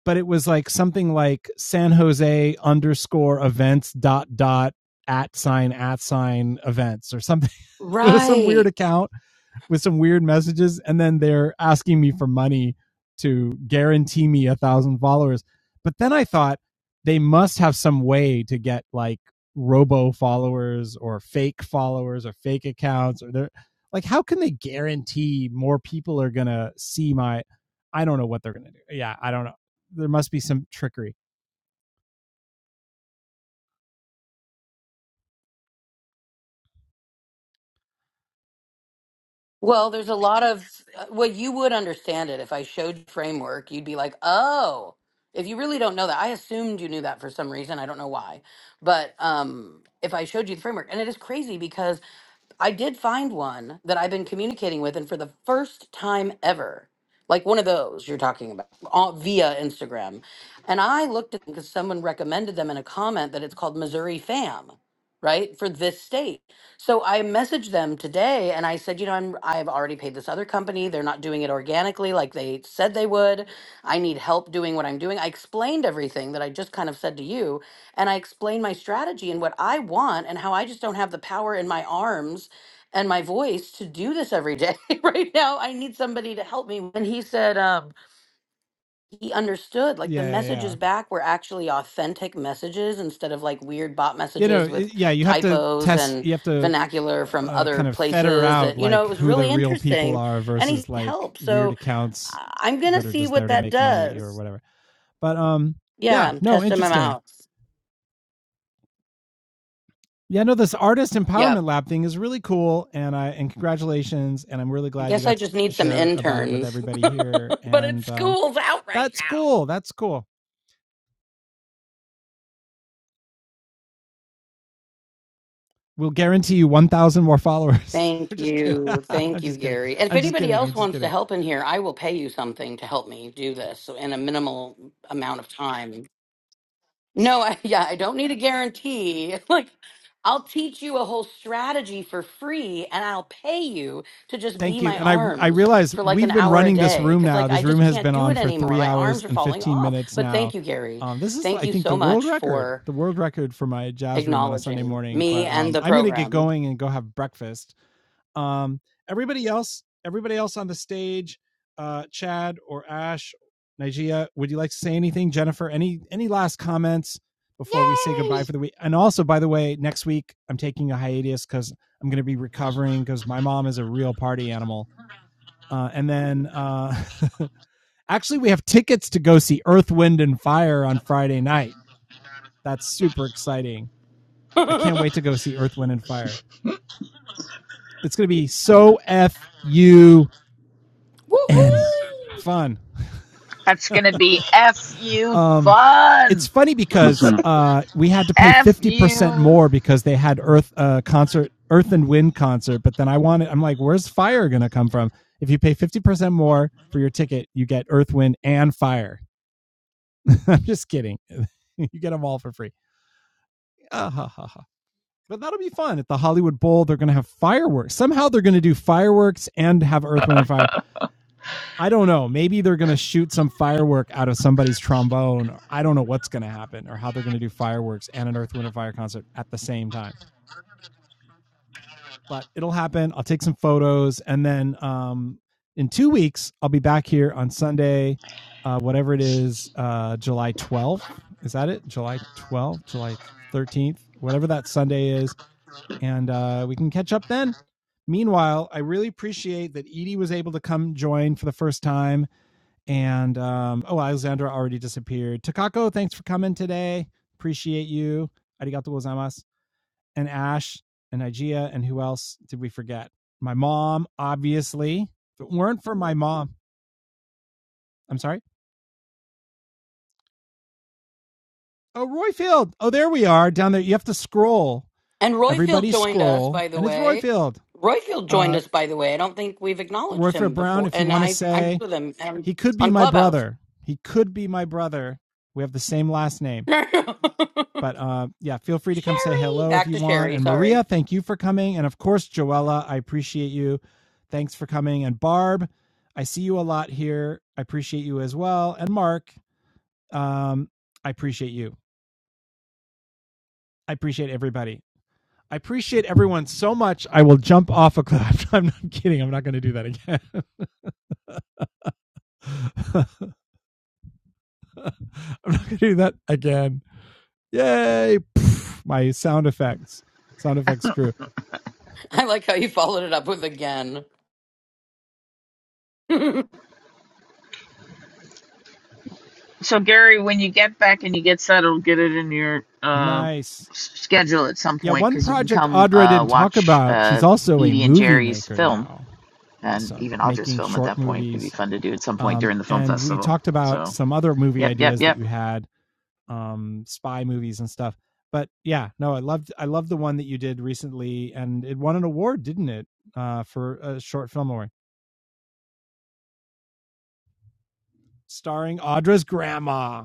Speaker 1: but it was like something like San Jose underscore events dot dot at sign at sign events or something. it was some weird
Speaker 7: right.
Speaker 1: account with some weird messages, and then they're asking me for money to guarantee me a thousand followers. But then I thought they must have some way to get like robo followers or fake followers or fake accounts or they're like how can they guarantee more people are gonna see my I don't know what they're gonna do. Yeah, I don't know. There must be some trickery.
Speaker 7: Well, there's a lot of uh, well, you would understand it if I showed you framework. You'd be like, oh, if you really don't know that, I assumed you knew that for some reason. I don't know why, but um, if I showed you the framework, and it is crazy because I did find one that I've been communicating with, and for the first time ever, like one of those you're talking about all, via Instagram. And I looked at because someone recommended them in a comment that it's called Missouri Fam, right, for this state. So I messaged them today and I said, you know, I'm, I've already paid this other company. They're not doing it organically like they said they would. I need help doing what I'm doing. I explained everything that I just kind of said to you and I explain my strategy and what I want and how I just don't have the power in my arms and my voice to do this every day right now i need somebody to help me and he said um he understood like the
Speaker 1: Yeah, yeah, yeah.
Speaker 7: messages back were actually authentic messages instead of like weird bot
Speaker 1: you know,
Speaker 7: messages with
Speaker 1: yeah, you have to
Speaker 7: typos
Speaker 1: test.
Speaker 7: and
Speaker 1: You have to uh,
Speaker 7: vernacular from
Speaker 1: uh,
Speaker 7: other
Speaker 1: kind of fetter
Speaker 7: places
Speaker 1: out
Speaker 7: and you know
Speaker 1: like
Speaker 7: it was
Speaker 1: who the
Speaker 7: really
Speaker 1: real people
Speaker 7: interesting
Speaker 1: are
Speaker 7: and
Speaker 1: versus
Speaker 7: he
Speaker 1: like
Speaker 7: helped
Speaker 1: weird
Speaker 7: so
Speaker 1: accounts
Speaker 7: I- i'm gonna
Speaker 1: that are
Speaker 7: see
Speaker 1: just
Speaker 7: what
Speaker 1: there to
Speaker 7: that
Speaker 1: make money or
Speaker 7: does
Speaker 1: whatever. But um,
Speaker 7: yeah
Speaker 1: yeah,
Speaker 7: i'm
Speaker 1: no,
Speaker 7: testing them
Speaker 1: interesting.
Speaker 7: out
Speaker 1: Yeah, no, this artist empowerment
Speaker 7: yep
Speaker 1: lab thing is really cool, and I and congratulations, and I'm really
Speaker 7: i
Speaker 1: glad you
Speaker 7: guess i
Speaker 1: got to
Speaker 7: just need some
Speaker 1: share about it with
Speaker 7: interns
Speaker 1: everybody here,
Speaker 7: but it's
Speaker 1: and um,
Speaker 7: school's out right
Speaker 1: that's
Speaker 7: now
Speaker 1: cool. That's cool. We'll guarantee you 1,000 more followers.
Speaker 7: Thank
Speaker 1: I'm just kidding.
Speaker 7: you. Thank
Speaker 1: I'm
Speaker 7: you,
Speaker 1: just kidding.
Speaker 7: Gary. And if
Speaker 1: I'm just
Speaker 7: anybody
Speaker 1: kidding. I'm
Speaker 7: else
Speaker 1: just
Speaker 7: wants to
Speaker 1: kidding.
Speaker 7: help in here, I will pay you something to help me do this so in a minimal amount of time. No, I, yeah, I don't need a guarantee. Like, I'll teach you a whole strategy for free and I'll pay you to just
Speaker 1: Thank
Speaker 7: be
Speaker 1: you.
Speaker 7: my
Speaker 1: And I I
Speaker 7: arms
Speaker 1: realize
Speaker 7: for like an
Speaker 1: we've been
Speaker 7: hour a
Speaker 1: running this
Speaker 7: day
Speaker 1: room
Speaker 7: cuz
Speaker 1: now.
Speaker 7: like I
Speaker 1: This room
Speaker 7: just
Speaker 1: has
Speaker 7: can't
Speaker 1: been
Speaker 7: do
Speaker 1: on
Speaker 7: it
Speaker 1: for
Speaker 7: anymore.
Speaker 1: three
Speaker 7: My
Speaker 1: hours
Speaker 7: arms are
Speaker 1: and
Speaker 7: falling
Speaker 1: fifteen
Speaker 7: off.
Speaker 1: minutes
Speaker 7: But
Speaker 1: now.
Speaker 7: thank you, Gary.
Speaker 1: Um, this is
Speaker 7: Thank
Speaker 1: I
Speaker 7: you
Speaker 1: think the
Speaker 7: so
Speaker 1: world
Speaker 7: much
Speaker 1: record,
Speaker 7: for
Speaker 1: the world record for my jazz room on a Sunday
Speaker 7: acknowledging
Speaker 1: morning.
Speaker 7: me
Speaker 1: But
Speaker 7: and
Speaker 1: um,
Speaker 7: the
Speaker 1: I'm gonna get
Speaker 7: program.
Speaker 1: going and go have breakfast. Um, everybody else, everybody else on the stage, uh, Chad or Ash, Nigeria, would you like to say anything? Jennifer, any any last comments before we say goodbye
Speaker 7: Yay!
Speaker 1: for the week? And also, by the way, next week I'm taking a hiatus because I'm going to be recovering because my mom is a real party animal. Uh, and then uh, actually, we have tickets to go see Earth, Wind, and Fire on Friday night. That's super exciting. I can't wait
Speaker 7: Woohoo!
Speaker 1: to go see Earth, Wind, and Fire. It's going to be so F U N. Fun.
Speaker 2: That's gonna be f you
Speaker 1: Um, it's
Speaker 2: fun.
Speaker 1: funny because uh, we had to pay
Speaker 2: F
Speaker 1: 50%
Speaker 2: you.
Speaker 1: more because they had earth uh, concert earth and wind concert but then i wanted i'm like where's fire gonna come from if you pay 50% more for your ticket you get earth wind and fire i'm just kidding you get them all for free Ah, ha, ha, ha. but that'll be fun at the hollywood bowl they're gonna have fireworks somehow they're gonna do fireworks and have earth wind and fire I don't know. Maybe they're going to shoot some firework out of somebody's trombone. I don't know what's going to happen or how they're going to do fireworks and an Earth, Wind, and Fire concert at the same time. But it'll happen. I'll take some photos. And then um, in two weeks, I'll be back here on Sunday, uh, whatever it is, uh, July 12th. Is that it? July 12th, July 13th, whatever that Sunday is. And uh, we can catch up then. Meanwhile, I really appreciate that Edie was able to come join for the first time and um, oh, Alexandra already disappeared. Takako, thanks for coming today. Appreciate you. Arigato gozaimasu. And Ash and Igea and who else did we forget? My mom, obviously. If it weren't for my mom, I'm sorry. Oh, Royfield. Oh, there we are down there. You have to scroll.
Speaker 7: And Royfield
Speaker 1: Everybody
Speaker 7: joined us,
Speaker 1: scroll,
Speaker 7: by the
Speaker 1: and it's
Speaker 7: way.
Speaker 1: Royfield.
Speaker 7: Royfield joined
Speaker 1: Uh,
Speaker 7: us, by the way. I don't think we've acknowledged
Speaker 1: Royfield
Speaker 7: him
Speaker 1: Brown.
Speaker 7: before,
Speaker 1: If you
Speaker 7: and
Speaker 1: want to
Speaker 7: I I'm
Speaker 1: say
Speaker 7: with him and
Speaker 1: he could be
Speaker 7: on
Speaker 1: my
Speaker 7: Clubhouse.
Speaker 1: brother, he could be my brother. We have the same last name.
Speaker 7: Sherry,
Speaker 1: But uh, yeah, feel free to come say hello if
Speaker 7: back
Speaker 1: you
Speaker 7: to
Speaker 1: want.
Speaker 7: Sherry.
Speaker 1: And Maria,
Speaker 7: Sorry,
Speaker 1: thank you for coming. And of course, Joella, I appreciate you. Thanks for coming. And Barb, I see you a lot here. I appreciate you as well. And Mark, um, I appreciate you. I appreciate everybody. I appreciate everyone so much. I will jump off a cliff. I'm not kidding. I'm not going to do that again. I'm not going to do that again. Yay! Poof, My sound effects, sound effects crew.
Speaker 7: I like how you followed it up with again.
Speaker 2: So Gary, when you get back and you get settled, get it in your uh,
Speaker 1: Nice.
Speaker 2: s- schedule at some
Speaker 1: Yeah,
Speaker 2: point
Speaker 1: one
Speaker 2: because you can
Speaker 1: project
Speaker 2: come
Speaker 1: Audra
Speaker 2: uh,
Speaker 1: didn't talk
Speaker 2: watch
Speaker 1: about. She's
Speaker 2: uh,
Speaker 1: also a
Speaker 2: Edie and
Speaker 1: movie
Speaker 2: Jerry's
Speaker 1: maker
Speaker 2: film
Speaker 1: now.
Speaker 2: and
Speaker 1: Awesome,
Speaker 2: even Audra's
Speaker 1: making
Speaker 2: film at
Speaker 1: short
Speaker 2: that point. It'd be
Speaker 1: movies.
Speaker 2: fun to do at some point
Speaker 1: Um,
Speaker 2: during the film
Speaker 1: and we
Speaker 2: festival.
Speaker 1: talked about
Speaker 2: So,
Speaker 1: some other movie
Speaker 2: yep, yep,
Speaker 1: ideas that
Speaker 2: yep.
Speaker 1: you had, um, spy movies and stuff. But yeah, no, I loved I loved the one that you did recently, and it won an award, didn't it, uh, for a short film award, starring Audra's grandma.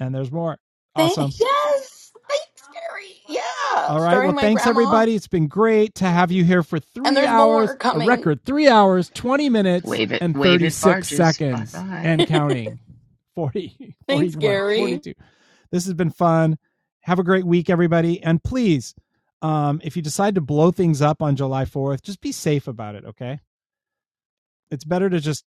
Speaker 1: And there's more. Awesome.
Speaker 7: Thanks. Yes, thanks, Gary. Yeah,
Speaker 1: All right. Well,
Speaker 7: starring my
Speaker 1: thanks
Speaker 7: grandma,
Speaker 1: everybody. It's been great to have you here for
Speaker 7: and
Speaker 1: three
Speaker 7: there's more
Speaker 1: hours, a
Speaker 7: coming.
Speaker 1: record three hours, 20 minutes,
Speaker 2: Wave it,
Speaker 1: and
Speaker 2: wave it,
Speaker 1: 36
Speaker 2: barges. Bye
Speaker 1: seconds
Speaker 2: bye.
Speaker 1: and counting 40,
Speaker 7: Thanks,
Speaker 1: 41,
Speaker 7: Gary.
Speaker 1: 42. This has been fun. Have a great week, everybody. And please, um, if you decide to blow things up on July 4th, just be safe about it. Okay. It's better to just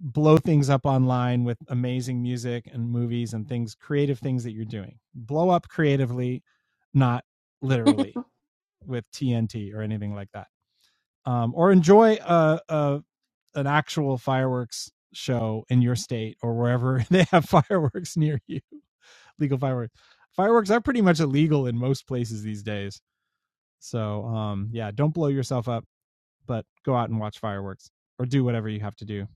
Speaker 1: blow things up online with amazing music and movies and things, creative things that you're doing. Blow up creatively, not literally with TNT or anything like that, um, or enjoy a, a an actual fireworks show in your state or wherever they have fireworks near you. Legal fireworks. Fireworks are pretty much illegal in most places these days. So um, yeah, don't blow yourself up, but go out and watch fireworks or do whatever you have to do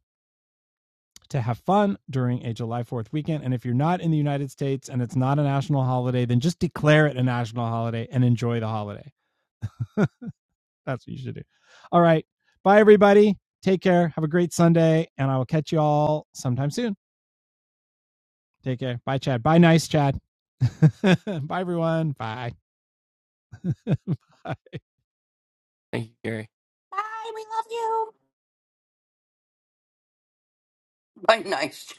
Speaker 1: to have fun during a July 4th weekend. And if you're not in the United States and it's not a national holiday, then just declare it a national holiday and enjoy the holiday That's what you should do. All right. Bye, everybody. Take care. Have a great Sunday. And I will catch you all sometime soon. Take care. Bye, Chad. Bye, nice Chad. Bye, everyone. Bye. Bye.
Speaker 4: Thank you, Gary.
Speaker 7: Hi, we love him. Bye, nice.